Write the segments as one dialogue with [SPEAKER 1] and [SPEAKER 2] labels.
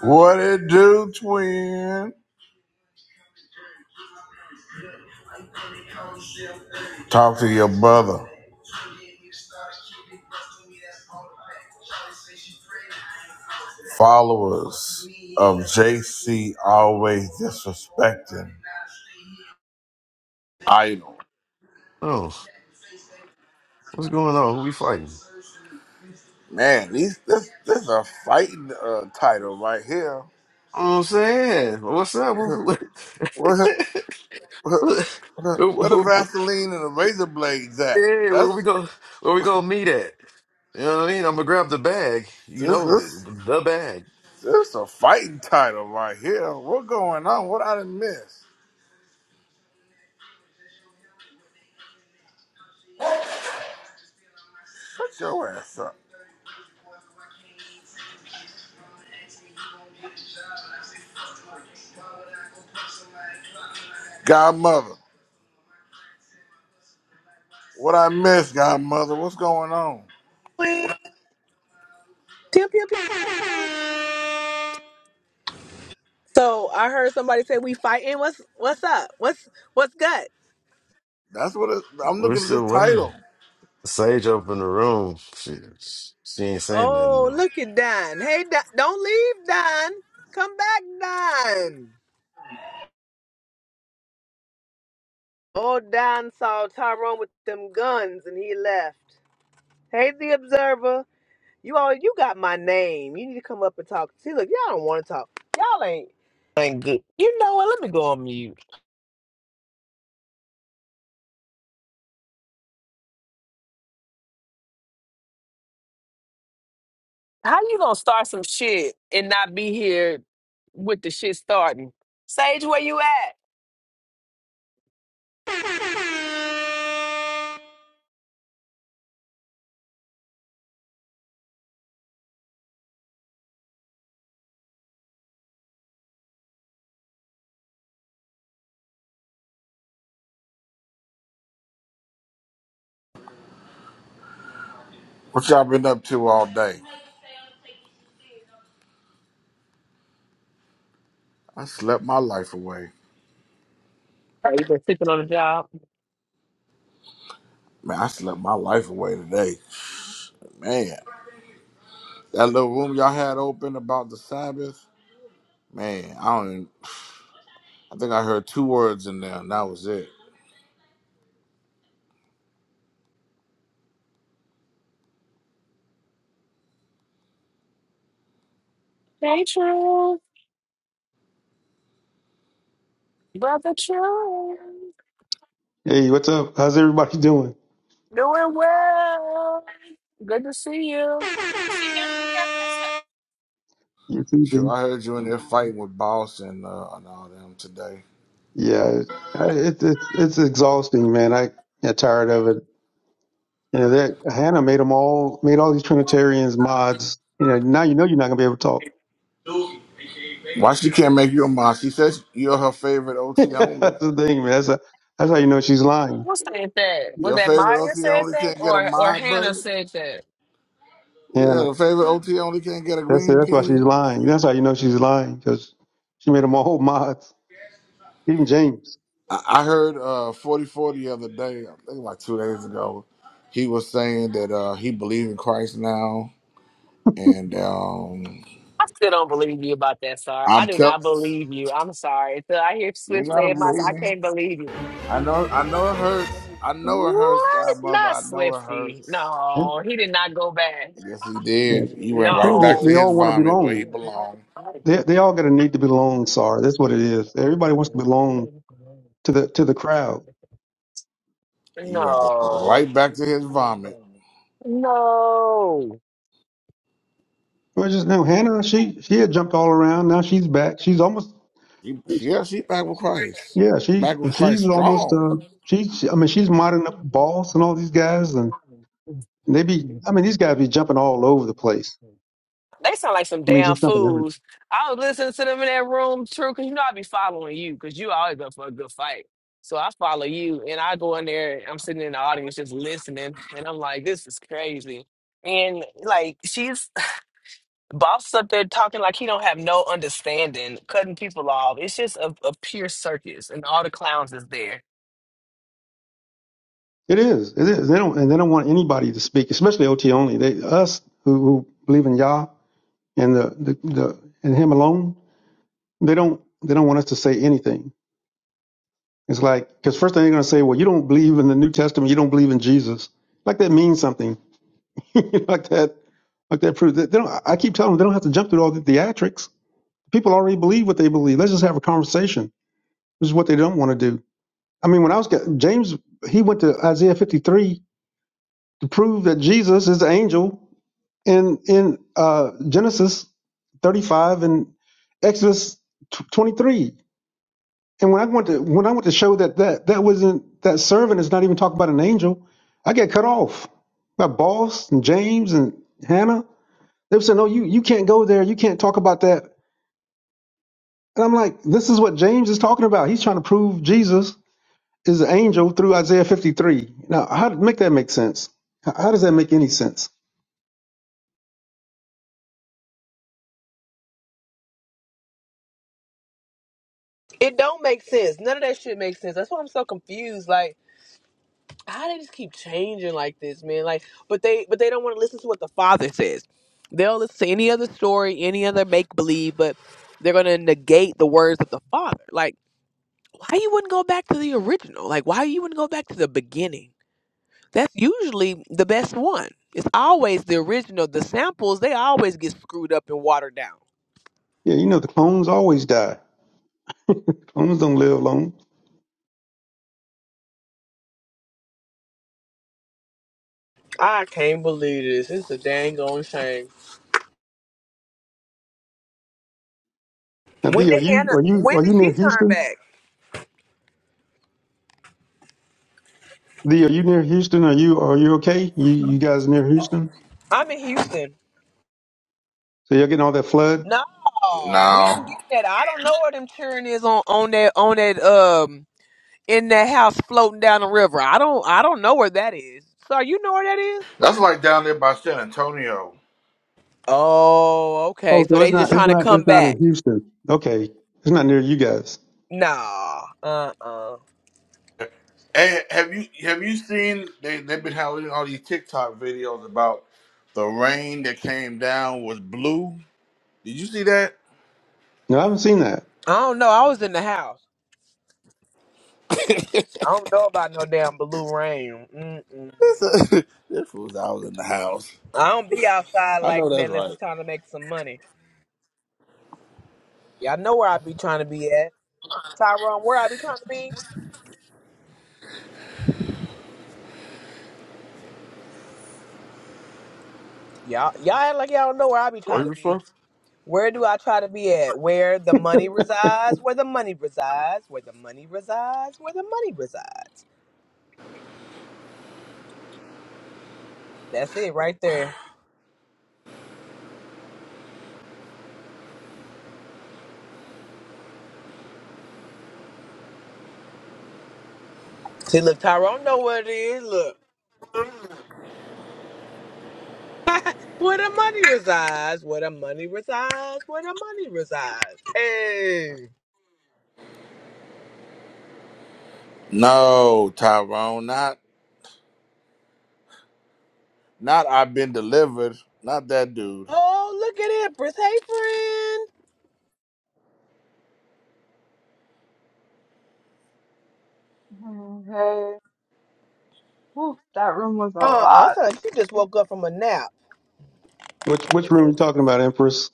[SPEAKER 1] What it do, twin? Talk to your brother. Followers of JC always disrespecting idol.
[SPEAKER 2] Oh, what's going on? Who we fighting? You
[SPEAKER 1] Man, these this this is a fighting uh, title right here.
[SPEAKER 2] know what I'm saying, what's up? Who,
[SPEAKER 1] Where the-
[SPEAKER 2] who,
[SPEAKER 1] where the
[SPEAKER 2] who, who-
[SPEAKER 1] Vaseline and the razor blades at?
[SPEAKER 2] yeah, where
[SPEAKER 1] That's
[SPEAKER 2] we go? Where we gonna meet at? You know what I mean? I'm gonna grab the bag. You
[SPEAKER 1] this
[SPEAKER 2] know the,
[SPEAKER 1] this
[SPEAKER 2] the bag.
[SPEAKER 1] this is a fighting title right here. What going on? What I done miss? Shut your ass up, Godmother. What I miss, Godmother? What's going on?
[SPEAKER 3] Pew, pew, pew. So I heard somebody say we fighting. What's what's up? What's what's good?
[SPEAKER 1] That's what it, I'm
[SPEAKER 2] We're
[SPEAKER 1] looking at this
[SPEAKER 2] still waiting.
[SPEAKER 1] title.
[SPEAKER 2] Sage up in the room. She, she ain't saying nothing
[SPEAKER 3] Oh,
[SPEAKER 2] though.
[SPEAKER 3] look at Don. Hey, Don, don't leave, Don. Come back, Don. Oh, Don saw Tyrone with them guns and he left. Hey, the observer. You all, you got my name. You need to come up and talk. See, look, y'all don't want to talk. Y'all ain't ain't good. You know what? Let me go on mute. How you gonna start some shit and not be here with the shit starting? Sage, where you at?
[SPEAKER 1] What y'all been up to all day? I slept my life away.
[SPEAKER 3] Are you been sleeping on the job?
[SPEAKER 1] Man, I slept my life away today. Man, that little room y'all had open about the Sabbath. Man, I don't. Even, I think I heard two words in there, and that was it.
[SPEAKER 3] Hey, True. Brother True.
[SPEAKER 4] Hey, what's up? How's everybody doing?
[SPEAKER 3] Doing well. Good to see you.
[SPEAKER 4] You too, D.
[SPEAKER 1] Sure, I heard you in there fighting with Boss and uh, and all them today.
[SPEAKER 4] Yeah, I, it, it's it's exhausting, man. I get tired of it. You know that Hannah made them all made all these Trinitarians mods. You know now you know you're not gonna be able to talk.
[SPEAKER 1] Why she can't make you a mod? She says you're her favorite OT only.
[SPEAKER 4] that's the thing, man. That's a, that's how you know she's lying,
[SPEAKER 3] Who said that? Was
[SPEAKER 1] Your
[SPEAKER 3] that
[SPEAKER 1] favorite
[SPEAKER 3] Maya
[SPEAKER 1] OT
[SPEAKER 3] said
[SPEAKER 1] only
[SPEAKER 3] that
[SPEAKER 1] can't get a
[SPEAKER 3] or, or
[SPEAKER 1] mod
[SPEAKER 3] Hannah
[SPEAKER 1] button.
[SPEAKER 3] said that?
[SPEAKER 1] Yeah,
[SPEAKER 4] Hannah.
[SPEAKER 1] the favorite OT only can't get a
[SPEAKER 4] That's it.
[SPEAKER 1] green
[SPEAKER 4] that's why she's
[SPEAKER 1] bean.
[SPEAKER 4] lying. That's how you know she's lying because she made them all mods. Even James.
[SPEAKER 1] I I heard uh, 44 the other day, I think like two days ago, he was saying that uh, he believed in Christ now, and um,
[SPEAKER 3] I still don't believe you about that, Sar. I
[SPEAKER 1] I'm
[SPEAKER 3] do
[SPEAKER 1] tell
[SPEAKER 3] not believe you. I'm sorry. Until I hear
[SPEAKER 1] you
[SPEAKER 3] Swift
[SPEAKER 1] gotta
[SPEAKER 3] say it myself,
[SPEAKER 1] believe
[SPEAKER 3] I
[SPEAKER 1] me.
[SPEAKER 3] can't believe you.
[SPEAKER 1] I know, I know it hurts. I know it hurts,
[SPEAKER 3] What?
[SPEAKER 1] Godmother.
[SPEAKER 3] Not
[SPEAKER 1] I know it
[SPEAKER 3] Swifty.
[SPEAKER 1] hurts.
[SPEAKER 4] Yeah,
[SPEAKER 3] No, he did not go back.
[SPEAKER 1] Yes, he
[SPEAKER 4] yeah.
[SPEAKER 1] did. He went
[SPEAKER 4] I tell
[SPEAKER 1] right
[SPEAKER 4] you,
[SPEAKER 1] back
[SPEAKER 4] they,
[SPEAKER 1] to
[SPEAKER 4] they
[SPEAKER 3] No.
[SPEAKER 1] his
[SPEAKER 4] all want to
[SPEAKER 1] vomit where he
[SPEAKER 4] belong.
[SPEAKER 1] belonged.
[SPEAKER 4] They they all got a need to belong. Sorry, that's what it is. Everybody wants to belong to the to the crowd.
[SPEAKER 1] He went
[SPEAKER 3] No.
[SPEAKER 1] right back to his vomit.
[SPEAKER 3] No.
[SPEAKER 4] Well, I just know Hannah. She she had jumped all around. Now she's back. She's almost
[SPEAKER 1] He, yeah, she back with Christ.
[SPEAKER 4] yeah. She
[SPEAKER 1] Back with Christ
[SPEAKER 4] she's almost
[SPEAKER 1] strong.
[SPEAKER 4] uh. She, she I mean she's modding up boss and all these guys and, they be I mean these guys be jumping all over the place.
[SPEAKER 3] They sound like some
[SPEAKER 4] I mean
[SPEAKER 3] damn
[SPEAKER 4] just jumping everywhere.
[SPEAKER 3] fools. I was listening to them in that room, true, because you know I be following you, because you always up for a good fight. So I follow you, and I go in there, and I'm sitting in the audience just listening, and I'm like, this is crazy. And like she's boss up there talking like he don't have no understanding, cutting people off. It's just a, a pure circus, and all the clowns is there.
[SPEAKER 4] It is. It is. They don't and they don't want anybody to speak, especially OT only. They us who, who believe in Yah and the, the the and Him alone. They don't they don't want us to say anything. It's like because first thing they're gonna say, well, you don't believe in the New Testament. You don't believe in Jesus. Like that means something. like that Like that proves that they don't. I keep telling them they don't have to jump through all the theatrics. People already believe what they believe. Let's just have a conversation, which is what they don't want to do. I mean, when I was James, he went to Isaiah 53 to prove that Jesus is the angel in in uh, Genesis 35 and Exodus 23. And when I went to when I went to show that that that wasn't that servant is not even talking about an angel, I get cut off by boss and James and Hannah. They were saying, "No, you you can't go there. You can't talk about that." And I'm like, this is what James is talking about. He's trying to prove Jesus is an angel through Isaiah 53. Now, how to make that make sense? How how does that make any sense?
[SPEAKER 3] It don't make sense. None of that shit makes sense. That's why I'm so confused. Like. how they just keep changing like this, man. Like, but they but they don't want to listen to what the father says. They'll listen to any other story, any other make believe, but they're gonna negate the words of the father. Like, why you wouldn't go back to the original? Like, why you wouldn't go back to the beginning? That's usually the best one. It's always the original. The samples they always get screwed up and watered down.
[SPEAKER 4] Yeah, you know the clones always die. Clones don't live long.
[SPEAKER 3] I can't believe this. It's a dang on shame.
[SPEAKER 4] Now,
[SPEAKER 3] When
[SPEAKER 4] D, are
[SPEAKER 3] did
[SPEAKER 4] you
[SPEAKER 3] Hannah?
[SPEAKER 4] are you
[SPEAKER 3] When
[SPEAKER 4] are you
[SPEAKER 3] did
[SPEAKER 4] near
[SPEAKER 3] she turn
[SPEAKER 4] Houston?
[SPEAKER 3] back?
[SPEAKER 4] D, are you near Houston? Are you are you okay? You you guys near Houston?
[SPEAKER 3] I'm in Houston.
[SPEAKER 4] So you're getting all that flood?
[SPEAKER 3] No, we ain't
[SPEAKER 1] No,
[SPEAKER 3] getting that. I don't know where them children is on on that on that um in that house floating down the river. I don't I don't know where that is. So you know where that is?
[SPEAKER 1] that's like down there by San Antonio.
[SPEAKER 3] Oh, okay.
[SPEAKER 4] Oh,
[SPEAKER 3] So
[SPEAKER 4] so it's
[SPEAKER 3] they just
[SPEAKER 4] not it's
[SPEAKER 3] trying to
[SPEAKER 4] not
[SPEAKER 3] come
[SPEAKER 4] it's not in
[SPEAKER 3] back.
[SPEAKER 4] Houston. Okay, it's not near you guys.
[SPEAKER 3] Nah, uh, uh
[SPEAKER 1] Hey, have you have you seen they they've been having all these TikTok videos about the rain that came down was blue? Did you see that?
[SPEAKER 4] No, I haven't seen that.
[SPEAKER 3] I don't know. I was in the house. I don't know about no damn blue rain. Mm-mm.
[SPEAKER 1] this uh, this was I was in the house.
[SPEAKER 3] I don't be outside
[SPEAKER 1] I
[SPEAKER 3] like
[SPEAKER 1] know
[SPEAKER 3] that
[SPEAKER 1] that's
[SPEAKER 3] unless it's
[SPEAKER 1] right.
[SPEAKER 3] time to make some money. Y'all know where I be trying to be at, Tyrone. Where I be trying to be? Y'all, y'all act like y'all don't know where I be
[SPEAKER 2] Are
[SPEAKER 3] trying to
[SPEAKER 2] you
[SPEAKER 3] be.
[SPEAKER 2] fuck?
[SPEAKER 3] Where do I try to be at? Where the money resides, where the money resides, where the money resides, where the money resides. That's it right there. See, look, Tyrone know what it is. Look. Where the money resides, where the money resides, where the money resides. Hey.
[SPEAKER 1] No, Tyrone, not not I've been delivered, not that dude.
[SPEAKER 3] Oh, look at Empress. Hey, friend.
[SPEAKER 5] Okay. Whew, that room was a
[SPEAKER 3] Uh-uh,
[SPEAKER 5] lot.
[SPEAKER 3] son, you just woke up from a nap.
[SPEAKER 4] Which which room are you talking about, Empress?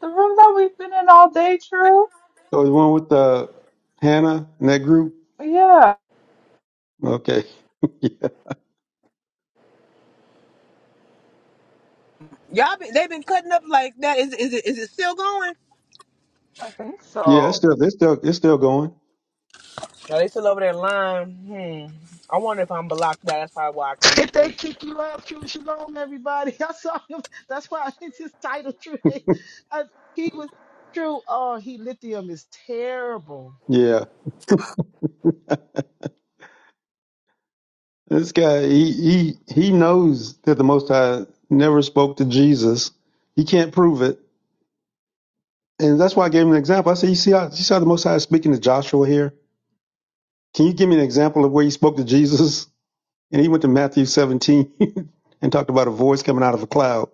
[SPEAKER 5] The room that we've been in all day, True?
[SPEAKER 4] So the one with uh, Hannah and that group.
[SPEAKER 5] Yeah,
[SPEAKER 4] Okay. yeah.
[SPEAKER 3] Y'all, been, they been cutting up like that. Is, is, it, is it still going?
[SPEAKER 5] I think
[SPEAKER 4] Yeah, it's
[SPEAKER 5] so.
[SPEAKER 4] still it's still it's still going.
[SPEAKER 3] No, they still over there lying. Hmm. I wonder if I'm blocked. That's probably why I can't
[SPEAKER 6] If
[SPEAKER 3] see.
[SPEAKER 6] they kick you out, Q Shalom, everybody. I saw him. That's why it's his title. True, I, he was true. Oh, he lithium is terrible.
[SPEAKER 4] Yeah. This guy he he he knows that the most high never spoke to Jesus. He can't prove it. And that's why I gave him an example. I said, You see how you saw the most high is speaking to Joshua here? Can you give me an example of where he spoke to Jesus? And he went to Matthew seventeen and talked about a voice coming out of a cloud.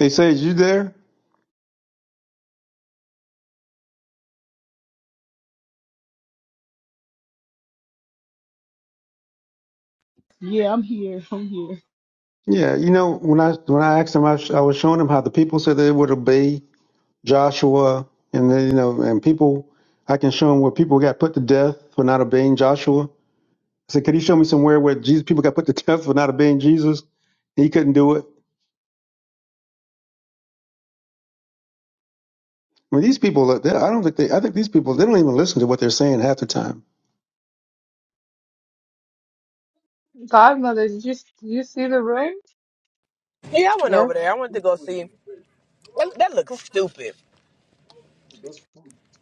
[SPEAKER 4] They say, Is you there?
[SPEAKER 6] Yeah, I'm here. I'm here.
[SPEAKER 4] Yeah, you know, when I when I asked him, I, sh- I was showing him how the people said they would obey Joshua, and then, you know, and people. I can show him where people got put to death for not obeying Joshua. I said, could he show me somewhere where Jesus people got put to death for not obeying Jesus? He couldn't do it. I mean, these people. they- I don't think they. I think these people. They don't even listen to what they're saying half the time.
[SPEAKER 5] Godmother, did you, did you see the room?
[SPEAKER 3] Yeah, I went
[SPEAKER 5] Yes.
[SPEAKER 3] over there. I went to go see. That, that
[SPEAKER 5] What
[SPEAKER 3] looks
[SPEAKER 5] food?
[SPEAKER 3] stupid.
[SPEAKER 5] But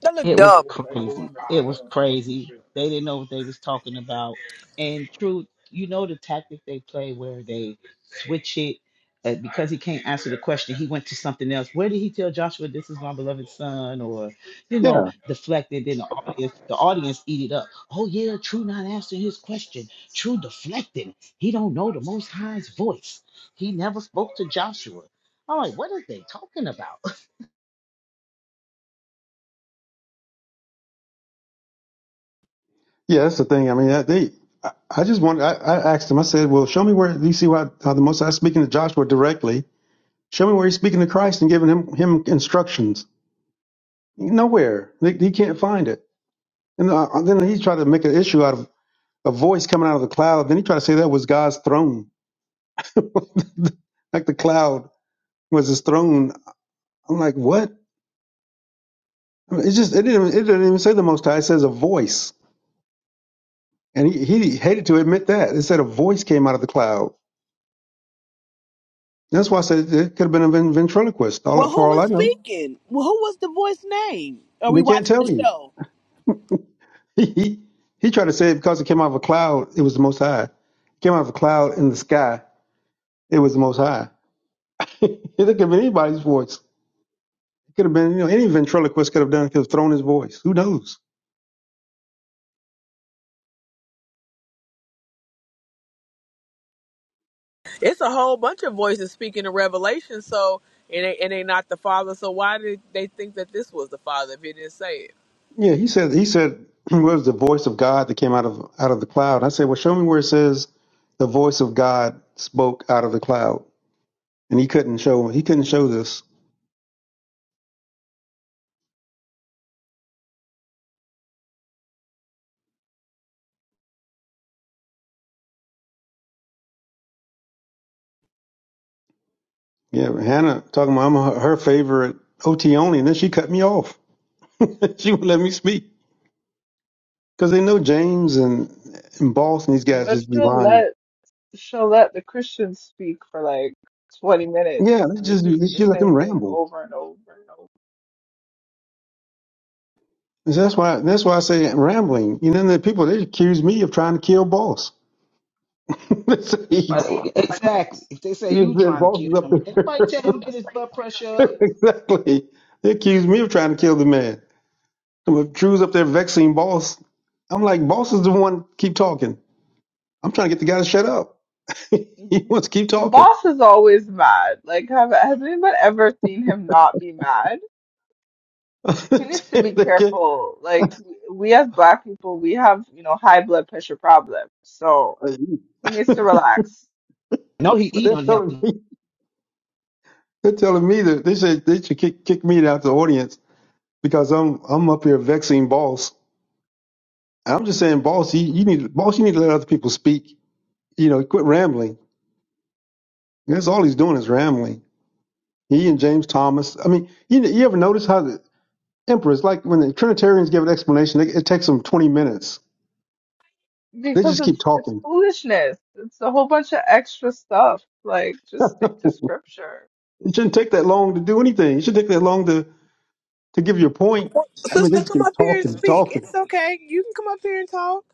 [SPEAKER 3] That looked
[SPEAKER 6] It was
[SPEAKER 3] dumb.
[SPEAKER 6] crazy. It was crazy. They didn't know what they was talking about. And truth, you know the tactic they play where they switch it uh, because he can't answer the question. He went to something else. Where did he tell Joshua this is my beloved son? Or you
[SPEAKER 4] Yeah,
[SPEAKER 6] know, deflected. Then the audience, the audience eat it up. Oh yeah, True not answering his question. True deflecting. He don't know the Most High's voice. He never spoke to Joshua. I'm like, what are they talking about?
[SPEAKER 4] yeah, that's the thing. I mean, that- they. I I just want. I, I asked him. I said, well, show me where do you see why how the Most High is speaking to Joshua directly. Show me where he's speaking to Christ and giving him him instructions. Nowhere. They, he can't find it. And uh, then he tried to make an issue out of a voice coming out of the cloud. Then he tried to say that was God's throne, like the cloud was his throne. I'm like, what? It's just it didn't it didn't even say the Most High. It says a voice, and he, he hated to admit that. It said a voice came out of the cloud. That's why I said it could have been a ven- ventriloquist. All
[SPEAKER 3] Well,
[SPEAKER 4] for
[SPEAKER 3] who
[SPEAKER 4] all
[SPEAKER 3] was
[SPEAKER 4] I know,
[SPEAKER 3] speaking? Well, who was the voice name? Are we
[SPEAKER 4] they can't
[SPEAKER 3] watching the
[SPEAKER 4] tell you.
[SPEAKER 3] show?
[SPEAKER 4] He he tried to say it because it came out of a cloud. It was the Most High. It came out of a cloud in the sky. It was the Most High. it could have been anybody's voice. It could have been you know any ventriloquist could have done it, could have thrown his voice. Who knows?
[SPEAKER 3] It's a whole bunch of voices speaking in Revelation, so and they and they not the father. So why did they think that this was the father if he didn't say it?
[SPEAKER 4] Yeah, he said he said what was the voice of God that came out of out of the cloud. I said, Well show me where it says the voice of God spoke out of the cloud. And he couldn't show he couldn't show this. Yeah, but Hannah talking about I'm her her favorite O T only, and then she cut me off. she wouldn't let me speak. Because they know James and and Boss and these guys just be
[SPEAKER 5] she'll
[SPEAKER 4] lying.
[SPEAKER 5] let she'll let the Christians speak for like 20
[SPEAKER 4] Yeah,
[SPEAKER 5] minutes,
[SPEAKER 4] they just they
[SPEAKER 5] repeating the
[SPEAKER 4] she let
[SPEAKER 5] same
[SPEAKER 4] them
[SPEAKER 5] thing
[SPEAKER 4] ramble.
[SPEAKER 5] over and over and
[SPEAKER 4] And so that's why that's why I say rambling. You know, the people they accuse me of trying to kill Boss. they say, he-
[SPEAKER 6] Right, Exactly. If they say
[SPEAKER 4] he
[SPEAKER 6] you
[SPEAKER 4] said
[SPEAKER 6] trying to
[SPEAKER 4] boss is
[SPEAKER 6] kill
[SPEAKER 4] up
[SPEAKER 6] him,
[SPEAKER 4] there.
[SPEAKER 6] anybody tell him get his blood pressure up?
[SPEAKER 4] exactly. They accused me of trying to kill the man. Some Drew's up there vexing boss. I'm like, boss is the one keep talking. I'm trying to get the guy to shut up. he
[SPEAKER 5] over.
[SPEAKER 4] wants to keep talking.
[SPEAKER 5] Boss is always mad. Like, have has anyone ever seen him not be mad? he needs to be
[SPEAKER 4] They get-
[SPEAKER 5] careful. Like w- we as black people, we have you know high blood pressure problems, so he needs to
[SPEAKER 4] but
[SPEAKER 5] relax
[SPEAKER 6] No, he eat
[SPEAKER 4] they're telling
[SPEAKER 6] unhealthy
[SPEAKER 4] me they're telling me that they said they should kick kick me out the audience because I'm I'm up here vexing boss. And I'm just saying, boss, you, you need boss, you need to let other people speak. You know, quit rambling. That's all he's doing is rambling. He and James Thomas. I mean, you, you ever notice how? Emperor, it's like when the Trinitarians give an explanation, it, it takes them 20 minutes. They
[SPEAKER 5] because
[SPEAKER 4] just keep
[SPEAKER 5] it's it's
[SPEAKER 4] talking.
[SPEAKER 5] foolishness. It's a whole bunch of extra stuff. Like just stick to scripture.
[SPEAKER 4] It shouldn't take that long to do anything. It shouldn't take that long to, to give your point. I mean, they
[SPEAKER 3] Sister,
[SPEAKER 4] just
[SPEAKER 3] come
[SPEAKER 4] keep
[SPEAKER 3] up here and
[SPEAKER 4] talking and
[SPEAKER 3] speak.
[SPEAKER 4] talking.
[SPEAKER 3] It's okay. You can come up here and talk.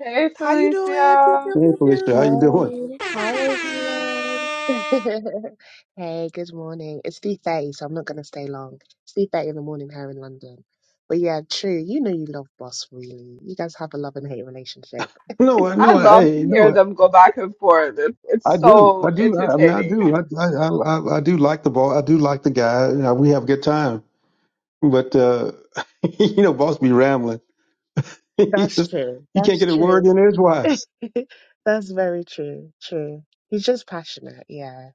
[SPEAKER 5] Hey
[SPEAKER 3] How you doing? Pew,
[SPEAKER 5] Felicia,
[SPEAKER 3] pew,
[SPEAKER 4] Hey,
[SPEAKER 3] pew,
[SPEAKER 4] Felicia, how you
[SPEAKER 3] pew.
[SPEAKER 4] doing?
[SPEAKER 7] Hey, hi everyone. Hey, good morning. It's 3:30, so I'm not gonna stay long. It's 3:30 in the morning here in London. But yeah, true. You know you love Boss really. You guys have a love and hate relationship.
[SPEAKER 4] No, I
[SPEAKER 5] I
[SPEAKER 4] no, I-
[SPEAKER 5] love to
[SPEAKER 4] hey,
[SPEAKER 5] hear
[SPEAKER 4] no,
[SPEAKER 5] them go back and forth. It's it's
[SPEAKER 4] I do. I
[SPEAKER 5] so
[SPEAKER 4] do. I, I mean, I
[SPEAKER 5] entertaining.
[SPEAKER 4] do. I, I, I, I do like the ball. I do like the guy. You know, we have a good time. But, uh, you know, boss be rambling. you
[SPEAKER 7] That's
[SPEAKER 4] just-
[SPEAKER 7] true.
[SPEAKER 4] you can't
[SPEAKER 7] That's
[SPEAKER 4] get a word
[SPEAKER 7] true.
[SPEAKER 4] in edgewise.
[SPEAKER 7] That's very true. True. He's just passionate. Yeah.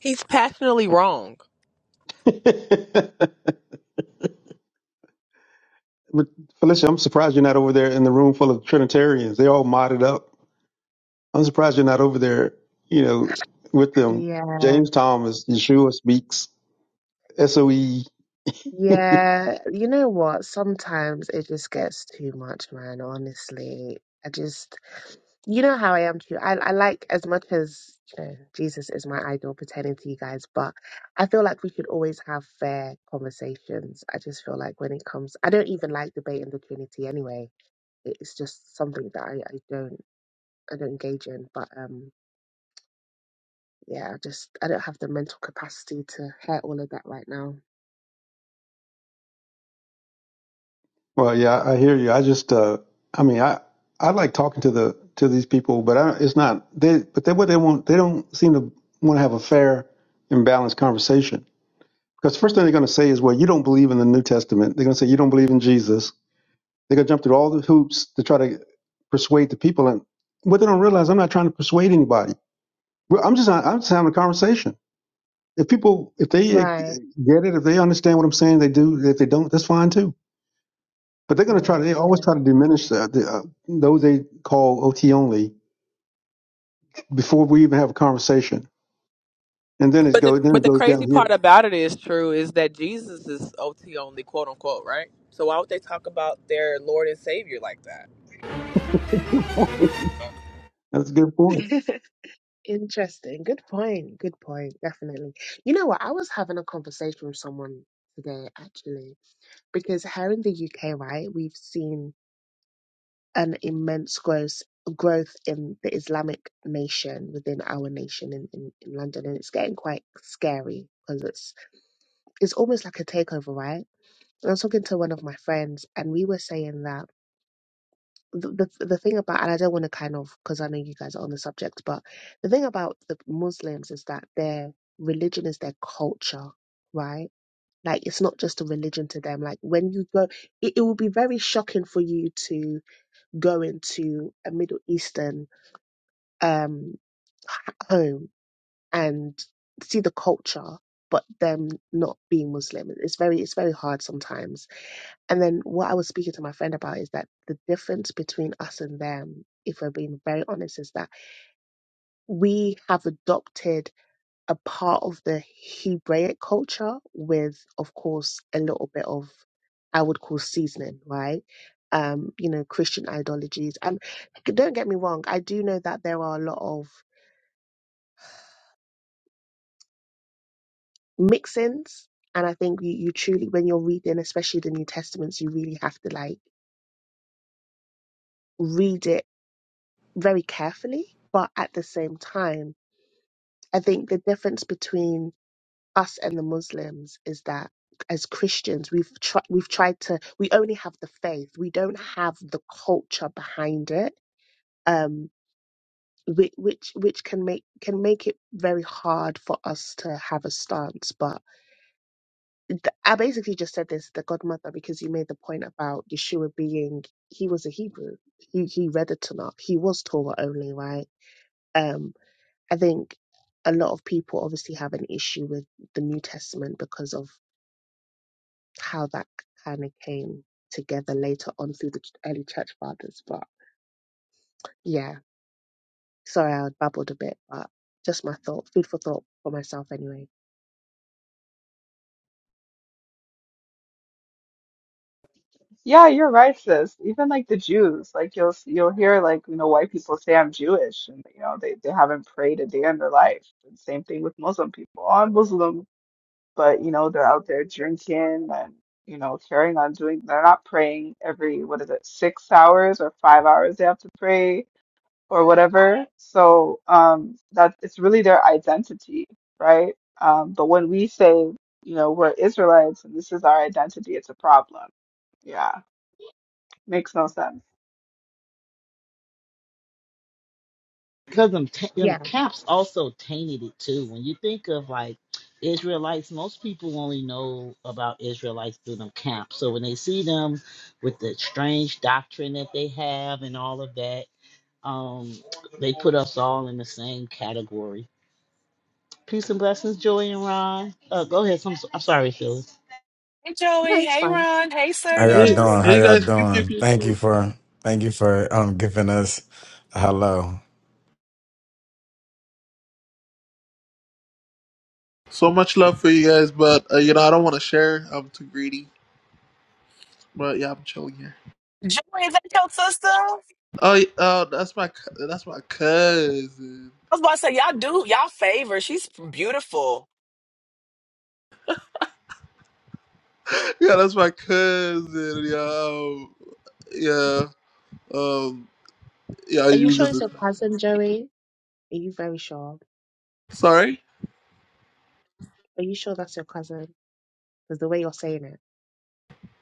[SPEAKER 3] He's passionately wrong.
[SPEAKER 4] Felicia, I'm surprised you're not over there in the room full of Trinitarians. They all modded up. I'm surprised you're not over there, you know, with them.
[SPEAKER 7] Yeah.
[SPEAKER 4] James Thomas, Yeshua speaks, SOE.
[SPEAKER 7] Yeah. You know what? Sometimes it just gets too much, man. Honestly, I just, you know how I am too. I, I like as much as, you know, Jesus is my idol, pretending to you guys, but I feel like we should always have fair conversations. I just feel like when it comes, I don't even like debating the Trinity anyway. It's just something that I, I don't, I don't engage in. But, um, yeah, I just I don't have the mental capacity to hear all of that right now.
[SPEAKER 4] Well, yeah, I hear you. I just, uh, I mean, I, I like talking to the to these people, but I, it's not they. But they what they want, they don't seem to want to have a fair and balanced conversation. Because first thing they're going to say is, well, you don't believe in the New Testament. They're going to say you don't believe in Jesus. They're gonna jump through all the hoops to try to persuade the people, and what they don't realize, I'm not trying to persuade anybody. Well, I'm just I'm just having a conversation. If people, if they get
[SPEAKER 7] Right,
[SPEAKER 4] it, if they understand what I'm saying, they do. If they don't, that's fine too. But they're gonna try to.
[SPEAKER 7] right,
[SPEAKER 4] They always try to diminish the, the uh, those they call OT only before we even have a conversation, and then it
[SPEAKER 3] But the
[SPEAKER 4] goes then
[SPEAKER 3] but
[SPEAKER 4] it
[SPEAKER 3] the
[SPEAKER 4] goes
[SPEAKER 3] crazy part
[SPEAKER 4] downhill.
[SPEAKER 3] about it is true is that Jesus is OT only, quote unquote, right? So why would they talk about their Lord and Savior like that?
[SPEAKER 4] that's a good point.
[SPEAKER 7] yeah. Interesting. Good point. Good point. Definitely. You know what? I was having a conversation with someone today, actually, because here in the UK, right, we've seen an immense growth growth in the Islamic nation within our nation in, in, in London, and it's getting quite scary because it's it's almost like a takeover, right? And I was talking to one of my friends, and we were saying that. the the the thing about and I don't want to kind of because I know you guys are on the subject, but the thing about the Muslims is that their religion is their culture, right? Like it's not just a religion to them. Like when you go, it, it will be very shocking for you to go into a Middle Eastern um h- home and see the culture, but them not being Muslim. It's very it's very hard sometimes and then what I was speaking to my friend about is that the difference between us and them, if we're being very honest, is that we have adopted a part of the Hebraic culture with, of course, a little bit of, I would call seasoning, right? Um, you know, Christian ideologies. And don't get me wrong, I do know that there are a lot of mix ins. And I think you, you truly, when you're reading, especially the New Testaments, you really have to like read it very carefully. But at the same time, I think the difference between us and the Muslims is that as Christians, we've tried we've tried to we only have the faith. We don't have the culture behind it. Um which which which can make can make it very hard for us to have a stance. But th- I basically just said this the godmother because you made the point about Yeshua being he was a Hebrew. He he read the Tanakh. He was Torah only, right? Um, I think a lot of people obviously have an issue with the New Testament because of how that kind of came together later on through the ch- early church fathers. But yeah, sorry, I babbled a bit, but just my thought, food for thought for myself anyway.
[SPEAKER 5] Yeah, you're right, sis. Even like the Jews, like you'll you'll hear like you know white people say I'm Jewish, and you know they they haven't prayed a day in their life. And same thing with Muslim people. Oh, I'm Muslim, but you know they're out there drinking and you know carrying on doing. They're not praying every what is it six hours or five hours they have to pray or whatever. So um that it's really their identity, right? Um, but when we say you know we're Israelites and this is our identity, it's a problem. Yeah. Makes no sense.
[SPEAKER 6] because them, ta- them
[SPEAKER 7] Yeah,
[SPEAKER 6] camps also tainted it too. When you think of like Israelites, most people only know about Israelites through them camps. So when they see them with the strange doctrine that they have and all of that, um, they put us all in the same category. Peace and blessings, Joey and Ron. Uh, go ahead. I'm, so- I'm sorry, Phyllis.
[SPEAKER 3] Hey
[SPEAKER 7] no,
[SPEAKER 3] Joey,
[SPEAKER 7] it's
[SPEAKER 3] hey
[SPEAKER 7] fine.
[SPEAKER 3] Ron, hey
[SPEAKER 8] How y'all
[SPEAKER 9] Hey,
[SPEAKER 3] Service.
[SPEAKER 8] doing? How
[SPEAKER 9] hey
[SPEAKER 8] y'all
[SPEAKER 9] guys, pew, pew,
[SPEAKER 8] doing?
[SPEAKER 9] pew,
[SPEAKER 8] Thank you
[SPEAKER 9] pew.
[SPEAKER 8] for thank you for um giving us a hello.
[SPEAKER 9] so much love for you guys, but uh, you know I don't want to share. I'm too greedy, but yeah, I'm chilling here.
[SPEAKER 3] Joey, is that your sister? I
[SPEAKER 9] Oh, yeah, oh, that's my cou- that's my cousin.
[SPEAKER 3] was about to say y'all do y'all favor. She's beautiful.
[SPEAKER 9] Yeah, that's my cousin. Yo, yeah, um, yeah.
[SPEAKER 7] Are you
[SPEAKER 9] You
[SPEAKER 7] sure
[SPEAKER 9] just
[SPEAKER 7] it's your cousin, Joey? Are you very sure?
[SPEAKER 9] sorry.
[SPEAKER 7] Are you sure that's your cousin? Because the way you're saying it.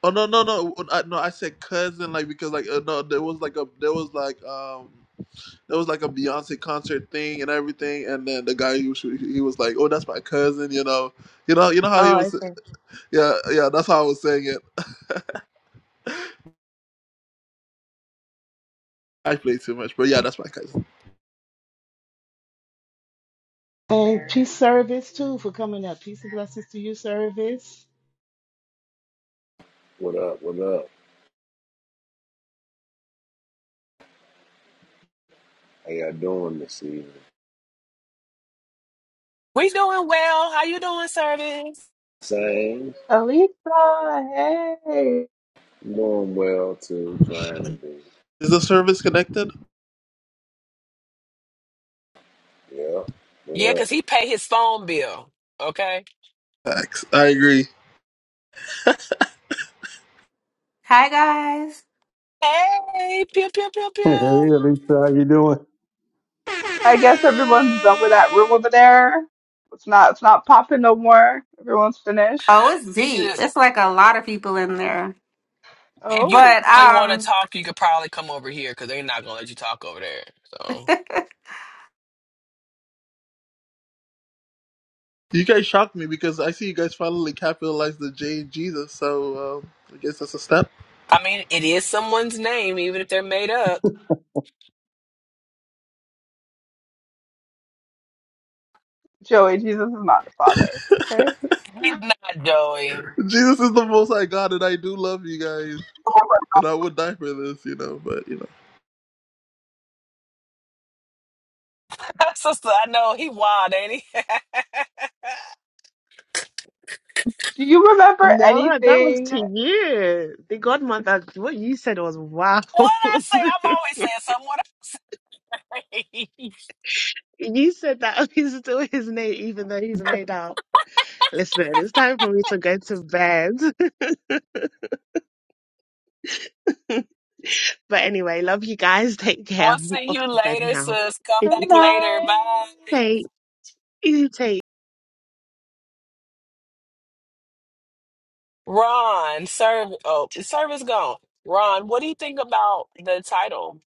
[SPEAKER 9] Oh no no no I, no! I said cousin like because like uh, no there was like a there was like um there was like a Beyonce concert thing and everything and then the guy he was he was like oh that's my cousin you know you know you know how he
[SPEAKER 7] Oh,
[SPEAKER 9] was
[SPEAKER 7] okay.
[SPEAKER 9] Yeah, yeah, that's how I was saying it. I play too much, but yeah, that's my cousin.
[SPEAKER 6] And peace service too for coming up. Peace and blessings to you, service.
[SPEAKER 10] What up? What up? How y'all doing this evening?
[SPEAKER 3] We doing well. How you doing, Service?
[SPEAKER 10] Same.
[SPEAKER 5] Alisa. hey.
[SPEAKER 10] Doing well too. Trying to be.
[SPEAKER 9] Is the service connected?
[SPEAKER 10] Yep.
[SPEAKER 3] Yeah,
[SPEAKER 10] What up?
[SPEAKER 3] cause he paid his phone bill. Okay.
[SPEAKER 9] Facts. I agree.
[SPEAKER 11] Hi guys.
[SPEAKER 3] Hey, pew pew pew
[SPEAKER 4] Hey,
[SPEAKER 3] pew.
[SPEAKER 4] Lisa, how you doing?
[SPEAKER 5] I guess everyone's done with that room over there. It's not it's not popping no more. Everyone's finished.
[SPEAKER 11] Oh, it's
[SPEAKER 3] We
[SPEAKER 11] deep.
[SPEAKER 3] should.
[SPEAKER 11] It's like a lot of people in there.
[SPEAKER 3] If you
[SPEAKER 5] Oh,
[SPEAKER 11] But
[SPEAKER 3] actually want to
[SPEAKER 11] um
[SPEAKER 3] talk, you could probably come over here because they're not gonna let you talk over there. So.
[SPEAKER 9] You guys shocked me because I see you guys finally capitalized the J in Jesus, so um, I guess that's a step.
[SPEAKER 3] I mean, it is someone's name, even if they're made up.
[SPEAKER 5] Joey, Jesus is not the father. Okay.
[SPEAKER 3] He's not Joey.
[SPEAKER 9] Jesus is the most I got, and I do love you guys, and I would die for this, you know, but you know.
[SPEAKER 3] Sister, I know he wild, ain't he? what
[SPEAKER 5] Do you remember
[SPEAKER 7] No, that was
[SPEAKER 5] anything?
[SPEAKER 7] to you. The
[SPEAKER 5] It's
[SPEAKER 7] godmother, what you said was wow.
[SPEAKER 3] I say, I'm always saying something. What I say.
[SPEAKER 7] You said that he's still his name, even though he's made out. Listen, it's time for me to go to bed. But anyway, love you guys. Take care.
[SPEAKER 3] I'll
[SPEAKER 7] I'm
[SPEAKER 3] see
[SPEAKER 7] off
[SPEAKER 3] you
[SPEAKER 7] to bed
[SPEAKER 3] later,
[SPEAKER 7] now.
[SPEAKER 3] sis. Come
[SPEAKER 5] good
[SPEAKER 3] back later.
[SPEAKER 5] night.
[SPEAKER 3] Bye.
[SPEAKER 7] Take, you take
[SPEAKER 3] Ron, serve oh service gone. Ron, what do you think about the title?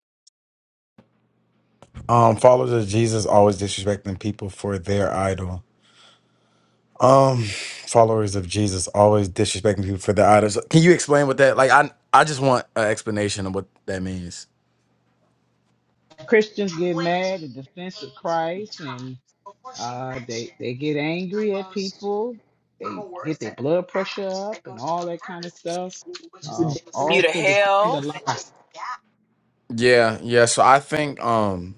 [SPEAKER 8] Um followers of Jesus always disrespecting people for their idol. Um followers of Jesus always disrespecting people for their idols. Can you explain what that like I I just want an explanation of what that means.
[SPEAKER 6] Christians get mad in defense of Christ, and uh, they they get angry at people. They get their blood pressure up and all that kind of stuff. Uh, all
[SPEAKER 3] You to
[SPEAKER 6] to defend a
[SPEAKER 3] hell.
[SPEAKER 6] lie.
[SPEAKER 8] Yeah, yeah. So I think um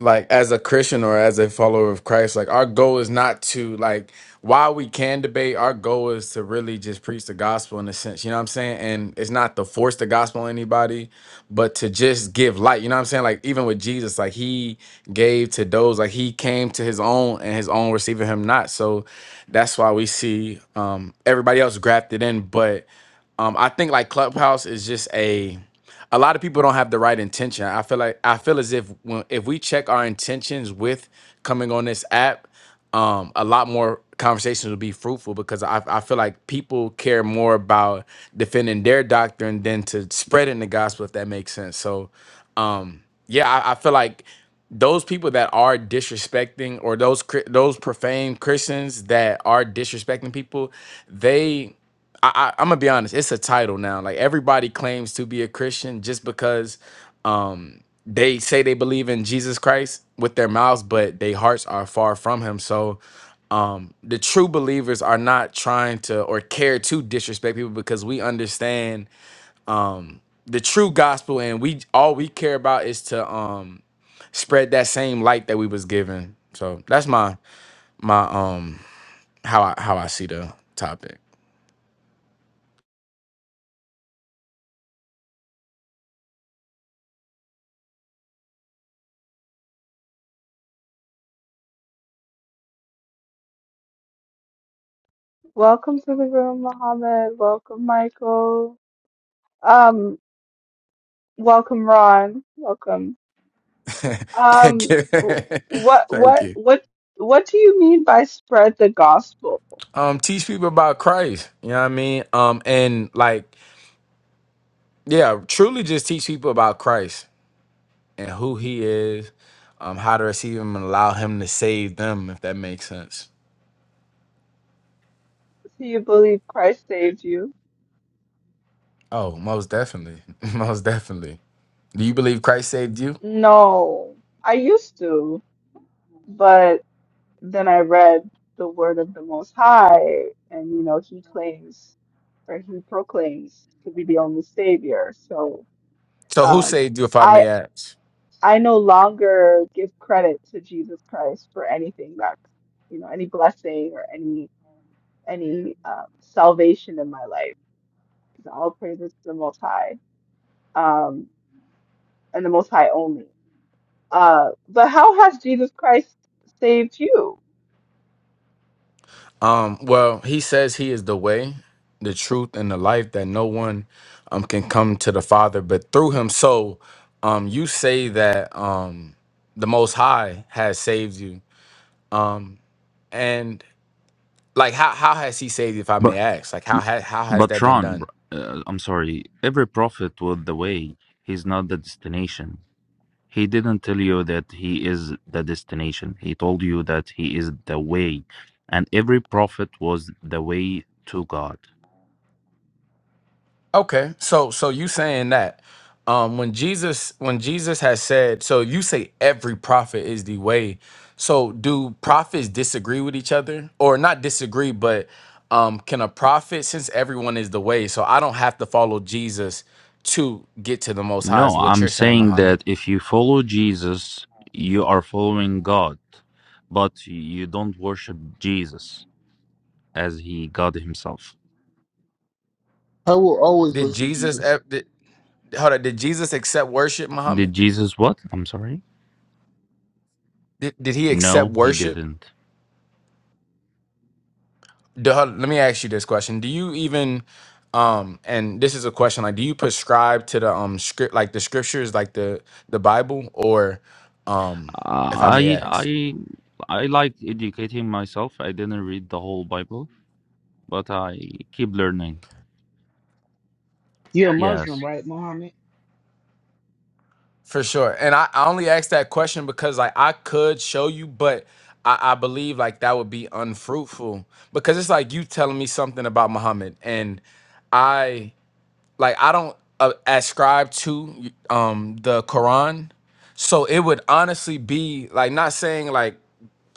[SPEAKER 8] like as a Christian or as a follower of Christ, like our goal is not to like while we can debate, our goal is to really just preach the gospel in a sense. You know what I'm saying? And it's not to force the gospel on anybody, but to just give light. You know what I'm saying? Like even with Jesus, like he gave to those, like he came to his own and his own receiving him not. So that's why we see um everybody else grafted in. But um I think like Clubhouse is just a a lot of people don't have the right intention. I feel like I feel as if when, if we check our intentions with coming on this app, um, a lot more conversations will be fruitful because I, I feel like people care more about defending their doctrine than to spreading the gospel, if that makes sense. So, um, yeah, I, I feel like those people that are disrespecting or those cri- those profane Christians that are disrespecting people, they I, I I'm gonna be honest, it's a title now. Like everybody claims to be a Christian just because um they say they believe in Jesus Christ with their mouths, but their hearts are far from him. So um the true believers are not trying to or care to disrespect people because we understand um the true gospel and we all we care about is to um spread that same light that we was given. So that's my my um how I how I see the topic.
[SPEAKER 5] Welcome to the room, Mohammed. Welcome, Michael. Um, welcome, Ron. Welcome.
[SPEAKER 8] Thank
[SPEAKER 5] Um,
[SPEAKER 8] you.
[SPEAKER 5] wh- what
[SPEAKER 8] Thank
[SPEAKER 5] what
[SPEAKER 8] you.
[SPEAKER 5] what what do you mean by spread the gospel?
[SPEAKER 8] Um, teach people about Christ. You know what I mean? Um, and like, yeah, truly just teach people about Christ and who he is, um, how to receive him and allow him to save them, if that makes sense.
[SPEAKER 5] Do you believe Christ saved you?
[SPEAKER 8] Oh, most definitely. Most definitely. Do you believe Christ saved you?
[SPEAKER 5] No. I used to, but then I read the word of the Most High, and you know, he claims or he proclaims to be the only savior. So
[SPEAKER 8] So who
[SPEAKER 5] um
[SPEAKER 8] saved you if I
[SPEAKER 5] I
[SPEAKER 8] may ask?
[SPEAKER 5] I no longer give credit to Jesus Christ for anything that you know, any blessing or any any um, salvation in my life. All praises to the Most High. Um and the Most High only. Uh, but how has Jesus Christ saved you?
[SPEAKER 8] Um, well, he says he is the way, the truth, and the life that no one um can come to the Father but through him. So um you say that um the most high has saved you. And like how how has he saved you, if I may
[SPEAKER 12] But
[SPEAKER 8] ask? Like how ha- how has
[SPEAKER 12] but
[SPEAKER 8] that been
[SPEAKER 12] Ron,
[SPEAKER 8] done?
[SPEAKER 12] uh, I'm sorry. Every prophet with the way, he's not the destination. He didn't tell you that he is the destination. He told you that he is the way, and every prophet was the way to God.
[SPEAKER 8] Okay, so so you saying that um when Jesus when Jesus has said so you say every prophet is the way. So do prophets disagree with each other or not disagree but um can a prophet since everyone is the way so I don't have to follow Jesus to get to the most high
[SPEAKER 12] No,
[SPEAKER 8] is what
[SPEAKER 12] I'm
[SPEAKER 8] you're saying
[SPEAKER 12] saying that
[SPEAKER 8] Muhammad.
[SPEAKER 12] if you follow Jesus, you are following God, but you don't worship Jesus as he God himself.
[SPEAKER 9] I will always
[SPEAKER 8] Did
[SPEAKER 9] worship
[SPEAKER 8] Jesus
[SPEAKER 9] Jesus.
[SPEAKER 8] ev- did, hold on, did Jesus accept worship
[SPEAKER 12] Did
[SPEAKER 8] Muhammad?
[SPEAKER 12] Jesus what? I'm sorry.
[SPEAKER 8] Did, did he accept
[SPEAKER 12] No, he
[SPEAKER 8] worship?
[SPEAKER 12] didn't.
[SPEAKER 8] do, hold- let me ask you this question do you even um and this is a question like do you prescribe to the um script like the scriptures like the the bible or um if i may
[SPEAKER 12] I
[SPEAKER 8] ask
[SPEAKER 12] I I like educating myself. I didn't read the whole Bible, but I keep learning.
[SPEAKER 6] You're a Muslim,
[SPEAKER 12] Yes.
[SPEAKER 6] right, Mohammed?
[SPEAKER 8] for sure and i, I only asked that question because like i could show you but I, I believe like that would be unfruitful because it's like you telling me something about muhammad and I. like I don't uh, ascribe to um the Quran, so it would honestly be like not saying like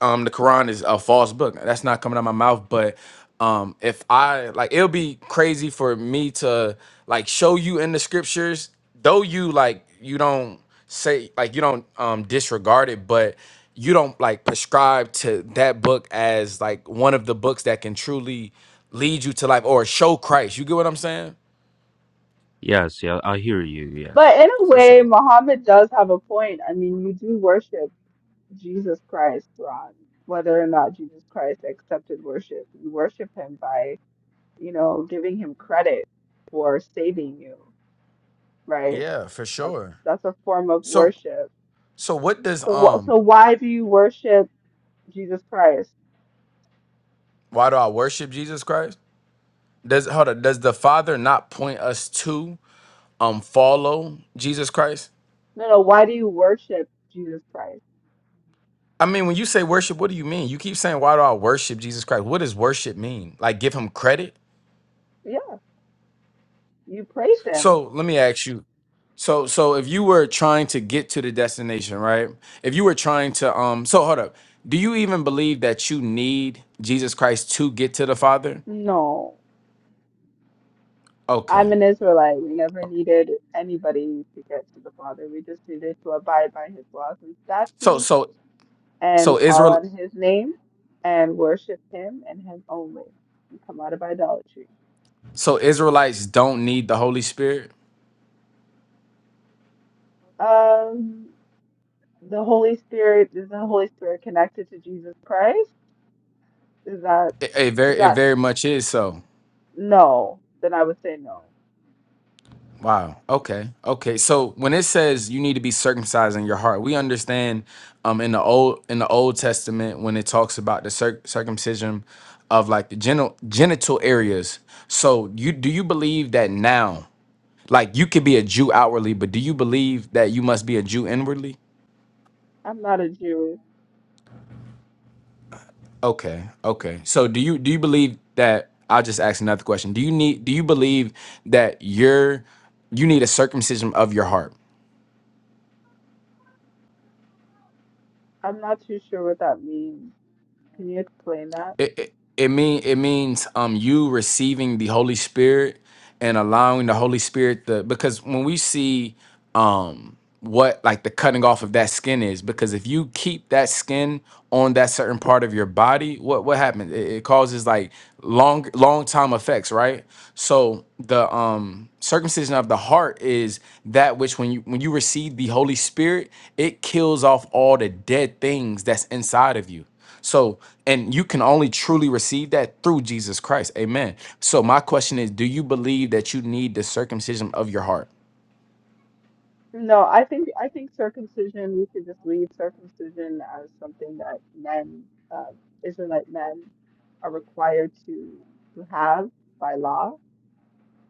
[SPEAKER 8] um the Quran is a false book. That's not coming out my mouth, but um if I like it'll be crazy for me to like show you in the scriptures, though you like you don't say like you don't um disregard it, but you don't like prescribe to that book as like one of the books that can truly lead you to life or show Christ. You get what I'm saying?
[SPEAKER 12] Yes, yeah, I hear you.
[SPEAKER 5] But
[SPEAKER 12] Yes.
[SPEAKER 5] in a
[SPEAKER 8] For
[SPEAKER 5] way,
[SPEAKER 8] sure.
[SPEAKER 5] Muhammad does have a point. I mean, you do worship Jesus Christ, Ron, whether or not Jesus Christ accepted worship. You worship him by, you know, giving him credit for saving you, right?
[SPEAKER 8] Yeah, for
[SPEAKER 5] That's
[SPEAKER 8] sure.
[SPEAKER 5] that's a form of
[SPEAKER 8] So
[SPEAKER 5] worship.
[SPEAKER 8] so what does
[SPEAKER 5] So wh-
[SPEAKER 8] um
[SPEAKER 5] so why do you worship Jesus Christ?
[SPEAKER 8] why do I worship Jesus Christ? Does hold on, does the Father not point us to um follow Jesus Christ?
[SPEAKER 5] No, no, why do you worship Jesus Christ?
[SPEAKER 8] I mean, when you say worship, what do you mean? You keep saying why do I worship Jesus Christ? What does worship mean? Like give him credit?
[SPEAKER 5] Yeah, you praise him.
[SPEAKER 8] So let me ask you. So so if you were trying to get to the destination, right? If you were trying to um so hold up. Do you even believe that you need Jesus Christ to get to the Father?
[SPEAKER 5] No.
[SPEAKER 8] Okay.
[SPEAKER 5] I'm an Israelite. We never needed anybody to get to the Father. We just needed to abide by his laws and
[SPEAKER 8] So
[SPEAKER 5] statutes
[SPEAKER 8] so
[SPEAKER 5] and
[SPEAKER 8] so
[SPEAKER 5] call
[SPEAKER 8] Israel
[SPEAKER 5] on his name and worship him and him only and come out of idolatry.
[SPEAKER 8] So Israelites don't need the Holy Spirit?
[SPEAKER 5] Um, the Holy Spirit, is the Holy Spirit connected to Jesus Christ? Is that,
[SPEAKER 8] It, it
[SPEAKER 5] is
[SPEAKER 8] very it
[SPEAKER 5] that
[SPEAKER 8] very much is so.
[SPEAKER 5] no? Then I would say no.
[SPEAKER 8] Wow. Okay. Okay. So when it says you need to be circumcised in your heart, we understand um in the old in the Old Testament when it talks about the circ- circumcision of like the genital genital areas. So you do you believe that now like you could be a Jew outwardly, but do you believe that you must be a Jew inwardly?
[SPEAKER 5] I'm not a Jew.
[SPEAKER 8] Okay, okay. So do you do you believe that I'll just ask another question. Do you need do you believe that you're you need a circumcision of your heart?
[SPEAKER 5] I'm not too sure what that means. Can you explain that?
[SPEAKER 8] it, it it mean it means um you receiving the Holy Spirit and allowing the Holy Spirit to because when we see um what like the cutting off of that skin is because if you keep that skin on that certain part of your body what what happens it, it causes like long long time effects right so the um circumcision of the heart is that which when you when you receive the holy spirit it kills off all the dead things that's inside of you so, and you can only truly receive that through Jesus Christ. Amen. So, my question is do you believe that you need the circumcision of your heart?
[SPEAKER 5] No, I think I think circumcision, we should just leave circumcision as something that men, um, Israelite men are required to to have by law.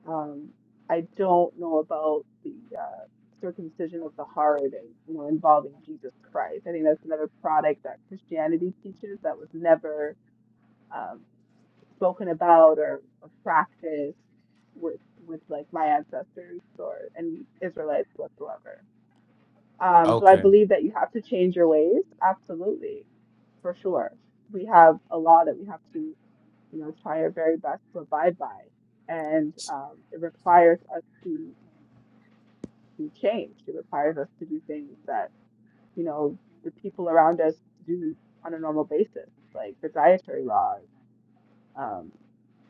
[SPEAKER 5] Um, I don't know about the uh, circumcision of the heart and you know involving Jesus Christ. I think that's another product that Christianity teaches that was never um, spoken about or, or practiced with with like my ancestors or any Israelites whatsoever. Um, do I
[SPEAKER 8] Okay.
[SPEAKER 5] believe that you have to change your ways? Absolutely, for sure. We have a law that we have to, you know, try our very best to abide by, and um, it requires us to to change. It requires us to do things that you know the people around us do on a normal basis, like the dietary laws um,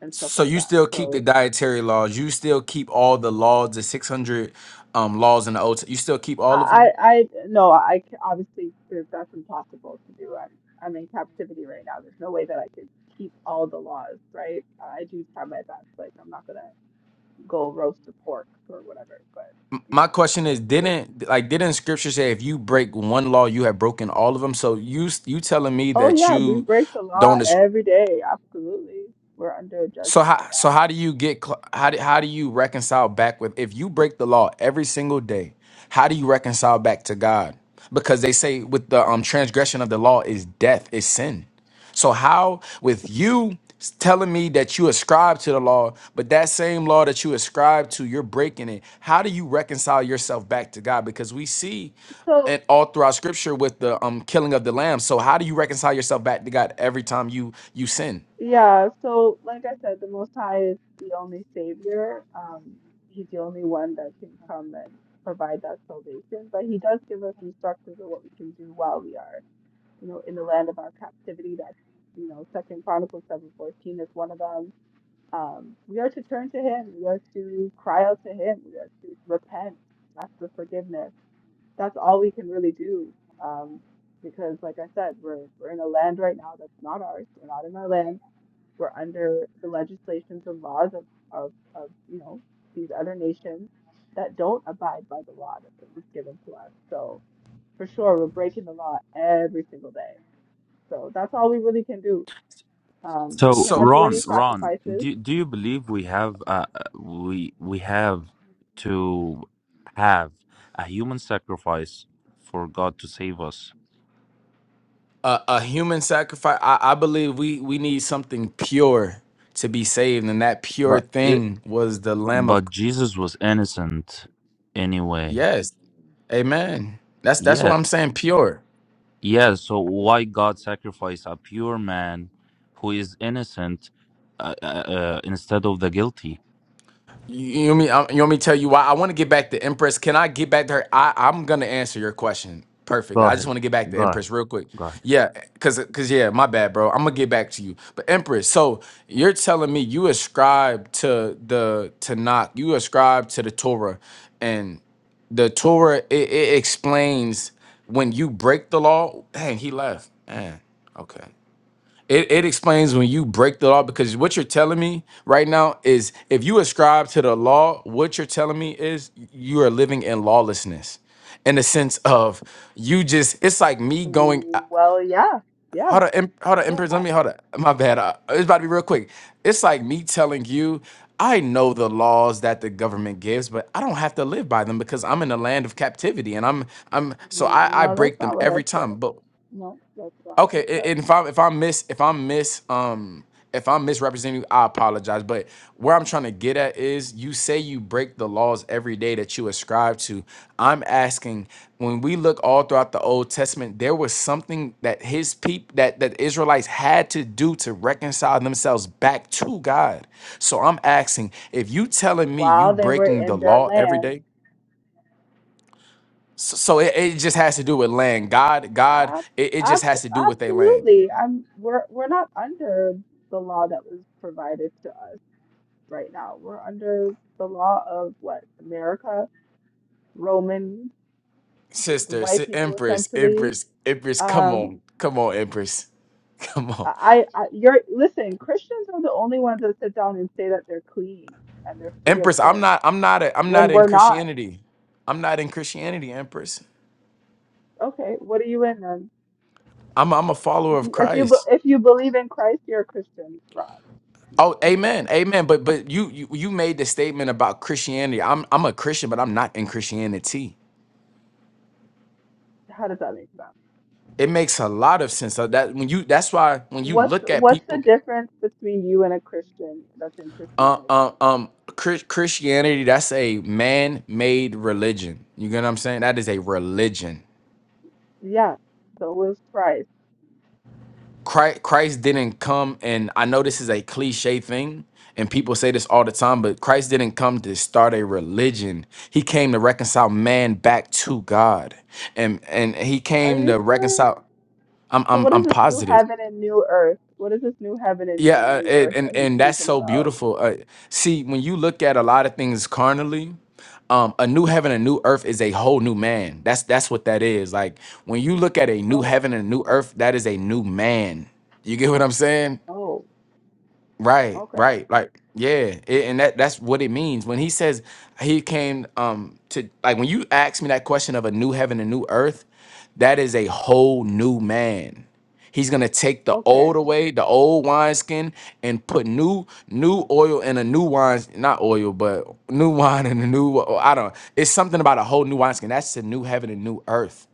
[SPEAKER 5] and stuff
[SPEAKER 8] So,
[SPEAKER 5] like
[SPEAKER 8] you
[SPEAKER 5] that.
[SPEAKER 8] still keep the
[SPEAKER 5] So
[SPEAKER 8] dietary laws, you still keep all the laws, the 600 um, laws in the Old You still keep
[SPEAKER 5] I,
[SPEAKER 8] all of
[SPEAKER 5] I,
[SPEAKER 8] them?
[SPEAKER 5] I- no, I c- obviously there's, that's impossible to do. I'm, I'm in captivity right now. There's no way that I could keep all the laws, right? I do try my best. Like I'm not gonna go roast a pork or whatever, but you
[SPEAKER 8] My
[SPEAKER 5] know,
[SPEAKER 8] question is,
[SPEAKER 5] the-
[SPEAKER 8] didn't like didn't Scripture say if you break one law, you have broken all of them? So you s- you telling me
[SPEAKER 5] oh
[SPEAKER 8] that
[SPEAKER 5] yeah, we
[SPEAKER 8] you
[SPEAKER 5] break the law
[SPEAKER 8] don't?
[SPEAKER 5] every day. Absolutely, we're under
[SPEAKER 8] So
[SPEAKER 5] judgment
[SPEAKER 8] how
[SPEAKER 5] right
[SPEAKER 8] so
[SPEAKER 5] now.
[SPEAKER 8] how do you get cl- how do, how do you reconcile back with if you break the law every single day? How do you reconcile back to God? Because they say with the um transgression of the law is death, is sin. So how with you s- telling me that you ascribe to the law, but that same law that you ascribe to, you're breaking it. How do you reconcile yourself back to God? Because we see
[SPEAKER 5] so.
[SPEAKER 8] and all throughout scripture with the um killing of the lamb. So how do you reconcile yourself back to God every time you you sin?
[SPEAKER 5] Yeah, so like I said, the Most High is the only Savior. Um, he's the only one that can come and provide that salvation. But he does give us instructions of what we can do while we are, you know, in the land of our captivity. That's, you know, Second Chronicles seven fourteen is one of them. Um, we are to turn to him. We are to cry out to him. We are to repent. That's the forgiveness. That's all we can really do. Um, because like I said, we're we're in a land right now that's not ours. We're not in our land we're under the legislations and laws of, of, of you know, these other nations that don't abide by the law that was given to us. So for sure, we're breaking the law every single day. So that's all we really can do. Um, we
[SPEAKER 12] So,
[SPEAKER 8] So
[SPEAKER 5] cannot do any
[SPEAKER 12] Ron, Ron,
[SPEAKER 5] sacrifices.
[SPEAKER 12] do do you believe we have uh uh, we we have to have a human sacrifice for God to save us?
[SPEAKER 8] a, a human sacrifice I, I believe we we need something pure to be saved and that pure
[SPEAKER 12] But it
[SPEAKER 8] thing was the lamb of
[SPEAKER 12] but Jesus was innocent anyway.
[SPEAKER 8] yes amen that's that's what
[SPEAKER 12] Yes.
[SPEAKER 8] i'm saying pure
[SPEAKER 12] Yeah, so why God sacrificed a pure man who is innocent uh, uh, uh, instead of the guilty?
[SPEAKER 8] You want me? I- You want me to tell you why? I want to get back to Empress. Can I get back to her? I, I'm gonna answer your question perfectly.
[SPEAKER 12] Go
[SPEAKER 8] I just
[SPEAKER 12] ahead.
[SPEAKER 8] want to get back to
[SPEAKER 12] Go ahead.
[SPEAKER 8] Empress real quick.
[SPEAKER 12] Go ahead.
[SPEAKER 8] Yeah, cause, cause yeah, my bad, bro. I'm gonna get back to you. But Empress, so you're telling me you ascribe to the Tanakh, you ascribe to the Torah, and the Torah it, it explains when you break the law. Dang, he left. Man, okay. It, it explains when you break the law because what you're telling me right now is if you ascribe to the law, what you're telling me is you are living in lawlessness in the sense of you just, it's like me going,
[SPEAKER 5] Mm, Well, yeah, yeah,
[SPEAKER 8] how to, em- how to
[SPEAKER 5] yeah.
[SPEAKER 8] empress,
[SPEAKER 5] I,
[SPEAKER 8] let me,
[SPEAKER 5] I,
[SPEAKER 8] how to, my bad, uh, it's about to be real quick. It's like me telling you, I know the laws that the government gives, but I don't have to live by them because I'm in the land of captivity and I'm, I'm, so I, I
[SPEAKER 5] no,
[SPEAKER 8] break
[SPEAKER 5] that's
[SPEAKER 8] them
[SPEAKER 5] not what I
[SPEAKER 8] every
[SPEAKER 5] said.
[SPEAKER 8] time. but.
[SPEAKER 5] No, that's not what I
[SPEAKER 8] Okay, a-
[SPEAKER 5] said.
[SPEAKER 8] and if I'm if I'm miss if I'm miss um if I'm misrepresenting you, I apologize. But where I'm trying to get at is you say you break the laws every day that you ascribe to. I'm asking when we look all throughout the Old Testament, there was something that his people that, that Israelites had to do to reconcile themselves back to God. So I'm asking, if you telling me you
[SPEAKER 5] While they were
[SPEAKER 8] breaking the
[SPEAKER 5] in their
[SPEAKER 8] law every
[SPEAKER 5] land,
[SPEAKER 8] day, so, so it, it just has to do with land. God, God,
[SPEAKER 5] Ab-
[SPEAKER 8] it, it just
[SPEAKER 5] abs-
[SPEAKER 8] has to do with their land.
[SPEAKER 5] Absolutely. I'm we're we're not under the law that was provided to us right now. We're under the law of what? America, Roman, the, the
[SPEAKER 8] sister,
[SPEAKER 5] white
[SPEAKER 8] si-
[SPEAKER 5] people
[SPEAKER 8] Empress,
[SPEAKER 5] essentially.
[SPEAKER 8] Empress, Empress. Come
[SPEAKER 5] Um,
[SPEAKER 8] on, come on, Empress, come on,
[SPEAKER 5] I, I you're listen, Christians are the only ones that sit down and say that they're clean and they're free of
[SPEAKER 8] Empress. I'm
[SPEAKER 5] sin
[SPEAKER 8] not, I'm not, a, I'm not
[SPEAKER 5] when
[SPEAKER 8] in
[SPEAKER 5] we're not.
[SPEAKER 8] Christianity. I'm not in Christianity, Empress.
[SPEAKER 5] Okay, what are you in then?
[SPEAKER 8] I'm, I'm a follower
[SPEAKER 5] If
[SPEAKER 8] of
[SPEAKER 5] you if you be-
[SPEAKER 8] Christ.
[SPEAKER 5] if you believe in Christ, you're a Christian, Rob.
[SPEAKER 8] Oh,
[SPEAKER 5] I'm sorry.
[SPEAKER 8] amen, amen. But, but you, you, you made the statement about Christianity. I'm, I'm a Christian, but I'm not in Christianity.
[SPEAKER 5] How does that make sense?
[SPEAKER 8] It makes a lot of sense. So that when you, that's why when you
[SPEAKER 5] What's
[SPEAKER 8] look at
[SPEAKER 5] what's the
[SPEAKER 8] people,
[SPEAKER 5] difference between you and a Christian that's in
[SPEAKER 8] uh,
[SPEAKER 5] Christianity?
[SPEAKER 8] uh, um, Chris- Christianity, that's a man-made religion. You get what I'm saying? That is a religion
[SPEAKER 5] Yeah, so was Christ.
[SPEAKER 8] Christ, Christ didn't come, and I know this is a cliche thing, and people say this all the time, but Christ didn't come to start a religion. He came to reconcile man back to God, and and he
[SPEAKER 5] Are
[SPEAKER 8] came
[SPEAKER 5] you
[SPEAKER 8] to
[SPEAKER 5] sure?
[SPEAKER 8] reconcile. I'm
[SPEAKER 5] So
[SPEAKER 8] I'm
[SPEAKER 5] what is
[SPEAKER 8] I'm
[SPEAKER 5] this new
[SPEAKER 8] positive.
[SPEAKER 5] heaven and new earth? What is this new heaven and,
[SPEAKER 8] Yeah,
[SPEAKER 5] and
[SPEAKER 8] uh,
[SPEAKER 5] new
[SPEAKER 8] it,
[SPEAKER 5] earth
[SPEAKER 8] and
[SPEAKER 5] that he's
[SPEAKER 8] and that's
[SPEAKER 5] speaking
[SPEAKER 8] so
[SPEAKER 5] about?
[SPEAKER 8] beautiful. Uh, see, when you look at a lot of things carnally, um, a new heaven, a new earth is a whole new man. That's that's what that is. Like when you look at a new
[SPEAKER 5] Oh,
[SPEAKER 8] heaven and a new earth, that is a new man. You get what I'm saying?
[SPEAKER 5] oh,
[SPEAKER 8] Right,
[SPEAKER 5] okay,
[SPEAKER 8] right. Like, yeah. It, and that that's what it means. When he says he came um to like when you ask me that question of a new heaven and new earth, that is a whole new man. He's gonna take the
[SPEAKER 5] okay.
[SPEAKER 8] old away, the old wineskin, and put new new oil in a new wine, not oil, but new wine and a new I don't It's something about a whole new wineskin. That's the new heaven and new earth.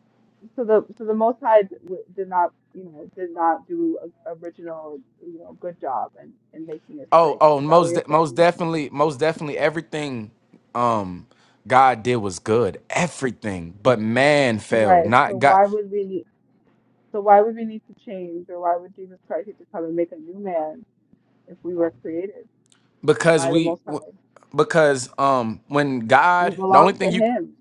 [SPEAKER 5] So the so the Most High d- w- did not, you know, did not do a original, you know, good job in in making his
[SPEAKER 8] Oh,
[SPEAKER 5] creation.
[SPEAKER 8] oh,
[SPEAKER 5] Is that what
[SPEAKER 8] most
[SPEAKER 5] you're
[SPEAKER 8] de- most
[SPEAKER 5] saying?
[SPEAKER 8] definitely, most definitely everything um God did was good. Everything. But man failed.
[SPEAKER 5] Right. So
[SPEAKER 8] Not God
[SPEAKER 5] why would we? need? So why would we need to change, or why would Jesus Christ need to come and make a new man if we were created
[SPEAKER 8] because
[SPEAKER 5] by the
[SPEAKER 8] we
[SPEAKER 5] Most High.
[SPEAKER 8] w- because um when
[SPEAKER 5] We
[SPEAKER 8] God, the only
[SPEAKER 5] belong to
[SPEAKER 8] thing you
[SPEAKER 5] Him.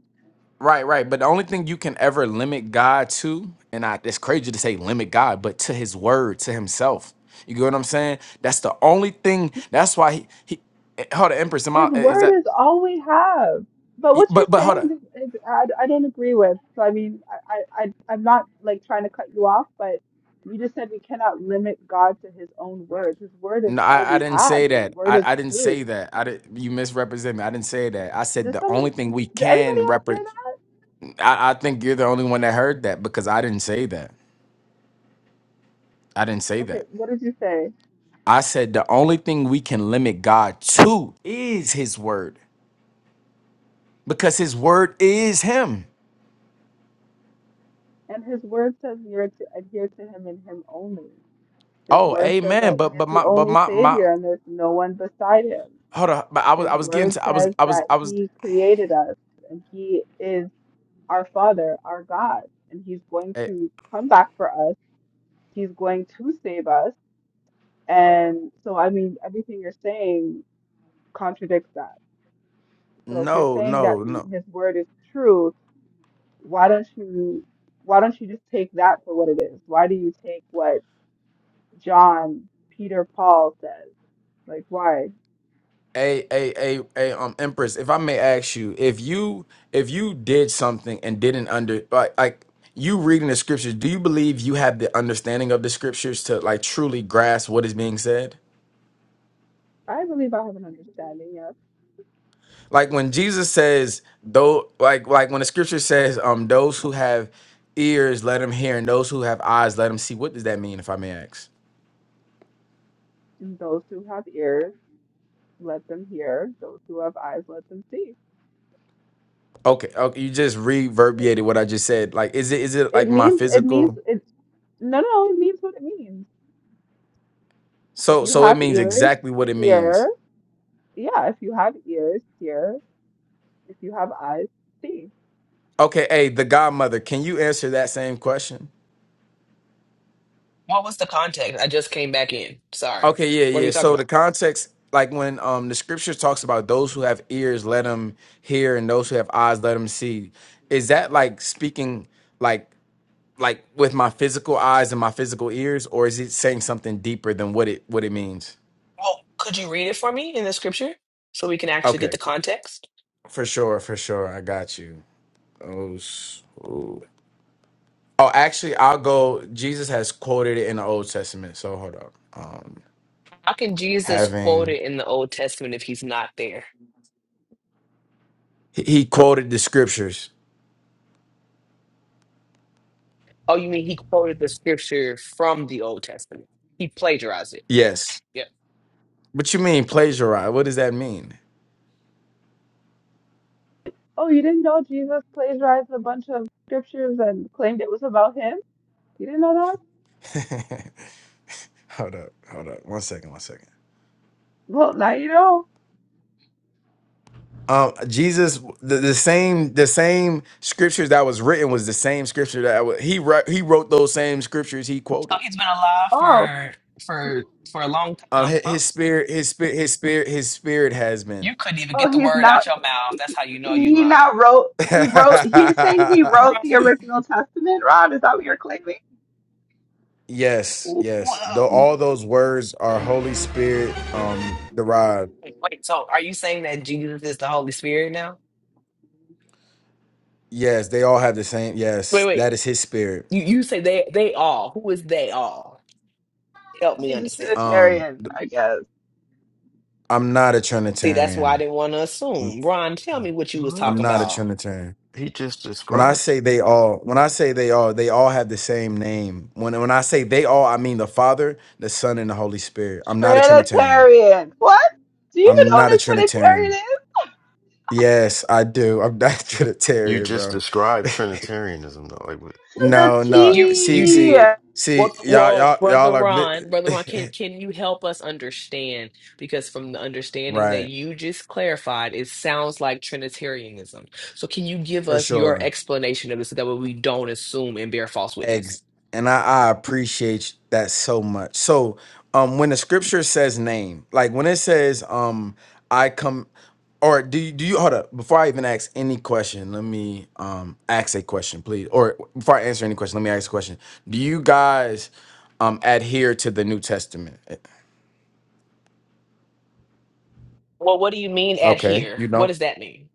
[SPEAKER 8] right, right, but the only thing you can ever limit God to, and I it's crazy to say limit God, but to his word, to himself. You get what I'm saying? That's the only thing. That's why he, he eh, hold on, Empress. Am
[SPEAKER 5] His
[SPEAKER 8] I, eh, is that?
[SPEAKER 5] word is all we have. But
[SPEAKER 8] y-
[SPEAKER 5] what you're
[SPEAKER 8] But but hold on.
[SPEAKER 5] saying is, is I, I don't agree with. So I mean, I, I, I- I'm not like trying to cut you off, but you just said we cannot limit God to His own word. His word is
[SPEAKER 8] No,
[SPEAKER 5] all
[SPEAKER 8] I, I
[SPEAKER 5] we
[SPEAKER 8] didn't
[SPEAKER 5] have.
[SPEAKER 8] say
[SPEAKER 5] His
[SPEAKER 8] that.
[SPEAKER 5] word is
[SPEAKER 8] I, I didn't
[SPEAKER 5] truth.
[SPEAKER 8] say that. I did, you misrepresent me. I didn't say that. I said
[SPEAKER 5] Does
[SPEAKER 8] the
[SPEAKER 5] somebody,
[SPEAKER 8] only thing we
[SPEAKER 5] did anybody
[SPEAKER 8] can
[SPEAKER 5] else hear
[SPEAKER 8] represent.
[SPEAKER 5] that?
[SPEAKER 8] I, I think you're the only one that heard that because I didn't say that. I didn't say
[SPEAKER 5] Okay,
[SPEAKER 8] that.
[SPEAKER 5] what did you say?
[SPEAKER 8] I said the only thing we can limit God to is His word because His word is Him.
[SPEAKER 5] And His word says we are to adhere to Him and Him only. His
[SPEAKER 8] Oh,
[SPEAKER 5] word says that
[SPEAKER 8] amen.
[SPEAKER 5] He
[SPEAKER 8] But
[SPEAKER 5] is
[SPEAKER 8] but
[SPEAKER 5] the
[SPEAKER 8] my but
[SPEAKER 5] only
[SPEAKER 8] my my
[SPEAKER 5] Savior and there's no one beside Him
[SPEAKER 8] hold on. But I was
[SPEAKER 5] His
[SPEAKER 8] I was getting
[SPEAKER 5] word
[SPEAKER 8] to I was
[SPEAKER 5] says
[SPEAKER 8] I was
[SPEAKER 5] that
[SPEAKER 8] I was.
[SPEAKER 5] He created us and He is our Father, our God, and He's going
[SPEAKER 8] eh,
[SPEAKER 5] to come back for us. He's going to save us. And so, I mean, everything you're saying contradicts that. So if you're
[SPEAKER 8] no
[SPEAKER 5] saying that
[SPEAKER 8] no no.
[SPEAKER 5] His word is true, why don't you? Why don't you just take that for what it is? Why do you take what John, Peter, Paul says? Like, why?
[SPEAKER 8] a a a a um empress if i may ask you if you if you did something and didn't under like like you reading the scriptures do you believe you have the understanding of the scriptures to like truly grasp what is being said
[SPEAKER 5] I believe I have an understanding, yes,
[SPEAKER 8] like when jesus says though like like when the scripture says um those who have ears let them hear and those who have eyes let them see what does that mean if i may ask
[SPEAKER 5] in those who have ears let them hear. Those who have eyes, let them see.
[SPEAKER 8] okay okay you just
[SPEAKER 5] It,
[SPEAKER 8] reverberated what i just said like is it is it
[SPEAKER 5] it
[SPEAKER 8] like my
[SPEAKER 5] means, it means,
[SPEAKER 8] physical
[SPEAKER 5] it's, no, no, it means what it means. If
[SPEAKER 8] so
[SPEAKER 5] you
[SPEAKER 8] so it
[SPEAKER 5] have
[SPEAKER 8] means
[SPEAKER 5] ears,
[SPEAKER 8] exactly what it means
[SPEAKER 5] hear. Yeah, if you have ears, hear. If you have eyes, see.
[SPEAKER 8] Okay, hey, the godmother, can you answer that same question?
[SPEAKER 3] What was the context? I just came back in. Sorry.
[SPEAKER 8] Okay,
[SPEAKER 3] What are
[SPEAKER 8] yeah,
[SPEAKER 3] we
[SPEAKER 8] yeah.
[SPEAKER 3] talking
[SPEAKER 8] So the
[SPEAKER 3] about?
[SPEAKER 8] context, like when um the scripture talks about those who have ears, let them hear, and those who have eyes, let them see. Is that like speaking like like with my physical eyes and my physical ears, or is it saying something deeper than what it what it means?
[SPEAKER 3] Well, could you read it for me in the scripture so we can actually get the
[SPEAKER 8] Okay,
[SPEAKER 3] context?
[SPEAKER 8] for sure, for sure. I got you. Oh, s- ooh. oh actually, I'll go. Jesus has quoted it in the Old Testament. So hold up. Um,
[SPEAKER 3] How can Jesus quote
[SPEAKER 8] having
[SPEAKER 3] it in the Old Testament if he's not there?
[SPEAKER 8] He he quoted the scriptures.
[SPEAKER 3] Oh, you mean he quoted the scripture from the Old Testament? He plagiarized it.
[SPEAKER 8] Yes.
[SPEAKER 3] Yep.
[SPEAKER 8] What you mean plagiarize? What does that mean?
[SPEAKER 5] Oh, you didn't know Jesus plagiarized a bunch of scriptures and claimed it was about him? You didn't know that?
[SPEAKER 8] hold up, hold up. One second, one second.
[SPEAKER 5] Well, now you know.
[SPEAKER 8] Um, Jesus, the, the same, the same scriptures that was written was the same scripture that wa- he wrote. He wrote those same scriptures he
[SPEAKER 3] So
[SPEAKER 8] quoted.
[SPEAKER 3] he's been alive
[SPEAKER 5] Oh,
[SPEAKER 3] for
[SPEAKER 5] he-
[SPEAKER 3] for for a long
[SPEAKER 8] Um,
[SPEAKER 3] time,
[SPEAKER 8] his,
[SPEAKER 3] huh?
[SPEAKER 8] his spirit, his spirit, his spirit, his spirit has been.
[SPEAKER 3] You couldn't even get
[SPEAKER 5] oh,
[SPEAKER 3] the
[SPEAKER 5] he's
[SPEAKER 3] word out
[SPEAKER 5] not.
[SPEAKER 3] your mouth. That's
[SPEAKER 5] He,
[SPEAKER 3] how you know you
[SPEAKER 5] he
[SPEAKER 3] lying.
[SPEAKER 5] now wrote. He wrote. You're saying he
[SPEAKER 3] Bro,
[SPEAKER 5] wrote the original Testament, Rod? Is that what you're claiming?
[SPEAKER 8] yes, yes.
[SPEAKER 3] whoa.
[SPEAKER 8] Though all those words are Holy Spirit um derived.
[SPEAKER 3] Wait, so are you saying that Jesus is the Holy Spirit now?
[SPEAKER 8] Yes, they all have the same.
[SPEAKER 3] Wait,
[SPEAKER 8] Yes,
[SPEAKER 3] wait.
[SPEAKER 8] that is his spirit.
[SPEAKER 3] You you say they they all. Who is they all? Help me
[SPEAKER 5] He's a
[SPEAKER 3] understand.
[SPEAKER 8] Um,
[SPEAKER 5] Trinitarian,
[SPEAKER 8] th-
[SPEAKER 5] I guess.
[SPEAKER 8] I'm not a
[SPEAKER 3] See, that's why I
[SPEAKER 8] Trinitarian.
[SPEAKER 3] didn't want to assume. Ron, tell me what you was
[SPEAKER 8] I'm
[SPEAKER 3] talking
[SPEAKER 8] not a
[SPEAKER 2] What?
[SPEAKER 3] about
[SPEAKER 8] Trinitarian.
[SPEAKER 2] He just
[SPEAKER 8] When I
[SPEAKER 2] described.
[SPEAKER 8] say they all, when I say they all, they all have the same name. When when I say they all, I mean the Father, the Son, and the Holy Spirit. I'm not a Trinitarian.
[SPEAKER 5] Trinitarian. What? Do you even
[SPEAKER 8] I'm
[SPEAKER 5] know
[SPEAKER 8] not
[SPEAKER 5] what
[SPEAKER 8] a
[SPEAKER 5] a Trinitarian
[SPEAKER 8] Trinitarian.
[SPEAKER 5] is?
[SPEAKER 8] Yes, I do. I'm not a
[SPEAKER 2] You
[SPEAKER 8] Trinitarian,
[SPEAKER 2] just
[SPEAKER 8] bro.
[SPEAKER 2] described Trinitarianism though. Like, what-
[SPEAKER 5] To the
[SPEAKER 8] No, no.
[SPEAKER 3] You
[SPEAKER 8] See,
[SPEAKER 3] you
[SPEAKER 5] T.
[SPEAKER 8] see,
[SPEAKER 3] did.
[SPEAKER 8] see.
[SPEAKER 3] Well, f-
[SPEAKER 8] Y'all,
[SPEAKER 3] well,
[SPEAKER 8] y'all,
[SPEAKER 3] brother
[SPEAKER 8] y'all are mi-
[SPEAKER 3] Ron, brother Ron, can can you help us understand? Because from the understanding that
[SPEAKER 8] right
[SPEAKER 3] you just clarified, it sounds like Trinitarianism. So, can you give
[SPEAKER 8] for
[SPEAKER 3] us your
[SPEAKER 8] sure.
[SPEAKER 3] explanation of this so that way we don't assume and bear false witness?
[SPEAKER 8] Ex- and I, I appreciate that so much. So, um, when the scripture says name, like when it says, um, I come, or do you, do you hold up before I even ask any question? Let me um ask a question, please. Or before I answer any question, let me ask a question. Do you guys um adhere to the New Testament?
[SPEAKER 3] Well, what do you mean
[SPEAKER 8] Okay,
[SPEAKER 3] adhere?
[SPEAKER 8] you
[SPEAKER 3] What
[SPEAKER 8] don't
[SPEAKER 3] does that mean?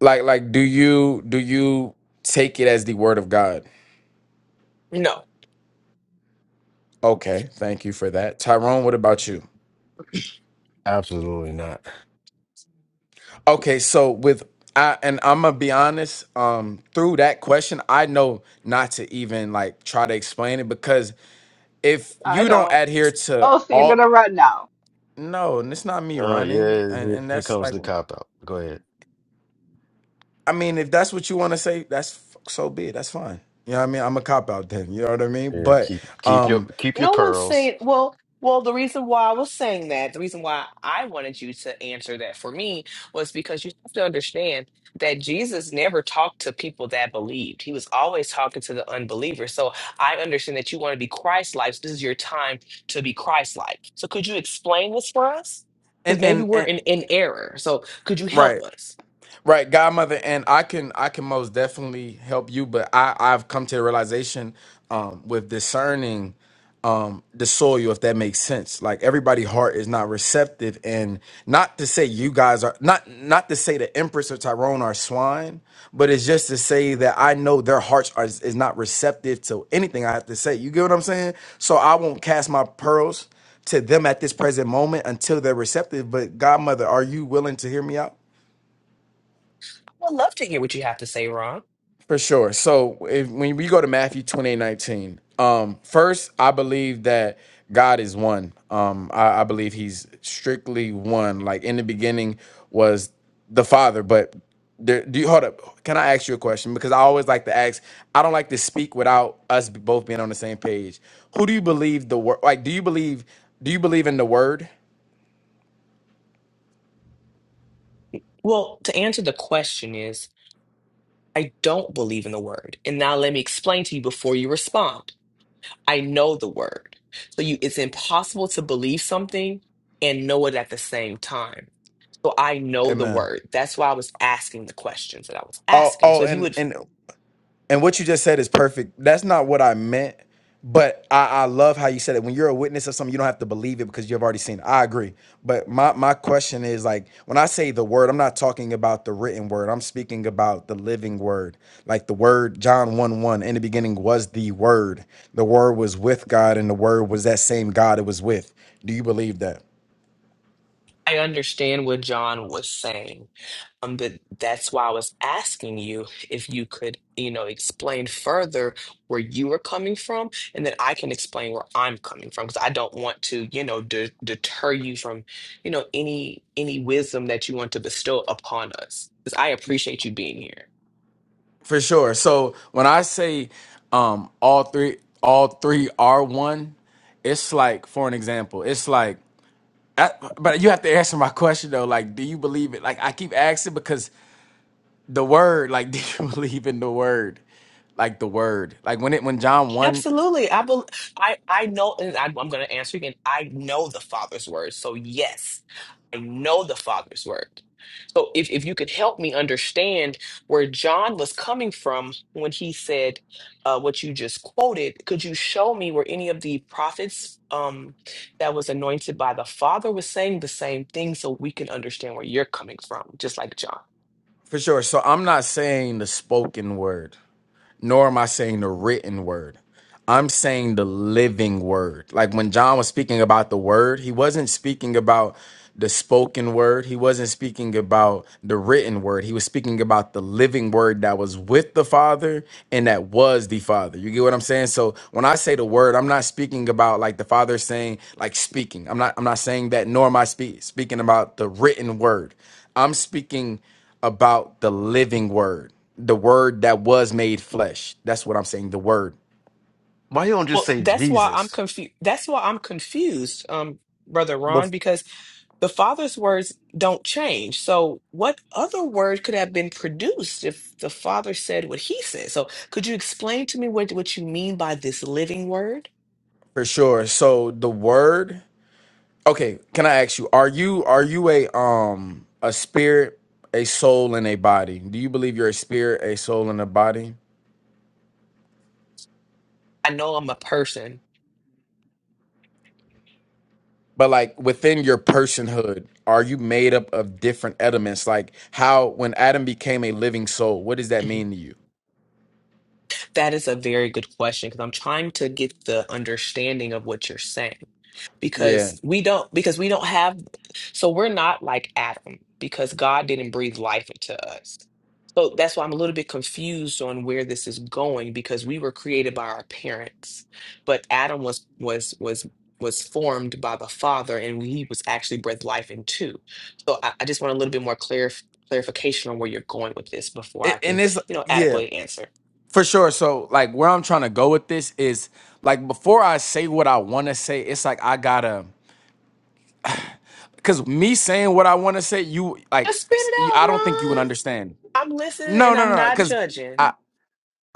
[SPEAKER 8] like like do you do you take it as the word of God?
[SPEAKER 3] No.
[SPEAKER 8] Okay, thank you for that, Tyrone. What about you?
[SPEAKER 2] Absolutely not.
[SPEAKER 8] Okay, so with I and I'm gonna be honest, um, through that question, I know not to even like try to explain it because if
[SPEAKER 5] I
[SPEAKER 8] you don't
[SPEAKER 5] don't.
[SPEAKER 8] adhere to
[SPEAKER 5] Oh, so you're
[SPEAKER 8] all
[SPEAKER 5] gonna run now.
[SPEAKER 8] no, and it's not me
[SPEAKER 2] uh,
[SPEAKER 8] running,
[SPEAKER 2] yeah.
[SPEAKER 8] and
[SPEAKER 2] Here,
[SPEAKER 8] and
[SPEAKER 2] here
[SPEAKER 8] that's
[SPEAKER 2] comes
[SPEAKER 8] like
[SPEAKER 2] the cop out. Go ahead.
[SPEAKER 8] I mean, if that's what you want to say, that's f- so be it. That's fine. You know what I mean? I'm a cop out then. You know what I mean?
[SPEAKER 2] Yeah,
[SPEAKER 8] But
[SPEAKER 2] keep keep your
[SPEAKER 8] um,
[SPEAKER 2] keep your
[SPEAKER 3] No one's
[SPEAKER 2] pearls.
[SPEAKER 3] saying, well, well, the reason why I was saying that, the reason why I wanted you to answer that for me was because you have to understand that Jesus never talked to people that believed. He was always talking to the unbelievers. So I understand that you want to be Christ-like. So this is your time to be Christ-like. So could you explain this for us?
[SPEAKER 8] and
[SPEAKER 3] Because maybe
[SPEAKER 8] and
[SPEAKER 3] we're
[SPEAKER 8] and
[SPEAKER 3] in, in error. So could you help
[SPEAKER 8] right.
[SPEAKER 3] us?
[SPEAKER 8] Right, godmother, and I can I can most definitely help you, but I I've come to the realization um with discerning um the soil if that makes sense. Like everybody' heart is not receptive and not to say you guys are not not to say the Empress or Tyrone are swine, but it's just to say that I know their hearts are is not receptive to anything I have to say. You get what I'm saying? So I won't cast my pearls to them at this present moment until they're receptive. But godmother, are you willing to hear me out?
[SPEAKER 3] I would love to hear what you have to say, Ron.
[SPEAKER 8] For sure. So if, when we go to Matthew twenty-eight nineteen, um, first, I believe that God is one. Um, I, I believe he's strictly one. Like in the beginning was the Father, but there, do you hold up? Can I ask you a question? Because I always like to ask, I don't like to speak without us both being on the same page. Who do you believe the word like do you believe do you believe in the word?
[SPEAKER 3] Well, to answer the question is, I don't believe in the word. And now let me explain to you before you respond. I know the word. So you it's impossible to believe something and know it at the same time. So I know the
[SPEAKER 8] Amen.
[SPEAKER 3] word. That's why I was asking the questions that I was
[SPEAKER 8] Oh,
[SPEAKER 3] asking.
[SPEAKER 8] oh,
[SPEAKER 3] So if you
[SPEAKER 8] and
[SPEAKER 3] would
[SPEAKER 8] and And what you just said is perfect. That's not what I meant, but I, I love how you said it. When you're a witness of something, you don't have to believe it because you've already seen it. I agree. But my, my question is like, when I say the word, I'm not talking about the written word. I'm speaking about the living word. Like the word, John 1 1, in the beginning was the word. The word was with God, and the word was that same God it was with. Do you believe that?
[SPEAKER 3] I understand what John was saying. Um, but that's why I was asking you if you could, you know, explain further where you were coming from, and then I can explain where I'm coming from because I don't want to, you know, de- deter you from, you know, any any wisdom that you want to bestow upon us. Because I appreciate you being here.
[SPEAKER 8] For sure. So when I say um all three all three are one, it's like for an example, it's like I, but you have to answer my question though. Like, do you believe it? Like, I keep asking because the word. Like, do you believe in the word? Like the word. Like when it when John one
[SPEAKER 3] Absolutely. I bel I I know and I, I'm going to answer again. I know the Father's word. So yes, I know the Father's word. So if if you could help me understand where John was coming from when he said uh, what you just quoted, could you show me where any of the prophets? Um, that was anointed by the Father was saying the same thing so we can understand where you're coming from, just like John.
[SPEAKER 8] for sure. So I'm not saying the spoken word. nor am I saying the written word. I'm saying the living word. Like when John was speaking about the word, he wasn't speaking about the spoken word. He wasn't speaking about the written word. He was speaking about the living word that was with the Father and that was the Father. You get what I'm saying? So when I say the word, I'm not speaking about like the Father saying like speaking. I'm not I'm not saying that nor am I speak, speaking about the written word. I'm speaking about the living word the word that was made flesh. That's what I'm saying. The word
[SPEAKER 2] Why you don't just
[SPEAKER 3] Well,
[SPEAKER 2] say
[SPEAKER 3] that's why I'm
[SPEAKER 2] Jesus?
[SPEAKER 3] confused. That's why I'm confused, um, Brother Ron, because the Father's words don't change. So, what other word could have been produced if the Father said what He said? So, could you explain to me what what you mean by this living word?
[SPEAKER 8] for sure. So the word. Okay, can I ask you? Are you are you a um a spirit, a soul, and a body? Do you believe you're a spirit, a soul, and a body?
[SPEAKER 3] I know I'm a person.
[SPEAKER 8] But like within your personhood, are you made up of different elements? Like how when Adam became a living soul, what does that
[SPEAKER 3] Mhm.
[SPEAKER 8] mean to you?
[SPEAKER 3] That is a very good question because I'm trying to get the understanding of what you're saying
[SPEAKER 8] Yeah,
[SPEAKER 3] because we don't because we don't have so we're not like Adam because God didn't breathe life into us. So that's why I'm a little bit confused on where this is going because we were created by our parents, but Adam was was was was formed by the father and he was actually breathed life into. So I, I just want a little bit more clarif- clarification on where you're going with this before I
[SPEAKER 8] it,
[SPEAKER 3] can,
[SPEAKER 8] and it's
[SPEAKER 3] you know,
[SPEAKER 8] yeah.
[SPEAKER 3] adequately answer.
[SPEAKER 8] For sure. So, like, where I'm trying to go with this is like before I say what I want to say, it's like I gotta, cause me saying what I want to say, you like,
[SPEAKER 3] Just spit
[SPEAKER 8] s-
[SPEAKER 3] it
[SPEAKER 8] you,
[SPEAKER 3] out,
[SPEAKER 8] I don't think you would
[SPEAKER 3] Ron.
[SPEAKER 8] understand.
[SPEAKER 3] I'm listening
[SPEAKER 8] No,
[SPEAKER 3] and
[SPEAKER 8] no,
[SPEAKER 3] I'm
[SPEAKER 8] no, no,
[SPEAKER 3] not
[SPEAKER 8] cause
[SPEAKER 3] judging.
[SPEAKER 8] I,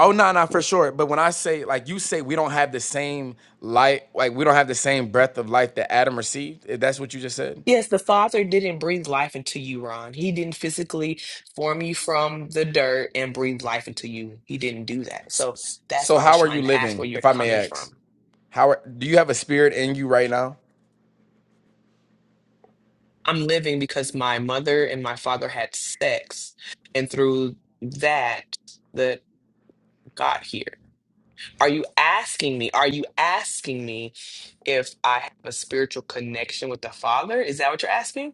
[SPEAKER 8] oh no, no, for sure. But when I say like you say we don't have the same light, like we don't have the same breath of life that Adam received. If that's what you just said.
[SPEAKER 3] Yes, the Father didn't breathe life into you, Ron. He didn't physically form you from the dirt and breathe life into you. He didn't do that.
[SPEAKER 8] S-
[SPEAKER 3] So
[SPEAKER 8] s-
[SPEAKER 3] that's
[SPEAKER 8] So
[SPEAKER 3] what I was
[SPEAKER 8] how are you
[SPEAKER 3] trying to ask where
[SPEAKER 8] living,
[SPEAKER 3] you're
[SPEAKER 8] if I may
[SPEAKER 3] coming from.
[SPEAKER 8] ask? How are, do you have a spirit in you right now?
[SPEAKER 3] I'm living because my mother and my father had sex, and through that, that got here. Are you asking me? Are you asking me if I have a spiritual connection with the Father? Is that what you're asking?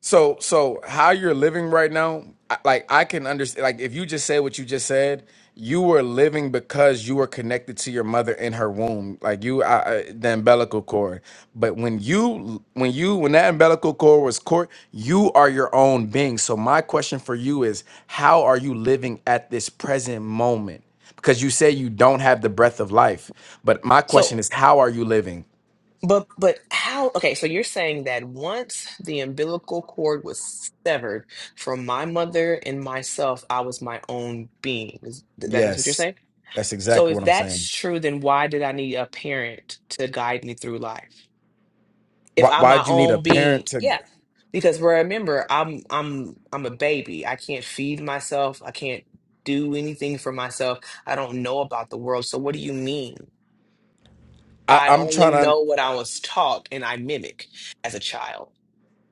[SPEAKER 8] So, so how you're living right now, I- like I can understand. Like if you just say what you just said, you were living because you were connected to your mother in her womb, like you, I, I- the umbilical cord. But when you, when you, when that umbilical cord was cord, you are your own being. So my question for you is, how are you living at this present moment? Because you say you don't have the breath of life, but my question
[SPEAKER 3] So,
[SPEAKER 8] is, how are you living?
[SPEAKER 3] but but how? Okay, so you're saying that once the umbilical cord was severed from my mother and myself, I was my own being. Is that that's what you're saying?
[SPEAKER 8] Yes, that's
[SPEAKER 3] So
[SPEAKER 8] exactly
[SPEAKER 3] if
[SPEAKER 8] what I'm
[SPEAKER 3] that's
[SPEAKER 8] saying.
[SPEAKER 3] true, then why did I need a parent to guide me through life? If
[SPEAKER 8] Why,
[SPEAKER 3] I'm my
[SPEAKER 8] why'd you need a
[SPEAKER 3] own being,
[SPEAKER 8] parent to?
[SPEAKER 3] yeah. Because remember, I'm I'm I'm a baby. I can't feed myself. I can't do anything for myself. I don't know about the world. So what do you mean?
[SPEAKER 8] I,
[SPEAKER 3] I
[SPEAKER 8] I'm
[SPEAKER 3] only
[SPEAKER 8] trying to
[SPEAKER 3] know what I was taught and I mimic as a child.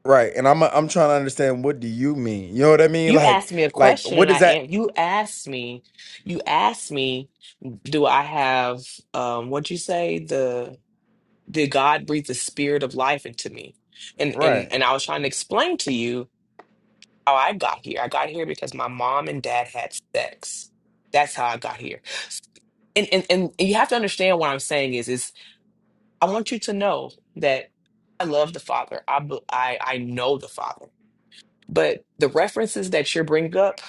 [SPEAKER 8] right, and I'm I'm trying to understand what do you mean? You know what I mean?
[SPEAKER 3] You
[SPEAKER 8] Like
[SPEAKER 3] asked me a
[SPEAKER 8] like
[SPEAKER 3] question and
[SPEAKER 8] what
[SPEAKER 3] I
[SPEAKER 8] is that?
[SPEAKER 3] an- you asked me, you asked me, do I have um what'd you say? did God breathe the spirit of life into me? And and
[SPEAKER 8] Right.
[SPEAKER 3] and I was trying to explain to you how I got here. I got here because my mom and dad had sex. That's how I got here. And and and you have to understand what I'm saying is is I want you to know that I love the Father. I be- I I know the Father. But the references that you're bringing up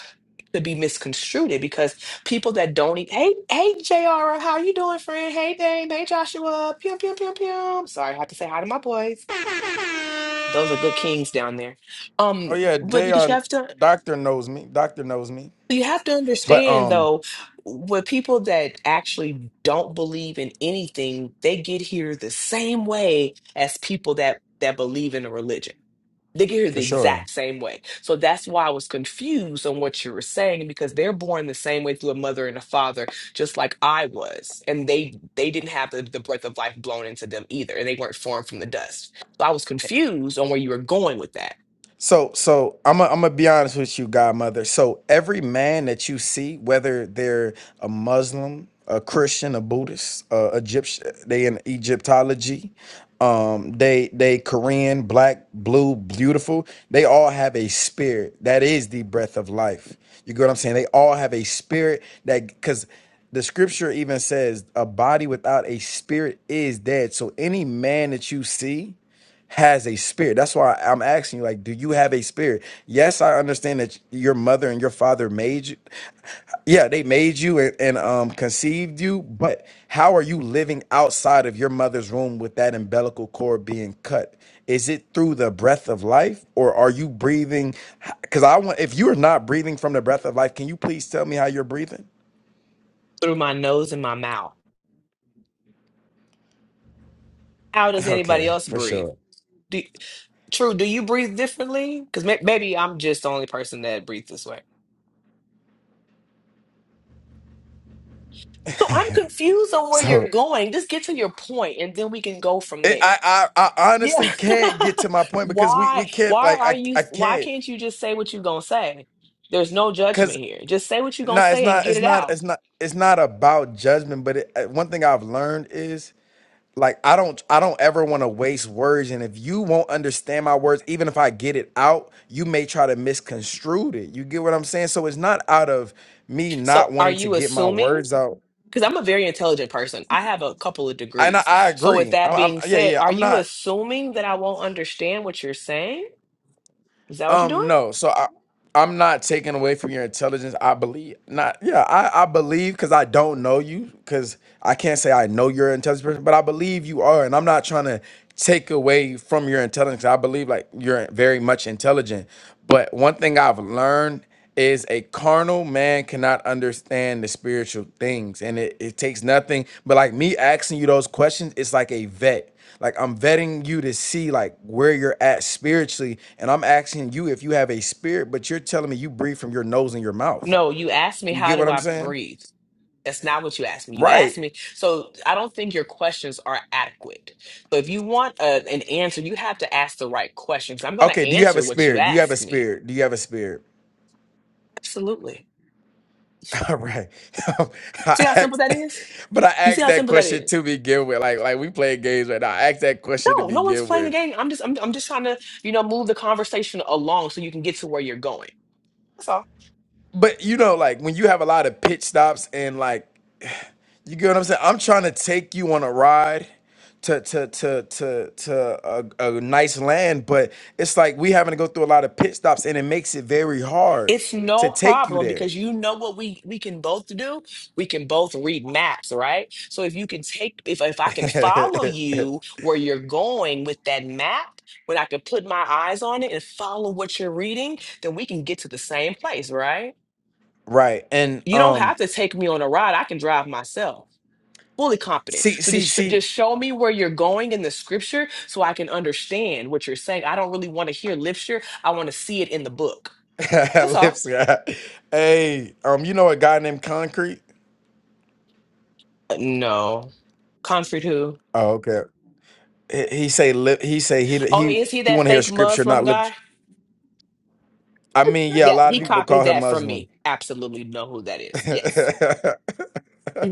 [SPEAKER 3] could be misconstrued because people that don't eat. Hey, hey, JR, how you doing, friend? Hey, Dame. Hey, Joshua. Pew, pew, pew, pew. Sorry, I have to say hi to my boys. Those are good kings down there. Um,
[SPEAKER 8] Oh yeah,
[SPEAKER 3] but because
[SPEAKER 8] Jr.
[SPEAKER 3] you have to
[SPEAKER 8] Doctor knows me. Doctor knows me.
[SPEAKER 3] you have to
[SPEAKER 8] But
[SPEAKER 3] understand
[SPEAKER 8] um,
[SPEAKER 3] though, with people that actually don't believe in anything, they get here the same way as people that that believe in a religion. They get here
[SPEAKER 8] for
[SPEAKER 3] the
[SPEAKER 8] sure.
[SPEAKER 3] exact same way. So that's why I was confused on what you were saying because they're born the same way through a mother and a father, just like I was. And they they didn't have the, the breath of life blown into them either. And they weren't formed from the dust. So I was confused on where you were going with that.
[SPEAKER 8] So, so I'm i I'm gonna be honest with you, Godmother. So every man that you see, whether they're a Muslim, a Christian, a Buddhist, uh, Egyptian, they in Egyptology, um, they they Korean, black, blue, beautiful. They all have a spirit that is the breath of life. You get what I'm saying? They all have a spirit that because the scripture even says a body without a spirit is dead. So any man that you see has a spirit. That's why I'm asking you, like, do you have a spirit? Yes, I understand that your mother and your father made you. Yeah, they made you and, and um, conceived you, but how are you living outside of your mother's womb with that umbilical cord being cut? Is it through the breath of life, or are you breathing? Because I want, if you're not breathing from the breath of life, can you please tell me how you're breathing?
[SPEAKER 3] through my nose and my mouth. How does anybody
[SPEAKER 8] Okay,
[SPEAKER 3] else
[SPEAKER 8] for
[SPEAKER 3] breathe?
[SPEAKER 8] sure.
[SPEAKER 3] Do, True, do you breathe differently? Because may, maybe I'm just the only person that breathes this way. So I'm confused on where you're
[SPEAKER 8] So
[SPEAKER 3] going. Just get to your point, and then we can go from
[SPEAKER 8] It,
[SPEAKER 3] there.
[SPEAKER 8] I, I I
[SPEAKER 3] Yeah.
[SPEAKER 8] honestly can't get to my point because we
[SPEAKER 3] why?
[SPEAKER 8] we can't
[SPEAKER 3] Why
[SPEAKER 8] like
[SPEAKER 3] are
[SPEAKER 8] I
[SPEAKER 3] you?
[SPEAKER 8] I
[SPEAKER 3] Why
[SPEAKER 8] can't
[SPEAKER 3] can't you just say what you're gonna say? There's no judgment
[SPEAKER 8] because
[SPEAKER 3] here. Just say what you're gonna
[SPEAKER 8] no it's
[SPEAKER 3] say and
[SPEAKER 8] not
[SPEAKER 3] get
[SPEAKER 8] it's
[SPEAKER 3] it
[SPEAKER 8] not
[SPEAKER 3] out.
[SPEAKER 8] it's not it's not about judgment but it, uh, one thing I've learned is like I don't I don't ever want to waste words and if you won't understand my words even if I get it out you may try to misconstrue it you get what I'm saying so it's not out of me not
[SPEAKER 3] So, are
[SPEAKER 8] wanting to
[SPEAKER 3] you
[SPEAKER 8] get my
[SPEAKER 3] assuming?
[SPEAKER 8] words out
[SPEAKER 3] because I'm a very intelligent person. I have a couple of
[SPEAKER 8] and I,
[SPEAKER 3] degrees.
[SPEAKER 8] I
[SPEAKER 3] So, with
[SPEAKER 8] agree i
[SPEAKER 3] that
[SPEAKER 8] I'm
[SPEAKER 3] being
[SPEAKER 8] yeah
[SPEAKER 3] said,
[SPEAKER 8] yeah
[SPEAKER 3] are
[SPEAKER 8] I'm
[SPEAKER 3] you
[SPEAKER 8] not
[SPEAKER 3] assuming that I won't understand what you're saying? Is that what you're
[SPEAKER 8] Um,
[SPEAKER 3] doing?
[SPEAKER 8] no. So I, I'm not taking away from your intelligence. I believe not. Yeah, I, I believe because I don't know you because I can't say I know you're an intelligent person, but I believe you are, and I'm not trying to take away from your intelligence. I believe like you're very much intelligent, but one thing I've learned is a carnal man cannot understand the spiritual things and it, it takes nothing but like me asking you those questions it's like a vet like I'm vetting you to see like where you're at spiritually, and I'm asking you if you have a spirit, but you're telling me you breathe from your nose and your mouth.
[SPEAKER 3] No, you asked me,
[SPEAKER 8] You
[SPEAKER 3] how
[SPEAKER 8] get what
[SPEAKER 3] do
[SPEAKER 8] I'm
[SPEAKER 3] I
[SPEAKER 8] saying?
[SPEAKER 3] breathe? That's not what you asked me. You asked
[SPEAKER 8] Right.
[SPEAKER 3] me. So, I don't think your questions are adequate. So, if you want a, an answer, you have to ask the right questions. I'm going
[SPEAKER 8] Okay,
[SPEAKER 3] to
[SPEAKER 8] do you have a
[SPEAKER 3] answer what you
[SPEAKER 8] spirit? Do you have a
[SPEAKER 3] ask me.
[SPEAKER 8] spirit? Do you have a spirit?
[SPEAKER 3] Absolutely.
[SPEAKER 8] All right.
[SPEAKER 3] See
[SPEAKER 8] I
[SPEAKER 3] how simple
[SPEAKER 8] asked
[SPEAKER 3] that is?
[SPEAKER 8] but I
[SPEAKER 3] You see
[SPEAKER 8] asked
[SPEAKER 3] how
[SPEAKER 8] that
[SPEAKER 3] simple that
[SPEAKER 8] question
[SPEAKER 3] is?
[SPEAKER 8] to begin with. Like like we playing games right now. I asked that question to
[SPEAKER 3] No, no one's
[SPEAKER 8] begin
[SPEAKER 3] playing the
[SPEAKER 8] with.
[SPEAKER 3] game. I'm just, I'm, I'm just trying to, you know, move the conversation along so you can get to where you're going. That's all.
[SPEAKER 8] But you know, like when you have a lot of pitch stops and like You get what I'm saying? I'm trying to take you on a ride to to to to to a, a nice land, but it's like we having to go through a lot of pit stops, and it makes it very hard
[SPEAKER 3] It's
[SPEAKER 8] to
[SPEAKER 3] no
[SPEAKER 8] take you
[SPEAKER 3] problem
[SPEAKER 8] there.
[SPEAKER 3] because you know what we we can both do. We can both read maps, right? So if you can take if if I can follow you where you're going with that map, when I can put my eyes on it and follow what you're reading, then we can get to the same place, right?
[SPEAKER 8] right, and
[SPEAKER 3] You don't
[SPEAKER 8] um,
[SPEAKER 3] have to take me on a ride. I can drive myself. Fully competent.
[SPEAKER 8] see
[SPEAKER 3] So
[SPEAKER 8] see
[SPEAKER 3] just sh-
[SPEAKER 8] see,
[SPEAKER 3] just show me where you're going in the scripture so I can understand what you're saying. I don't really want to hear literature. I want to see it in the book. That's all.
[SPEAKER 8] lips guy. Hey, um, you know a guy named Concrete?
[SPEAKER 3] No. Comfort who?
[SPEAKER 8] Oh, okay. He, he say lip. He say he
[SPEAKER 3] Oh,
[SPEAKER 8] he
[SPEAKER 3] is he
[SPEAKER 8] he
[SPEAKER 3] that
[SPEAKER 8] want to hear
[SPEAKER 3] fake
[SPEAKER 8] scripture,
[SPEAKER 3] Muslim
[SPEAKER 8] not lip.
[SPEAKER 3] guy?
[SPEAKER 8] I mean, yeah, a
[SPEAKER 3] Yeah,
[SPEAKER 8] lot of
[SPEAKER 3] he
[SPEAKER 8] people
[SPEAKER 3] copied
[SPEAKER 8] call him
[SPEAKER 3] that from
[SPEAKER 8] Muslim.
[SPEAKER 3] me. Absolutely know who that is. Yes.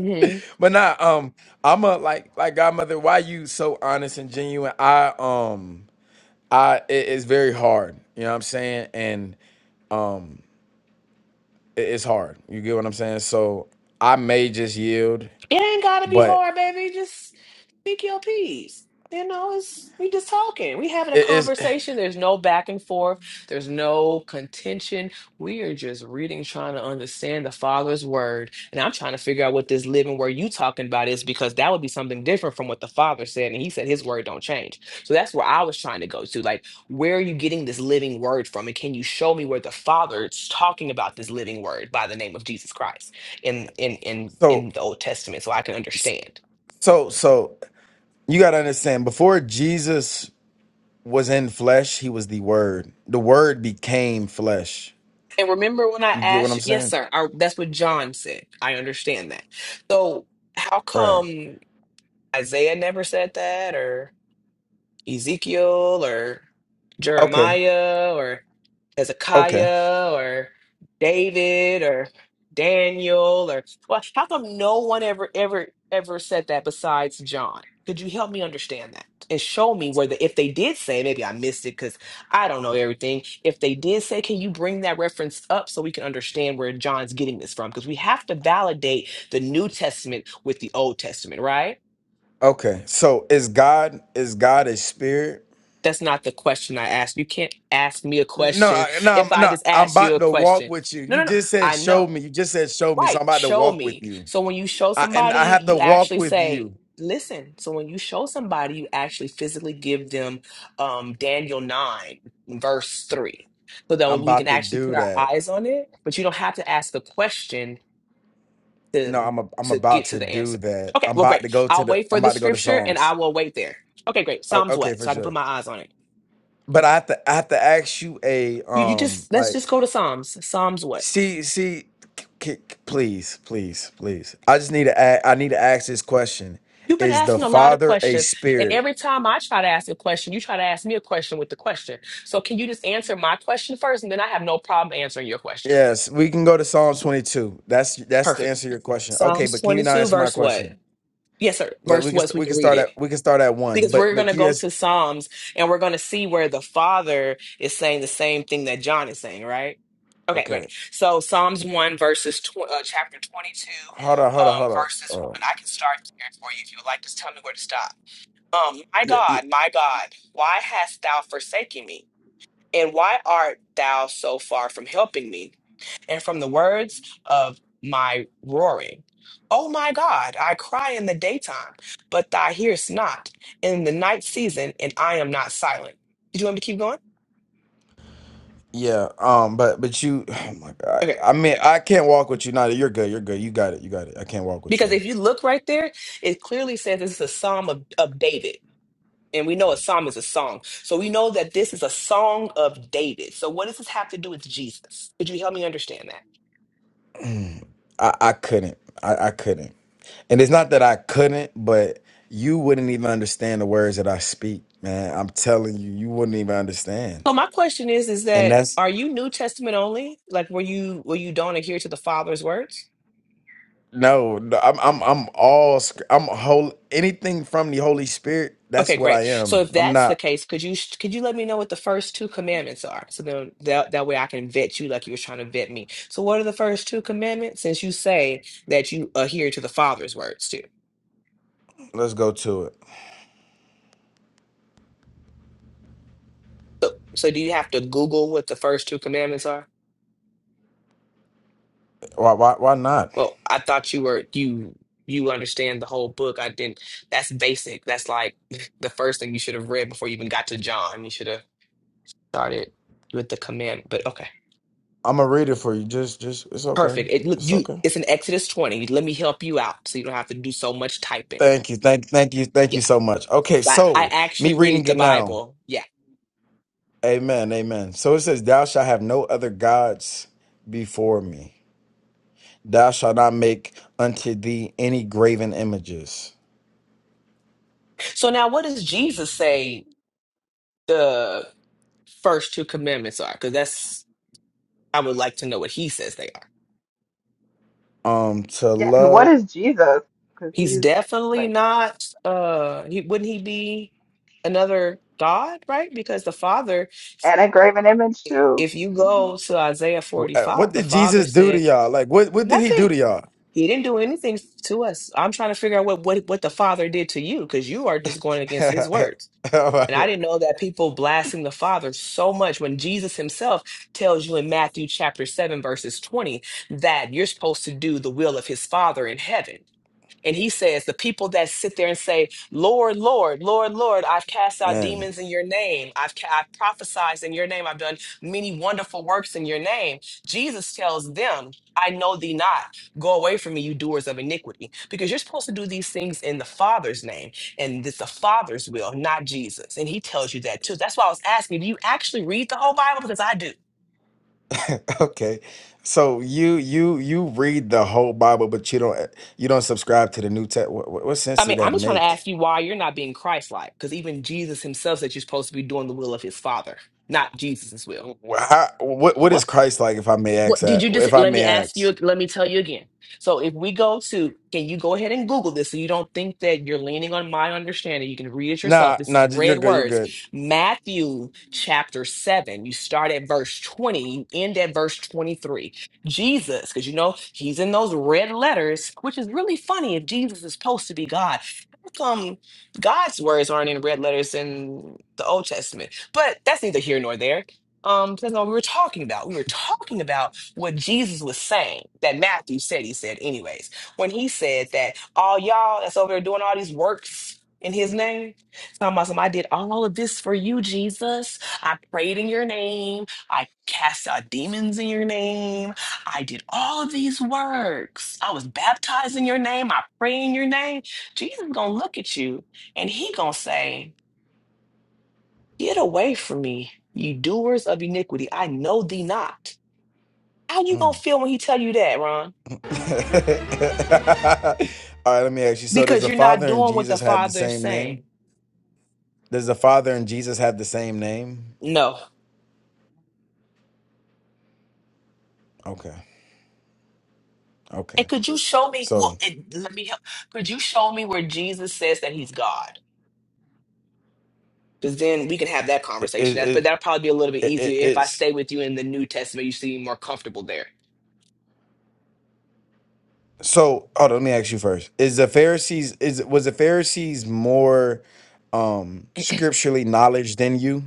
[SPEAKER 8] but nah, um, I'm a like like godmother. Why you so honest and genuine? I um, I it- it's very hard. You know what I'm saying? And it- it's hard. You get what I'm saying? So I may just yield,
[SPEAKER 3] It ain't gotta be
[SPEAKER 8] but
[SPEAKER 3] hard, baby. Just speak your piece. You know, it's we just talking. We having a
[SPEAKER 8] it is
[SPEAKER 3] conversation. There's no back and forth. There's no contention. We are just reading, trying to understand the Father's word. And I'm trying to figure out what this living where you talking about is because that would be something different from what the Father said. And he said his word don't change. So that's where I was trying to go to. Like, where are you getting this living word from? And can you show me where the Father is talking about this living word by the name of Jesus Christ? in in in
[SPEAKER 8] so
[SPEAKER 3] in the Old Testament, so I can understand.
[SPEAKER 8] so so. You gotta understand. Before Jesus was in flesh, he was the Word. The Word became flesh.
[SPEAKER 3] And remember when I
[SPEAKER 8] You get what
[SPEAKER 3] asked,
[SPEAKER 8] I'm
[SPEAKER 3] you- yes,
[SPEAKER 8] saying?
[SPEAKER 3] sir, I, that's what John said. I understand that. So how
[SPEAKER 8] Right.
[SPEAKER 3] come Isaiah never said that, or? Ezekiel or
[SPEAKER 8] Okay.
[SPEAKER 3] Jeremiah or
[SPEAKER 8] Okay.
[SPEAKER 3] Hezekiah or David or Daniel or well, how come no one ever ever ever said that besides John? Could you help me understand that and show me whether if they did say maybe I missed it because I don't know everything. If they did say, can you bring that reference up so we can understand where John's getting this from? Because we have to validate the New Testament with the Old Testament, right?
[SPEAKER 8] Okay. So is God is God a spirit?
[SPEAKER 3] That's not the question I asked. You can't ask me a
[SPEAKER 8] No,
[SPEAKER 3] question
[SPEAKER 8] no, I'm-
[SPEAKER 3] if I
[SPEAKER 8] no.
[SPEAKER 3] just
[SPEAKER 8] I'm
[SPEAKER 3] ask you
[SPEAKER 8] about
[SPEAKER 3] a
[SPEAKER 8] to walk
[SPEAKER 3] question.
[SPEAKER 8] with you.
[SPEAKER 3] No,
[SPEAKER 8] You
[SPEAKER 3] no, no.
[SPEAKER 8] just said
[SPEAKER 3] I
[SPEAKER 8] show
[SPEAKER 3] know.
[SPEAKER 8] me. You just said show me. So
[SPEAKER 3] Right.
[SPEAKER 8] I'm about to
[SPEAKER 3] Show
[SPEAKER 8] walk with
[SPEAKER 3] me.
[SPEAKER 8] you.
[SPEAKER 3] So when you show
[SPEAKER 8] I, and I
[SPEAKER 3] somebody,
[SPEAKER 8] have to
[SPEAKER 3] you
[SPEAKER 8] walk
[SPEAKER 3] actually
[SPEAKER 8] with
[SPEAKER 3] say,
[SPEAKER 8] you.
[SPEAKER 3] listen. So when you show somebody, you actually physically give them um, Daniel 9, verse 3, so that
[SPEAKER 8] I'm
[SPEAKER 3] we
[SPEAKER 8] about
[SPEAKER 3] can
[SPEAKER 8] to
[SPEAKER 3] actually put
[SPEAKER 8] do
[SPEAKER 3] our
[SPEAKER 8] that.
[SPEAKER 3] eyes on it. But you don't have to ask the question
[SPEAKER 8] No,
[SPEAKER 3] to,
[SPEAKER 8] I'm a, I'm
[SPEAKER 3] to get
[SPEAKER 8] about
[SPEAKER 3] to
[SPEAKER 8] to
[SPEAKER 3] the
[SPEAKER 8] do
[SPEAKER 3] answer.
[SPEAKER 8] that.
[SPEAKER 3] Okay.
[SPEAKER 8] I'm
[SPEAKER 3] Well,
[SPEAKER 8] about to
[SPEAKER 3] great.
[SPEAKER 8] go to
[SPEAKER 3] I'll
[SPEAKER 8] the.
[SPEAKER 3] wait for
[SPEAKER 8] I'm
[SPEAKER 3] the
[SPEAKER 8] about to go to
[SPEAKER 3] scripture and I
[SPEAKER 8] Psalms.
[SPEAKER 3] will wait there. Okay, great.
[SPEAKER 8] O-
[SPEAKER 3] Psalms
[SPEAKER 8] okay,
[SPEAKER 3] what?
[SPEAKER 8] for
[SPEAKER 3] So I can put
[SPEAKER 8] sure.
[SPEAKER 3] my eyes on it.
[SPEAKER 8] But I have to. I have to ask you a
[SPEAKER 3] You, you
[SPEAKER 8] um
[SPEAKER 3] just let's just
[SPEAKER 8] like.
[SPEAKER 3] go to Psalms. Psalms what?
[SPEAKER 8] See, see, c- c- c- please, please, please. I just need to. a- I need to ask this question:
[SPEAKER 3] You've been
[SPEAKER 8] Is the
[SPEAKER 3] asking a lot of
[SPEAKER 8] Father a
[SPEAKER 3] questions, and
[SPEAKER 8] spirit?
[SPEAKER 3] every time I try to ask a question, you try to ask me a question with the question. So can you just answer my question first, and then I have no problem answering your question.
[SPEAKER 8] Yes, we can go to Psalms 22. That's that's the
[SPEAKER 3] Perfect.
[SPEAKER 8] answer to your question. Okay,
[SPEAKER 3] Psalms
[SPEAKER 8] but can you now
[SPEAKER 3] twenty-two,
[SPEAKER 8] answer my
[SPEAKER 3] verse what?
[SPEAKER 8] question?
[SPEAKER 3] Yes, sir.
[SPEAKER 8] Like we
[SPEAKER 3] Verse
[SPEAKER 8] can
[SPEAKER 3] what? So
[SPEAKER 8] st-
[SPEAKER 3] we
[SPEAKER 8] we can
[SPEAKER 3] can read
[SPEAKER 8] start
[SPEAKER 3] it.
[SPEAKER 8] at we can start at one,
[SPEAKER 3] because
[SPEAKER 8] but
[SPEAKER 3] we're going
[SPEAKER 8] but
[SPEAKER 3] to
[SPEAKER 8] can you
[SPEAKER 3] go
[SPEAKER 8] ask?
[SPEAKER 3] to Psalms and we're going to see where the Father is saying the same thing that John is saying, right? Okay, great.
[SPEAKER 8] Okay,
[SPEAKER 3] So Psalms 1, verses, tw- uh, chapter 22,
[SPEAKER 8] hold on, hold on,
[SPEAKER 3] um,
[SPEAKER 8] hold on.
[SPEAKER 3] verses 1.
[SPEAKER 8] Um,
[SPEAKER 3] I can start there for you if you would like. Just tell me where to stop. Um, my
[SPEAKER 8] yeah, yeah,
[SPEAKER 3] God, my God, why hast thou forsaken me? And why art thou so far from helping me? and from the words of my roaring. Oh my God, I cry in the daytime, but thou hearest not, in the night season, and I am not silent. Did you want me to keep going?
[SPEAKER 8] yeah. Um, but but you, oh my God.
[SPEAKER 3] Okay.
[SPEAKER 8] I mean, I can't walk with you. now. you're good. You're good. You got it. You got it. I can't walk with you.
[SPEAKER 3] Because if you look right there, it clearly says this is a psalm of, of David. And we know a psalm is a song. So we know that this is a song of David. So what does this have to do with Jesus? Could you help me understand that?
[SPEAKER 8] I I couldn't. I I couldn't. And it's not that I couldn't, but you wouldn't even understand the words that I speak, man. I'm telling you, you wouldn't even understand.
[SPEAKER 3] So my question is, is
[SPEAKER 8] And
[SPEAKER 3] that
[SPEAKER 8] that's
[SPEAKER 3] are you New Testament only? Like were you were you don't adhere to the Father's words?
[SPEAKER 8] No, no, I'm I'm I'm all sc- I'm whole anything from the Holy Spirit. That's
[SPEAKER 3] Okay,
[SPEAKER 8] what I
[SPEAKER 3] great. So
[SPEAKER 8] am.
[SPEAKER 3] if
[SPEAKER 8] I'm
[SPEAKER 3] that's the
[SPEAKER 8] not.
[SPEAKER 3] case, could you could you let me know what the first two commandments are? So then that that way I can vet you like you were trying to vet me. So what are the first two commandments? Since you say that you adhere to the Father's words too.
[SPEAKER 8] Let's go to it.
[SPEAKER 3] So so do you have to Google what the first two commandments are?
[SPEAKER 8] Why why why not?
[SPEAKER 3] Well, I thought you were you you understand the whole book. I didn't. That's basic. That's like the first thing you should have read before you even got to John. You should have started with the command. But okay.
[SPEAKER 8] I'm gonna read it for you. Just just it's okay.
[SPEAKER 3] Perfect. It look
[SPEAKER 8] It's
[SPEAKER 3] you
[SPEAKER 8] okay.
[SPEAKER 3] it's in Exodus 20. Let me help you out so you don't have to do so much typing.
[SPEAKER 8] Thank you. Thank thank you. Thank you
[SPEAKER 3] Yeah.
[SPEAKER 8] so much. Okay,
[SPEAKER 3] Because I, I
[SPEAKER 8] so me
[SPEAKER 3] actually read
[SPEAKER 8] reading
[SPEAKER 3] the
[SPEAKER 8] it now.
[SPEAKER 3] Bible. Yeah.
[SPEAKER 8] Amen. Amen. So it says, "Thou shalt have no other gods before me. Thou shalt not make unto thee any graven images."
[SPEAKER 3] So now what does Jesus say the first two commandments are? Because that's I would like to know what he says they are.
[SPEAKER 8] Um, to
[SPEAKER 5] Yeah. And what
[SPEAKER 8] love.
[SPEAKER 5] is Jesus? Because
[SPEAKER 3] He's
[SPEAKER 5] he's
[SPEAKER 3] definitely
[SPEAKER 5] like
[SPEAKER 3] not uh he wouldn't he be another God, right? Because the Father,
[SPEAKER 5] an and image too.
[SPEAKER 3] if you
[SPEAKER 5] hmm
[SPEAKER 3] go to Isaiah
[SPEAKER 8] uh,
[SPEAKER 3] 45,
[SPEAKER 8] What
[SPEAKER 3] the
[SPEAKER 8] did
[SPEAKER 3] Father
[SPEAKER 8] Jesus do to
[SPEAKER 3] said
[SPEAKER 8] y'all? Like, what what did he do
[SPEAKER 3] nothing
[SPEAKER 8] to y'all?
[SPEAKER 3] He didn't do anything to us. I'm trying to figure out what what, what the Father did to you because you are just going against His words.
[SPEAKER 8] All
[SPEAKER 3] And I
[SPEAKER 8] right.
[SPEAKER 3] didn't know that people blaspheme the Father so much when Jesus Himself tells you in Matthew chapter seven verses twenty that you're supposed to do the will of His Father in heaven. And he says, The people that sit there and say, Lord, Lord, Lord, Lord, I've cast out
[SPEAKER 8] Man,
[SPEAKER 3] demons in your name. I've, ca- I've prophesied in your name. I've done many wonderful works in your name. Jesus tells them, I know thee not. Go away from me, you doers of iniquity, because you're supposed to do these things in the Father's name. And it's the Father's will, not Jesus. And he tells you that too. That's why I was asking, do you actually read the whole Bible? Because I do.
[SPEAKER 8] Okay. So you you you read the whole Bible, but you don't eh, you don't subscribe to the New Test. What, what, what
[SPEAKER 3] I
[SPEAKER 8] sense do
[SPEAKER 3] mean, I'm
[SPEAKER 8] that
[SPEAKER 3] just trying to
[SPEAKER 8] make?
[SPEAKER 3] ask you why you're not being Christ-like, because even Jesus himself said you're supposed to be doing the will of his Father, not Jesus's will.
[SPEAKER 8] Wh- How, what what
[SPEAKER 3] What?
[SPEAKER 8] is Christ like? If I may
[SPEAKER 3] What
[SPEAKER 8] ask
[SPEAKER 3] did
[SPEAKER 8] that.
[SPEAKER 3] you
[SPEAKER 8] If
[SPEAKER 3] just
[SPEAKER 8] I
[SPEAKER 3] let me
[SPEAKER 8] may
[SPEAKER 3] ask you?
[SPEAKER 8] ask.
[SPEAKER 3] Let me tell you again. So, if we go to, can you go ahead and Google this so you don't think that you're leaning on my understanding? You can read it yourself.
[SPEAKER 8] Nah,
[SPEAKER 3] This
[SPEAKER 8] nah.
[SPEAKER 3] is
[SPEAKER 8] ju- You're
[SPEAKER 3] red
[SPEAKER 8] good. You're
[SPEAKER 3] words.
[SPEAKER 8] good.
[SPEAKER 3] Matthew chapter 7. You start at verse 20, you end at verse 23. Jesus, because you know he's in those red letters, which is really funny if Jesus is supposed to be God. How come God's words aren't in red letters in the Old Testament? But that's neither here nor there um that's not what we were talking about we were talking about what Jesus was saying that Matthew said he said anyways when he said that all y'all that's over there doing all these works in his name talking about some I did all of this for you Jesus I prayed in your name I cast out demons in your name I did all of these works I was baptized in your name I pray in your name Jesus gonna look at you and he gonna say get away from me you doers of iniquity I know thee not how you gonna
[SPEAKER 8] Mm.
[SPEAKER 3] feel when he tell you that Ron
[SPEAKER 8] All right. Let me ask you. So does
[SPEAKER 3] because
[SPEAKER 8] the
[SPEAKER 3] you're not
[SPEAKER 8] Father and
[SPEAKER 3] doing what the
[SPEAKER 8] Jesus have the
[SPEAKER 3] father is
[SPEAKER 8] same name?
[SPEAKER 3] saying
[SPEAKER 8] Does the Father and Jesus have the same name?
[SPEAKER 3] no
[SPEAKER 8] Okay.
[SPEAKER 3] and
[SPEAKER 8] Okay.
[SPEAKER 3] could you show me well
[SPEAKER 8] So
[SPEAKER 3] and let me help could you show me where jesus says that he's god because then we can have that
[SPEAKER 8] it
[SPEAKER 3] conversation
[SPEAKER 8] it
[SPEAKER 3] That's, but
[SPEAKER 8] it,
[SPEAKER 3] that'll probably be a little bit
[SPEAKER 8] it, it
[SPEAKER 3] easier if i
[SPEAKER 8] is.
[SPEAKER 3] stay with you in the new testament you seem more comfortable there
[SPEAKER 8] So, hold on, let me ask you first. Is the Pharisees is was the Pharisees more um scripturally knowledge than you?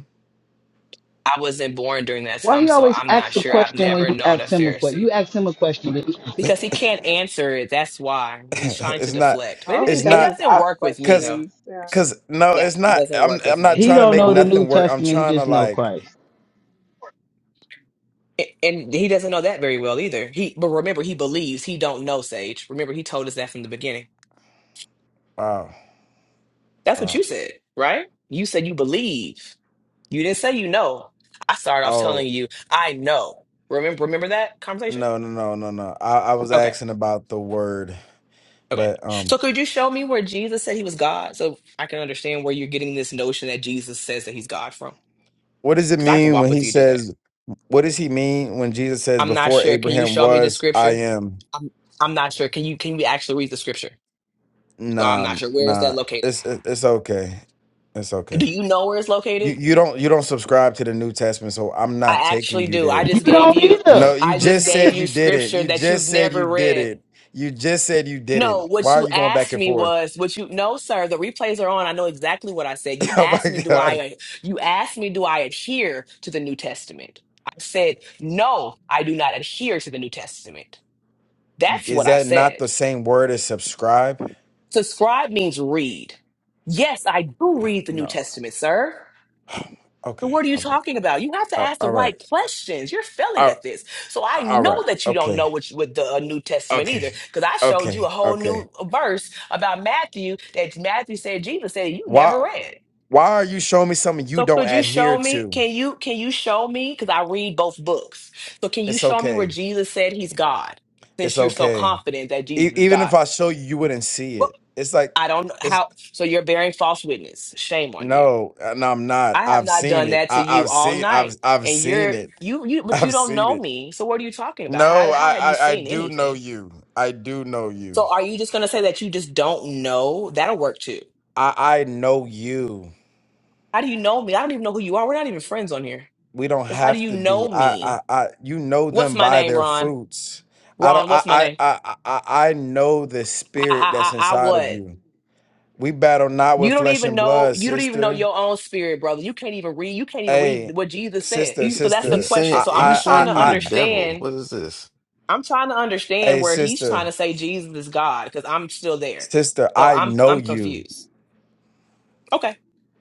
[SPEAKER 3] i wasn't born during that
[SPEAKER 6] Why
[SPEAKER 3] time
[SPEAKER 6] he
[SPEAKER 3] so
[SPEAKER 6] always
[SPEAKER 3] i'm not
[SPEAKER 6] asks a
[SPEAKER 3] sure i've
[SPEAKER 6] question when
[SPEAKER 3] never
[SPEAKER 6] you
[SPEAKER 3] known a
[SPEAKER 6] ask him a question?
[SPEAKER 3] pharisee
[SPEAKER 6] You ask him a question, but he
[SPEAKER 3] because he can't answer it that's why he's trying to
[SPEAKER 8] it's not
[SPEAKER 3] deflect but it,
[SPEAKER 5] All he
[SPEAKER 3] it,
[SPEAKER 8] it's
[SPEAKER 3] it
[SPEAKER 5] does is
[SPEAKER 8] not
[SPEAKER 3] doesn't
[SPEAKER 5] ask
[SPEAKER 3] work with me
[SPEAKER 8] cuz
[SPEAKER 3] though
[SPEAKER 5] questions. Yeah.
[SPEAKER 8] cuz no,
[SPEAKER 3] yeah
[SPEAKER 8] it's
[SPEAKER 3] it
[SPEAKER 8] not
[SPEAKER 3] doesn't
[SPEAKER 8] I'm
[SPEAKER 3] work with
[SPEAKER 8] I'm
[SPEAKER 3] me
[SPEAKER 8] not
[SPEAKER 6] he
[SPEAKER 8] trying to
[SPEAKER 6] don't
[SPEAKER 8] make
[SPEAKER 6] know the
[SPEAKER 8] nothing
[SPEAKER 6] New
[SPEAKER 8] work. I'm
[SPEAKER 6] Testament. He
[SPEAKER 8] trying to
[SPEAKER 6] just know
[SPEAKER 8] like
[SPEAKER 6] Christ.
[SPEAKER 3] A- And he doesn't know that very well either. He, but remember, he believes he don't know Sage. Remember, he told us that from the beginning.
[SPEAKER 8] wow.
[SPEAKER 3] That's what you
[SPEAKER 8] Wow.
[SPEAKER 3] said, right? You said you believe. You didn't say you know. I started off telling
[SPEAKER 8] Oh,
[SPEAKER 3] you I know. Remember, remember that conversation?
[SPEAKER 8] no, no, no, no, no. I I was
[SPEAKER 3] Okay,
[SPEAKER 8] asking about the word,
[SPEAKER 3] okay.
[SPEAKER 8] but um
[SPEAKER 3] So could you show me where Jesus said he was God, so I can understand where you're getting this notion that Jesus says that he's God from?
[SPEAKER 8] what does it
[SPEAKER 3] Because I can
[SPEAKER 8] mean
[SPEAKER 3] walk
[SPEAKER 8] when he
[SPEAKER 3] with you to do that.
[SPEAKER 8] says what does he mean when Jesus says
[SPEAKER 3] I'm not
[SPEAKER 8] before
[SPEAKER 3] sure. Can you
[SPEAKER 8] Abraham
[SPEAKER 3] show me the
[SPEAKER 8] was I
[SPEAKER 3] scripture?
[SPEAKER 8] am?
[SPEAKER 3] I'm I'm not sure. Can you can we actually read the scripture? So I'm
[SPEAKER 8] Nah,
[SPEAKER 3] not sure. Where is that
[SPEAKER 8] nah.
[SPEAKER 3] located?
[SPEAKER 8] It's it- it's okay. It's
[SPEAKER 3] Do
[SPEAKER 8] okay.
[SPEAKER 3] you know where it's
[SPEAKER 8] You
[SPEAKER 3] located?
[SPEAKER 8] you don't you don't subscribe to the New Testament, so I'm not
[SPEAKER 3] I
[SPEAKER 8] taking
[SPEAKER 3] actually
[SPEAKER 8] you
[SPEAKER 3] do. I
[SPEAKER 8] there.
[SPEAKER 6] You
[SPEAKER 3] just gave
[SPEAKER 6] don't
[SPEAKER 3] you
[SPEAKER 6] either.
[SPEAKER 8] No, you
[SPEAKER 3] I just
[SPEAKER 8] just
[SPEAKER 3] gave
[SPEAKER 8] said you
[SPEAKER 3] you
[SPEAKER 8] did not
[SPEAKER 3] scripture
[SPEAKER 8] You
[SPEAKER 3] that
[SPEAKER 8] just
[SPEAKER 3] you've
[SPEAKER 8] said you
[SPEAKER 3] never
[SPEAKER 8] did
[SPEAKER 3] read.
[SPEAKER 8] it. You just said you
[SPEAKER 3] No,
[SPEAKER 8] didn't.
[SPEAKER 3] what
[SPEAKER 8] Why are
[SPEAKER 3] you
[SPEAKER 8] you going back
[SPEAKER 3] asked
[SPEAKER 8] and
[SPEAKER 3] me
[SPEAKER 8] forth?
[SPEAKER 3] was what you no, sir, the replays are on. I know exactly what I said. You
[SPEAKER 8] Oh
[SPEAKER 3] asked
[SPEAKER 8] my
[SPEAKER 3] me do
[SPEAKER 8] God.
[SPEAKER 3] I you asked me do I adhere to the New Testament? I said, "No, I do not adhere to the New Testament." That's
[SPEAKER 8] Is
[SPEAKER 3] what I
[SPEAKER 8] that not
[SPEAKER 3] said.
[SPEAKER 8] the same word as subscribe?
[SPEAKER 3] Subscribe means read. Yes, I do read the New
[SPEAKER 8] No.
[SPEAKER 3] Testament, sir. But
[SPEAKER 8] Okay.
[SPEAKER 3] what are you
[SPEAKER 8] All right.
[SPEAKER 3] talking about? You have to
[SPEAKER 8] All
[SPEAKER 3] ask the
[SPEAKER 8] all right.
[SPEAKER 3] right questions. You're failing
[SPEAKER 8] All
[SPEAKER 3] at this. So I
[SPEAKER 8] all right.
[SPEAKER 3] know that you don't know
[SPEAKER 8] Okay.
[SPEAKER 3] what, you- what the uh, New Testament
[SPEAKER 8] Okay.
[SPEAKER 3] either, because I showed you a
[SPEAKER 8] Okay.
[SPEAKER 3] whole
[SPEAKER 8] Okay.
[SPEAKER 3] new uh, verse about Matthew that Matthew said Jesus said you
[SPEAKER 8] Why
[SPEAKER 3] never read.
[SPEAKER 8] why are you showing me something you
[SPEAKER 3] So
[SPEAKER 8] don't
[SPEAKER 3] could you show
[SPEAKER 8] adhere
[SPEAKER 3] me?
[SPEAKER 8] to?
[SPEAKER 3] Can you can you show me? Because I read both books. So can you
[SPEAKER 8] It's
[SPEAKER 3] show me where
[SPEAKER 8] okay.
[SPEAKER 3] Jesus said he's God?
[SPEAKER 8] It's
[SPEAKER 3] Since you're so
[SPEAKER 8] okay.
[SPEAKER 3] confident that Jesus
[SPEAKER 8] E-
[SPEAKER 3] is
[SPEAKER 8] even
[SPEAKER 3] God,
[SPEAKER 8] if I show you, you wouldn't see
[SPEAKER 3] well,
[SPEAKER 8] it. It's like
[SPEAKER 3] I don't know
[SPEAKER 8] it's
[SPEAKER 3] how. So you're bearing false witness. Shame on you.
[SPEAKER 8] no, uh, no, I'm not.
[SPEAKER 3] I have
[SPEAKER 8] I've
[SPEAKER 3] not
[SPEAKER 8] seen
[SPEAKER 3] done
[SPEAKER 8] it.
[SPEAKER 3] that to
[SPEAKER 8] I,
[SPEAKER 3] you
[SPEAKER 8] I've
[SPEAKER 3] all
[SPEAKER 8] seen.
[SPEAKER 3] night.
[SPEAKER 8] I've I've
[SPEAKER 3] And
[SPEAKER 8] seen
[SPEAKER 3] you're
[SPEAKER 8] it.
[SPEAKER 3] you you but you
[SPEAKER 8] I've
[SPEAKER 3] don't
[SPEAKER 8] seen
[SPEAKER 3] know
[SPEAKER 8] it.
[SPEAKER 3] me. So what are you talking about? How
[SPEAKER 8] No,
[SPEAKER 3] how
[SPEAKER 8] I,
[SPEAKER 3] have you
[SPEAKER 8] I I
[SPEAKER 3] seen
[SPEAKER 8] do know
[SPEAKER 3] anything?
[SPEAKER 8] you. I do know you.
[SPEAKER 3] So are you just gonna say that you just don't know? That'll work too.
[SPEAKER 8] I I know you.
[SPEAKER 3] How do you know me? I don't even know who you are. We're not even friends on here.
[SPEAKER 8] We don't
[SPEAKER 3] But How do
[SPEAKER 8] have
[SPEAKER 3] you
[SPEAKER 8] to
[SPEAKER 3] know
[SPEAKER 8] be. I I,
[SPEAKER 3] me?
[SPEAKER 8] I you know
[SPEAKER 3] What's
[SPEAKER 8] them
[SPEAKER 3] my
[SPEAKER 8] by
[SPEAKER 3] name,
[SPEAKER 8] their
[SPEAKER 3] Ron?
[SPEAKER 8] fruits. I don't.
[SPEAKER 3] Ron, what's
[SPEAKER 8] I
[SPEAKER 3] my
[SPEAKER 8] I
[SPEAKER 3] name?
[SPEAKER 8] I I I know the
[SPEAKER 3] I I
[SPEAKER 8] spirit that's
[SPEAKER 3] I, I
[SPEAKER 8] inside of
[SPEAKER 3] what?
[SPEAKER 8] you. We battle not
[SPEAKER 3] You
[SPEAKER 8] with
[SPEAKER 3] don't
[SPEAKER 8] flesh
[SPEAKER 3] even
[SPEAKER 8] and
[SPEAKER 3] know
[SPEAKER 8] blood,
[SPEAKER 3] you don't even know
[SPEAKER 8] sister.
[SPEAKER 3] your own spirit, brother. You can't even read you can't even read
[SPEAKER 8] Hey,
[SPEAKER 3] what Jesus said.
[SPEAKER 8] sister,
[SPEAKER 2] He's
[SPEAKER 3] So that's the
[SPEAKER 2] he's
[SPEAKER 8] sister,
[SPEAKER 3] question.
[SPEAKER 2] saying
[SPEAKER 8] I,
[SPEAKER 3] So I'm
[SPEAKER 2] he's
[SPEAKER 3] just
[SPEAKER 8] I,
[SPEAKER 3] trying
[SPEAKER 8] I,
[SPEAKER 2] saying
[SPEAKER 3] to
[SPEAKER 2] you
[SPEAKER 8] I,
[SPEAKER 2] the devil.
[SPEAKER 3] understand
[SPEAKER 2] What is this?
[SPEAKER 3] I'm trying to understand
[SPEAKER 8] hey,
[SPEAKER 3] where he's trying
[SPEAKER 8] sister,
[SPEAKER 3] to say Jesus is God because I'm still there.
[SPEAKER 8] sister,
[SPEAKER 3] So
[SPEAKER 8] I
[SPEAKER 3] I'm
[SPEAKER 8] know
[SPEAKER 3] I'm
[SPEAKER 8] you.
[SPEAKER 3] confused. Okay.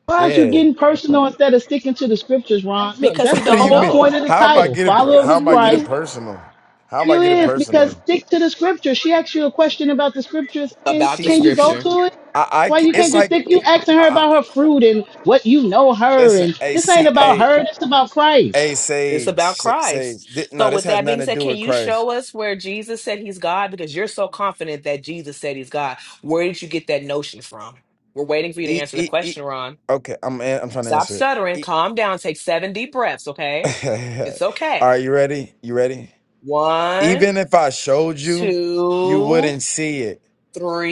[SPEAKER 6] Why is you
[SPEAKER 8] Yeah.
[SPEAKER 6] getting personal instead of sticking to the scriptures, Ron? Look,
[SPEAKER 3] Because he
[SPEAKER 6] that's
[SPEAKER 8] What
[SPEAKER 6] the
[SPEAKER 8] do
[SPEAKER 3] don't
[SPEAKER 8] you
[SPEAKER 6] whole
[SPEAKER 8] mean?
[SPEAKER 6] point
[SPEAKER 3] know
[SPEAKER 6] of the
[SPEAKER 8] How am I
[SPEAKER 6] title.
[SPEAKER 8] getting? per-
[SPEAKER 6] Followers
[SPEAKER 8] How
[SPEAKER 6] of
[SPEAKER 8] am I getting
[SPEAKER 6] Christ.
[SPEAKER 8] personal? How am I
[SPEAKER 6] You
[SPEAKER 8] getting
[SPEAKER 6] is because
[SPEAKER 8] personal?
[SPEAKER 6] stick to the scriptures. She asked you a question about the scriptures and
[SPEAKER 3] about the
[SPEAKER 8] She,
[SPEAKER 6] can you go
[SPEAKER 8] sh
[SPEAKER 3] scripture.
[SPEAKER 6] to it?
[SPEAKER 8] I, I,
[SPEAKER 6] Why
[SPEAKER 8] ca-
[SPEAKER 6] you can't
[SPEAKER 8] it's
[SPEAKER 6] just
[SPEAKER 8] like,
[SPEAKER 6] stick you asking
[SPEAKER 8] eh, I,
[SPEAKER 6] her
[SPEAKER 8] I-
[SPEAKER 6] about her fruit and what you know her
[SPEAKER 8] listen,
[SPEAKER 6] and
[SPEAKER 8] hey,
[SPEAKER 6] this ain't
[SPEAKER 8] see,
[SPEAKER 6] about
[SPEAKER 8] hey,
[SPEAKER 6] her, this about Christ.
[SPEAKER 8] hey,
[SPEAKER 3] It's
[SPEAKER 8] Sage,
[SPEAKER 3] about
[SPEAKER 8] Sa- Sage.
[SPEAKER 3] Christ.
[SPEAKER 8] thi- no,
[SPEAKER 3] So
[SPEAKER 8] this
[SPEAKER 3] with
[SPEAKER 8] has
[SPEAKER 3] that being
[SPEAKER 8] nothing to
[SPEAKER 3] said,
[SPEAKER 8] do
[SPEAKER 3] can
[SPEAKER 8] with
[SPEAKER 3] you
[SPEAKER 8] Christ.
[SPEAKER 3] show us where Jesus said he's God? Because you're so confident that Jesus said he's God. Where did you get that notion from? We're waiting for you to
[SPEAKER 8] E,
[SPEAKER 3] answer the
[SPEAKER 8] e, e.
[SPEAKER 3] question, Ron.
[SPEAKER 8] Okay, I'm, an- I'm trying to
[SPEAKER 3] Stop
[SPEAKER 8] answer it.
[SPEAKER 3] stuttering. Calm down. Take seven deep breaths, okay?
[SPEAKER 8] E-
[SPEAKER 3] It's
[SPEAKER 8] All
[SPEAKER 3] okay.
[SPEAKER 8] right, you ready? You ready?
[SPEAKER 3] One,
[SPEAKER 8] Even if I showed you, you
[SPEAKER 3] two,
[SPEAKER 8] wouldn't see it.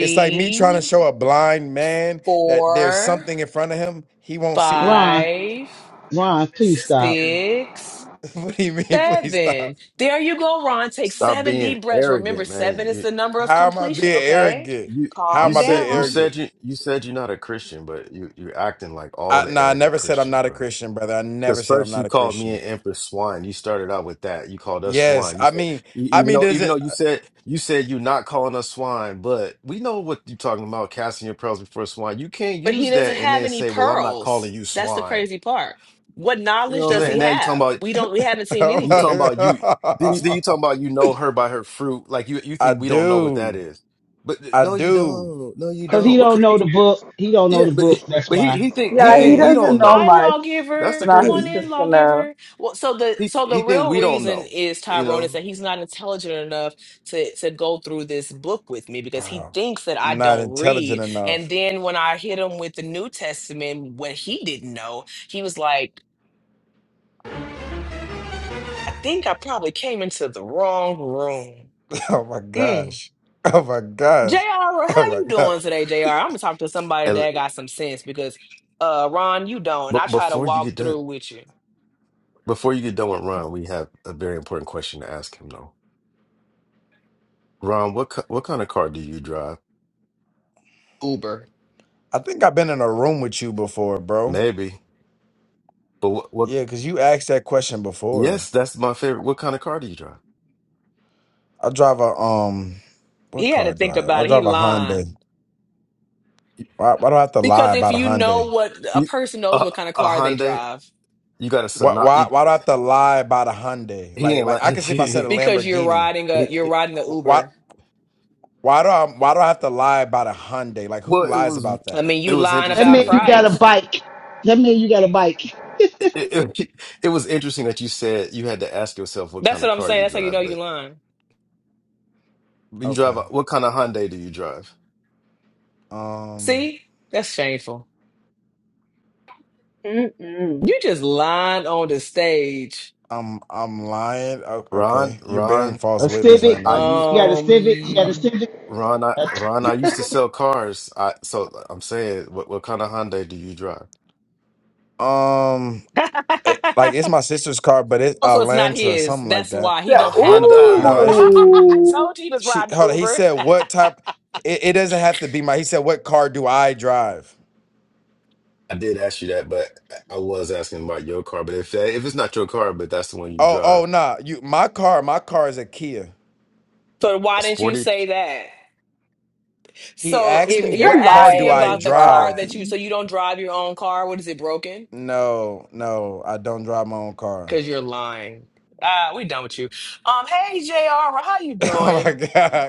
[SPEAKER 8] It's like me trying to show a blind man that there's
[SPEAKER 3] four,
[SPEAKER 8] something in front of him, he won't see it.
[SPEAKER 6] Ron,
[SPEAKER 3] five,
[SPEAKER 6] Ron, please stop.
[SPEAKER 3] six,
[SPEAKER 8] what do you mean? Please
[SPEAKER 3] seven.
[SPEAKER 8] stop.
[SPEAKER 3] There you go, Ron. Take
[SPEAKER 2] Stop
[SPEAKER 3] seven
[SPEAKER 2] being
[SPEAKER 3] deep breaths. Remember,
[SPEAKER 2] arrogant,
[SPEAKER 3] seven
[SPEAKER 2] man.
[SPEAKER 3] is
[SPEAKER 2] You
[SPEAKER 3] the number of
[SPEAKER 8] How am I
[SPEAKER 3] completion,
[SPEAKER 8] being
[SPEAKER 3] okay?
[SPEAKER 8] arrogant?
[SPEAKER 2] you
[SPEAKER 8] How
[SPEAKER 2] you
[SPEAKER 3] Calm
[SPEAKER 8] am I being
[SPEAKER 2] said you
[SPEAKER 3] down.
[SPEAKER 8] arrogant?
[SPEAKER 2] said you you said you're not a Christian, but you you're acting like all
[SPEAKER 8] I
[SPEAKER 2] the
[SPEAKER 8] no, I
[SPEAKER 2] arrogant
[SPEAKER 8] never said I'm
[SPEAKER 2] Christians,
[SPEAKER 8] not a
[SPEAKER 2] bro.
[SPEAKER 8] Christian, brother. I
[SPEAKER 2] Because
[SPEAKER 8] never said I'm
[SPEAKER 2] first
[SPEAKER 8] not
[SPEAKER 2] you
[SPEAKER 8] a
[SPEAKER 2] called me
[SPEAKER 8] Christian.
[SPEAKER 2] and Empress swine. You started out with that. You called us
[SPEAKER 8] Yes,
[SPEAKER 2] swine. You
[SPEAKER 8] I
[SPEAKER 2] said
[SPEAKER 8] mean,
[SPEAKER 2] e-
[SPEAKER 8] I
[SPEAKER 2] even
[SPEAKER 8] mean,
[SPEAKER 2] though
[SPEAKER 8] there's
[SPEAKER 2] even
[SPEAKER 8] a.
[SPEAKER 2] though you said you said you're not calling us swine, but we know what you're talking about, casting your pearls before swine. You can't
[SPEAKER 3] But he
[SPEAKER 2] use
[SPEAKER 3] doesn't
[SPEAKER 2] that and
[SPEAKER 3] have
[SPEAKER 2] then
[SPEAKER 3] any
[SPEAKER 2] say, "Well, I'm not
[SPEAKER 3] pearls.
[SPEAKER 2] calling you
[SPEAKER 3] That's the
[SPEAKER 2] swine."
[SPEAKER 3] crazy part. What
[SPEAKER 2] You
[SPEAKER 3] knowledge
[SPEAKER 2] know what I'm
[SPEAKER 3] does
[SPEAKER 2] saying? And
[SPEAKER 3] he
[SPEAKER 2] now you're talking
[SPEAKER 3] have?
[SPEAKER 2] about
[SPEAKER 3] We don't we haven't seen
[SPEAKER 8] Oh
[SPEAKER 2] you
[SPEAKER 3] anything.
[SPEAKER 2] talking
[SPEAKER 8] my,
[SPEAKER 2] about you. Then you, then you talking about you know her by her fruit. Like you you
[SPEAKER 8] I
[SPEAKER 2] think we don't know what that
[SPEAKER 8] do,
[SPEAKER 2] is, but th-
[SPEAKER 8] I
[SPEAKER 2] no, you
[SPEAKER 8] do.
[SPEAKER 2] don't. No, you
[SPEAKER 6] Cause he
[SPEAKER 2] don't. What
[SPEAKER 6] don't
[SPEAKER 2] could?
[SPEAKER 6] know the book. He don't know
[SPEAKER 2] Yeah,
[SPEAKER 6] the
[SPEAKER 2] but
[SPEAKER 6] book,
[SPEAKER 2] eh,
[SPEAKER 6] that's
[SPEAKER 2] but
[SPEAKER 6] why.
[SPEAKER 2] he he think he
[SPEAKER 5] Yeah, he
[SPEAKER 2] think
[SPEAKER 8] Hey,
[SPEAKER 2] we
[SPEAKER 5] doesn't
[SPEAKER 2] don't
[SPEAKER 5] know
[SPEAKER 2] know.
[SPEAKER 3] Hi,
[SPEAKER 5] much.
[SPEAKER 2] That's
[SPEAKER 5] So
[SPEAKER 3] lawgiver.
[SPEAKER 2] the
[SPEAKER 8] I-
[SPEAKER 5] now
[SPEAKER 3] Come on
[SPEAKER 5] he's just
[SPEAKER 3] in,
[SPEAKER 2] crazy.
[SPEAKER 5] gonna.
[SPEAKER 3] lawgiver. Well, so the
[SPEAKER 2] He
[SPEAKER 3] so the
[SPEAKER 2] he think
[SPEAKER 3] real
[SPEAKER 2] we don't
[SPEAKER 3] reason
[SPEAKER 2] know.
[SPEAKER 3] is
[SPEAKER 2] You
[SPEAKER 3] Tyrone is
[SPEAKER 2] know.
[SPEAKER 3] that he's not intelligent enough to to go through this book with me because he
[SPEAKER 8] wow,
[SPEAKER 3] thinks that I
[SPEAKER 8] I'm not
[SPEAKER 3] don't
[SPEAKER 8] intelligent
[SPEAKER 3] read. And
[SPEAKER 8] enough.
[SPEAKER 3] then when I hit him with the New Testament, when he didn't know, he was like, "I think I probably came into the wrong room."
[SPEAKER 8] Oh my
[SPEAKER 3] Mm.
[SPEAKER 8] gosh. Oh my
[SPEAKER 3] Jr,
[SPEAKER 8] gosh. Oh
[SPEAKER 3] how
[SPEAKER 8] my
[SPEAKER 3] you
[SPEAKER 8] god.
[SPEAKER 3] doing today, Jr? I'm gonna talk to somebody
[SPEAKER 2] And
[SPEAKER 3] that got some sense because uh, Ron, you don't. And I
[SPEAKER 2] but
[SPEAKER 3] try to
[SPEAKER 2] before you
[SPEAKER 3] walk
[SPEAKER 2] get done,
[SPEAKER 3] through with you.
[SPEAKER 2] before you get done with Ron, we have a very important question to ask him though. Ron, what ki- what kind of car do you drive?
[SPEAKER 3] Uber.
[SPEAKER 8] I think I've been in a room with you before, bro.
[SPEAKER 2] Maybe, but what, what?
[SPEAKER 8] Yeah, cause you asked that question before.
[SPEAKER 2] Yes, that's my favorite. What kind of car do you drive?
[SPEAKER 8] I drive a um what
[SPEAKER 3] He had
[SPEAKER 8] car
[SPEAKER 3] to
[SPEAKER 8] do
[SPEAKER 3] think
[SPEAKER 8] I I
[SPEAKER 3] about it. He
[SPEAKER 8] drive a
[SPEAKER 3] lying.
[SPEAKER 8] Hyundai.
[SPEAKER 2] You,
[SPEAKER 8] Why, why do I have to lie
[SPEAKER 3] Because if
[SPEAKER 8] about a
[SPEAKER 3] you know
[SPEAKER 8] Hyundai?
[SPEAKER 3] what a
[SPEAKER 2] you
[SPEAKER 3] person knows
[SPEAKER 2] a
[SPEAKER 3] what kind of
[SPEAKER 2] a
[SPEAKER 3] car they
[SPEAKER 2] Hyundai?
[SPEAKER 3] drive,
[SPEAKER 2] You got a
[SPEAKER 8] Why,
[SPEAKER 2] Sonata?
[SPEAKER 8] why
[SPEAKER 2] You,
[SPEAKER 8] why do I have to lie about a Hyundai?
[SPEAKER 2] he
[SPEAKER 8] Like
[SPEAKER 2] ain't
[SPEAKER 8] like
[SPEAKER 2] like
[SPEAKER 8] I could see if I said a
[SPEAKER 2] he,
[SPEAKER 3] because you're
[SPEAKER 8] Lamborghini.
[SPEAKER 3] riding a you're
[SPEAKER 2] he-
[SPEAKER 3] riding the
[SPEAKER 8] Wh- Why
[SPEAKER 3] Uber.
[SPEAKER 8] why do I why do I have to lie about a Hyundai? Like who
[SPEAKER 2] Well, it
[SPEAKER 8] lies
[SPEAKER 2] was
[SPEAKER 8] about
[SPEAKER 3] I
[SPEAKER 8] that?
[SPEAKER 3] mean,
[SPEAKER 2] it
[SPEAKER 3] you
[SPEAKER 2] was
[SPEAKER 3] lying
[SPEAKER 6] That
[SPEAKER 2] interesting
[SPEAKER 3] about
[SPEAKER 6] mean you
[SPEAKER 2] that
[SPEAKER 6] got a
[SPEAKER 3] price.
[SPEAKER 6] bike. That mean you got a bike.
[SPEAKER 2] it, it, it was interesting that you said you had to ask yourself what
[SPEAKER 3] That's
[SPEAKER 2] kind
[SPEAKER 3] what
[SPEAKER 2] of
[SPEAKER 3] I'm
[SPEAKER 2] car
[SPEAKER 3] saying.
[SPEAKER 2] you
[SPEAKER 3] That's how you know
[SPEAKER 2] drive,
[SPEAKER 3] you
[SPEAKER 2] but
[SPEAKER 3] lying.
[SPEAKER 2] you drive
[SPEAKER 8] Okay.
[SPEAKER 2] a, what kind of Hyundai do you drive?
[SPEAKER 8] Um
[SPEAKER 3] See? That's shameful.
[SPEAKER 5] Mm-mm.
[SPEAKER 3] You just lying on the stage.
[SPEAKER 8] I'm I'm lying. O-
[SPEAKER 2] Ron,
[SPEAKER 8] Okay. You're bearing
[SPEAKER 2] Ron,
[SPEAKER 8] false
[SPEAKER 6] A
[SPEAKER 8] witness right
[SPEAKER 2] I
[SPEAKER 8] now.
[SPEAKER 2] use.
[SPEAKER 6] civic. You got a civic. You got a
[SPEAKER 3] Um
[SPEAKER 6] civic.
[SPEAKER 2] Ron, I, Ron, I used to sell cars. I so I'm saying, what, what kind of Hyundai do you drive?
[SPEAKER 8] Um, it, like it's my sister's car, but it's
[SPEAKER 3] Oh,
[SPEAKER 8] a
[SPEAKER 3] so it's not
[SPEAKER 8] Lantra or
[SPEAKER 3] his.
[SPEAKER 8] something like
[SPEAKER 3] That's
[SPEAKER 8] that.
[SPEAKER 3] why he
[SPEAKER 5] Yeah,
[SPEAKER 2] A
[SPEAKER 3] don't have a
[SPEAKER 2] Honda
[SPEAKER 3] car.
[SPEAKER 8] No, it's
[SPEAKER 2] Elantra.
[SPEAKER 3] I
[SPEAKER 5] ooh.
[SPEAKER 3] told you he was
[SPEAKER 8] she.
[SPEAKER 3] riding the
[SPEAKER 8] Hold on. He
[SPEAKER 3] Uber.
[SPEAKER 8] said what type? It, it doesn't have to be my. He said what car do I drive?
[SPEAKER 2] I did ask you that, but I was asking about your car. But if that, if it's not your car, but that's the one you
[SPEAKER 8] Oh,
[SPEAKER 2] drive,
[SPEAKER 8] oh, nah. You, my car. My car is a Kia.
[SPEAKER 3] So why
[SPEAKER 2] a
[SPEAKER 3] didn't you
[SPEAKER 2] Sportage.
[SPEAKER 3] say that?
[SPEAKER 8] He
[SPEAKER 3] So
[SPEAKER 8] asked me
[SPEAKER 3] if you're
[SPEAKER 5] You're
[SPEAKER 8] what car
[SPEAKER 3] asking
[SPEAKER 8] do I
[SPEAKER 3] about
[SPEAKER 5] lying,
[SPEAKER 3] the car
[SPEAKER 8] drive?
[SPEAKER 3] that
[SPEAKER 5] Ron.
[SPEAKER 3] you, so you don't drive your own car, what is it broken?
[SPEAKER 8] No, no, I don't drive my own car.
[SPEAKER 3] Because you're lying. Ah, we done with you. Um, hey J.R., how you
[SPEAKER 8] oh my
[SPEAKER 3] doing?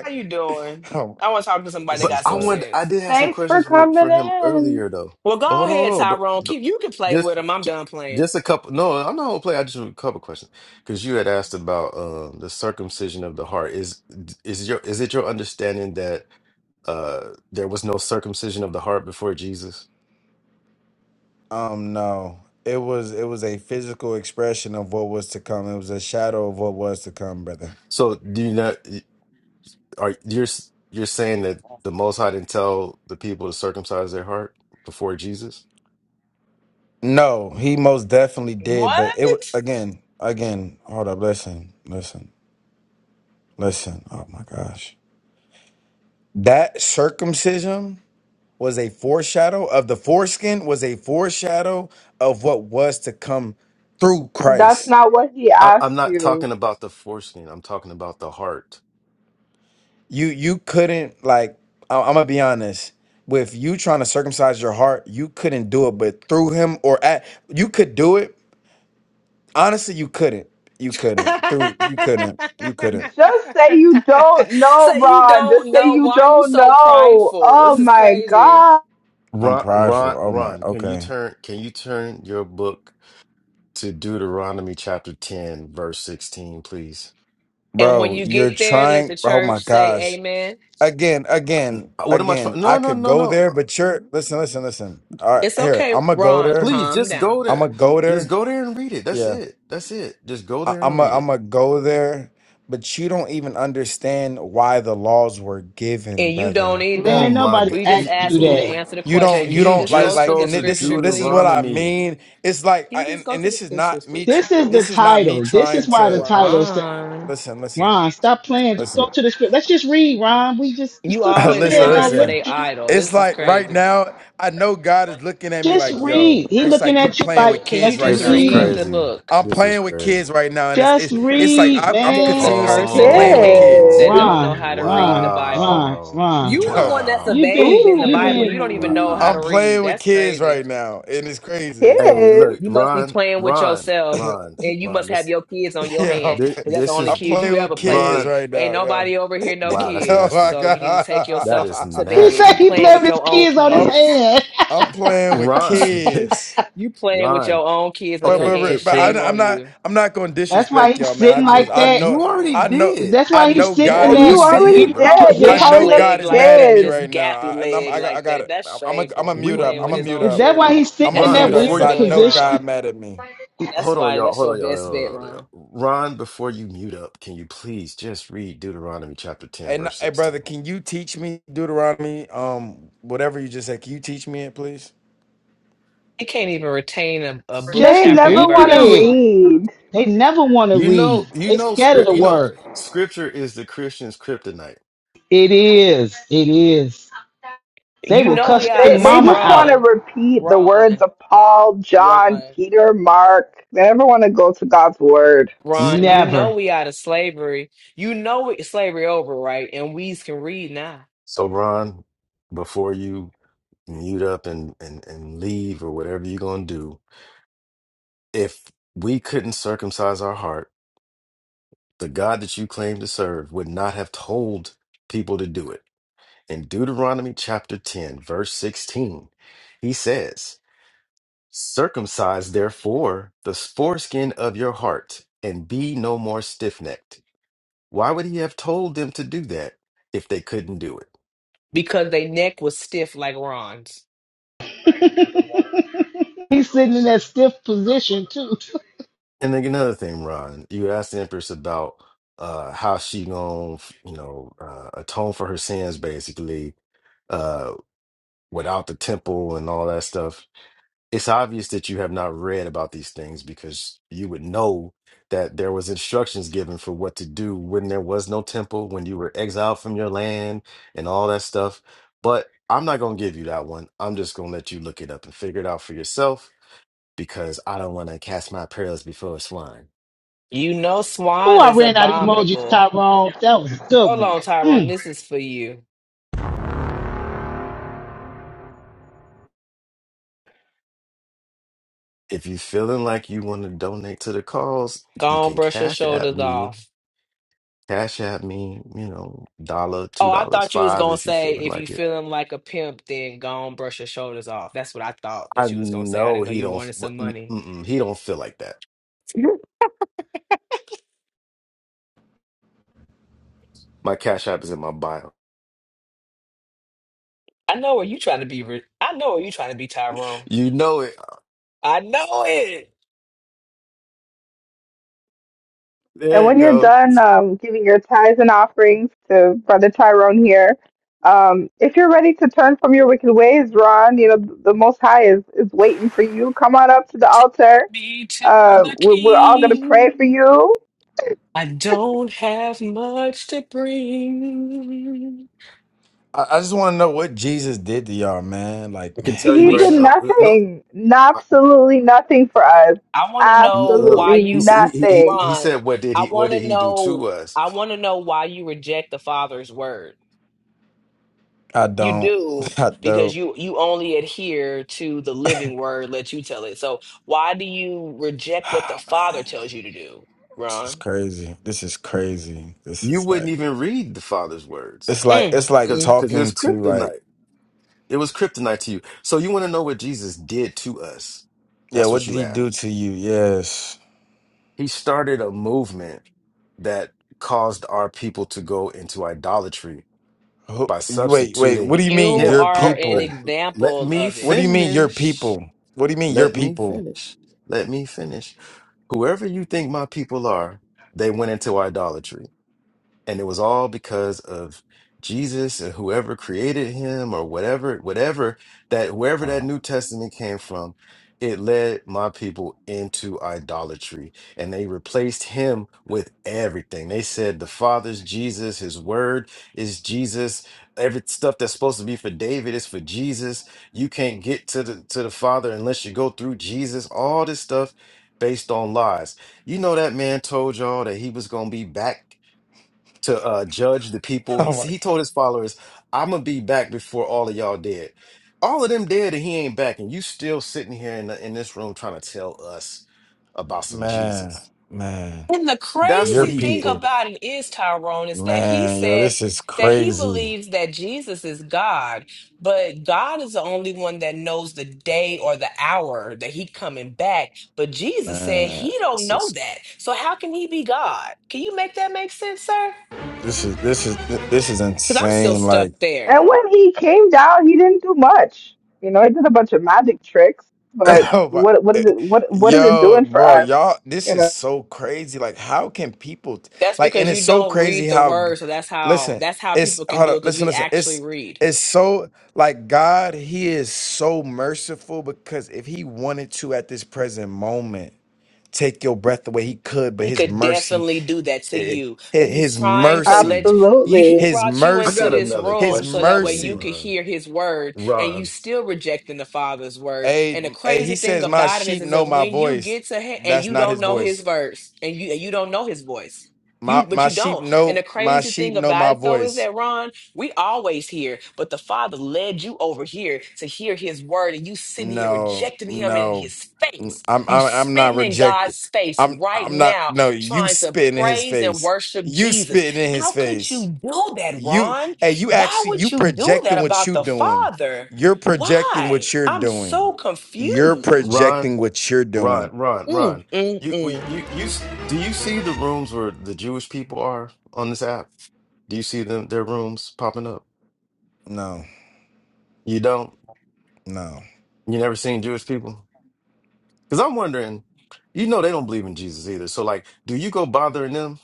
[SPEAKER 3] How you doing?
[SPEAKER 8] Oh,
[SPEAKER 3] I want to talk to somebody
[SPEAKER 8] this
[SPEAKER 3] that
[SPEAKER 2] But
[SPEAKER 8] is
[SPEAKER 3] got
[SPEAKER 2] I
[SPEAKER 3] some
[SPEAKER 8] funny.
[SPEAKER 2] wanted, I
[SPEAKER 3] sense.
[SPEAKER 2] did have some
[SPEAKER 5] Thanks for
[SPEAKER 2] questions for
[SPEAKER 5] coming
[SPEAKER 2] for him
[SPEAKER 5] in.
[SPEAKER 2] earlier though.
[SPEAKER 3] Well,
[SPEAKER 2] But
[SPEAKER 3] go
[SPEAKER 2] hold on,
[SPEAKER 3] ahead,
[SPEAKER 2] hold on.
[SPEAKER 3] Tyrone.
[SPEAKER 2] Don't- don't-
[SPEAKER 3] Keep you can play
[SPEAKER 2] just
[SPEAKER 3] with him. I'm
[SPEAKER 2] j-
[SPEAKER 3] done playing.
[SPEAKER 2] just a couple. No, I'm not gonna play. I just have a couple questions because you had asked about um, the circumcision of the heart. Is is your is it your understanding that uh, there was no circumcision of the heart before Jesus?
[SPEAKER 8] Um, no. It was it was a physical expression of what was to come. It was a shadow of what was to come, brother.
[SPEAKER 2] So do you not y- are you're s- you're saying that the Most High didn't tell the people to circumcise their heart before Jesus?
[SPEAKER 8] No, he most definitely did,
[SPEAKER 3] What?
[SPEAKER 8] but it wa- again, again, hold up, listen, listen, listen. Oh my gosh. That circumcision was a foreshadow of the foreskin was a foreshadow of what was to come through
[SPEAKER 5] That's
[SPEAKER 8] Christ.
[SPEAKER 5] not what he
[SPEAKER 2] I, I'm
[SPEAKER 5] asked
[SPEAKER 2] not
[SPEAKER 5] you.
[SPEAKER 2] talking about the foreskin. I'm talking about the heart
[SPEAKER 8] You you couldn't like I- I'm gonna be honest. With you trying to circumcise your heart, you couldn't do it, but through him or at you could do it. Honestly, you couldn't. You couldn't. Through you couldn't. You couldn't.
[SPEAKER 5] Just say you don't know,
[SPEAKER 3] so you
[SPEAKER 5] Ron. Just
[SPEAKER 3] don't
[SPEAKER 5] say
[SPEAKER 3] know
[SPEAKER 5] you
[SPEAKER 3] why are you
[SPEAKER 5] don't
[SPEAKER 3] so
[SPEAKER 5] know.
[SPEAKER 3] prideful?
[SPEAKER 5] Oh
[SPEAKER 3] This is
[SPEAKER 5] my
[SPEAKER 3] crazy.
[SPEAKER 5] God.
[SPEAKER 8] I'm
[SPEAKER 2] Ron,
[SPEAKER 8] prideful.
[SPEAKER 2] Ron,
[SPEAKER 8] Oh my.
[SPEAKER 2] Ron, can you
[SPEAKER 8] Okay.
[SPEAKER 2] turn can you turn your book to Deuteronomy chapter 10 verse 16, please?
[SPEAKER 3] And when
[SPEAKER 8] Bro,
[SPEAKER 3] you get
[SPEAKER 8] you're
[SPEAKER 3] there, let
[SPEAKER 8] trying.
[SPEAKER 3] the
[SPEAKER 8] Oh my
[SPEAKER 3] church say
[SPEAKER 8] gosh.
[SPEAKER 3] amen.
[SPEAKER 8] Again,
[SPEAKER 2] N-
[SPEAKER 8] again,
[SPEAKER 2] uh, What am I
[SPEAKER 8] again.
[SPEAKER 2] trying?
[SPEAKER 8] I
[SPEAKER 2] No, no,
[SPEAKER 8] could
[SPEAKER 2] no,
[SPEAKER 8] go
[SPEAKER 2] no.
[SPEAKER 8] there,
[SPEAKER 2] Uh,
[SPEAKER 8] but you're listen, listen, listen. All right,
[SPEAKER 3] It's
[SPEAKER 8] here.
[SPEAKER 3] okay,
[SPEAKER 8] I'm gonna go
[SPEAKER 3] Ron.
[SPEAKER 8] there.
[SPEAKER 2] Please
[SPEAKER 3] Calm
[SPEAKER 2] just
[SPEAKER 3] down.
[SPEAKER 2] go
[SPEAKER 8] I'm
[SPEAKER 2] there.
[SPEAKER 8] gonna go
[SPEAKER 2] Just
[SPEAKER 8] there.
[SPEAKER 2] go there and read it. That's
[SPEAKER 8] Yeah.
[SPEAKER 2] it. That's it. Just go
[SPEAKER 8] I,
[SPEAKER 2] there and
[SPEAKER 8] I'm gonna
[SPEAKER 2] read
[SPEAKER 8] I'm
[SPEAKER 2] it.
[SPEAKER 8] gonna go there, but you don't even understand why the laws were given,
[SPEAKER 3] And you don't
[SPEAKER 8] brother.
[SPEAKER 2] Oh
[SPEAKER 3] either.
[SPEAKER 6] Man,
[SPEAKER 2] my
[SPEAKER 6] nobody
[SPEAKER 2] God.
[SPEAKER 3] We just
[SPEAKER 2] Y-
[SPEAKER 6] asked you
[SPEAKER 3] asking you to
[SPEAKER 6] that.
[SPEAKER 3] answer the
[SPEAKER 8] You don't
[SPEAKER 3] question.
[SPEAKER 2] Can
[SPEAKER 3] Can
[SPEAKER 8] you
[SPEAKER 3] you
[SPEAKER 2] you
[SPEAKER 8] don't
[SPEAKER 3] just
[SPEAKER 8] like
[SPEAKER 3] go
[SPEAKER 2] just
[SPEAKER 3] to
[SPEAKER 8] like
[SPEAKER 2] go
[SPEAKER 3] the
[SPEAKER 8] and thi-
[SPEAKER 2] to
[SPEAKER 8] this is
[SPEAKER 3] scripture,
[SPEAKER 8] what this is what
[SPEAKER 3] please?
[SPEAKER 8] I
[SPEAKER 2] Deuteronomy?
[SPEAKER 8] mean. It's like
[SPEAKER 3] Can
[SPEAKER 8] I,
[SPEAKER 3] you just
[SPEAKER 8] and,
[SPEAKER 3] go
[SPEAKER 8] and
[SPEAKER 3] to the
[SPEAKER 8] this is
[SPEAKER 3] scriptures,
[SPEAKER 8] not me
[SPEAKER 3] please?
[SPEAKER 8] tr-
[SPEAKER 6] This is the
[SPEAKER 8] this is not me
[SPEAKER 6] title. This
[SPEAKER 8] trying
[SPEAKER 6] is why the
[SPEAKER 8] to
[SPEAKER 6] title said,
[SPEAKER 3] Ron.
[SPEAKER 8] listen, listen.
[SPEAKER 6] Ron, stop playing.
[SPEAKER 8] Listen.
[SPEAKER 6] Go to the script. Let's just read, Ron. We just, the
[SPEAKER 3] You
[SPEAKER 8] Oh,
[SPEAKER 6] sister
[SPEAKER 3] always
[SPEAKER 8] listen,
[SPEAKER 6] said no
[SPEAKER 3] lying for they
[SPEAKER 8] listen.
[SPEAKER 6] lecture.
[SPEAKER 3] idol.
[SPEAKER 8] It's
[SPEAKER 3] This is
[SPEAKER 8] like right
[SPEAKER 3] crazy.
[SPEAKER 8] now, I know God is looking at me
[SPEAKER 6] Just
[SPEAKER 8] like,
[SPEAKER 6] read.
[SPEAKER 8] yo,
[SPEAKER 6] He
[SPEAKER 8] it's
[SPEAKER 6] looking
[SPEAKER 8] like you
[SPEAKER 6] at you
[SPEAKER 8] playing
[SPEAKER 6] like,
[SPEAKER 8] with
[SPEAKER 3] Can you
[SPEAKER 8] kids
[SPEAKER 6] just
[SPEAKER 8] right
[SPEAKER 3] just
[SPEAKER 2] This
[SPEAKER 8] now,
[SPEAKER 2] is
[SPEAKER 3] read
[SPEAKER 8] bruh.
[SPEAKER 6] read.
[SPEAKER 3] the
[SPEAKER 2] crazy.
[SPEAKER 3] book?
[SPEAKER 8] I'm
[SPEAKER 2] This is
[SPEAKER 8] playing with
[SPEAKER 2] crazy.
[SPEAKER 8] kids right now, and it's
[SPEAKER 6] Just
[SPEAKER 8] it's it's like
[SPEAKER 6] read,
[SPEAKER 8] I, I'm
[SPEAKER 3] Says the
[SPEAKER 6] man.
[SPEAKER 8] continuously keep
[SPEAKER 3] person that
[SPEAKER 8] playing with
[SPEAKER 3] can't
[SPEAKER 8] kids.
[SPEAKER 3] that
[SPEAKER 5] Kids.
[SPEAKER 3] don't know
[SPEAKER 6] Ron,
[SPEAKER 2] Oh,
[SPEAKER 3] how to read the
[SPEAKER 6] Ron,
[SPEAKER 3] Bible.
[SPEAKER 6] Ron,
[SPEAKER 2] wow.
[SPEAKER 6] Ron.
[SPEAKER 3] You the
[SPEAKER 8] Oh
[SPEAKER 3] one
[SPEAKER 8] my,
[SPEAKER 3] that's a
[SPEAKER 2] Wow.
[SPEAKER 6] You've been,
[SPEAKER 3] babe in the
[SPEAKER 6] you've
[SPEAKER 3] Bible.
[SPEAKER 6] been,
[SPEAKER 3] You don't even know
[SPEAKER 5] Ooh.
[SPEAKER 3] how to
[SPEAKER 8] I'm
[SPEAKER 2] Wow.
[SPEAKER 3] read.
[SPEAKER 8] playing with
[SPEAKER 3] That's
[SPEAKER 8] kids
[SPEAKER 3] crazy.
[SPEAKER 8] right now, and it's crazy.
[SPEAKER 2] Hey,
[SPEAKER 5] Kids.
[SPEAKER 2] look,
[SPEAKER 3] You must be
[SPEAKER 2] Ron,
[SPEAKER 3] playing with
[SPEAKER 2] Ron,
[SPEAKER 3] yourself,
[SPEAKER 2] Ron,
[SPEAKER 3] and you
[SPEAKER 2] Ron.
[SPEAKER 3] must have
[SPEAKER 2] This,
[SPEAKER 3] your kids on your
[SPEAKER 8] yeah, I'm,
[SPEAKER 3] hand,
[SPEAKER 2] this,
[SPEAKER 8] play,
[SPEAKER 3] because that's the
[SPEAKER 2] this
[SPEAKER 3] only
[SPEAKER 8] I'm
[SPEAKER 2] is
[SPEAKER 3] kids you
[SPEAKER 8] playing with
[SPEAKER 3] ever play
[SPEAKER 8] kids
[SPEAKER 3] with.
[SPEAKER 2] Ron.
[SPEAKER 8] right
[SPEAKER 3] Well, Ain't
[SPEAKER 8] now, yo.
[SPEAKER 3] nobody over here, no
[SPEAKER 2] Wow, that's
[SPEAKER 8] oh
[SPEAKER 3] kids.
[SPEAKER 8] my
[SPEAKER 2] nasty.
[SPEAKER 3] So you need to take
[SPEAKER 8] god,
[SPEAKER 2] That
[SPEAKER 3] yourself
[SPEAKER 2] is
[SPEAKER 3] to
[SPEAKER 6] he
[SPEAKER 3] bed.
[SPEAKER 6] said
[SPEAKER 3] You
[SPEAKER 2] nasty,
[SPEAKER 6] he
[SPEAKER 3] playing
[SPEAKER 6] played
[SPEAKER 3] with
[SPEAKER 6] with his
[SPEAKER 3] your own
[SPEAKER 6] kids on his
[SPEAKER 8] I'm
[SPEAKER 3] kids.
[SPEAKER 6] head.
[SPEAKER 8] I'm playing with
[SPEAKER 2] Ron,
[SPEAKER 8] kids.
[SPEAKER 3] you playing with your
[SPEAKER 2] Ron.
[SPEAKER 3] own kids on
[SPEAKER 8] But
[SPEAKER 3] your
[SPEAKER 2] Okay,
[SPEAKER 8] but re-
[SPEAKER 3] hand.
[SPEAKER 2] can,
[SPEAKER 8] but
[SPEAKER 2] can we?
[SPEAKER 8] I,
[SPEAKER 3] Shame
[SPEAKER 8] I'm
[SPEAKER 3] on
[SPEAKER 8] not
[SPEAKER 3] you.
[SPEAKER 8] I'm not gonna
[SPEAKER 6] That's why
[SPEAKER 8] disrespect
[SPEAKER 6] he's
[SPEAKER 8] y'all, man. I
[SPEAKER 6] sitting
[SPEAKER 8] just
[SPEAKER 6] like
[SPEAKER 8] I
[SPEAKER 6] that.
[SPEAKER 8] know
[SPEAKER 2] You already
[SPEAKER 8] I know
[SPEAKER 2] did.
[SPEAKER 6] That's
[SPEAKER 8] I
[SPEAKER 6] why he's
[SPEAKER 8] know
[SPEAKER 6] sitting
[SPEAKER 2] You
[SPEAKER 5] Uh,
[SPEAKER 8] God
[SPEAKER 6] in
[SPEAKER 8] is
[SPEAKER 6] that
[SPEAKER 5] You
[SPEAKER 8] look.
[SPEAKER 2] already did,
[SPEAKER 5] already
[SPEAKER 6] weird
[SPEAKER 2] bro.
[SPEAKER 3] All
[SPEAKER 5] did. You're
[SPEAKER 8] I
[SPEAKER 3] gap
[SPEAKER 8] know
[SPEAKER 5] calling
[SPEAKER 6] position
[SPEAKER 5] us
[SPEAKER 8] God
[SPEAKER 3] leg
[SPEAKER 8] is
[SPEAKER 3] like
[SPEAKER 8] mad at
[SPEAKER 3] that,
[SPEAKER 8] me
[SPEAKER 5] kids.
[SPEAKER 3] just
[SPEAKER 8] right now,
[SPEAKER 3] gappy
[SPEAKER 8] I, and I'm
[SPEAKER 3] leg
[SPEAKER 8] I got I
[SPEAKER 3] like
[SPEAKER 8] got
[SPEAKER 3] that.
[SPEAKER 8] it.
[SPEAKER 3] That's
[SPEAKER 8] I'm a
[SPEAKER 3] shameful.
[SPEAKER 8] I'm a
[SPEAKER 3] He
[SPEAKER 2] We,
[SPEAKER 8] mute up.
[SPEAKER 3] playing with
[SPEAKER 8] I'm a
[SPEAKER 3] his
[SPEAKER 2] we,
[SPEAKER 8] mute
[SPEAKER 3] own
[SPEAKER 6] Is
[SPEAKER 8] up.
[SPEAKER 6] that why
[SPEAKER 3] children.
[SPEAKER 6] he's sitting
[SPEAKER 8] I'm a
[SPEAKER 6] in
[SPEAKER 3] That's
[SPEAKER 2] Ron.
[SPEAKER 3] your
[SPEAKER 6] that
[SPEAKER 8] mute up
[SPEAKER 6] weird
[SPEAKER 2] Before
[SPEAKER 8] because
[SPEAKER 3] best
[SPEAKER 2] you,
[SPEAKER 8] I
[SPEAKER 3] bet,
[SPEAKER 8] know
[SPEAKER 6] position?
[SPEAKER 8] God
[SPEAKER 3] Ron.
[SPEAKER 8] mad at me.
[SPEAKER 3] That's
[SPEAKER 2] hold on,
[SPEAKER 3] why
[SPEAKER 2] y'all.
[SPEAKER 3] that's
[SPEAKER 2] Hold
[SPEAKER 3] your
[SPEAKER 2] on, y'all.
[SPEAKER 3] best
[SPEAKER 2] Hold on,
[SPEAKER 3] bet,
[SPEAKER 2] hold on, y'all.
[SPEAKER 3] Ron.
[SPEAKER 2] Ron, before you mute up, can you please just read Deuteronomy chapter ten,
[SPEAKER 8] And
[SPEAKER 2] verse
[SPEAKER 8] hey, brother,
[SPEAKER 2] sixteen?
[SPEAKER 8] can you teach me Deuteronomy? Um, whatever you just said, can you teach me it, please?
[SPEAKER 3] He can't even retain a, a book
[SPEAKER 5] They
[SPEAKER 6] Just
[SPEAKER 3] chapter
[SPEAKER 5] never
[SPEAKER 3] and
[SPEAKER 6] read
[SPEAKER 5] want to
[SPEAKER 3] verse.
[SPEAKER 6] it.
[SPEAKER 5] read.
[SPEAKER 6] They never want to
[SPEAKER 2] You
[SPEAKER 6] read.
[SPEAKER 2] know, you
[SPEAKER 6] They
[SPEAKER 2] know,
[SPEAKER 6] scared of
[SPEAKER 2] script.
[SPEAKER 6] the
[SPEAKER 2] You know,
[SPEAKER 6] word.
[SPEAKER 2] scripture is the Christian's kryptonite.
[SPEAKER 6] It is. It is. They
[SPEAKER 3] You
[SPEAKER 6] will
[SPEAKER 3] know we
[SPEAKER 6] cuss their
[SPEAKER 3] out
[SPEAKER 5] They
[SPEAKER 3] of
[SPEAKER 5] they
[SPEAKER 6] mama
[SPEAKER 5] just want
[SPEAKER 6] out.
[SPEAKER 5] to
[SPEAKER 3] Ron,
[SPEAKER 5] repeat the words
[SPEAKER 3] Ron,
[SPEAKER 5] of Paul, John,
[SPEAKER 3] Ron,
[SPEAKER 5] Peter, Mark. They never want to go to God's word.
[SPEAKER 3] Ron. You know
[SPEAKER 6] Never.
[SPEAKER 3] we out of slavery. You know it, slavery over, right? And we's can read now
[SPEAKER 2] So, Ron, before you mute up and, and, and leave or whatever you're going to do, if we couldn't circumcise our heart, the God that you claim to serve would not have told people to do it. In Deuteronomy chapter 10, verse 16, he says, Circumcise therefore the foreskin of your heart and be no more stiff necked. Why would he have told them to do that if they couldn't do it?
[SPEAKER 3] because they neck was stiff like Ron's.
[SPEAKER 6] he's sitting in that stiff position too.
[SPEAKER 2] And then another thing, Ron, you asked the Empress about uh how she gonna, you know, uh, atone for her sins basically, uh without the temple and all that stuff. It's obvious that you have not read about these things because you would know that there was instructions given for what to do when there was no temple, when you were exiled from your land and all that stuff. But I'm not gonna give you that one. I'm just gonna let you look it up and figure it out for yourself because I don't wanna cast my pearls before swine.
[SPEAKER 3] You know
[SPEAKER 6] Oh,
[SPEAKER 3] Swan
[SPEAKER 6] I
[SPEAKER 3] is
[SPEAKER 6] ran out of emojis,
[SPEAKER 3] abominable.
[SPEAKER 6] Tyrone. That was a good
[SPEAKER 3] Hold
[SPEAKER 6] one.
[SPEAKER 3] on, Tyrone.
[SPEAKER 6] Mm.
[SPEAKER 3] This is for you.
[SPEAKER 2] If you feeling like you want to donate to the cause, you
[SPEAKER 3] Go on,
[SPEAKER 2] can
[SPEAKER 3] brush your
[SPEAKER 2] cash at
[SPEAKER 3] shoulders
[SPEAKER 2] me,
[SPEAKER 3] off.
[SPEAKER 2] cash at me, you know, dollar, two
[SPEAKER 3] Oh, I
[SPEAKER 2] dollars,
[SPEAKER 3] thought you was
[SPEAKER 2] five
[SPEAKER 3] gonna
[SPEAKER 2] if you
[SPEAKER 3] say
[SPEAKER 2] feeling
[SPEAKER 3] if you
[SPEAKER 2] like it.
[SPEAKER 3] feeling like a pimp, then go on, brush your shoulders off. That's what I thought
[SPEAKER 2] I
[SPEAKER 3] that you was gonna say. I
[SPEAKER 2] know
[SPEAKER 3] didn't know
[SPEAKER 2] he
[SPEAKER 3] you
[SPEAKER 2] don't
[SPEAKER 3] wanted some
[SPEAKER 2] mm,
[SPEAKER 3] money.
[SPEAKER 2] mm, he don't feel like that. My cash app is in my bio.
[SPEAKER 3] I know where you trying to be. Ri- I know where you trying to be, Tyrone.
[SPEAKER 2] You know it.
[SPEAKER 3] I know it.
[SPEAKER 5] And
[SPEAKER 2] There it
[SPEAKER 5] when you're
[SPEAKER 2] go.
[SPEAKER 5] done um, giving your tithes and offerings to Brother Tyrone here, um, if you're ready to turn from your wicked ways, Ron, you know, the Most High is, is waiting for you. Come on up to the altar.
[SPEAKER 3] Me to
[SPEAKER 5] Uh,
[SPEAKER 3] the
[SPEAKER 5] we, we're all going to pray for
[SPEAKER 3] king.
[SPEAKER 5] you.
[SPEAKER 3] I don't have much to bring.
[SPEAKER 8] I, I just want to know what Jesus did to y'all, man. Like,
[SPEAKER 2] I can
[SPEAKER 8] man,
[SPEAKER 2] tell
[SPEAKER 5] He
[SPEAKER 2] you
[SPEAKER 3] We.
[SPEAKER 2] right
[SPEAKER 5] did
[SPEAKER 3] sh-
[SPEAKER 2] now. Uh, No,
[SPEAKER 5] nothing,
[SPEAKER 2] I-
[SPEAKER 5] absolutely nothing for us.
[SPEAKER 3] I want to
[SPEAKER 2] n-
[SPEAKER 3] know
[SPEAKER 2] uh,
[SPEAKER 3] why
[SPEAKER 5] Absolutely
[SPEAKER 2] he s-
[SPEAKER 3] you,
[SPEAKER 2] he he he
[SPEAKER 5] nothing.
[SPEAKER 2] he
[SPEAKER 3] Ron.
[SPEAKER 2] said what did
[SPEAKER 3] I
[SPEAKER 2] he what
[SPEAKER 3] want to
[SPEAKER 2] did he do to
[SPEAKER 3] know.
[SPEAKER 2] us?
[SPEAKER 3] I want to know why you reject the Father's word.
[SPEAKER 8] I
[SPEAKER 3] You
[SPEAKER 8] don't,
[SPEAKER 3] do
[SPEAKER 8] I
[SPEAKER 3] because
[SPEAKER 8] don't.
[SPEAKER 3] you you only adhere to the living word. Let you tell it. So why do you reject what the Father tells you to do,
[SPEAKER 8] This is
[SPEAKER 3] Ron?
[SPEAKER 8] crazy. This is crazy. This
[SPEAKER 2] You
[SPEAKER 8] is
[SPEAKER 2] wouldn't
[SPEAKER 8] like.
[SPEAKER 2] even read the father's words
[SPEAKER 8] It's like
[SPEAKER 3] Mm,
[SPEAKER 8] it's like
[SPEAKER 2] because
[SPEAKER 3] mm,
[SPEAKER 2] because
[SPEAKER 3] mm.
[SPEAKER 8] talking
[SPEAKER 2] there's
[SPEAKER 8] to
[SPEAKER 2] kryptonite.
[SPEAKER 8] like
[SPEAKER 2] It was kryptonite to you. So you want to know what Jesus did to us?
[SPEAKER 8] yeah.
[SPEAKER 2] That's
[SPEAKER 8] What
[SPEAKER 2] what
[SPEAKER 8] did
[SPEAKER 2] you
[SPEAKER 8] he do
[SPEAKER 2] asked.
[SPEAKER 8] to you? Yes.
[SPEAKER 2] He started a movement that caused our people to go into idolatry
[SPEAKER 8] Who,
[SPEAKER 2] by
[SPEAKER 8] you- wait, wait. What
[SPEAKER 2] substituting
[SPEAKER 8] do you mean
[SPEAKER 3] You
[SPEAKER 2] him.
[SPEAKER 8] your
[SPEAKER 3] are
[SPEAKER 2] Ho, uh,
[SPEAKER 3] an
[SPEAKER 8] people?
[SPEAKER 2] let
[SPEAKER 3] example
[SPEAKER 2] me
[SPEAKER 3] of
[SPEAKER 8] What do you
[SPEAKER 3] it.
[SPEAKER 8] mean your
[SPEAKER 2] finish.
[SPEAKER 8] people? What do you mean your
[SPEAKER 2] Let me
[SPEAKER 8] people?
[SPEAKER 2] finish. Let me finish. Whoever you think my people are, they went into idolatry. and it was all because of Jesus and whoever created him or whatever whatever that wherever that
[SPEAKER 8] Oh,
[SPEAKER 2] New Testament came from it led my people into idolatry and they replaced him with everything they said the father's Jesus his word is Jesus every stuff that's supposed to be for David is for Jesus you can't get to the to the father unless you go through Jesus all this stuff based on lies you know that man told y'all that he was going to be back to uh, judge the people. He
[SPEAKER 8] oh
[SPEAKER 2] s-
[SPEAKER 8] my
[SPEAKER 2] he
[SPEAKER 8] god,
[SPEAKER 2] told his followers, "I'm gonna be back before all of y'all dead. All of them dead, and he ain't back, and you still sitting here in the, in this room trying to tell us about some
[SPEAKER 8] man,
[SPEAKER 2] Jesus."
[SPEAKER 8] man,
[SPEAKER 3] And the
[SPEAKER 2] That's
[SPEAKER 8] your
[SPEAKER 2] what
[SPEAKER 3] crazy
[SPEAKER 2] he
[SPEAKER 3] thing
[SPEAKER 2] did.
[SPEAKER 8] people,
[SPEAKER 3] about it is, Tyrone, is that he
[SPEAKER 8] man. Yo,
[SPEAKER 3] said
[SPEAKER 8] this is
[SPEAKER 3] that he
[SPEAKER 8] crazy,
[SPEAKER 3] believes that Jesus is God, but God is the only one that knows the day or the hour that he coming back. But Jesus said
[SPEAKER 8] man.
[SPEAKER 3] he don't
[SPEAKER 8] This
[SPEAKER 3] know
[SPEAKER 8] is
[SPEAKER 3] that. So how can he be God? Can you make that make sense, sir?
[SPEAKER 8] this is this is this is
[SPEAKER 3] Because I'm still
[SPEAKER 8] insane.
[SPEAKER 3] stuck
[SPEAKER 8] Like.
[SPEAKER 3] there.
[SPEAKER 5] And when he came down, he didn't do much. You know, he did a bunch of magic tricks, but
[SPEAKER 8] Oh, but
[SPEAKER 5] what what
[SPEAKER 8] eh,
[SPEAKER 5] is it what what is it
[SPEAKER 8] yo,
[SPEAKER 5] doing for
[SPEAKER 8] bro,
[SPEAKER 5] us?
[SPEAKER 8] y'all, this
[SPEAKER 5] You
[SPEAKER 8] is
[SPEAKER 5] know,
[SPEAKER 8] so crazy. Like, how can people t-
[SPEAKER 3] That's
[SPEAKER 8] like?
[SPEAKER 3] because
[SPEAKER 8] And
[SPEAKER 3] you
[SPEAKER 8] it's so
[SPEAKER 3] don't read
[SPEAKER 8] crazy
[SPEAKER 3] the
[SPEAKER 8] how. g-
[SPEAKER 3] word, so that's how
[SPEAKER 8] Listen,
[SPEAKER 3] that's how
[SPEAKER 8] it's
[SPEAKER 3] people can
[SPEAKER 8] hold
[SPEAKER 3] do
[SPEAKER 8] on.
[SPEAKER 3] it. Because
[SPEAKER 8] Listen,
[SPEAKER 3] we
[SPEAKER 8] listen.
[SPEAKER 3] actually
[SPEAKER 8] It's
[SPEAKER 3] read.
[SPEAKER 8] it's so like God. He is so merciful because if He wanted to at this present moment take your breath away, He could. But
[SPEAKER 3] He
[SPEAKER 8] His
[SPEAKER 3] could
[SPEAKER 8] mercy,
[SPEAKER 3] definitely do that to
[SPEAKER 8] eh,
[SPEAKER 3] you,
[SPEAKER 8] hi-
[SPEAKER 3] but he's
[SPEAKER 8] His
[SPEAKER 3] trying to
[SPEAKER 8] mercy,
[SPEAKER 3] let you. He
[SPEAKER 5] absolutely.
[SPEAKER 8] His
[SPEAKER 3] brought you
[SPEAKER 2] I
[SPEAKER 3] into
[SPEAKER 2] got
[SPEAKER 8] mercy,
[SPEAKER 3] this
[SPEAKER 2] another
[SPEAKER 8] His
[SPEAKER 3] room so
[SPEAKER 2] question
[SPEAKER 3] that
[SPEAKER 2] for
[SPEAKER 3] way
[SPEAKER 2] you,
[SPEAKER 3] you could
[SPEAKER 8] mercy.
[SPEAKER 2] Ron.
[SPEAKER 3] hear his word, and you
[SPEAKER 2] Ron,
[SPEAKER 3] still rejecting the Father's word. And the
[SPEAKER 8] Hey, hey,
[SPEAKER 3] crazy
[SPEAKER 8] He
[SPEAKER 3] thing
[SPEAKER 8] says, "My
[SPEAKER 3] about it is,
[SPEAKER 8] sheep
[SPEAKER 3] is
[SPEAKER 8] know
[SPEAKER 3] that
[SPEAKER 8] my
[SPEAKER 3] when you
[SPEAKER 8] voice."
[SPEAKER 3] get to him and
[SPEAKER 8] That's
[SPEAKER 3] you
[SPEAKER 8] not
[SPEAKER 3] don't
[SPEAKER 8] His
[SPEAKER 3] know
[SPEAKER 8] voice.
[SPEAKER 3] his verse, and you and you don't know his voice,
[SPEAKER 8] My
[SPEAKER 3] you but
[SPEAKER 8] my
[SPEAKER 3] you
[SPEAKER 8] sheep
[SPEAKER 3] don't.
[SPEAKER 8] know
[SPEAKER 3] And the
[SPEAKER 8] my
[SPEAKER 3] crazy
[SPEAKER 8] sheep
[SPEAKER 3] thing
[SPEAKER 8] know
[SPEAKER 3] about
[SPEAKER 8] my
[SPEAKER 3] it though is
[SPEAKER 8] voice.
[SPEAKER 3] that Ron. We always hear, but the Father led you over here to hear His word, and you sitting here
[SPEAKER 8] No,
[SPEAKER 3] rejecting Him in
[SPEAKER 8] no,
[SPEAKER 3] His
[SPEAKER 8] Mm,
[SPEAKER 3] face.
[SPEAKER 8] I'm
[SPEAKER 3] You
[SPEAKER 8] I'm I'm not
[SPEAKER 3] spitting in
[SPEAKER 8] rejected.
[SPEAKER 3] God's face
[SPEAKER 8] I'm
[SPEAKER 3] right
[SPEAKER 8] I'm not.
[SPEAKER 3] now,
[SPEAKER 8] No, you
[SPEAKER 3] trying to
[SPEAKER 8] spitting in his
[SPEAKER 3] praise and
[SPEAKER 8] face.
[SPEAKER 3] worship
[SPEAKER 8] You
[SPEAKER 3] Jesus.
[SPEAKER 8] spitting in his
[SPEAKER 3] How could you
[SPEAKER 8] face.
[SPEAKER 3] do that,
[SPEAKER 8] You
[SPEAKER 3] Ron?
[SPEAKER 8] hey, you
[SPEAKER 3] Why
[SPEAKER 8] actually
[SPEAKER 3] would
[SPEAKER 8] you
[SPEAKER 3] you do that
[SPEAKER 8] projecting what
[SPEAKER 3] about
[SPEAKER 8] you
[SPEAKER 3] the
[SPEAKER 8] doing.
[SPEAKER 3] Father?
[SPEAKER 8] You're projecting
[SPEAKER 3] Why?
[SPEAKER 8] what you're
[SPEAKER 3] I'm
[SPEAKER 8] doing.
[SPEAKER 3] so
[SPEAKER 8] You're
[SPEAKER 3] confused.
[SPEAKER 2] Ron,
[SPEAKER 8] projecting what you're doing.
[SPEAKER 2] Ron, Ron,
[SPEAKER 3] Mm,
[SPEAKER 2] Ron.
[SPEAKER 3] mm,
[SPEAKER 2] You
[SPEAKER 3] mm.
[SPEAKER 2] we- you you s- do you see the rooms where the Jewish people are on this app? Do you see them their rooms popping up?
[SPEAKER 8] No,
[SPEAKER 2] You don't.
[SPEAKER 8] no.
[SPEAKER 2] You never seen Jewish people? Because I'm wondering, you know, they don't believe in Jesus either. So, like, do you go bothering them,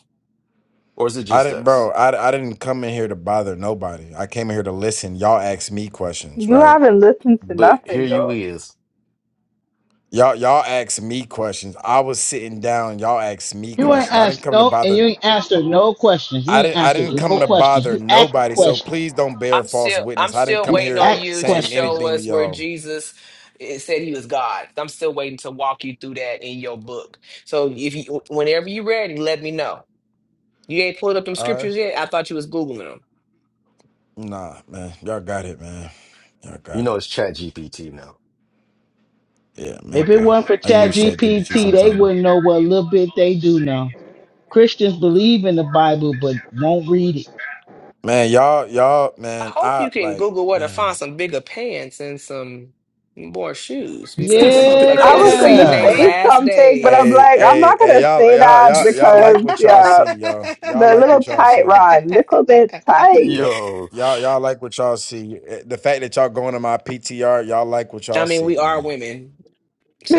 [SPEAKER 2] or is it
[SPEAKER 8] I
[SPEAKER 2] just
[SPEAKER 8] didn't, bro.
[SPEAKER 2] us?
[SPEAKER 8] I, I didn't come in here to bother nobody. I came in here to listen. Y'all asked me questions,
[SPEAKER 5] You
[SPEAKER 8] right.
[SPEAKER 5] haven't listened to
[SPEAKER 2] But here
[SPEAKER 5] nothing
[SPEAKER 2] you
[SPEAKER 5] though.
[SPEAKER 2] is.
[SPEAKER 8] Y'all, y'all asked me questions. I was sitting down. Y'all asked me
[SPEAKER 6] You ain't
[SPEAKER 8] questions. I didn't
[SPEAKER 6] asked
[SPEAKER 8] come to
[SPEAKER 6] no, and you
[SPEAKER 8] bother.
[SPEAKER 6] ain't answered no questions. You
[SPEAKER 8] I
[SPEAKER 6] ain't
[SPEAKER 8] didn't. I
[SPEAKER 6] answered
[SPEAKER 8] didn't come
[SPEAKER 6] no
[SPEAKER 8] to
[SPEAKER 6] questions.
[SPEAKER 8] bother
[SPEAKER 6] You asked
[SPEAKER 8] nobody. So
[SPEAKER 6] questions.
[SPEAKER 8] please don't bear
[SPEAKER 3] I'm
[SPEAKER 8] false
[SPEAKER 3] still I'm
[SPEAKER 8] witness. I didn't
[SPEAKER 3] still
[SPEAKER 8] come
[SPEAKER 3] waiting
[SPEAKER 8] here
[SPEAKER 3] on
[SPEAKER 6] Ask
[SPEAKER 3] you to
[SPEAKER 8] saying
[SPEAKER 6] questions.
[SPEAKER 3] show
[SPEAKER 8] anything to
[SPEAKER 3] us where
[SPEAKER 8] y'all.
[SPEAKER 3] Jesus eh, said he was God. I'm still waiting to walk you through that in your book. So if you whenever you ready, let me know. You ain't pulled up them
[SPEAKER 8] All right.
[SPEAKER 3] scriptures yet? I thought you was Googling them.
[SPEAKER 8] Nah, man. Y'all got it, man. Y'all
[SPEAKER 2] You
[SPEAKER 8] got it.
[SPEAKER 2] know, it's Chat GPT now.
[SPEAKER 8] Yeah,
[SPEAKER 6] If it
[SPEAKER 8] maybe.
[SPEAKER 6] weren't for
[SPEAKER 8] I
[SPEAKER 6] Chat
[SPEAKER 8] use ChatGPT
[SPEAKER 6] GPT, they
[SPEAKER 8] sometimes.
[SPEAKER 6] wouldn't know what little bit they do know. Christians believe in the Bible but won't read it.
[SPEAKER 8] Man, y'all, y'all,
[SPEAKER 3] I
[SPEAKER 8] man.
[SPEAKER 3] hope
[SPEAKER 8] I
[SPEAKER 3] you can
[SPEAKER 8] like,
[SPEAKER 3] Google where to find
[SPEAKER 8] man.
[SPEAKER 3] some bigger pants and some more shoes because them look like
[SPEAKER 5] I
[SPEAKER 3] they didn't
[SPEAKER 5] was gonna
[SPEAKER 3] seen they
[SPEAKER 6] Yeah.
[SPEAKER 5] say
[SPEAKER 3] last
[SPEAKER 5] something, but I'm
[SPEAKER 3] days.
[SPEAKER 8] Hey,
[SPEAKER 5] like, I'm
[SPEAKER 8] hey,
[SPEAKER 5] not
[SPEAKER 8] hey,
[SPEAKER 5] gonna
[SPEAKER 8] y'all,
[SPEAKER 5] say
[SPEAKER 8] y'all,
[SPEAKER 5] that
[SPEAKER 8] y'all, y'all
[SPEAKER 5] because
[SPEAKER 8] like what y'all
[SPEAKER 5] yeah,
[SPEAKER 8] see, y'all. Y'all
[SPEAKER 5] they're a
[SPEAKER 8] like
[SPEAKER 5] little
[SPEAKER 8] what y'all
[SPEAKER 5] tight,
[SPEAKER 8] see.
[SPEAKER 5] Ron. Little bit tight.
[SPEAKER 8] Yeah,
[SPEAKER 2] Yo,
[SPEAKER 8] y'all, y'all like what y'all see. Eh, The fact that y'all going to my PTR, y'all like what
[SPEAKER 3] I
[SPEAKER 8] y'all
[SPEAKER 3] mean,
[SPEAKER 8] see,
[SPEAKER 3] we are
[SPEAKER 8] man.
[SPEAKER 3] women,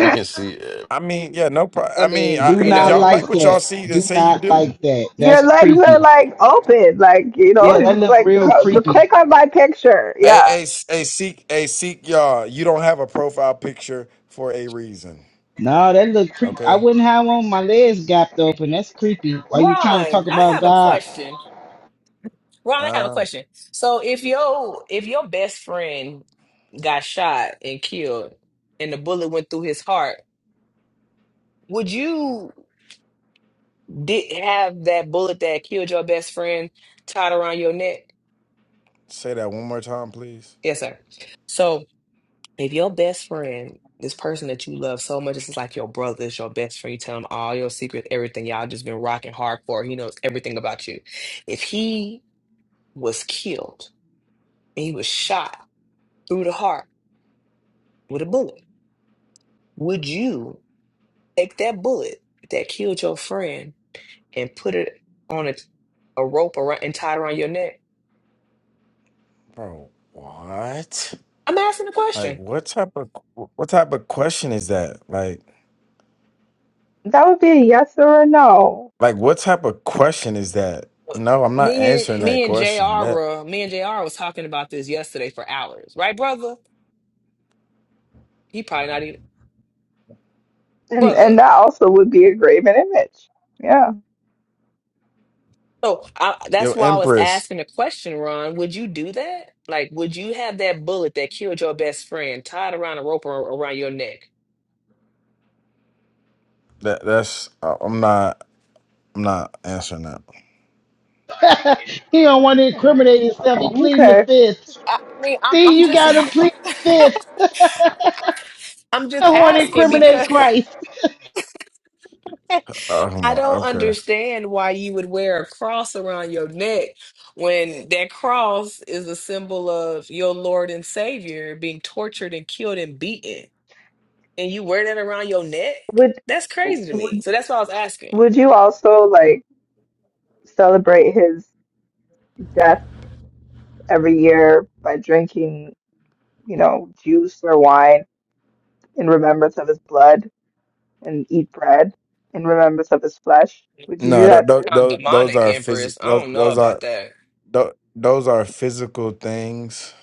[SPEAKER 2] we can see. uh,
[SPEAKER 8] I mean, yeah, no problem.
[SPEAKER 3] I
[SPEAKER 8] I mean,
[SPEAKER 3] mean,
[SPEAKER 8] I,
[SPEAKER 6] Do
[SPEAKER 3] you
[SPEAKER 8] if
[SPEAKER 6] not
[SPEAKER 8] y'all
[SPEAKER 3] know,
[SPEAKER 8] like
[SPEAKER 6] like
[SPEAKER 8] what y'all
[SPEAKER 6] that.
[SPEAKER 3] just,
[SPEAKER 8] see, then
[SPEAKER 6] Do
[SPEAKER 8] say you
[SPEAKER 6] not
[SPEAKER 8] do.
[SPEAKER 6] like that.
[SPEAKER 3] just
[SPEAKER 5] Your
[SPEAKER 3] saying.
[SPEAKER 6] That's
[SPEAKER 5] legs are
[SPEAKER 6] creepy.
[SPEAKER 5] like open, like you know,
[SPEAKER 6] Yeah, that
[SPEAKER 5] it's
[SPEAKER 6] look
[SPEAKER 5] like
[SPEAKER 6] real
[SPEAKER 5] c- the
[SPEAKER 6] creepy.
[SPEAKER 5] click on my picture.
[SPEAKER 8] Hey,
[SPEAKER 5] Yeah,
[SPEAKER 8] hey, s- hey, seek, hey, seek, y'all. You don't have a profile picture for a reason,
[SPEAKER 6] No, that look creepy. I
[SPEAKER 8] okay?
[SPEAKER 6] wouldn't have one of my legs gapped open. That's creepy. Why you trying to
[SPEAKER 3] Ron,
[SPEAKER 6] talk
[SPEAKER 3] I
[SPEAKER 6] about
[SPEAKER 3] have a
[SPEAKER 6] God?
[SPEAKER 3] question. Ron, I have a
[SPEAKER 8] Uh,
[SPEAKER 3] question. So if your if your best friend got shot and killed and the bullet went through his heart, would you did have that bullet that killed your best friend tied around your neck?
[SPEAKER 8] say that one more time, please,
[SPEAKER 3] Yes, sir. So if your best friend, this person that you love so much, this is like your brother, it's your best friend, you tell him all your secrets, everything, y'all just been rocking hardcore, he knows everything about you. If he was killed and he was shot through the heart with a bullet. Would you take that bullet that killed your friend and put it on a, a rope around, and tie it around your neck?
[SPEAKER 8] bro. What?
[SPEAKER 3] I'm asking the
[SPEAKER 8] Like,
[SPEAKER 3] question.
[SPEAKER 8] what type of qu- what type of question is that? Like,
[SPEAKER 5] that would be a yes or a no.
[SPEAKER 8] like what type of question is that? No, I'm not
[SPEAKER 3] Me
[SPEAKER 8] answering
[SPEAKER 3] and
[SPEAKER 8] that
[SPEAKER 3] me and J
[SPEAKER 8] question.
[SPEAKER 3] R.
[SPEAKER 8] That
[SPEAKER 3] were me and J R. was talking about this yesterday for hours, right, brother? He probably not even
[SPEAKER 5] And
[SPEAKER 3] brother.
[SPEAKER 5] and that also would be a graven image. Yeah.
[SPEAKER 3] So I, that's
[SPEAKER 8] Yo,
[SPEAKER 3] why I was
[SPEAKER 8] Empress.
[SPEAKER 3] asking the question, Ron. Would you do that? Like, would you have that bullet that killed your best friend tied around a rope or around your neck?
[SPEAKER 8] That that's uh, I'm not I'm not answering that.
[SPEAKER 6] He don't want to incriminate
[SPEAKER 5] Mm,
[SPEAKER 6] himself. He pleading the
[SPEAKER 5] Okay.
[SPEAKER 6] fifth.
[SPEAKER 3] I mean, I'm
[SPEAKER 6] See,
[SPEAKER 3] I'm
[SPEAKER 6] you
[SPEAKER 3] just
[SPEAKER 6] got him pleading the fifth. I
[SPEAKER 3] I'm just
[SPEAKER 6] don't want to
[SPEAKER 3] asking
[SPEAKER 6] incriminate
[SPEAKER 3] because
[SPEAKER 6] Christ.
[SPEAKER 3] I
[SPEAKER 8] Oh, come
[SPEAKER 3] don't
[SPEAKER 8] Okay.
[SPEAKER 3] understand why you would wear a cross around your neck when that cross is a symbol of your Lord and Savior being tortured and killed and beaten. And you wear that around your neck?
[SPEAKER 5] Would
[SPEAKER 3] That's crazy to me.
[SPEAKER 5] would
[SPEAKER 3] So that's why I was asking.
[SPEAKER 5] would you also like celebrate his death every year by drinking, you know, juice or wine in remembrance of his blood and eat bread in remembrance of his flesh? Would you do
[SPEAKER 8] No, th-
[SPEAKER 5] that
[SPEAKER 8] th-
[SPEAKER 5] too?
[SPEAKER 3] Kind of
[SPEAKER 8] those those
[SPEAKER 3] demonic,
[SPEAKER 8] are phys-
[SPEAKER 3] Empress. I
[SPEAKER 8] those
[SPEAKER 3] don't know
[SPEAKER 8] those are
[SPEAKER 3] about that.
[SPEAKER 8] th- those are physical things.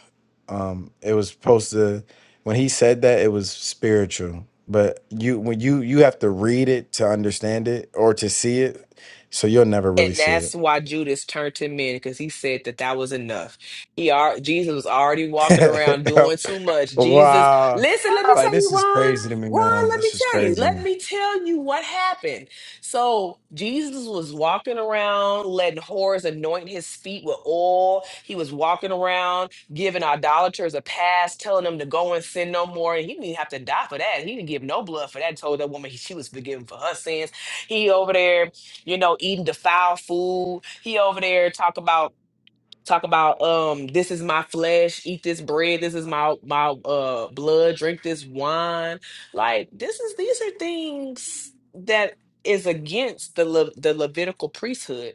[SPEAKER 8] Um it was supposed to when he said that it was spiritual. But you when you you have to read it to understand it or to see it. So you'll never really
[SPEAKER 3] And
[SPEAKER 8] see
[SPEAKER 3] that's why Judas turned him in because he said that that was enough. He are Jesus was already walking
[SPEAKER 8] it.
[SPEAKER 3] around doing too much. Jesus,
[SPEAKER 8] wow.
[SPEAKER 3] listen, let me
[SPEAKER 8] Like
[SPEAKER 3] tell
[SPEAKER 8] this
[SPEAKER 3] you,
[SPEAKER 8] is
[SPEAKER 3] Ron,
[SPEAKER 8] crazy to me,
[SPEAKER 3] Ron,
[SPEAKER 8] man.
[SPEAKER 3] let me
[SPEAKER 8] This is
[SPEAKER 3] tell you,
[SPEAKER 8] crazy.
[SPEAKER 3] let me tell you what happened. So Jesus was walking around, letting whores anoint his feet with oil. He was walking around, giving idolaters a pass, telling them to go and sin no more. And he didn't even have to die for that. He didn't give no blood for that. Told that woman she was forgiven for her sins. He over there you know, eating defiled food. He over there talk about talk about um this is my flesh, eat this bread, this is my my uh blood, drink this wine. Like this is these are things that is against the Le- the Levitical priesthood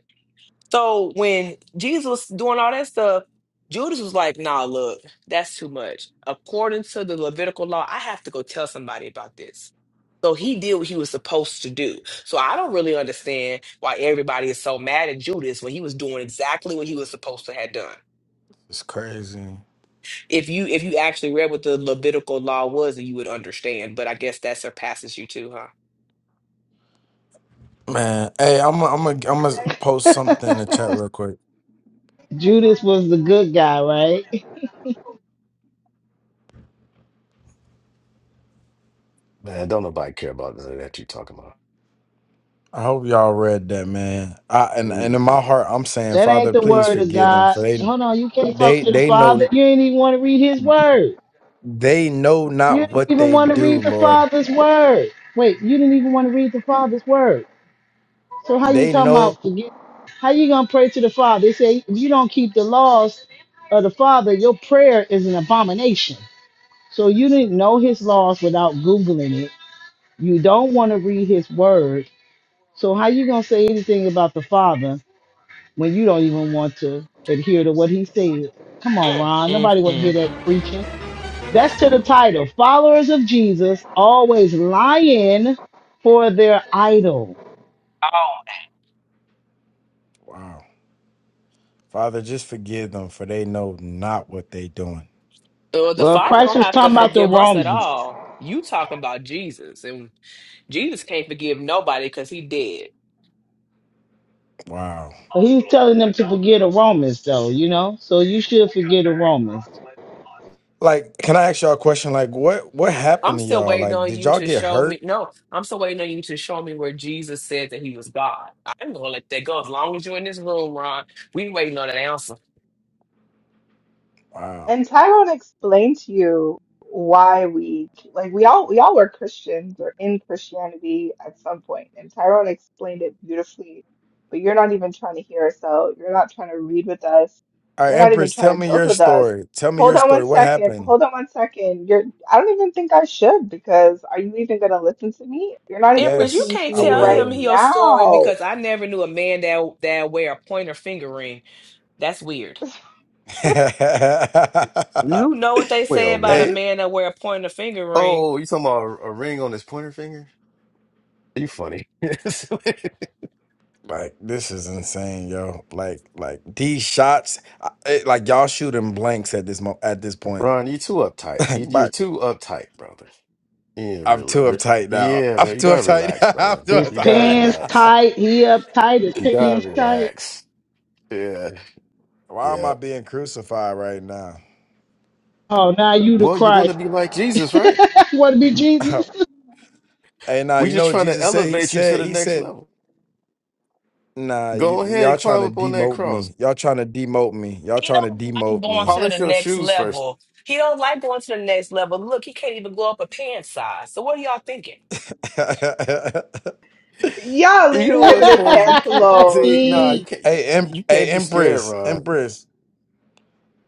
[SPEAKER 3] so when Jesus was doing all that stuff, Judas was like, nah, look, that's too much. According to the Levitical law, I have to go tell somebody about this. So he did what he was supposed to do. So I don't really understand why everybody is so mad at Judas when he was doing exactly what he was supposed to have done.
[SPEAKER 8] It's crazy.
[SPEAKER 3] If you if you actually read what the Levitical law was, then you would understand. But I guess that surpasses you too, huh?
[SPEAKER 8] Man, hey, I'm i I'm i am I'm gonna post something in the chat real quick.
[SPEAKER 6] Judas was the good guy, right?
[SPEAKER 2] Man, don't nobody care about none of that you talking about.
[SPEAKER 8] I hope y'all read that, man. I and, and
[SPEAKER 2] Mm,
[SPEAKER 8] in
[SPEAKER 2] uh,
[SPEAKER 8] my heart, I'm saying,
[SPEAKER 6] That ain't
[SPEAKER 8] Father,
[SPEAKER 6] the
[SPEAKER 8] please
[SPEAKER 6] word of
[SPEAKER 8] forgive them
[SPEAKER 6] God.
[SPEAKER 8] for they
[SPEAKER 6] Hold on, you can't talk
[SPEAKER 8] they
[SPEAKER 6] to the
[SPEAKER 8] they
[SPEAKER 6] Father.
[SPEAKER 8] know
[SPEAKER 6] You ain't even want to read his word.
[SPEAKER 8] they know not
[SPEAKER 6] You didn't
[SPEAKER 8] what
[SPEAKER 6] even
[SPEAKER 8] they
[SPEAKER 6] want to
[SPEAKER 8] do,
[SPEAKER 6] read the
[SPEAKER 8] Lord.
[SPEAKER 6] Father's word. Wait, you didn't even want to read the Father's word. So how you
[SPEAKER 8] They
[SPEAKER 6] talking
[SPEAKER 8] know.
[SPEAKER 6] about forget? How you gonna pray to the Father? They say if you don't keep the laws of the Father, your prayer is an abomination. So you didn't know his laws without googling it. You don't want to read his word. So how you gonna say anything about the Father when you don't even want to adhere to what he said. Come on,
[SPEAKER 3] Mm,
[SPEAKER 6] Ron.
[SPEAKER 3] mm,
[SPEAKER 6] Nobody want to hear
[SPEAKER 3] mm.
[SPEAKER 6] that preaching. That's to the title. Followers of Jesus always lying for their idol.
[SPEAKER 3] Oh,
[SPEAKER 8] Wow, Father, just forgive them for they know not what they doing.
[SPEAKER 3] so the
[SPEAKER 6] Well,
[SPEAKER 3] Father
[SPEAKER 6] Christ
[SPEAKER 3] don't
[SPEAKER 6] was
[SPEAKER 3] have to
[SPEAKER 6] talking about the
[SPEAKER 3] forgive us at
[SPEAKER 6] Romans.
[SPEAKER 3] all. You talking about Jesus, and? Jesus can't forgive nobody because he dead.
[SPEAKER 8] Wow.
[SPEAKER 6] But he's telling them to forget the Romans, though, you know? So you should forget the Romans.
[SPEAKER 8] Like, can I ask y'all a question? Like, what what
[SPEAKER 3] I'm
[SPEAKER 8] happened to
[SPEAKER 3] still
[SPEAKER 8] y'all?
[SPEAKER 3] waiting
[SPEAKER 8] Like,
[SPEAKER 3] on
[SPEAKER 8] did
[SPEAKER 3] you
[SPEAKER 8] y'all
[SPEAKER 3] to
[SPEAKER 8] get
[SPEAKER 3] show
[SPEAKER 8] hurt?
[SPEAKER 3] me. No, I'm still waiting on you to show me where Jesus said that he was God. I'm gonna let that go as long as you're in this room, Ron. We waiting on an answer.
[SPEAKER 8] Wow.
[SPEAKER 5] And Tyrone explained to you why we like we all we all were Christians or in Christianity at some point, and Tyrone explained it beautifully. But you're not even trying to hear us out. You're not trying to read with us.
[SPEAKER 8] All right,
[SPEAKER 5] You're not even
[SPEAKER 8] Empress, tell
[SPEAKER 5] trying to
[SPEAKER 8] me
[SPEAKER 5] build
[SPEAKER 8] your
[SPEAKER 5] with us.
[SPEAKER 8] story. Tell me
[SPEAKER 5] Hold
[SPEAKER 8] your
[SPEAKER 5] on one
[SPEAKER 8] story. What
[SPEAKER 5] second.
[SPEAKER 8] happened?
[SPEAKER 5] Hold on one second. You're I don't even think I should because are you even gonna listen to me? You're not even
[SPEAKER 3] Empress, you
[SPEAKER 8] Yes,
[SPEAKER 5] listening to
[SPEAKER 3] can't
[SPEAKER 8] I
[SPEAKER 5] me
[SPEAKER 3] tell
[SPEAKER 5] right
[SPEAKER 3] him
[SPEAKER 8] will.
[SPEAKER 3] your story
[SPEAKER 5] now.
[SPEAKER 3] because I never knew a man that that wear a pointer finger ring. That's weird. You know what they say
[SPEAKER 2] Well,
[SPEAKER 3] about a
[SPEAKER 8] hey,
[SPEAKER 2] what?
[SPEAKER 3] man that wear a pointer finger ring?
[SPEAKER 2] Oh, you talking about a, a ring on his pointer finger? You funny,
[SPEAKER 8] like this is insane, yo. Like, like these shots, I, it, like y'all shooting blanks at this mo- at this point.
[SPEAKER 2] Ron. You too uptight. You, you're
[SPEAKER 8] but
[SPEAKER 2] too uptight, brother. Yeah,
[SPEAKER 8] I'm
[SPEAKER 2] rela
[SPEAKER 8] too
[SPEAKER 2] re-
[SPEAKER 8] uptight now.
[SPEAKER 2] yeah,
[SPEAKER 8] I'm
[SPEAKER 2] man. You
[SPEAKER 8] too
[SPEAKER 2] gotta
[SPEAKER 8] uptight.
[SPEAKER 2] relax,
[SPEAKER 8] I'm
[SPEAKER 2] brother.
[SPEAKER 6] His
[SPEAKER 8] too
[SPEAKER 2] You gotta
[SPEAKER 6] pants
[SPEAKER 2] relax.
[SPEAKER 8] uptight.
[SPEAKER 6] tight. He uptight. His
[SPEAKER 2] You gotta
[SPEAKER 6] pants tight.
[SPEAKER 2] relax. Yeah,
[SPEAKER 8] Why am
[SPEAKER 2] yeah.
[SPEAKER 8] I being crucified right now?
[SPEAKER 6] Oh, now you the
[SPEAKER 2] Well, you want to
[SPEAKER 6] Christ.
[SPEAKER 2] be like Jesus, right?
[SPEAKER 6] want to be Jesus?
[SPEAKER 8] hey, nah,
[SPEAKER 2] We
[SPEAKER 8] you know
[SPEAKER 2] just
[SPEAKER 8] what
[SPEAKER 2] trying to
[SPEAKER 8] Jesus said? He
[SPEAKER 2] elevate you to
[SPEAKER 8] said,
[SPEAKER 2] the
[SPEAKER 8] he
[SPEAKER 2] next
[SPEAKER 8] said,
[SPEAKER 2] level.
[SPEAKER 8] nah,
[SPEAKER 2] Go
[SPEAKER 8] y-
[SPEAKER 2] ahead
[SPEAKER 8] y'all
[SPEAKER 2] and
[SPEAKER 8] trying
[SPEAKER 2] climb
[SPEAKER 8] to
[SPEAKER 2] up on that
[SPEAKER 8] demote
[SPEAKER 2] cross.
[SPEAKER 8] me. Y'all trying to demote me. Y'all
[SPEAKER 3] He
[SPEAKER 8] trying to
[SPEAKER 3] don't like
[SPEAKER 8] demote
[SPEAKER 3] going
[SPEAKER 8] me.
[SPEAKER 3] to
[SPEAKER 2] Polish
[SPEAKER 3] the
[SPEAKER 2] your
[SPEAKER 3] next
[SPEAKER 2] shoes first.
[SPEAKER 3] level. He don't like going to the next level. Look, he can't even go up a pant size. So what are y'all thinking?
[SPEAKER 8] hey,
[SPEAKER 5] Yeah,
[SPEAKER 2] You
[SPEAKER 5] leave
[SPEAKER 2] know
[SPEAKER 5] him and
[SPEAKER 2] what's
[SPEAKER 5] his
[SPEAKER 2] crazy?
[SPEAKER 5] pants
[SPEAKER 2] See,
[SPEAKER 5] alone.
[SPEAKER 2] nah,
[SPEAKER 6] Eat.
[SPEAKER 2] you can't. You
[SPEAKER 8] em-
[SPEAKER 2] you
[SPEAKER 8] hey,
[SPEAKER 2] can't be scared,
[SPEAKER 8] Empress,
[SPEAKER 2] Ron.
[SPEAKER 8] Empress.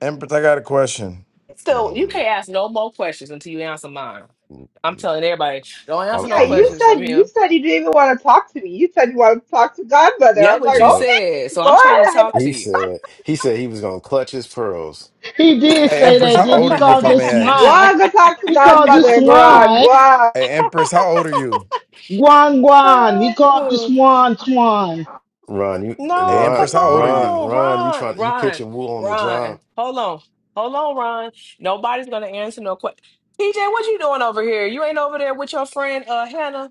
[SPEAKER 8] Empress, I got a question.
[SPEAKER 3] Still, you
[SPEAKER 2] Mm,
[SPEAKER 3] can't ask no more questions until you answer mine.
[SPEAKER 2] mm,
[SPEAKER 3] I'm
[SPEAKER 2] mm.
[SPEAKER 3] telling everybody, don't answer
[SPEAKER 2] I'm,
[SPEAKER 3] no
[SPEAKER 5] Yeah,
[SPEAKER 2] I'm
[SPEAKER 5] you
[SPEAKER 2] not.
[SPEAKER 3] questions
[SPEAKER 5] said
[SPEAKER 3] from
[SPEAKER 5] you
[SPEAKER 3] him.
[SPEAKER 5] said you didn't even want to talk to me. You said you want to talk to Godmother. I
[SPEAKER 3] That's
[SPEAKER 5] was
[SPEAKER 3] what
[SPEAKER 5] like,
[SPEAKER 3] you
[SPEAKER 2] Yep.
[SPEAKER 5] okay,
[SPEAKER 3] said. So I'm
[SPEAKER 5] go
[SPEAKER 3] trying to
[SPEAKER 5] ahead.
[SPEAKER 3] talk to
[SPEAKER 2] He
[SPEAKER 3] you.
[SPEAKER 2] said. He said he was gonna clutch his pearls.
[SPEAKER 6] He did
[SPEAKER 8] Hey,
[SPEAKER 6] say
[SPEAKER 8] Empress,
[SPEAKER 6] that,
[SPEAKER 8] how
[SPEAKER 6] did he?
[SPEAKER 8] old are you, if
[SPEAKER 6] called
[SPEAKER 8] I
[SPEAKER 6] you
[SPEAKER 8] may
[SPEAKER 5] Go
[SPEAKER 8] ask?
[SPEAKER 6] swine.
[SPEAKER 5] on, go talk to
[SPEAKER 6] He called you
[SPEAKER 5] Godmother, Ron. Go
[SPEAKER 6] swine.
[SPEAKER 8] Hey, Empress, how old are you?
[SPEAKER 6] Guan guan. He called you
[SPEAKER 3] Oh,
[SPEAKER 6] swan swan.
[SPEAKER 2] Ron, you,
[SPEAKER 8] Hey,
[SPEAKER 3] no, come
[SPEAKER 8] Empress,
[SPEAKER 2] Ron,
[SPEAKER 8] how old are
[SPEAKER 2] Ron,
[SPEAKER 8] you?
[SPEAKER 3] on,
[SPEAKER 2] Ron, you
[SPEAKER 3] Ron,
[SPEAKER 2] trying? You
[SPEAKER 3] Ron,
[SPEAKER 2] pitching wool on the
[SPEAKER 3] Ron.
[SPEAKER 2] job?
[SPEAKER 3] Hold on, hold on, Ron. Nobody's gonna answer no question. TJ, what you doing over here? You ain't over there with your friend uh Hannah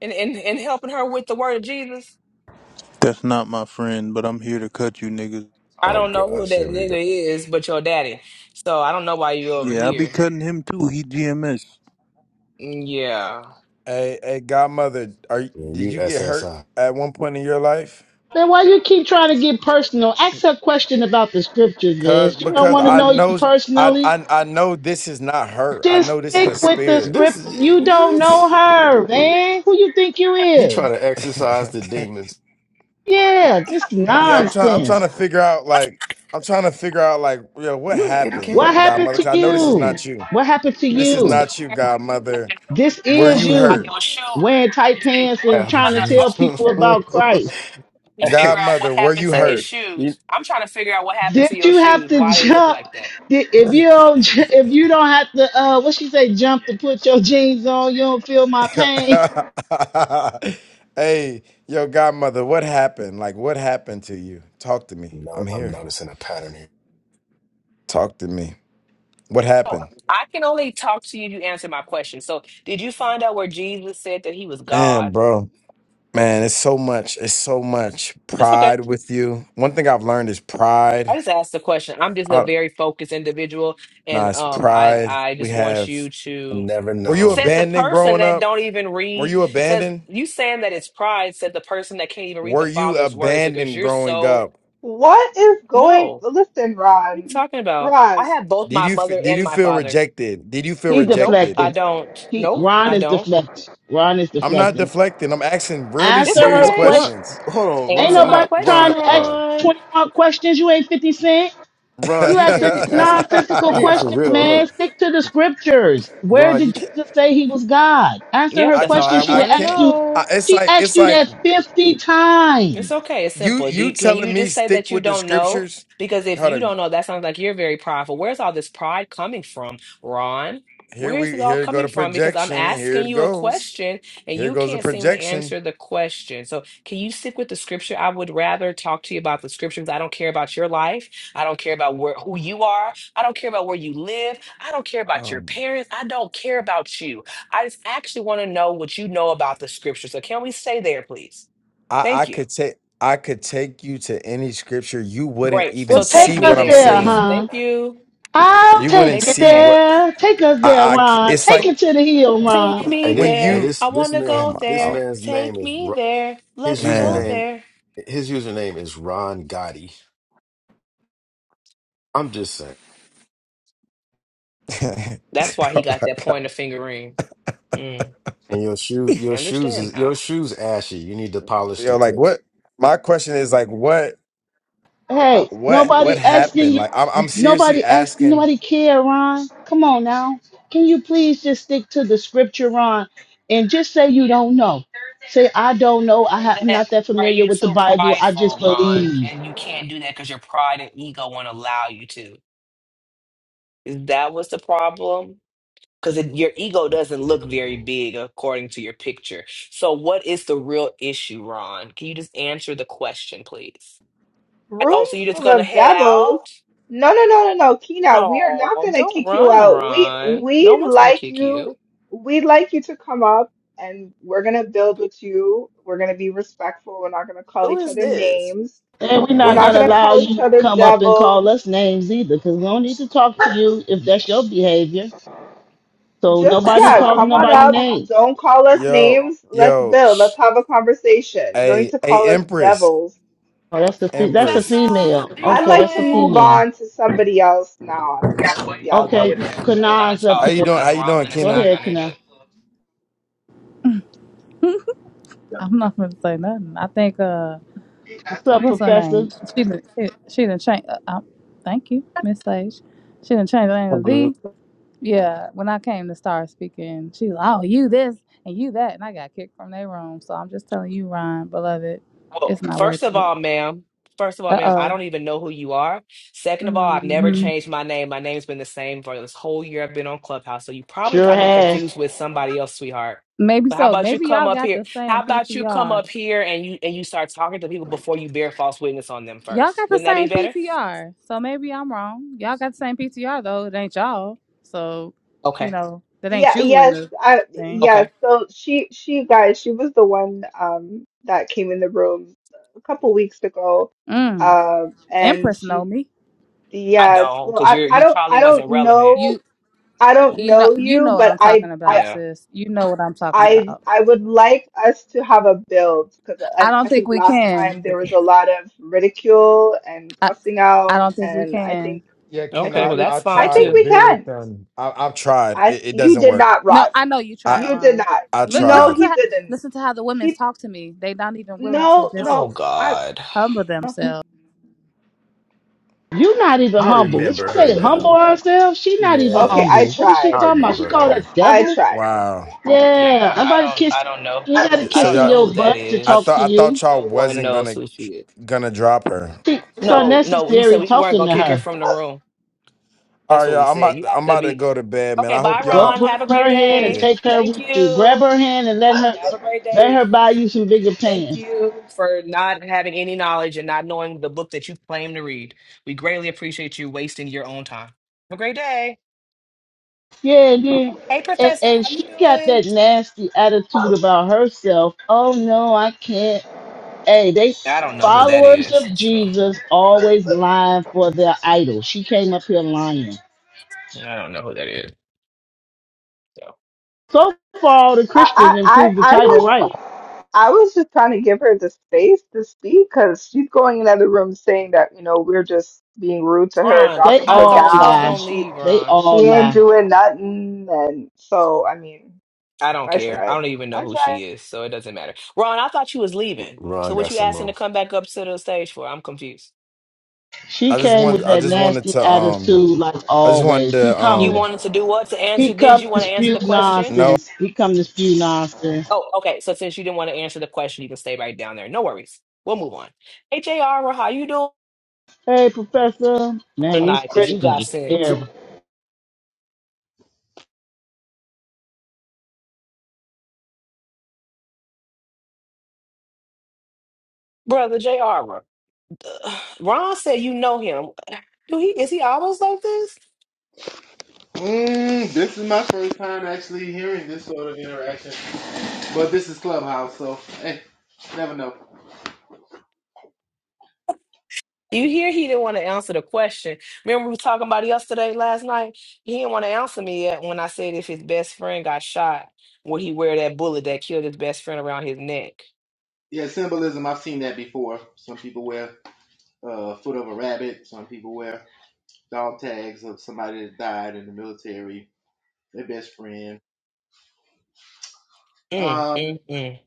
[SPEAKER 3] and, and and helping her with the word of Jesus.
[SPEAKER 13] That's not my friend, but I'm here to cut you niggas.
[SPEAKER 3] I
[SPEAKER 2] Oh
[SPEAKER 3] don't know who
[SPEAKER 2] gosh,
[SPEAKER 3] that
[SPEAKER 2] here we go.
[SPEAKER 3] nigga is, but your daddy. So I don't know why you over
[SPEAKER 13] Yeah, I be
[SPEAKER 3] here.
[SPEAKER 13] cutting him too. He GMS.
[SPEAKER 3] Yeah.
[SPEAKER 8] Hey, hey, Godmother, are you, did
[SPEAKER 2] You
[SPEAKER 8] you get hurt
[SPEAKER 2] SSI.
[SPEAKER 8] at one point in your life?
[SPEAKER 6] Then why you keep trying to get personal? Ask a question about the scriptures,
[SPEAKER 8] Cause,
[SPEAKER 6] Liz. You don't
[SPEAKER 8] because
[SPEAKER 6] want to
[SPEAKER 8] I
[SPEAKER 6] know you
[SPEAKER 8] know, I,
[SPEAKER 6] personally.
[SPEAKER 8] I, I know this is not her. I
[SPEAKER 6] Just
[SPEAKER 8] know this is a
[SPEAKER 6] stick with the
[SPEAKER 8] spirit.
[SPEAKER 2] This
[SPEAKER 6] script.
[SPEAKER 2] is
[SPEAKER 6] You don't know
[SPEAKER 2] what?
[SPEAKER 6] her, man. Who you think you
[SPEAKER 2] He
[SPEAKER 6] is?
[SPEAKER 2] trying to exercise the demons.
[SPEAKER 6] Yeah, just
[SPEAKER 8] yeah, I'm trying. I'm trying
[SPEAKER 6] nonsense.
[SPEAKER 8] to figure out, like, I'm trying to figure out, like, yo, what
[SPEAKER 2] You ain't Eddie
[SPEAKER 8] happened,
[SPEAKER 6] What
[SPEAKER 2] Kane.
[SPEAKER 6] happened
[SPEAKER 8] Godmother?
[SPEAKER 6] to
[SPEAKER 8] Cause I know this is
[SPEAKER 6] you?
[SPEAKER 8] not you.
[SPEAKER 6] What happened to
[SPEAKER 8] This is
[SPEAKER 6] you?
[SPEAKER 8] not you, Godmother.
[SPEAKER 6] This
[SPEAKER 8] Were
[SPEAKER 6] is
[SPEAKER 8] you
[SPEAKER 3] Why
[SPEAKER 6] you
[SPEAKER 3] your
[SPEAKER 8] hurt,
[SPEAKER 3] shoe?
[SPEAKER 6] wearing
[SPEAKER 3] I
[SPEAKER 6] tight pants
[SPEAKER 3] was
[SPEAKER 6] and
[SPEAKER 2] hey,
[SPEAKER 6] trying
[SPEAKER 3] trying
[SPEAKER 6] to
[SPEAKER 3] to, I
[SPEAKER 6] tell
[SPEAKER 3] was trying
[SPEAKER 6] people about Christ.
[SPEAKER 3] to figure out what
[SPEAKER 8] Godmother? Were
[SPEAKER 3] happened
[SPEAKER 8] you
[SPEAKER 3] to his
[SPEAKER 2] hey,
[SPEAKER 8] hurt?
[SPEAKER 2] you
[SPEAKER 3] shoes. I'm trying to figure out what happened to
[SPEAKER 6] Did
[SPEAKER 3] your
[SPEAKER 6] you have
[SPEAKER 3] shoes.
[SPEAKER 6] to
[SPEAKER 3] Why they look
[SPEAKER 6] jump?
[SPEAKER 3] like that?
[SPEAKER 6] Did, if you don't, ju- if you don't have to, uh, what she say, jump to put your jeans on, you don't feel my pain.
[SPEAKER 8] hey, yo, godmother, what happened? Like, what happened to you? Talk to me.
[SPEAKER 2] no,
[SPEAKER 8] I'm
[SPEAKER 2] I'm
[SPEAKER 8] here.
[SPEAKER 2] noticing a pattern here.
[SPEAKER 8] Talk to me. What
[SPEAKER 3] So,
[SPEAKER 8] happened?
[SPEAKER 3] I can only talk to you. if You answer my question. So, did you find out where Jesus said that he was
[SPEAKER 8] Man,
[SPEAKER 3] God?
[SPEAKER 8] bro. Man, it's so much. It's so much
[SPEAKER 3] It's okay.
[SPEAKER 8] pride with you. One thing I've learned is
[SPEAKER 3] I
[SPEAKER 8] pride.
[SPEAKER 3] just asked the question. I'm just a
[SPEAKER 8] Uh,
[SPEAKER 3] very focused individual, and
[SPEAKER 8] nah, it's
[SPEAKER 3] um, I
[SPEAKER 8] pride.
[SPEAKER 3] I
[SPEAKER 8] We
[SPEAKER 3] just want
[SPEAKER 8] have.
[SPEAKER 3] you to.
[SPEAKER 2] Never
[SPEAKER 8] Were you
[SPEAKER 3] says
[SPEAKER 2] known.
[SPEAKER 3] the
[SPEAKER 8] abandoned
[SPEAKER 3] person
[SPEAKER 8] growing
[SPEAKER 3] that
[SPEAKER 8] up?
[SPEAKER 3] don't even
[SPEAKER 8] Were
[SPEAKER 3] read
[SPEAKER 8] you
[SPEAKER 3] says
[SPEAKER 8] abandoned?
[SPEAKER 3] you saying that it's pride said the person that can't even read the
[SPEAKER 8] Were you
[SPEAKER 3] father's words because
[SPEAKER 8] abandoned
[SPEAKER 3] you're
[SPEAKER 8] growing
[SPEAKER 3] so
[SPEAKER 8] up?
[SPEAKER 5] What is going?
[SPEAKER 3] no
[SPEAKER 5] Listen,
[SPEAKER 3] what are you
[SPEAKER 5] Ron.
[SPEAKER 3] talking about i
[SPEAKER 5] Ron,
[SPEAKER 3] have both
[SPEAKER 8] Did
[SPEAKER 3] my
[SPEAKER 8] you f-
[SPEAKER 3] mother
[SPEAKER 8] did
[SPEAKER 3] and
[SPEAKER 8] you
[SPEAKER 3] my
[SPEAKER 8] feel
[SPEAKER 3] father
[SPEAKER 8] rejected? Did you feel
[SPEAKER 6] He
[SPEAKER 3] nope
[SPEAKER 8] rejected?
[SPEAKER 3] i
[SPEAKER 6] deflecting.
[SPEAKER 3] don't
[SPEAKER 6] He
[SPEAKER 3] nope
[SPEAKER 6] Ron
[SPEAKER 3] i
[SPEAKER 6] is
[SPEAKER 3] don't
[SPEAKER 6] deflecting. Ron is
[SPEAKER 8] I'm not
[SPEAKER 3] Mm-mm.
[SPEAKER 6] deflecting.
[SPEAKER 8] deflecting. I'm asking really
[SPEAKER 3] it's
[SPEAKER 6] Answer
[SPEAKER 2] But
[SPEAKER 8] serious
[SPEAKER 6] her
[SPEAKER 2] Ron,
[SPEAKER 3] okay
[SPEAKER 2] Ron
[SPEAKER 6] question.
[SPEAKER 8] questions.
[SPEAKER 2] hold on,
[SPEAKER 6] Ain't
[SPEAKER 2] Ron,
[SPEAKER 3] answer my
[SPEAKER 2] I,
[SPEAKER 6] nobody
[SPEAKER 3] question
[SPEAKER 6] trying
[SPEAKER 2] Ron,
[SPEAKER 6] to ask
[SPEAKER 2] Ron,
[SPEAKER 3] ron
[SPEAKER 6] twenty one questions. You ain't fifty cent.
[SPEAKER 2] Ron,
[SPEAKER 6] You
[SPEAKER 2] you
[SPEAKER 6] asking
[SPEAKER 2] can't
[SPEAKER 8] I,
[SPEAKER 2] be asking.
[SPEAKER 6] nonsensical
[SPEAKER 2] Yeah,
[SPEAKER 3] mm.
[SPEAKER 2] for
[SPEAKER 6] questions,
[SPEAKER 2] real, huh?
[SPEAKER 6] man. Stick to the scriptures. Where
[SPEAKER 2] Ron, you
[SPEAKER 6] did
[SPEAKER 2] can.
[SPEAKER 6] Jesus say he was God? Answer
[SPEAKER 3] yep
[SPEAKER 6] her
[SPEAKER 8] I
[SPEAKER 3] that's all
[SPEAKER 6] question.
[SPEAKER 3] i
[SPEAKER 6] She
[SPEAKER 8] I
[SPEAKER 6] done
[SPEAKER 3] want to
[SPEAKER 6] asked
[SPEAKER 8] can't.
[SPEAKER 6] you.
[SPEAKER 3] know
[SPEAKER 8] I, it's
[SPEAKER 6] She
[SPEAKER 8] like
[SPEAKER 6] asked
[SPEAKER 8] it's
[SPEAKER 6] you
[SPEAKER 8] like
[SPEAKER 6] that fifty
[SPEAKER 3] It's
[SPEAKER 6] times.
[SPEAKER 3] okay. It's
[SPEAKER 8] you
[SPEAKER 3] simple. Do
[SPEAKER 8] you
[SPEAKER 3] you, can you
[SPEAKER 8] telling me
[SPEAKER 3] just say
[SPEAKER 8] stick
[SPEAKER 3] that you
[SPEAKER 8] with the
[SPEAKER 3] don't know?
[SPEAKER 8] scriptures.
[SPEAKER 3] Because if
[SPEAKER 8] Hold
[SPEAKER 3] you
[SPEAKER 8] up.
[SPEAKER 3] don't know, that sounds like you're very prideful. Where's all this pride coming from, Ron?
[SPEAKER 8] Here
[SPEAKER 3] Where is it
[SPEAKER 8] we
[SPEAKER 3] all
[SPEAKER 8] here go
[SPEAKER 3] coming
[SPEAKER 8] to
[SPEAKER 3] from? Because I'm
[SPEAKER 8] projection. Here
[SPEAKER 3] asking
[SPEAKER 8] it
[SPEAKER 3] you a
[SPEAKER 8] goes.
[SPEAKER 3] question and
[SPEAKER 8] Here
[SPEAKER 3] you
[SPEAKER 8] goes the
[SPEAKER 3] can't seem to
[SPEAKER 8] projection.
[SPEAKER 3] answer the question. So, can you stick with the scripture? I would rather talk to you about the scriptures. I don't care about your life. I don't care about where who you are. I don't care about where you live. I don't care about your
[SPEAKER 8] Um,
[SPEAKER 3] parents. I don't care about you. I just actually want to know what you know about the scripture. So, can we stay there, please?
[SPEAKER 8] I I
[SPEAKER 3] Thank you.
[SPEAKER 8] could take I could take you to any scripture. You wouldn't
[SPEAKER 3] Great.
[SPEAKER 8] even
[SPEAKER 3] So
[SPEAKER 6] Well,
[SPEAKER 3] take
[SPEAKER 8] see
[SPEAKER 6] take
[SPEAKER 3] me
[SPEAKER 8] what
[SPEAKER 6] us
[SPEAKER 8] I'm
[SPEAKER 3] there,
[SPEAKER 6] there,
[SPEAKER 3] please.
[SPEAKER 8] saying.
[SPEAKER 6] huh?
[SPEAKER 3] Thank you.
[SPEAKER 6] I'll
[SPEAKER 8] You
[SPEAKER 6] take
[SPEAKER 8] wouldn't
[SPEAKER 3] Take
[SPEAKER 6] you
[SPEAKER 3] us
[SPEAKER 8] see
[SPEAKER 3] there.
[SPEAKER 8] what
[SPEAKER 6] there. Take us there,
[SPEAKER 8] I, I c-
[SPEAKER 6] Ron.
[SPEAKER 8] it's
[SPEAKER 6] Take it
[SPEAKER 8] like
[SPEAKER 6] to the hill, Ron.
[SPEAKER 3] Take me
[SPEAKER 2] Hey, this,
[SPEAKER 8] when
[SPEAKER 2] hey,
[SPEAKER 3] there.
[SPEAKER 8] you
[SPEAKER 3] I
[SPEAKER 2] this, this
[SPEAKER 3] want to
[SPEAKER 2] man,
[SPEAKER 8] oh
[SPEAKER 3] go
[SPEAKER 8] my
[SPEAKER 2] this
[SPEAKER 8] oh,
[SPEAKER 3] there.
[SPEAKER 2] man's name
[SPEAKER 3] Take
[SPEAKER 2] is
[SPEAKER 3] me
[SPEAKER 2] Ro-
[SPEAKER 3] there.
[SPEAKER 2] his
[SPEAKER 3] Let's go
[SPEAKER 8] man
[SPEAKER 2] username.
[SPEAKER 3] there.
[SPEAKER 2] His username is Ron Gotti. I'm just saying.
[SPEAKER 3] That's why he got that pointer finger ring. Mm,
[SPEAKER 2] And your shoe,
[SPEAKER 3] I
[SPEAKER 2] your shoes
[SPEAKER 3] understand
[SPEAKER 2] is your
[SPEAKER 3] now.
[SPEAKER 2] shoes ashy. You need to polish
[SPEAKER 8] Yo,
[SPEAKER 2] the
[SPEAKER 8] like
[SPEAKER 2] tips.
[SPEAKER 8] what? My question is like what
[SPEAKER 6] Hey,
[SPEAKER 8] what what
[SPEAKER 6] nobody asking
[SPEAKER 8] happened? Like I'm
[SPEAKER 6] you.
[SPEAKER 8] I'm seriously
[SPEAKER 6] Nobody asking.
[SPEAKER 8] asking,
[SPEAKER 6] Nobody care, Ron. Come on now. Can you please just stick to the scripture, Ron, and just say you don't know. Say I don't know. I
[SPEAKER 3] And
[SPEAKER 6] have
[SPEAKER 3] then,
[SPEAKER 6] I'm not that
[SPEAKER 3] Are
[SPEAKER 6] familiar
[SPEAKER 3] you
[SPEAKER 6] with the
[SPEAKER 3] so
[SPEAKER 6] Bible. I just
[SPEAKER 3] prideful, Ron?
[SPEAKER 6] believe.
[SPEAKER 3] And you can't do that because your pride and ego won't allow you to. Is that what's the problem? Because your ego doesn't look very big according to your picture. So, what is the real issue, Ron? Can you just answer the question, please? Oh,
[SPEAKER 5] room
[SPEAKER 3] so you're just
[SPEAKER 5] full
[SPEAKER 3] gonna
[SPEAKER 5] of
[SPEAKER 3] head
[SPEAKER 5] devils.
[SPEAKER 3] out?
[SPEAKER 5] No, no, no, no, no, Kina. We are
[SPEAKER 3] No,
[SPEAKER 5] not gonna
[SPEAKER 3] don't
[SPEAKER 5] kick you
[SPEAKER 3] run,
[SPEAKER 5] out. We
[SPEAKER 3] Ron. No
[SPEAKER 5] we'd
[SPEAKER 3] one's gonna
[SPEAKER 5] like
[SPEAKER 3] kick
[SPEAKER 5] you.
[SPEAKER 3] you.
[SPEAKER 5] We'd like you to come up, and we're gonna build with you. We're gonna be respectful. We're not gonna call
[SPEAKER 3] Who
[SPEAKER 5] each
[SPEAKER 3] is
[SPEAKER 5] other
[SPEAKER 3] this?
[SPEAKER 5] names.
[SPEAKER 6] And we're
[SPEAKER 5] We're
[SPEAKER 6] not
[SPEAKER 5] not
[SPEAKER 6] gonna
[SPEAKER 5] gonna
[SPEAKER 8] man.
[SPEAKER 6] allow
[SPEAKER 5] call each
[SPEAKER 6] you to
[SPEAKER 5] other
[SPEAKER 6] come up and call
[SPEAKER 5] devils.
[SPEAKER 6] us names either, because we don't need to talk to you if that's your behavior. So
[SPEAKER 5] just
[SPEAKER 3] That's
[SPEAKER 6] nobody
[SPEAKER 5] yeah,
[SPEAKER 3] fine.
[SPEAKER 6] calling
[SPEAKER 5] come on
[SPEAKER 6] nobody
[SPEAKER 5] up.
[SPEAKER 6] names.
[SPEAKER 5] Don't call us
[SPEAKER 8] Yo,
[SPEAKER 5] names. Let's
[SPEAKER 8] yo,
[SPEAKER 5] build. Let's have a conversation. You don't need
[SPEAKER 8] hey,
[SPEAKER 5] to
[SPEAKER 8] hey
[SPEAKER 5] call us
[SPEAKER 8] Empress,
[SPEAKER 5] devils.
[SPEAKER 6] Oh, that's a fe- that's a
[SPEAKER 3] Professor,
[SPEAKER 8] Empress.
[SPEAKER 3] how
[SPEAKER 6] female.
[SPEAKER 3] you
[SPEAKER 5] I'd
[SPEAKER 6] Okay,
[SPEAKER 5] like
[SPEAKER 6] that's
[SPEAKER 5] to
[SPEAKER 6] a
[SPEAKER 3] doing?
[SPEAKER 5] move
[SPEAKER 6] female.
[SPEAKER 5] on to somebody else now. I don't know if y'all done
[SPEAKER 6] Okay,
[SPEAKER 5] with him, but
[SPEAKER 3] You're gonna
[SPEAKER 6] Kanan's up
[SPEAKER 8] How
[SPEAKER 3] talk
[SPEAKER 8] you
[SPEAKER 6] here.
[SPEAKER 8] doing?
[SPEAKER 3] because
[SPEAKER 8] How you doing,
[SPEAKER 3] Ron is
[SPEAKER 6] Go
[SPEAKER 8] Kina?
[SPEAKER 3] not
[SPEAKER 6] ahead,
[SPEAKER 3] gonna do.
[SPEAKER 6] Kana.
[SPEAKER 14] I'm not going to say nothing. I think uh,
[SPEAKER 6] What's up,
[SPEAKER 14] what's her
[SPEAKER 6] Professor?
[SPEAKER 14] name? She done, she, she done changed. Uh, um, thank you, Miss Sage. She done changed the name of
[SPEAKER 15] Okay,
[SPEAKER 14] V. Yeah, when I came to start speaking, she was oh you this and you that, and I got kicked from their room. So I'm just telling you, Ryan, beloved,
[SPEAKER 3] Well,
[SPEAKER 14] it's not
[SPEAKER 3] first
[SPEAKER 14] worth
[SPEAKER 3] of
[SPEAKER 14] it.
[SPEAKER 3] all, ma'am, first of all,
[SPEAKER 14] Uh
[SPEAKER 3] ma'am, I
[SPEAKER 14] oh.
[SPEAKER 3] don't even know who you are. Second of all, I've never
[SPEAKER 14] hmm
[SPEAKER 3] changed my name. My name's been the same for this whole year I've been on Clubhouse. So you probably
[SPEAKER 6] Sure
[SPEAKER 3] got me
[SPEAKER 6] has.
[SPEAKER 3] confused with somebody else, sweetheart.
[SPEAKER 14] Maybe
[SPEAKER 3] But how
[SPEAKER 14] so.
[SPEAKER 3] about you
[SPEAKER 14] Maybe
[SPEAKER 3] come
[SPEAKER 14] y'all
[SPEAKER 3] up
[SPEAKER 14] got
[SPEAKER 3] here?
[SPEAKER 14] the
[SPEAKER 3] How
[SPEAKER 14] same
[SPEAKER 3] about you come
[SPEAKER 14] PTR.
[SPEAKER 3] up here and you and you start talking to people before you bear false witness on them
[SPEAKER 14] Y'all
[SPEAKER 3] first?
[SPEAKER 14] got the
[SPEAKER 3] Wouldn't that be
[SPEAKER 14] same
[SPEAKER 3] better?
[SPEAKER 14] PTR, so maybe I'm wrong. Y'all got the same PTR though. It ain't y'all, so you
[SPEAKER 3] Okay.
[SPEAKER 14] know that ain't
[SPEAKER 5] yeah,
[SPEAKER 14] you in
[SPEAKER 5] yes,
[SPEAKER 14] the
[SPEAKER 5] I
[SPEAKER 14] thing.
[SPEAKER 5] yes.
[SPEAKER 3] Okay.
[SPEAKER 5] So she she guys, she was the one um that came in the room a couple weeks ago.
[SPEAKER 14] Mm.
[SPEAKER 5] Um and
[SPEAKER 14] Empress
[SPEAKER 5] she
[SPEAKER 14] know me.
[SPEAKER 3] I
[SPEAKER 5] yeah,
[SPEAKER 3] don't,
[SPEAKER 5] well
[SPEAKER 3] because
[SPEAKER 5] I,
[SPEAKER 3] you're
[SPEAKER 5] I
[SPEAKER 3] you
[SPEAKER 5] don't
[SPEAKER 3] probably
[SPEAKER 5] I don't
[SPEAKER 3] wasn't relevant.
[SPEAKER 5] know
[SPEAKER 14] You
[SPEAKER 5] I don't
[SPEAKER 14] you know
[SPEAKER 5] know
[SPEAKER 14] you
[SPEAKER 5] you,
[SPEAKER 14] know what
[SPEAKER 5] but
[SPEAKER 14] I'm
[SPEAKER 5] I
[SPEAKER 14] talking
[SPEAKER 5] I
[SPEAKER 14] about,
[SPEAKER 3] Yeah.
[SPEAKER 14] sis. You know what I'm talking
[SPEAKER 5] I
[SPEAKER 14] about.
[SPEAKER 5] I would like us to have a build because I,
[SPEAKER 14] I don't
[SPEAKER 5] I
[SPEAKER 14] think
[SPEAKER 5] think
[SPEAKER 14] we
[SPEAKER 5] last
[SPEAKER 14] can.
[SPEAKER 5] time there was a lot of ridicule and
[SPEAKER 14] I
[SPEAKER 5] cussing
[SPEAKER 14] I
[SPEAKER 5] out,
[SPEAKER 14] don't think we
[SPEAKER 5] and I
[SPEAKER 14] can.
[SPEAKER 5] think
[SPEAKER 8] Yeah,
[SPEAKER 5] I
[SPEAKER 8] Kina,
[SPEAKER 3] Okay,
[SPEAKER 5] think
[SPEAKER 3] well
[SPEAKER 8] I,
[SPEAKER 5] we
[SPEAKER 3] that's
[SPEAKER 8] I
[SPEAKER 3] fine
[SPEAKER 5] I
[SPEAKER 8] tried to
[SPEAKER 5] think
[SPEAKER 3] too.
[SPEAKER 5] we
[SPEAKER 8] deal with
[SPEAKER 5] can.
[SPEAKER 8] them. I, I've tried.
[SPEAKER 5] I
[SPEAKER 8] It, it
[SPEAKER 5] you
[SPEAKER 8] doesn't
[SPEAKER 5] did
[SPEAKER 8] work.
[SPEAKER 5] not,
[SPEAKER 14] No,
[SPEAKER 5] Rod.
[SPEAKER 14] I know you tried,
[SPEAKER 8] I
[SPEAKER 5] You did
[SPEAKER 14] Ron.
[SPEAKER 5] not.
[SPEAKER 8] I I
[SPEAKER 14] Look,
[SPEAKER 5] No,
[SPEAKER 8] tried.
[SPEAKER 14] listen to
[SPEAKER 5] he
[SPEAKER 14] how,
[SPEAKER 5] didn't.
[SPEAKER 14] listen to how the women's
[SPEAKER 5] He
[SPEAKER 14] talk to me. They not even willing to
[SPEAKER 5] no
[SPEAKER 14] just
[SPEAKER 3] Oh
[SPEAKER 5] no. I
[SPEAKER 3] God.
[SPEAKER 14] humble
[SPEAKER 5] uh,
[SPEAKER 14] themselves.
[SPEAKER 6] you not even
[SPEAKER 2] I
[SPEAKER 6] humble. What you
[SPEAKER 2] remember her
[SPEAKER 6] say, humble
[SPEAKER 2] now.
[SPEAKER 6] herself? She not even
[SPEAKER 5] okay.
[SPEAKER 2] Yeah,
[SPEAKER 5] I
[SPEAKER 6] humble. What is she
[SPEAKER 5] tried.
[SPEAKER 2] I
[SPEAKER 6] talking about? She
[SPEAKER 2] remember
[SPEAKER 6] called us
[SPEAKER 2] her.
[SPEAKER 5] I
[SPEAKER 6] devils?
[SPEAKER 5] tried. I
[SPEAKER 8] Wow.
[SPEAKER 5] tried.
[SPEAKER 3] Yeah,
[SPEAKER 6] Yeah, I'm
[SPEAKER 3] I
[SPEAKER 6] about to
[SPEAKER 3] don't I
[SPEAKER 6] kiss.
[SPEAKER 3] don't know.
[SPEAKER 6] You got a
[SPEAKER 3] I
[SPEAKER 8] So
[SPEAKER 6] kiss
[SPEAKER 3] don't
[SPEAKER 6] in
[SPEAKER 8] y'all
[SPEAKER 3] know who
[SPEAKER 6] your
[SPEAKER 3] that
[SPEAKER 6] butt to
[SPEAKER 8] I
[SPEAKER 6] talk
[SPEAKER 3] is.
[SPEAKER 6] to
[SPEAKER 8] thought I
[SPEAKER 6] you.
[SPEAKER 8] thought y'all
[SPEAKER 3] No one
[SPEAKER 8] wasn't
[SPEAKER 3] knows
[SPEAKER 8] gonna
[SPEAKER 3] who she is.
[SPEAKER 8] gonna drop her.
[SPEAKER 6] She, it's
[SPEAKER 3] No, no, we said
[SPEAKER 6] unnecessary
[SPEAKER 3] we weren't
[SPEAKER 6] talking
[SPEAKER 3] gonna
[SPEAKER 6] to
[SPEAKER 3] kick her
[SPEAKER 6] her.
[SPEAKER 3] from the room.
[SPEAKER 8] All
[SPEAKER 3] That's
[SPEAKER 8] right,
[SPEAKER 3] what we
[SPEAKER 8] y'all. I'm
[SPEAKER 3] said.
[SPEAKER 8] about
[SPEAKER 3] You
[SPEAKER 8] to,
[SPEAKER 3] have
[SPEAKER 8] I'm
[SPEAKER 3] to
[SPEAKER 8] about to
[SPEAKER 3] be
[SPEAKER 8] go to bed, man.
[SPEAKER 3] okay,
[SPEAKER 8] I hope
[SPEAKER 3] bye
[SPEAKER 6] Go
[SPEAKER 8] y'all.
[SPEAKER 3] Ron. Have a
[SPEAKER 6] grab
[SPEAKER 3] great
[SPEAKER 6] her hand and
[SPEAKER 8] Yeah.
[SPEAKER 3] day.
[SPEAKER 6] take her
[SPEAKER 3] Thank
[SPEAKER 6] with you. Grab
[SPEAKER 3] you.
[SPEAKER 6] her hand and let her
[SPEAKER 3] Have a great
[SPEAKER 6] let
[SPEAKER 3] day.
[SPEAKER 6] her buy you some bigger
[SPEAKER 3] Thank
[SPEAKER 6] pants.
[SPEAKER 3] you for not having any knowledge and not knowing the book that you claim to read. We greatly appreciate you wasting your own time. Have a great day.
[SPEAKER 6] Yeah, and then
[SPEAKER 3] Hey
[SPEAKER 6] and,
[SPEAKER 3] professor,
[SPEAKER 6] and
[SPEAKER 3] how
[SPEAKER 6] she
[SPEAKER 3] you
[SPEAKER 6] got
[SPEAKER 3] doing?
[SPEAKER 6] that nasty attitude about herself. Oh no, I can't. Hey, they
[SPEAKER 3] I don't know who that
[SPEAKER 6] followers
[SPEAKER 3] is,
[SPEAKER 6] of
[SPEAKER 3] so
[SPEAKER 6] Jesus always lying for their idol. She came up here lying.
[SPEAKER 3] I don't know who that is. so.
[SPEAKER 6] So far, the
[SPEAKER 5] I
[SPEAKER 6] Christians
[SPEAKER 5] I I,
[SPEAKER 6] improved the
[SPEAKER 5] I was.
[SPEAKER 6] title right.
[SPEAKER 5] I was just trying to give her the space to speak because she's going in other rooms saying that, you know, we're just being rude to her,
[SPEAKER 3] Ron,
[SPEAKER 6] They
[SPEAKER 5] dropping
[SPEAKER 3] I
[SPEAKER 5] her
[SPEAKER 3] thought
[SPEAKER 6] all
[SPEAKER 3] you was
[SPEAKER 5] down, and
[SPEAKER 6] lie.
[SPEAKER 3] gonna
[SPEAKER 5] she
[SPEAKER 3] leave,
[SPEAKER 6] They
[SPEAKER 3] Ron.
[SPEAKER 6] all
[SPEAKER 5] she ain't
[SPEAKER 6] lie.
[SPEAKER 5] doing nothing. And so, I mean,
[SPEAKER 3] I don't
[SPEAKER 5] I
[SPEAKER 3] care. I
[SPEAKER 5] tried.
[SPEAKER 3] don't even know
[SPEAKER 5] I
[SPEAKER 3] who
[SPEAKER 5] tried.
[SPEAKER 3] she is, so it doesn't matter. Ron, I thought you was leaving. So
[SPEAKER 2] Ron
[SPEAKER 3] what
[SPEAKER 2] got
[SPEAKER 3] you
[SPEAKER 2] some
[SPEAKER 3] asking to
[SPEAKER 2] more.
[SPEAKER 3] come back up to the stage for? I'm confused.
[SPEAKER 6] She
[SPEAKER 8] I just
[SPEAKER 6] came
[SPEAKER 8] want.
[SPEAKER 6] with
[SPEAKER 8] I
[SPEAKER 6] that
[SPEAKER 8] just wanted
[SPEAKER 6] nasty
[SPEAKER 8] to um
[SPEAKER 6] attitude, like
[SPEAKER 8] I just wanted
[SPEAKER 6] always. He
[SPEAKER 8] to
[SPEAKER 3] You
[SPEAKER 6] come. To,
[SPEAKER 8] um
[SPEAKER 3] wanted to do what to
[SPEAKER 6] he
[SPEAKER 3] answer? Did
[SPEAKER 6] come
[SPEAKER 3] you
[SPEAKER 6] to
[SPEAKER 3] want to answer
[SPEAKER 6] spew
[SPEAKER 3] the question?
[SPEAKER 8] know
[SPEAKER 6] nonsense. He come to spew nonsense.
[SPEAKER 3] Oh, okay. So since you didn't want to answer the question, you can stay right down there. No worries. We'll move on. Hey, JR, how you doing
[SPEAKER 6] Hey, professor. Man, these
[SPEAKER 3] tonight? Cause you
[SPEAKER 6] Christians
[SPEAKER 3] got
[SPEAKER 6] is
[SPEAKER 3] sense,
[SPEAKER 6] terrible.
[SPEAKER 3] brother. JR, Ron said you know him. Do he? Is he always like this?
[SPEAKER 16] Mm, this is my first time actually hearing this sort of interaction, but this is Clubhouse, so hey, never know.
[SPEAKER 3] You hear he didn't want to answer the question. Remember we were talking about it yesterday, last night? He didn't want to answer me yet when I said if his best friend got shot, would he wear that bullet that killed his best friend around his neck?
[SPEAKER 16] Yeah, symbolism. I've seen that before. Some people wear uh, foot of a rabbit. Some people wear dog tags of somebody that died in the military, their best friend.
[SPEAKER 3] Mm,
[SPEAKER 16] Uh,
[SPEAKER 3] mm, mm.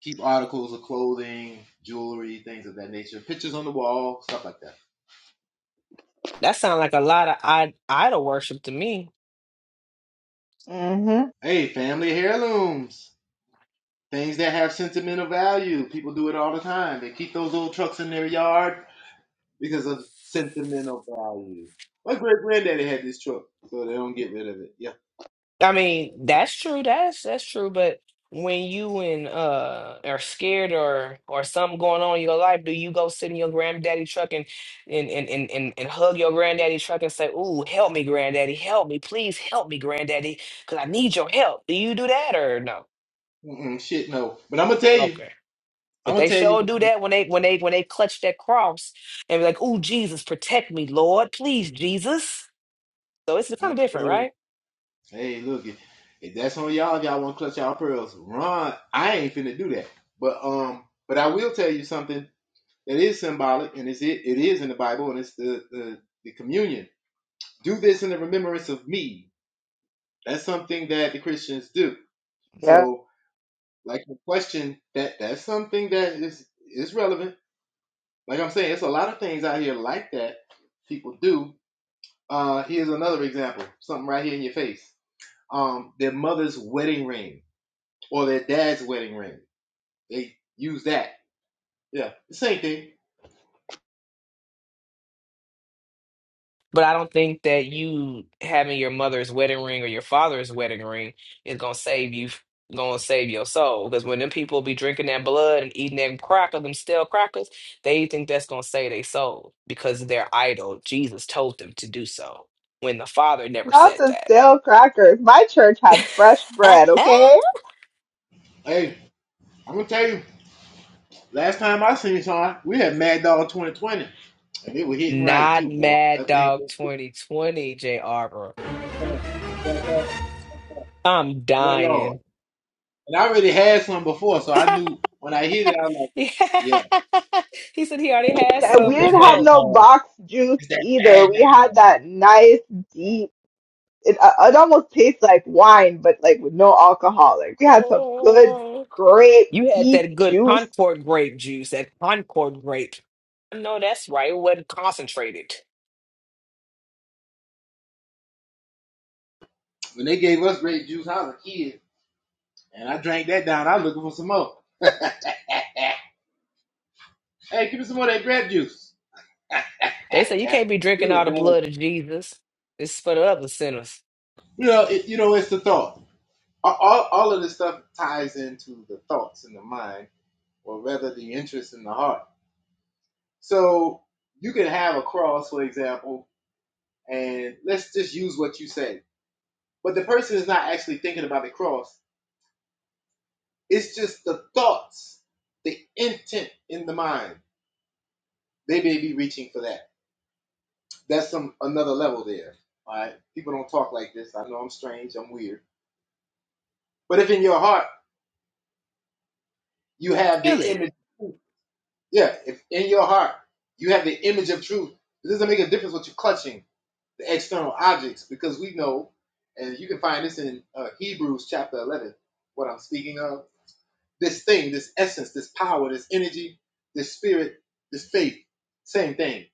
[SPEAKER 16] keep articles of clothing, jewelry, things of that nature. Pictures on the wall, stuff like that.
[SPEAKER 3] That sounds like a lot of I- idol worship to me.
[SPEAKER 5] hmm
[SPEAKER 16] Hey, family heirlooms. Things that have sentimental value. People do it all the time. They keep those old trucks in their yard because of sentimental value. My great granddaddy had this truck, so they don't get rid of it. Yeah.
[SPEAKER 3] I mean, that's true. That's that's true. But when you and uh are scared or or something going on in your life, do you go sit in your granddaddy truck and and and and and, and hug your granddaddy truck and say, "Ooh, help me, granddaddy, help me, please help me, granddaddy, because I need your help." Do you do that or no?
[SPEAKER 16] Mm-mm, shit, no. But I'm gonna tell you.
[SPEAKER 3] Okay.
[SPEAKER 16] I'm
[SPEAKER 3] But
[SPEAKER 16] gonna
[SPEAKER 3] they
[SPEAKER 16] tell you.
[SPEAKER 3] sure do that when they when they when they clutch that cross and be like, "Ooh, Jesus, protect me, Lord, please, Jesus." So it's kind of different,
[SPEAKER 16] Mm.
[SPEAKER 3] right?
[SPEAKER 16] Hey, look, if, if that's on y'all, if y'all want to clutch y'all pearls, run. I ain't finna do that. But um, but I will tell you something that is symbolic, and it's it, it is in the Bible, and it's the, the the communion. Do this in the remembrance of me. That's something that the Christians do.
[SPEAKER 5] Yeah.
[SPEAKER 16] So, like the question that that's something that is is relevant Like I'm saying, it's a lot of things out here like that people do. Uh, here's another example, something right here in your face. Um, their mother's wedding ring or their dad's wedding ring. They use that. Yeah, the same thing.
[SPEAKER 3] But I don't think that you having your mother's wedding ring or your father's wedding ring is gonna save you, gonna save your soul. Because when them people be drinking that blood and eating them crackers, them stale crackers, they think that's gonna save their soul because their idol, Jesus, told them to do so. When the Father never
[SPEAKER 5] Not
[SPEAKER 3] said
[SPEAKER 5] the
[SPEAKER 3] that.
[SPEAKER 5] stale crackers. My church had fresh bread, okay?
[SPEAKER 16] Hey, I'm gonna tell you, last time I seen Sean, we had Mad Dog 2020, and it was hitting right
[SPEAKER 3] Not
[SPEAKER 16] too, boy.
[SPEAKER 3] Mad
[SPEAKER 16] That thing.
[SPEAKER 3] Dog 2020, J. Arbor.
[SPEAKER 16] That
[SPEAKER 3] I'm
[SPEAKER 16] Yeah,
[SPEAKER 3] dying.
[SPEAKER 16] Lord. And I already had some before, so I knew when I hit it, I was like,
[SPEAKER 3] he
[SPEAKER 16] yeah.
[SPEAKER 3] said he already had
[SPEAKER 5] And
[SPEAKER 16] that
[SPEAKER 5] we
[SPEAKER 3] some
[SPEAKER 16] that
[SPEAKER 5] didn't have
[SPEAKER 3] before.
[SPEAKER 16] bad
[SPEAKER 5] no
[SPEAKER 16] Dog.
[SPEAKER 5] box juice
[SPEAKER 16] It's that bad
[SPEAKER 5] either. We had that nice it, uh, it almost tastes like wine, but like with no alcohol. Like we had some good,
[SPEAKER 3] Oh.
[SPEAKER 5] great,
[SPEAKER 3] You had
[SPEAKER 5] deep
[SPEAKER 3] that good
[SPEAKER 5] juice
[SPEAKER 3] Concord grape juice, that Concord grape. I know that's right. It wasn't concentrated.
[SPEAKER 16] When they gave us grape juice, I was a kid, and I drank that down. I was looking for some more. hey, give me some more of that grape juice.
[SPEAKER 3] They say you can't be
[SPEAKER 16] we
[SPEAKER 3] drinking
[SPEAKER 16] were
[SPEAKER 3] all the
[SPEAKER 16] bad.
[SPEAKER 3] blood of Jesus. It's for the other sinners.
[SPEAKER 16] You know, it, you know, it's the thought. All, all of this stuff ties into the thoughts in the mind, or rather, the interest in the heart. So you can have a cross, for example, and let's just use what you say. But the person is not actually thinking about the cross. It's just the thoughts, the intent in the mind. They may be reaching for that. that's some another level there. All right, people don't talk like this. I know I'm strange. I'm weird. But if in your heart you have the
[SPEAKER 3] Feel it.
[SPEAKER 16] image, yeah, if in your heart you have the image of truth, it doesn't make a difference what you're clutching the external objects because we know, and you can find this in uh, Hebrews chapter 11. What I'm speaking of, this thing, this essence, this power, this energy, this spirit, this faith, same thing.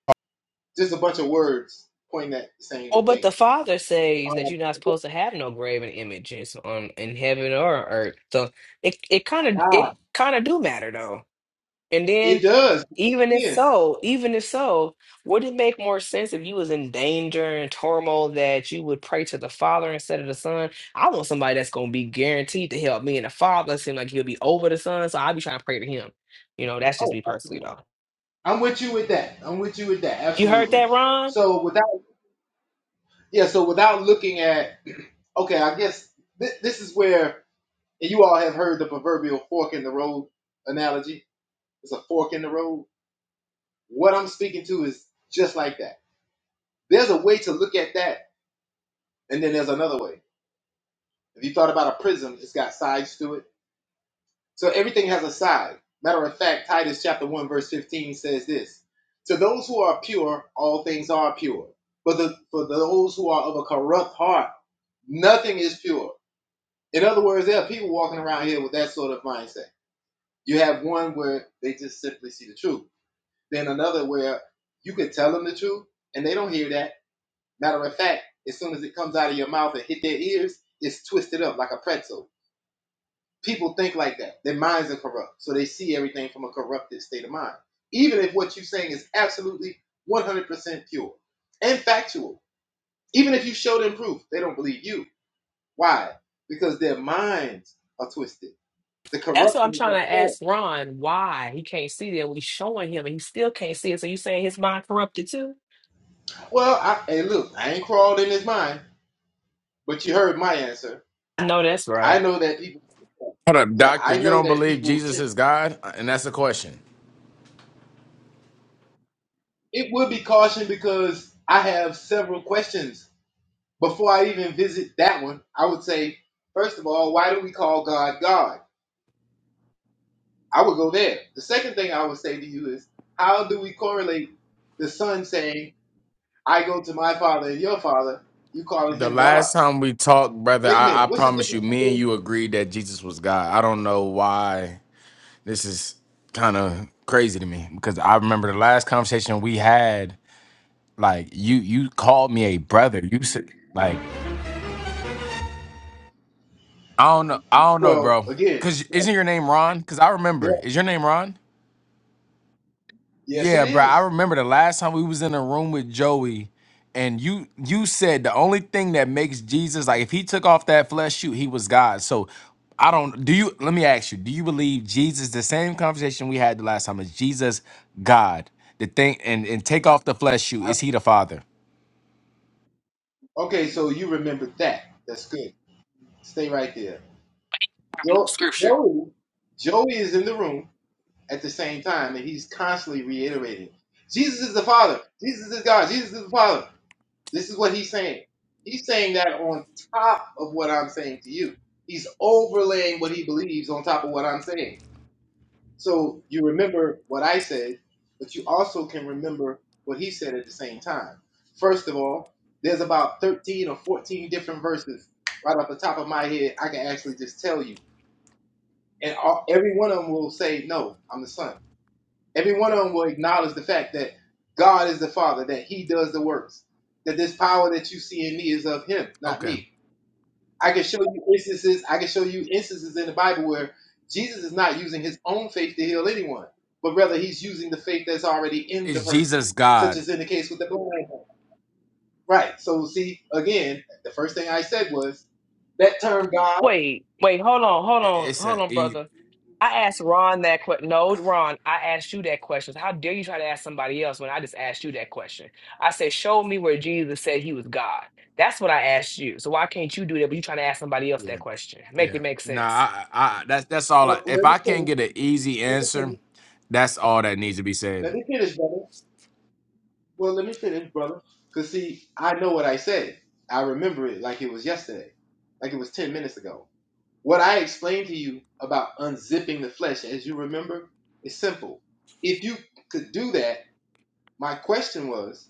[SPEAKER 16] Just a bunch of words pointing at the same
[SPEAKER 3] Well, but
[SPEAKER 16] thing.
[SPEAKER 3] the Father says that
[SPEAKER 16] Um,
[SPEAKER 3] you're not supposed to have no graven images on in heaven or earth. So it it kind of
[SPEAKER 16] ah,
[SPEAKER 3] it kind of do matter though. And then
[SPEAKER 16] It does.
[SPEAKER 3] even if
[SPEAKER 16] Again,
[SPEAKER 3] so, even if so, would it make more sense if you was in danger and turmoil that you would pray to the Father instead of the Son? I want somebody that's gonna be guaranteed to help me, and the Father seems like he'll be over the Son, so I'll be trying to pray to him. You know, that's just
[SPEAKER 16] oh,
[SPEAKER 3] me personally
[SPEAKER 16] absolutely.
[SPEAKER 3] though.
[SPEAKER 16] I'm with you with that. I'm with you with that.
[SPEAKER 3] You heard
[SPEAKER 16] Absolutely.
[SPEAKER 3] that, Ron?
[SPEAKER 16] So without yeah, so without looking at okay, I guess th- this is where and you all have heard the proverbial fork in the road analogy. It's a fork in the road. What I'm speaking to is just like that. There's a way to look at that, and then there's another way. If you thought about a prism, it's got sides to it So everything has a side. Matter of fact, Titus chapter 1, verse 15 says this To those who are pure, all things are pure. But the, for those who are of a corrupt heart, nothing is pure. In other words, there are people walking around here with that sort of mindset. You have one where they just simply see the truth, then another where you could tell them the truth and they don't hear that. Matter of fact, as soon as it comes out of your mouth and hit their ears, it's twisted up like a pretzel people think like that. Their minds are corrupt, so they see everything from a corrupted state of mind. Even if what you're saying is absolutely 100% pure and factual, even if you show them proof, they don't believe you. Why? Because their minds are twisted. The
[SPEAKER 3] That's what I'm
[SPEAKER 16] corruption is up
[SPEAKER 3] trying to ask
[SPEAKER 16] there.
[SPEAKER 3] Ron why he can't see that. we showing him and he still can't see it. So you saying his mind corrupted too?
[SPEAKER 16] Well, I, hey, look, I ain't crawled in his mind, but you heard my answer.
[SPEAKER 3] No, that's
[SPEAKER 16] I
[SPEAKER 3] right.
[SPEAKER 16] know that people.
[SPEAKER 8] Hold up,
[SPEAKER 16] Yeah,
[SPEAKER 8] doctor.
[SPEAKER 16] I
[SPEAKER 8] You
[SPEAKER 16] know
[SPEAKER 8] don't
[SPEAKER 16] that
[SPEAKER 8] believe
[SPEAKER 16] people
[SPEAKER 8] Jesus
[SPEAKER 16] tend.
[SPEAKER 8] is God? And that's the question.
[SPEAKER 16] It would be caution because I have several questions before I even visit that one, I would say, first of all, why do we call God God? I would go there. The second thing I would say to you is, how do we correlate the son saying, I go to my father and your father, you calling
[SPEAKER 8] The
[SPEAKER 16] him God?
[SPEAKER 8] last time we talked, brother,
[SPEAKER 16] Wait a
[SPEAKER 8] I,
[SPEAKER 16] minute,
[SPEAKER 8] I
[SPEAKER 16] what's the
[SPEAKER 8] promise you,
[SPEAKER 16] difference?
[SPEAKER 8] me and
[SPEAKER 16] between-
[SPEAKER 8] you agreed that Jesus was God. I don't know why this is kind of crazy to me because I remember the last conversation we had. Like you, you called me a brother. You said like I don't know, I don't know,
[SPEAKER 16] Well,
[SPEAKER 8] bro.
[SPEAKER 16] again,
[SPEAKER 8] Cause isn't your name Ron? Cause I
[SPEAKER 16] yeah,
[SPEAKER 8] remember. Is your name Ron?
[SPEAKER 16] yes, it
[SPEAKER 8] Yeah, bro. I
[SPEAKER 16] is.
[SPEAKER 8] remember the last time we was in a room with Joey, and you you said the only thing that makes Jesus like if he took off that flesh shoot, he was God. So I don't do you let me ask you, do you believe Jesus the same conversation we had the last time is Jesus God? The thing and, and take off the flesh shoot,
[SPEAKER 16] I-
[SPEAKER 8] is he the father?
[SPEAKER 16] okay, so you remembered that. That's good. Stay right there.
[SPEAKER 3] Harping on
[SPEAKER 16] Jo-
[SPEAKER 3] scripture.
[SPEAKER 16] Joey, Joey is in the room. at the same time that he's constantly reiterating. Jesus is the Father. Jesus is God. Jesus is the Father. This is what he's saying. He's saying that on top of what I'm saying to you. He's overlaying what he believes on top of what I'm saying. So you remember what I said, but you also can remember what he said at the same time. First of all, there's about 13 or 14 different verses right off the top of my head I can actually just tell you. And all, every one of them will say, No, I'm the Son. Every one of them will acknowledge the fact that God is the Father, that He does the works, that this power that you see in me is of Him, not
[SPEAKER 8] Okay.
[SPEAKER 16] me. I can show you instances. I can show you instances in the Bible where Jesus is not using His own faith to heal anyone, but rather He's using the faith that's already in the
[SPEAKER 8] Is
[SPEAKER 16] person,
[SPEAKER 8] Jesus
[SPEAKER 16] such
[SPEAKER 8] God?
[SPEAKER 16] as in the case with the blind man. Right. So see, again, the first thing I said was that term God.
[SPEAKER 3] Wait, wait, hold on, hold
[SPEAKER 8] I-
[SPEAKER 3] on,
[SPEAKER 8] It's
[SPEAKER 3] hold
[SPEAKER 8] a
[SPEAKER 3] on,
[SPEAKER 8] e-
[SPEAKER 3] brother. I asked Ron that question. No, Ron, I asked you that question. How dare you try to ask somebody else when I just asked you that question? I said, Show me where Jesus said he was God. That's what I asked you. So why can't you do that? But you trying to ask somebody else that
[SPEAKER 8] yeah.
[SPEAKER 3] question? Make
[SPEAKER 8] Yeah.
[SPEAKER 3] it make
[SPEAKER 8] Nah,
[SPEAKER 3] sense.
[SPEAKER 8] I, I I- that's that's all I,
[SPEAKER 16] Well,
[SPEAKER 8] if
[SPEAKER 16] let me
[SPEAKER 8] I can't
[SPEAKER 16] finish.
[SPEAKER 8] get an easy
[SPEAKER 16] Let me
[SPEAKER 8] answer,
[SPEAKER 16] finish.
[SPEAKER 8] that's all that needs to be
[SPEAKER 16] Let
[SPEAKER 8] said.
[SPEAKER 16] me finish, brother. Well, let me finish, brother. Cause see, I know what I said. I remember it like it was yesterday, like it was ten minutes ago. What I explained to you about unzipping the flesh, as you remember, is simple. If you could do that, my question was,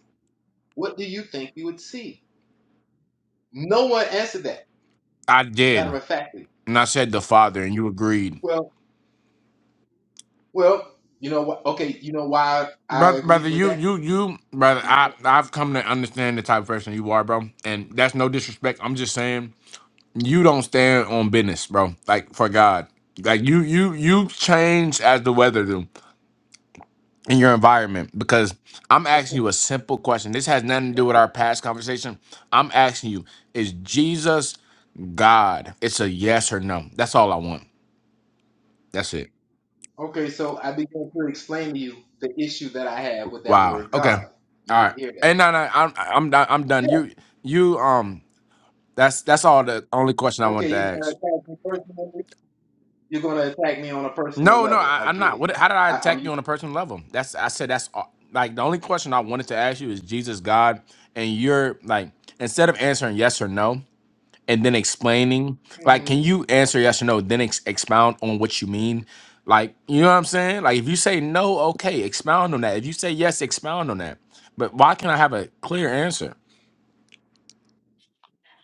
[SPEAKER 16] what do you think you would see? No one answered that.
[SPEAKER 8] I did.
[SPEAKER 16] Matter of factly.
[SPEAKER 8] and I said the Father, and you agreed.
[SPEAKER 16] Well, well, you know what? Okay, you know why I
[SPEAKER 8] Brother, brother,
[SPEAKER 16] agreed with
[SPEAKER 8] you,
[SPEAKER 16] that.
[SPEAKER 8] you, you, brother, I, I've come to understand the type of person you are, bro. And that's no disrespect. I'm just saying you don't stand on business, bro. Like for God, like you, you, you change as the weather do in your environment. Because I'm
[SPEAKER 16] Okay.
[SPEAKER 8] asking you a simple question. This has nothing to do with
[SPEAKER 16] Okay,
[SPEAKER 8] our past conversation. I'm asking you, is Jesus God? It's a yes or no. That's all I want. That's it.
[SPEAKER 16] Okay, so I began to explain to you the issue that I have with that
[SPEAKER 8] Wow.
[SPEAKER 16] word
[SPEAKER 8] Okay.
[SPEAKER 16] God. You
[SPEAKER 8] All right.
[SPEAKER 16] didn't hear that.
[SPEAKER 8] And no, no, I'm I'm done. I'm done.
[SPEAKER 16] Yeah.
[SPEAKER 8] You you um that's that's all the only question I
[SPEAKER 16] Okay,
[SPEAKER 8] wanted to
[SPEAKER 16] you're gonna
[SPEAKER 8] ask.
[SPEAKER 16] attack me personally. You're gonna attack me on a personal
[SPEAKER 8] No, no,
[SPEAKER 16] level.
[SPEAKER 8] I,
[SPEAKER 16] I
[SPEAKER 8] I'm
[SPEAKER 16] get
[SPEAKER 8] not.
[SPEAKER 16] it.
[SPEAKER 8] What how did I
[SPEAKER 16] I, I'm.
[SPEAKER 8] attack
[SPEAKER 16] you.
[SPEAKER 8] you on a personal level? That's I said that's all, like the only question I wanted to ask you is Jesus God and you're like instead of answering yes or no and then explaining like
[SPEAKER 16] hmm
[SPEAKER 8] can you answer yes or no then ex- expound on what you mean like you know what I'm saying like if you say no okay expound on that if you say yes expound on that but why can't I have a clear answer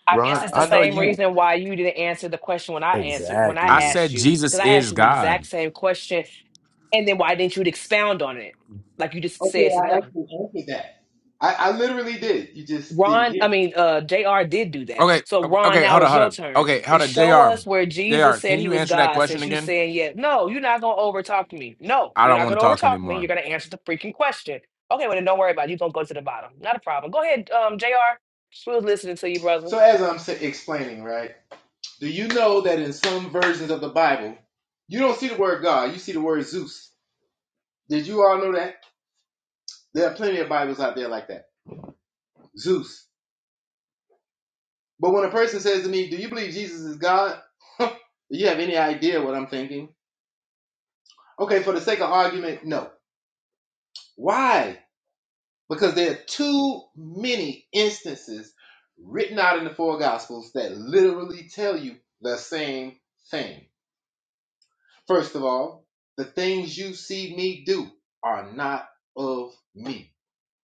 [SPEAKER 3] I
[SPEAKER 16] I
[SPEAKER 3] guess
[SPEAKER 2] Ron,
[SPEAKER 3] it's the
[SPEAKER 2] I know
[SPEAKER 16] actually
[SPEAKER 3] same
[SPEAKER 2] you
[SPEAKER 16] answered.
[SPEAKER 3] reason why you didn't answer the question when I answered when I
[SPEAKER 8] I
[SPEAKER 2] exactly.
[SPEAKER 3] asked
[SPEAKER 8] said
[SPEAKER 3] you
[SPEAKER 8] Jesus
[SPEAKER 3] because I asked
[SPEAKER 8] is
[SPEAKER 3] you the exact
[SPEAKER 8] God.
[SPEAKER 3] same question, and then why didn't you expound on it like you just
[SPEAKER 16] Okay,
[SPEAKER 3] said to
[SPEAKER 16] I
[SPEAKER 3] him?
[SPEAKER 16] actually answered that. I, I literally did. You just didn't
[SPEAKER 3] Ron,
[SPEAKER 16] hear.
[SPEAKER 3] I
[SPEAKER 16] me.
[SPEAKER 3] mean, uh, Jr. did do that.
[SPEAKER 8] Okay,
[SPEAKER 3] So
[SPEAKER 8] o-
[SPEAKER 3] Ron,
[SPEAKER 8] okay,
[SPEAKER 3] now
[SPEAKER 8] hold up,
[SPEAKER 3] it's
[SPEAKER 8] hold
[SPEAKER 3] your
[SPEAKER 8] up.
[SPEAKER 3] turn.
[SPEAKER 8] Okay,
[SPEAKER 3] Eh,
[SPEAKER 8] hold up,
[SPEAKER 3] Show
[SPEAKER 8] Jr.
[SPEAKER 3] us where Jesus
[SPEAKER 8] Jr.
[SPEAKER 3] said
[SPEAKER 8] Can
[SPEAKER 3] he
[SPEAKER 8] you
[SPEAKER 3] was
[SPEAKER 8] answer that
[SPEAKER 3] God.
[SPEAKER 8] question
[SPEAKER 3] Since you
[SPEAKER 8] again?
[SPEAKER 3] saying yeah, no, you're not gonna overtalk me. No,
[SPEAKER 8] I
[SPEAKER 3] you're
[SPEAKER 8] don't
[SPEAKER 3] not
[SPEAKER 8] want to
[SPEAKER 3] gonna
[SPEAKER 8] talk
[SPEAKER 3] overtalk me. You're
[SPEAKER 8] anymore.
[SPEAKER 3] gonna answer the freaking question. Okay, well then don't worry about it. You're gonna go to the bottom. Not a problem. Go ahead, um, Jr. We was listening to you, brother.
[SPEAKER 16] So as I'm sa- explaining, right? Do you know that in some versions of the Bible, you don't see the word God, you see the word Zeus? Did you all know that? There are plenty of Bibles out there like that. Zeus. But when a person says to me, Do you believe Jesus is God? Do you have any idea what I'm thinking? Okay, for the sake of argument, no. Why? Because there are too many instances written out in the four Gospels that literally tell you the same thing. First of all, the things you see me do are not of me.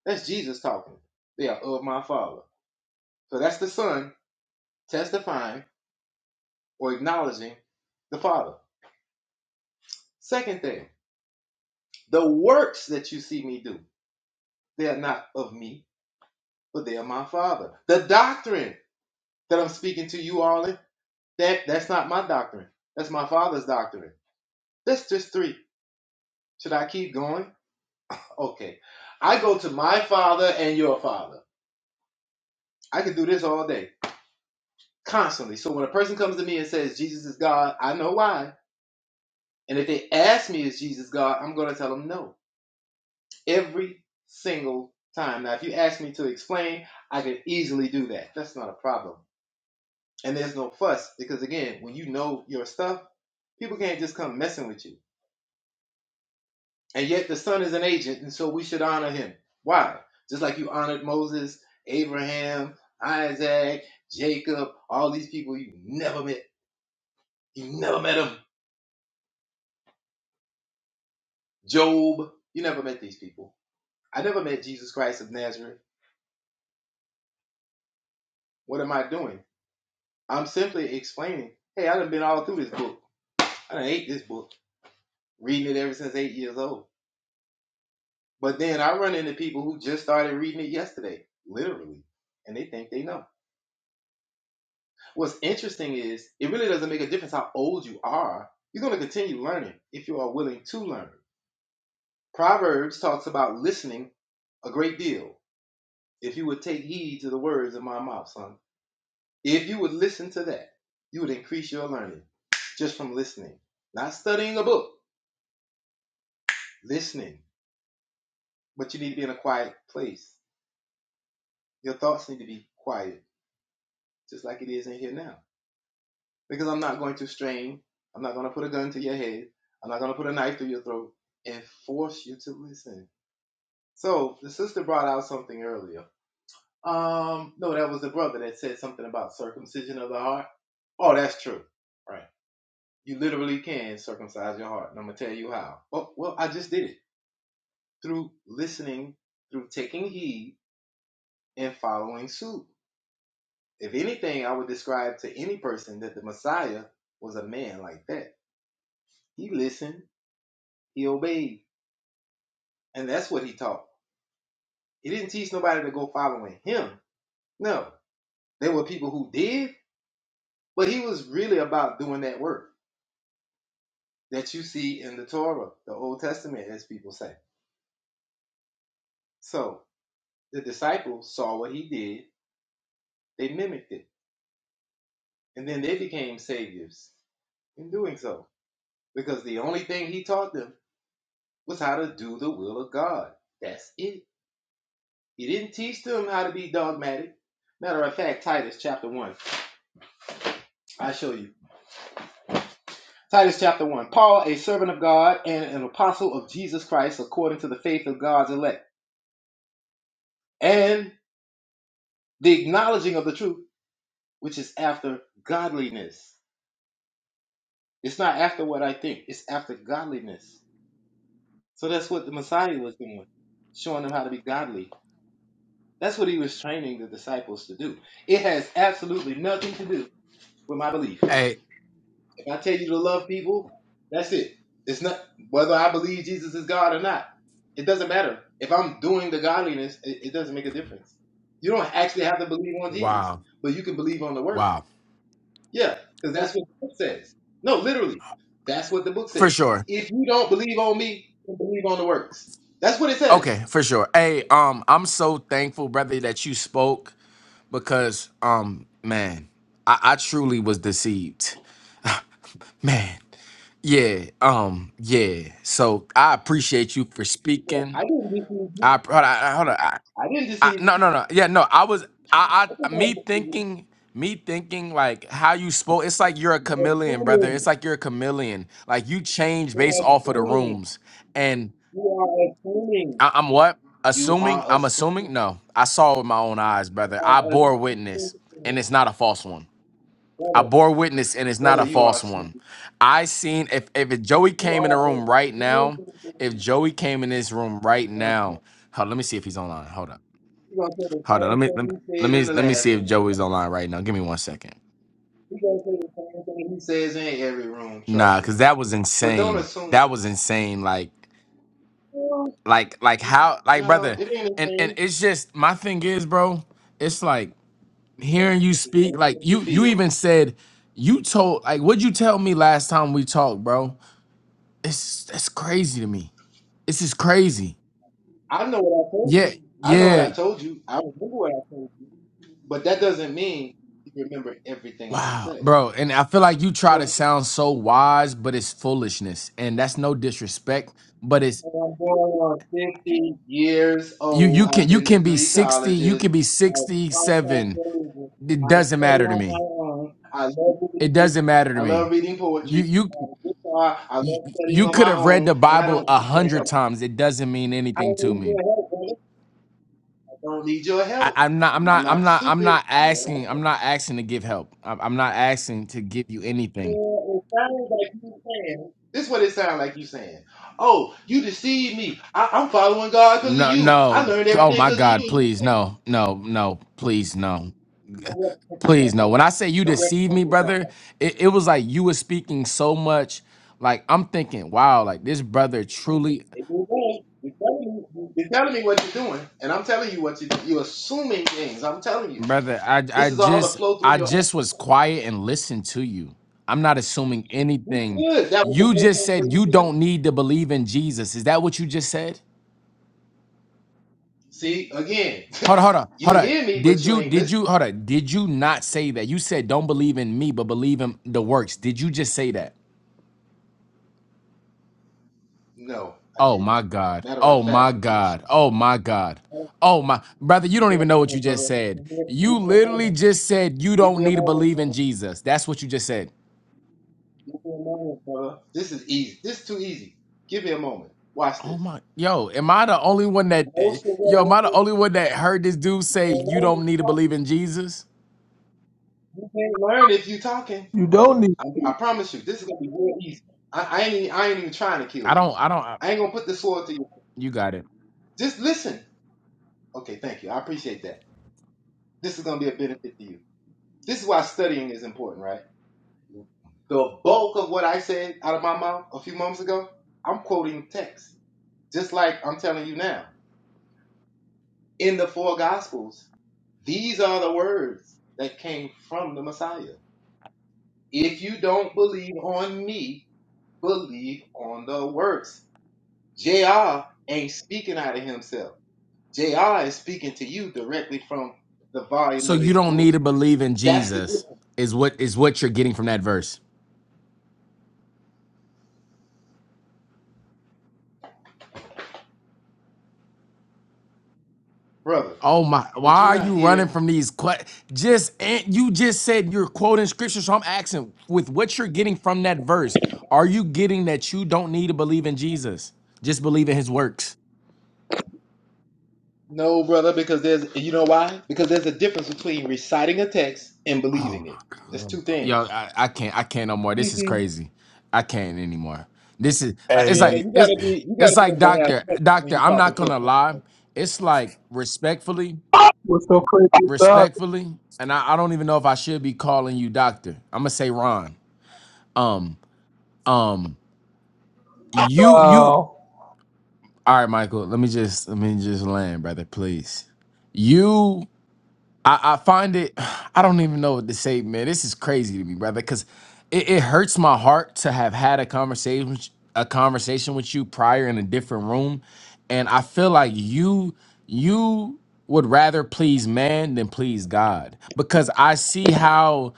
[SPEAKER 16] That's Jesus talking. They are of my Father. So that's the Son testifying or acknowledging the Father. Second thing, the works that you see me do, they are not of me, but they are my Father. The doctrine that I'm speaking to you all in, that, that's not my doctrine. That's my Father's doctrine. That's just three. Should I keep going? Okay. I go to my Father and your Father. I could do this all day. constantly. So when a person comes to me and says Jesus is God, I know why. And if they ask me is Jesus God, I'm going to tell them no every single time. Now, if you ask me to explain, I can easily do that. That's not a problem. And there's no fuss because again, when you know your stuff, people can't just come messing with you. And yet the son is an agent, and so we should honor him. Why? Just like you honored Moses, Abraham, Isaac, Jacob, all these people you never met. You never met them Job. You never met these people. I never met Jesus Christ of Nazareth. What am I doing? I'm simply explaining, hey, I done been all through this book. I done ate this book, reading it ever since eight years old. But then I run into people who just started reading it yesterday, literally, and they think they know. What's interesting is it really doesn't make a difference how old you are. You're going to continue learning if you are willing to learn. Proverbs talks about listening a great deal. If you would take heed to the words of my mouth, son If you would listen to that, you would increase your learning just from listening, not studying a book, listening. But you need to be in a quiet place. Your thoughts need to be quiet, just like it is in here now. Because I'm not going to strain, I'm not going to put a gun to your head, I'm not going to put a knife through your throat and force you to listen. So the sister brought out something earlier. Um, no, that was the brother that said something about circumcision of the heart. Oh, that's true. Right. You literally can circumcise your heart. And I'm going to tell you how. Oh, well, I just did it through listening, through taking heed, and following suit. If anything, I would describe to any person that the Messiah was a man like that. He listened, he obeyed, and that's what he taught. He didn't teach nobody to go following him. No, there were people who did, but he was really about doing that work that you see in the Torah, the Old Testament, as people say. So the disciples saw what he did, they mimicked it. And then they became saviors in doing so. Because the only thing he taught them was how to do the will of God. That's it. He didn't teach them how to be dogmatic. Matter of fact, Titus chapter 1. I show you. Titus chapter 1. Paul, a servant of God and an apostle of Jesus Christ, according to the faith of God's elect, and the acknowledging of the truth, which is after godliness. It's not after what I think, it's after godliness. So that's what the Messiah was doing, showing them how to be godly. That's what he was training the disciples to do. It has absolutely nothing to do with my belief.
[SPEAKER 8] Hey,
[SPEAKER 16] If I tell you to love people, that's it. It's not whether I believe Jesus is God or not. It doesn't matter. If I'm doing the godliness, it, it doesn't make a difference. You don't actually have to believe on Jesus,
[SPEAKER 8] wow,
[SPEAKER 16] but you can believe on the works.
[SPEAKER 8] wow,
[SPEAKER 16] Yeah, because that's what the book says. No, literally, that's what the book
[SPEAKER 8] for
[SPEAKER 16] says.
[SPEAKER 8] sure.
[SPEAKER 16] If you don't believe on me, then believe on the works. That's what it says.
[SPEAKER 8] Okay, for sure. Hey, um, I'm so thankful, brother, that you spoke because, um, man, I, I truly was deceived, man. Yeah, um, yeah. So I appreciate you for
[SPEAKER 16] Yeah, I
[SPEAKER 8] speaking.
[SPEAKER 16] didn't deceive
[SPEAKER 8] I
[SPEAKER 16] you.
[SPEAKER 8] hold on, hold on.
[SPEAKER 16] I didn't
[SPEAKER 8] I,
[SPEAKER 16] deceive you.
[SPEAKER 8] no, no, no. Yeah, no. I was I,
[SPEAKER 16] I
[SPEAKER 8] I
[SPEAKER 16] didn't
[SPEAKER 8] me
[SPEAKER 16] deceive you.
[SPEAKER 8] thinking me thinking like how you spoke. It's like you're a chameleon, brother. It's
[SPEAKER 16] assuming.
[SPEAKER 8] like you're a chameleon. Like you change based
[SPEAKER 16] You're
[SPEAKER 8] off of the
[SPEAKER 16] assuming.
[SPEAKER 8] rooms. And
[SPEAKER 16] You are assuming.
[SPEAKER 8] I, I'm what
[SPEAKER 16] You are
[SPEAKER 8] assuming. I'm
[SPEAKER 16] assuming.
[SPEAKER 8] assuming. No, I saw it with my own eyes,
[SPEAKER 16] You
[SPEAKER 8] brother. I
[SPEAKER 16] are
[SPEAKER 8] bore witness, and
[SPEAKER 16] assuming.
[SPEAKER 8] it's not a false one. I
[SPEAKER 16] Brother,
[SPEAKER 8] bore witness, and it's not
[SPEAKER 16] brother,
[SPEAKER 8] a
[SPEAKER 16] you are
[SPEAKER 8] false one.
[SPEAKER 16] assuming.
[SPEAKER 8] I seen if if Joey
[SPEAKER 16] You
[SPEAKER 8] came in the room right
[SPEAKER 16] are
[SPEAKER 8] now. If
[SPEAKER 16] assuming.
[SPEAKER 8] Joey came in this room right
[SPEAKER 16] Uh-huh.
[SPEAKER 8] now, hold, let me see if he's online. Hold up.
[SPEAKER 16] You gonna say the
[SPEAKER 8] Hold on,
[SPEAKER 16] same
[SPEAKER 8] let me let me
[SPEAKER 16] thing you
[SPEAKER 8] let
[SPEAKER 16] said
[SPEAKER 8] me
[SPEAKER 16] in the
[SPEAKER 8] let me
[SPEAKER 16] last
[SPEAKER 8] see if
[SPEAKER 16] room.
[SPEAKER 8] Joey's online right now. Give me one second.
[SPEAKER 16] You gonna say the same thing he says in every room. Trust
[SPEAKER 8] Nah, cause
[SPEAKER 16] me.
[SPEAKER 8] that was
[SPEAKER 16] But don't
[SPEAKER 8] insane.
[SPEAKER 16] assume.
[SPEAKER 8] That was insane. Like,
[SPEAKER 16] Well,
[SPEAKER 8] like, like how, like,
[SPEAKER 16] no,
[SPEAKER 8] brother.
[SPEAKER 16] it ain't a
[SPEAKER 8] And and
[SPEAKER 16] thing.
[SPEAKER 8] it's just my thing is, bro. It's like hearing you
[SPEAKER 16] It's
[SPEAKER 8] speak. Like
[SPEAKER 16] what you
[SPEAKER 8] you you
[SPEAKER 16] feel.
[SPEAKER 8] even said you told like what'd you tell me last time we talked, bro? It's that's crazy to me. This is crazy.
[SPEAKER 16] I know what I told you.
[SPEAKER 8] Yeah,
[SPEAKER 16] I know what I
[SPEAKER 8] yeah.
[SPEAKER 16] told you. I remember what I told you. But that doesn't mean you remember everything I
[SPEAKER 8] Wow,
[SPEAKER 16] said.
[SPEAKER 8] bro. And I feel like you
[SPEAKER 16] It
[SPEAKER 8] try
[SPEAKER 16] don't-
[SPEAKER 8] to
[SPEAKER 16] mean
[SPEAKER 8] sound so wise, but it's foolishness. And that's no disrespect, but it's
[SPEAKER 16] I'm going on 50 years
[SPEAKER 8] You
[SPEAKER 16] old.
[SPEAKER 8] you
[SPEAKER 16] I've
[SPEAKER 8] can you
[SPEAKER 16] been to
[SPEAKER 8] can be
[SPEAKER 16] three
[SPEAKER 8] 60, you
[SPEAKER 16] colleges.
[SPEAKER 8] can be
[SPEAKER 16] I contact
[SPEAKER 8] 67.
[SPEAKER 16] religion.
[SPEAKER 8] It
[SPEAKER 16] I
[SPEAKER 8] doesn't
[SPEAKER 16] study
[SPEAKER 8] matter to
[SPEAKER 16] on
[SPEAKER 8] me.
[SPEAKER 16] my own. I love reading
[SPEAKER 8] It
[SPEAKER 16] books.
[SPEAKER 8] doesn't matter to
[SPEAKER 16] I
[SPEAKER 8] me.
[SPEAKER 16] love reading poetry.
[SPEAKER 8] You you
[SPEAKER 16] I have a guitar. I
[SPEAKER 8] you
[SPEAKER 16] love studying
[SPEAKER 8] you
[SPEAKER 16] on
[SPEAKER 8] could
[SPEAKER 16] my
[SPEAKER 8] have read the
[SPEAKER 16] own, and I
[SPEAKER 8] Bible
[SPEAKER 16] don't
[SPEAKER 8] a
[SPEAKER 16] need your
[SPEAKER 8] hundred
[SPEAKER 16] help.
[SPEAKER 8] times. It doesn't mean
[SPEAKER 16] I
[SPEAKER 8] anything
[SPEAKER 16] don't
[SPEAKER 8] to
[SPEAKER 16] need
[SPEAKER 8] me.
[SPEAKER 16] your help, brother. I don't need your
[SPEAKER 8] I,
[SPEAKER 16] help.
[SPEAKER 8] I'm not I'm
[SPEAKER 16] I'm
[SPEAKER 8] not I'm
[SPEAKER 16] not
[SPEAKER 8] not I'm
[SPEAKER 16] stupid.
[SPEAKER 8] not
[SPEAKER 16] I know what I'm doing.
[SPEAKER 8] asking I'm not asking to give help. I'm, I'm not asking to give you
[SPEAKER 16] Yeah,
[SPEAKER 8] anything.
[SPEAKER 16] It sounds like you saying. This is what it sounds like you saying. Oh, you deceived me. I, I'm following God because of
[SPEAKER 8] No
[SPEAKER 16] you. I
[SPEAKER 8] no.
[SPEAKER 16] learned
[SPEAKER 8] Oh
[SPEAKER 16] everything
[SPEAKER 8] my
[SPEAKER 16] because of you.
[SPEAKER 8] God!
[SPEAKER 16] And you
[SPEAKER 8] Please
[SPEAKER 16] think-
[SPEAKER 8] no no no please no.
[SPEAKER 16] Don't represent yourself
[SPEAKER 8] Please no.
[SPEAKER 16] like
[SPEAKER 8] When I say you
[SPEAKER 16] that. Don't
[SPEAKER 8] deceived me,
[SPEAKER 16] represent yourself like
[SPEAKER 8] brother,
[SPEAKER 16] that.
[SPEAKER 8] it, it was like you was speaking so much. Like I'm thinking, wow, like this brother truly,
[SPEAKER 16] If you do, you're telling me, you're telling me what you're doing, and I'm telling you what you do. You're assuming things. I'm telling you.
[SPEAKER 8] brother. I
[SPEAKER 16] This
[SPEAKER 8] I
[SPEAKER 16] is all to
[SPEAKER 8] just
[SPEAKER 16] flow through
[SPEAKER 8] I
[SPEAKER 16] your own.
[SPEAKER 8] just was quiet and listened to you. I'm not assuming
[SPEAKER 16] You
[SPEAKER 8] anything.
[SPEAKER 16] should. That was the
[SPEAKER 8] You
[SPEAKER 16] best
[SPEAKER 8] just
[SPEAKER 16] thing for
[SPEAKER 8] said
[SPEAKER 16] you
[SPEAKER 8] you
[SPEAKER 16] to do.
[SPEAKER 8] don't need to believe in Jesus. Is that what you just said?
[SPEAKER 16] See, again,
[SPEAKER 8] Hold on, hold on,
[SPEAKER 16] you
[SPEAKER 8] hold on.
[SPEAKER 16] hear me, but
[SPEAKER 8] Did
[SPEAKER 16] you
[SPEAKER 8] you
[SPEAKER 16] ain't
[SPEAKER 8] did
[SPEAKER 16] listening.
[SPEAKER 8] you hold on? Did you not say that? You said don't believe in me, but believe in the works. Did you just say that?
[SPEAKER 16] No, I
[SPEAKER 8] Oh
[SPEAKER 16] didn't.
[SPEAKER 8] my God.
[SPEAKER 16] Matter of
[SPEAKER 8] Oh
[SPEAKER 16] fact,
[SPEAKER 8] my
[SPEAKER 16] let me. show
[SPEAKER 8] God. Oh my God.
[SPEAKER 16] you.
[SPEAKER 8] Oh my brother, you
[SPEAKER 16] Give
[SPEAKER 8] don't
[SPEAKER 16] me
[SPEAKER 8] even
[SPEAKER 16] a
[SPEAKER 8] know what you
[SPEAKER 16] moment,
[SPEAKER 8] just
[SPEAKER 16] brother.
[SPEAKER 8] said.
[SPEAKER 16] Give me a, give
[SPEAKER 8] You
[SPEAKER 16] me a
[SPEAKER 8] literally
[SPEAKER 16] moment.
[SPEAKER 8] just said you
[SPEAKER 16] Give
[SPEAKER 8] don't
[SPEAKER 16] me a
[SPEAKER 8] need to
[SPEAKER 16] moment,
[SPEAKER 8] believe in
[SPEAKER 16] brother.
[SPEAKER 8] Jesus. That's what you just said.
[SPEAKER 16] Give me a moment, brother. This is easy. This is too easy. Give me a moment. Watch
[SPEAKER 8] Oh
[SPEAKER 16] this.
[SPEAKER 8] my yo, am I the only one that
[SPEAKER 16] Most of
[SPEAKER 8] yo,
[SPEAKER 16] what I
[SPEAKER 8] am I the
[SPEAKER 16] think
[SPEAKER 8] only one that heard this dude
[SPEAKER 16] you
[SPEAKER 8] say
[SPEAKER 16] can't
[SPEAKER 8] you
[SPEAKER 16] learn
[SPEAKER 8] don't
[SPEAKER 16] if you
[SPEAKER 8] need to
[SPEAKER 16] talking.
[SPEAKER 8] believe in Jesus?
[SPEAKER 16] You can't learn if you talking.
[SPEAKER 17] You don't need
[SPEAKER 16] I, I promise you, this is gonna be real easy. I, I ain't even- I ain't even trying to kill
[SPEAKER 8] I
[SPEAKER 16] you.
[SPEAKER 8] don't I don't I-
[SPEAKER 16] I ain't gonna put the sword to you.
[SPEAKER 8] you got it.
[SPEAKER 16] Just listen. Okay, thank you. I appreciate that. This is gonna be a benefit to you. This is why studying is important, right? The bulk of what I said out of my mouth a few moments ago, I'm quoting text. Just like I'm telling you now, in the four gospels, these are the words that came from the Messiah. If you don't believe on me, believe on the works. JR ain't speaking out of himself. JR is speaking to you directly from the volume
[SPEAKER 8] So
[SPEAKER 16] of
[SPEAKER 8] you
[SPEAKER 16] his
[SPEAKER 8] don't need
[SPEAKER 16] book.
[SPEAKER 8] to believe in
[SPEAKER 16] That's the
[SPEAKER 8] Jesus
[SPEAKER 16] difference.
[SPEAKER 8] is what is what you're getting from that verse.
[SPEAKER 16] Brother,
[SPEAKER 8] Oh my! Why
[SPEAKER 16] did you
[SPEAKER 8] are
[SPEAKER 16] not
[SPEAKER 8] you running
[SPEAKER 16] hear?
[SPEAKER 8] from these questions? Just and you just said you're quoting scripture, so I'm asking with what you're getting from that verse. Are you getting that you don't need to believe in Jesus? Just believe in His works.
[SPEAKER 16] No, brother, because there's, you know why? Because there's a difference between reciting a text and
[SPEAKER 8] Oh
[SPEAKER 16] believing
[SPEAKER 8] my
[SPEAKER 16] it. There's
[SPEAKER 8] God,
[SPEAKER 16] two
[SPEAKER 8] yo,
[SPEAKER 16] things.
[SPEAKER 8] I, I can't, I can't no more. This is crazy. I can't anymore. This is. uh, It's
[SPEAKER 16] Yeah,
[SPEAKER 8] like
[SPEAKER 2] Hey,
[SPEAKER 8] it's. It's like
[SPEAKER 16] when
[SPEAKER 8] doctor, doctor.
[SPEAKER 16] you're
[SPEAKER 8] I'm
[SPEAKER 16] talking
[SPEAKER 8] not
[SPEAKER 16] to a
[SPEAKER 8] gonna lie. It's like respectfully,
[SPEAKER 17] what's so crazy is God.
[SPEAKER 8] respectfully, and I, I don't even know if I should be calling you doctor. I'm gonna say Ron. Um, Um, you you
[SPEAKER 17] Uh,
[SPEAKER 8] all right, Michael. Let me just let me just land, brother, please. You I, I find it, I don't even know what to say, man. This is crazy to me, brother, because it, it hurts my heart to have had a conversation, a conversation with you prior in a different room, and I feel like you, you would rather please man than please God, because I see how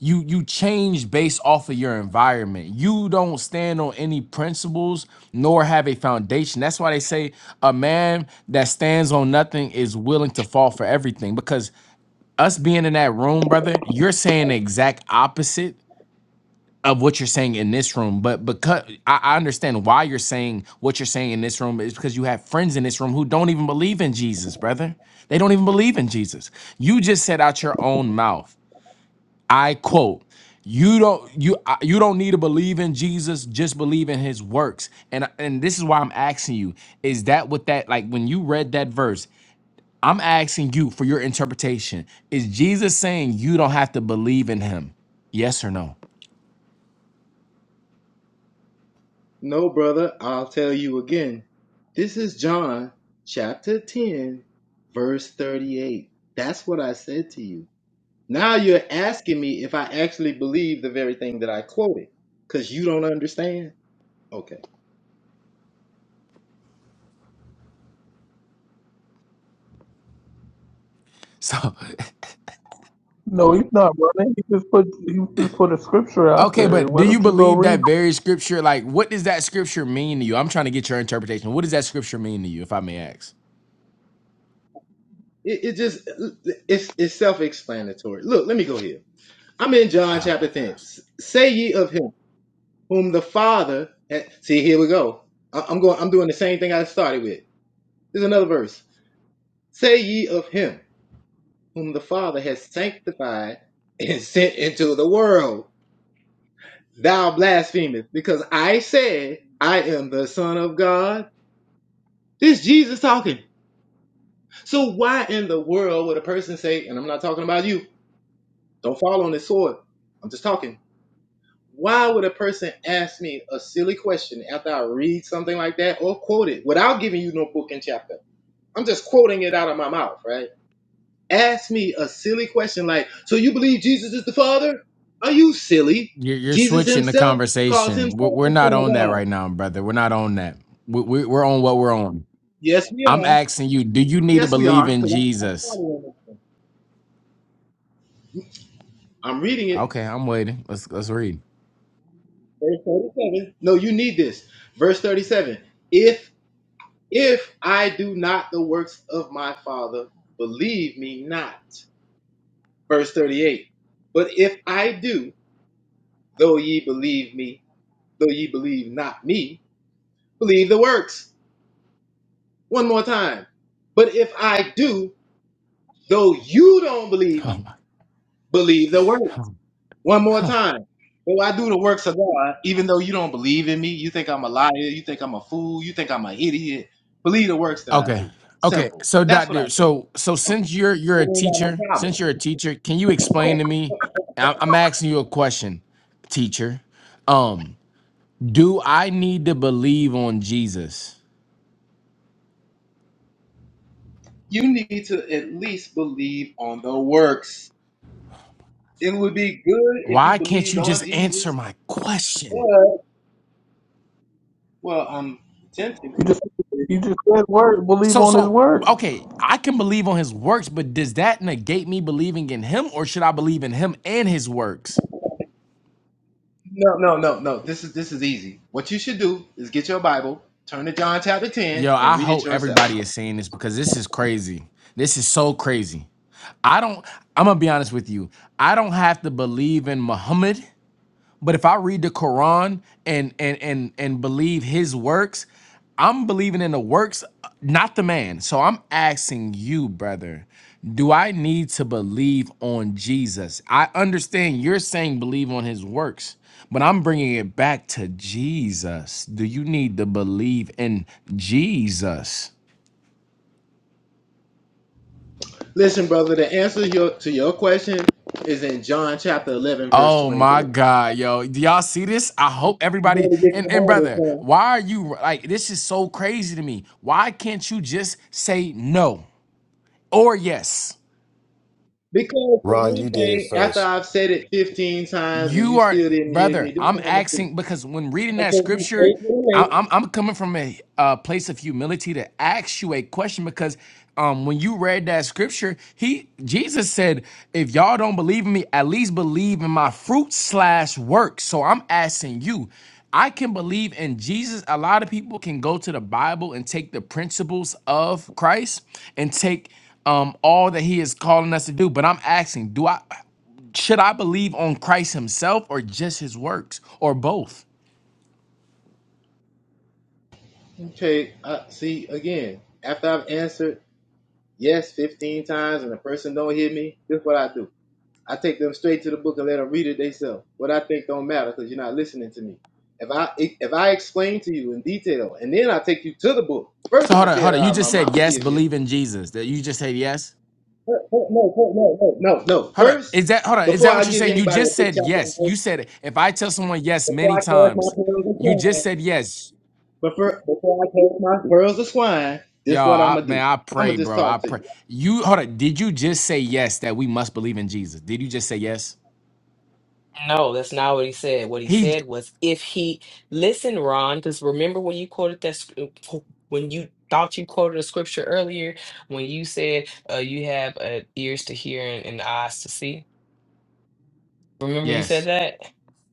[SPEAKER 8] you you change based off of your environment. You don't stand on any principles nor have a foundation. That's why they say a man that stands on nothing is willing to fall for everything because us being in that room, brother, you're saying the exact opposite of what you're saying in this room. But because I, I understand why you're saying what you're saying in this room is because you have friends in this room who don't even believe in Jesus, brother. They don't even believe in Jesus. You just said out your own mouth. I quote, you don't you I- you don't need to believe in Jesus, just believe in his works. And and this is why I'm asking you, is that what that like when you read that verse, I'm asking you for your interpretation. Is Jesus saying you don't have to believe in him? Yes or no?
[SPEAKER 16] No, brother, I'll tell you again. This is John chapter 10, verse 38. That's what I said to you. Now you're asking me if I actually believe the very thing that I quoted because you don't understand. Okay.
[SPEAKER 8] So,
[SPEAKER 17] no, he's not running. He just put he just put a scripture out
[SPEAKER 8] okay,
[SPEAKER 17] there.
[SPEAKER 8] but
[SPEAKER 17] Why
[SPEAKER 8] do you
[SPEAKER 17] don't you go
[SPEAKER 8] believe
[SPEAKER 17] read?
[SPEAKER 8] that
[SPEAKER 17] it?
[SPEAKER 8] very scripture? Like, what does that scripture mean to you? I'm trying to get your interpretation. What does that scripture mean to you, if I may ask?
[SPEAKER 16] It, it just, it's, it's self explanatory. Look, let me go here. I'm in John
[SPEAKER 8] Oh my
[SPEAKER 16] chapter 10.
[SPEAKER 8] gosh.
[SPEAKER 16] S- Say ye of him whom the Father had. See, here we go. I- I'm going, I'm doing the same thing I started with. There's another verse. Say ye of him whom the Father has sanctified and sent into the world. Thou blasphemest, because I said, I am the Son of God. This Jesus talking. So why in the world would a person say, and I'm not talking about you, don't fall on this sword. I'm just talking. why would a person ask me a silly question after I read something like that or quote it without giving you no book and chapter? I'm just quoting it out of my mouth, right? Ask me a silly question like, so you believe Jesus is the Father? Are you silly?
[SPEAKER 8] You're, you're
[SPEAKER 16] Jesus
[SPEAKER 8] switching the
[SPEAKER 16] himself calls
[SPEAKER 8] conversation. We're,
[SPEAKER 16] himself
[SPEAKER 8] we're
[SPEAKER 16] the Son
[SPEAKER 8] not
[SPEAKER 16] of
[SPEAKER 8] on that
[SPEAKER 16] God.
[SPEAKER 8] right now, brother. We're not on that. We, we, we're on what we're on.
[SPEAKER 16] Yes, we
[SPEAKER 8] I'm
[SPEAKER 16] are.
[SPEAKER 8] asking you, do you need to
[SPEAKER 16] Yes, we
[SPEAKER 8] believe
[SPEAKER 16] are.
[SPEAKER 8] in
[SPEAKER 16] 'cause I, I
[SPEAKER 8] Jesus?
[SPEAKER 16] started on this one. I'm reading it.
[SPEAKER 8] Okay, I'm waiting. Let's let's read.
[SPEAKER 16] Verse 37. No, you need this. Verse 37. If if I do not the works of my Father, believe me not. Verse 38 But if I do, though ye believe me, though ye believe not me, believe the works. One more time. But if I do, though you don't believe
[SPEAKER 8] Oh
[SPEAKER 16] me, believe the
[SPEAKER 8] my.
[SPEAKER 16] works. One more time. Though I do the works of God, even though you don't believe in me, you think I'm a liar, you think I'm a fool, you think I'm an idiot, believe the works that I
[SPEAKER 8] Okay.
[SPEAKER 16] do.
[SPEAKER 8] Okay.
[SPEAKER 16] Simple.
[SPEAKER 8] So
[SPEAKER 16] That's what I
[SPEAKER 8] doctor,
[SPEAKER 16] think.
[SPEAKER 8] so so since you're you're a
[SPEAKER 16] We ain't got no
[SPEAKER 8] teacher,
[SPEAKER 16] problem.
[SPEAKER 8] since you're a teacher, can you explain to me? I- I'm asking you a question, teacher. Um, do I need to believe on Jesus?
[SPEAKER 16] You need to at least believe on the works It would be good if you
[SPEAKER 8] Why can't
[SPEAKER 16] believed
[SPEAKER 8] you
[SPEAKER 16] on
[SPEAKER 8] just answer
[SPEAKER 16] Jesus.
[SPEAKER 8] my question?
[SPEAKER 16] Well, well, I'm tempting
[SPEAKER 17] He
[SPEAKER 16] to.
[SPEAKER 17] just he just said word. Believe
[SPEAKER 8] So
[SPEAKER 17] on his
[SPEAKER 8] so
[SPEAKER 17] word.
[SPEAKER 8] okay, I can believe on his works, but does that negate me believing in him or should I believe in him and his works?
[SPEAKER 16] No, no, no, no. This is this is easy. What you should do is get your Bible, turn to John chapter ten,
[SPEAKER 8] Yo,
[SPEAKER 16] and
[SPEAKER 8] I
[SPEAKER 16] read it
[SPEAKER 8] hope
[SPEAKER 16] yourself.
[SPEAKER 8] everybody is seeing this because this is crazy. This is so crazy. I don't, I'm gonna be honest with you. I don't have to believe in Muhammad. But if I read the Quran and and and and believe his works, I'm believing in the works, not the man. So I'm asking you, brother, do I need to believe on Jesus? I understand you're saying believe on his works, but I'm bringing it back to Jesus. Do you need to believe in Jesus?
[SPEAKER 16] Listen, brother, the answer your, to your question is in John chapter eleven, verse
[SPEAKER 8] Oh my
[SPEAKER 16] twenty-four.
[SPEAKER 8] God, yo. Do y'all see this? I hope
[SPEAKER 16] You
[SPEAKER 8] everybody
[SPEAKER 16] better get
[SPEAKER 8] and,
[SPEAKER 16] your
[SPEAKER 8] and
[SPEAKER 16] Bible,
[SPEAKER 8] brother,
[SPEAKER 16] son.
[SPEAKER 8] why are you like this is so crazy to me. Why can't you just say no or yes?
[SPEAKER 16] Because for
[SPEAKER 2] Ron,
[SPEAKER 16] one
[SPEAKER 2] you did it
[SPEAKER 16] thing, after
[SPEAKER 2] first.
[SPEAKER 16] I've said it fifteen times and you
[SPEAKER 8] You are,
[SPEAKER 16] still didn't hear me,
[SPEAKER 8] brother.
[SPEAKER 16] this is
[SPEAKER 8] I'm
[SPEAKER 16] what I'm gonna do.
[SPEAKER 8] asking because when
[SPEAKER 16] I'm
[SPEAKER 8] reading
[SPEAKER 16] gonna
[SPEAKER 8] that
[SPEAKER 16] take you
[SPEAKER 8] scripture,
[SPEAKER 16] straight
[SPEAKER 8] I,
[SPEAKER 16] to
[SPEAKER 8] I'm I'm coming from a, uh place of humility to ask you a question because um when you read that scripture, he Jesus said, "If y'all don't believe in me, at least believe in my fruit slash work." So I'm asking you. I can believe in Jesus. A lot of people can go to the Bible and take the principles of Christ and take um all that he is calling us to do. But I'm asking, do I? should I believe on Christ himself or just his works or both?
[SPEAKER 16] the lake. Okay, uh, see again. After I've answered yes 15 times and the person don't hear me, this is what I do. I take them straight to the book and let them read it themselves. What I think don't matter because you're not listening to me. If I if if I explain to you in detail and then I take you to the book, first
[SPEAKER 8] So
[SPEAKER 16] I'm gonna
[SPEAKER 8] hold on,
[SPEAKER 16] say it
[SPEAKER 8] hold on. You
[SPEAKER 16] out of my
[SPEAKER 8] just said
[SPEAKER 16] mouth. See
[SPEAKER 8] yes,
[SPEAKER 16] if you
[SPEAKER 8] believe in Jesus. That you just said yes.
[SPEAKER 16] no no no no no no. no.
[SPEAKER 8] Hold on.
[SPEAKER 16] First,
[SPEAKER 8] Is that hold on? Is
[SPEAKER 16] before
[SPEAKER 8] that
[SPEAKER 16] I
[SPEAKER 8] what you're
[SPEAKER 16] give
[SPEAKER 8] saying? You
[SPEAKER 16] anybody a
[SPEAKER 8] just
[SPEAKER 16] book
[SPEAKER 8] said
[SPEAKER 16] chapter, and
[SPEAKER 8] yes. You
[SPEAKER 16] verse,
[SPEAKER 8] said if I tell someone yes
[SPEAKER 16] before
[SPEAKER 8] many
[SPEAKER 16] I cast my
[SPEAKER 8] times,
[SPEAKER 16] pearls
[SPEAKER 8] you
[SPEAKER 16] of swine,
[SPEAKER 8] just said yes.
[SPEAKER 16] but before I cast my pearls of swine,
[SPEAKER 8] Y'all,
[SPEAKER 16] this what I'm
[SPEAKER 8] I,
[SPEAKER 16] gonna
[SPEAKER 8] man,
[SPEAKER 16] do.
[SPEAKER 8] I
[SPEAKER 16] I'm gonna
[SPEAKER 8] pray,
[SPEAKER 16] just
[SPEAKER 8] bro. I
[SPEAKER 16] talk to
[SPEAKER 8] pray. You hold on. Did you just say yes that we must believe in Jesus? Did you just say yes?
[SPEAKER 3] No, that's not what he said. What he
[SPEAKER 8] He
[SPEAKER 3] said was if he listen, Ron, because remember when you quoted that sc- when you thought you quoted a scripture earlier when you said uh, you have uh, ears to hear and, and eyes to see. Remember you said
[SPEAKER 8] yes.
[SPEAKER 3] that?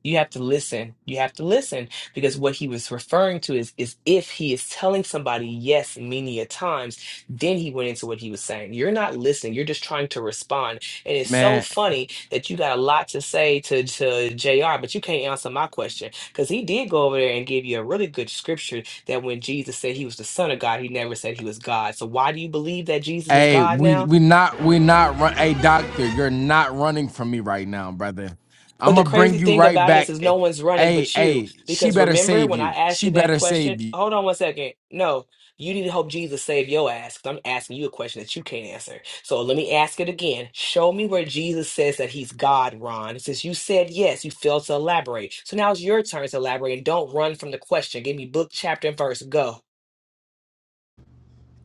[SPEAKER 3] You have to listen. You have to listen because what he was referring to is is if he is telling somebody yes many a times, then he went into what he was saying. You're not listening. You're just trying to respond. And it's so
[SPEAKER 8] Man.
[SPEAKER 3] funny that you got a lot to say to to JR, but you can't answer my question because he did go over there and give you a really good scripture that when Jesus said he was the son of God, he never said he was God. So why do you believe that Jesus is
[SPEAKER 8] Hey,
[SPEAKER 3] God
[SPEAKER 8] we
[SPEAKER 3] now?
[SPEAKER 8] we not we not run. Hey, doctor, you're not running from me right now, brother. I'm
[SPEAKER 3] But the
[SPEAKER 8] gonna bring
[SPEAKER 3] crazy
[SPEAKER 8] you
[SPEAKER 3] thing
[SPEAKER 8] right
[SPEAKER 3] about it is,
[SPEAKER 8] back.
[SPEAKER 3] is
[SPEAKER 8] Eh,
[SPEAKER 3] no one's running
[SPEAKER 8] Hey,
[SPEAKER 3] but you.
[SPEAKER 8] hey, she
[SPEAKER 3] Because
[SPEAKER 8] better
[SPEAKER 3] remember
[SPEAKER 8] save
[SPEAKER 3] when I
[SPEAKER 8] you.
[SPEAKER 3] asked
[SPEAKER 8] She
[SPEAKER 3] you that
[SPEAKER 8] better
[SPEAKER 3] question?
[SPEAKER 8] save you.
[SPEAKER 3] Hold on one second. No, you need to help Jesus save your ass. 'cause I'm asking you a question that you can't answer. So let me ask it again. Show me where Jesus says that he's God, Ron. Since you said yes, you failed to elaborate. So now it's your turn to elaborate and don't run from the question. Give me book, chapter, and verse. Go.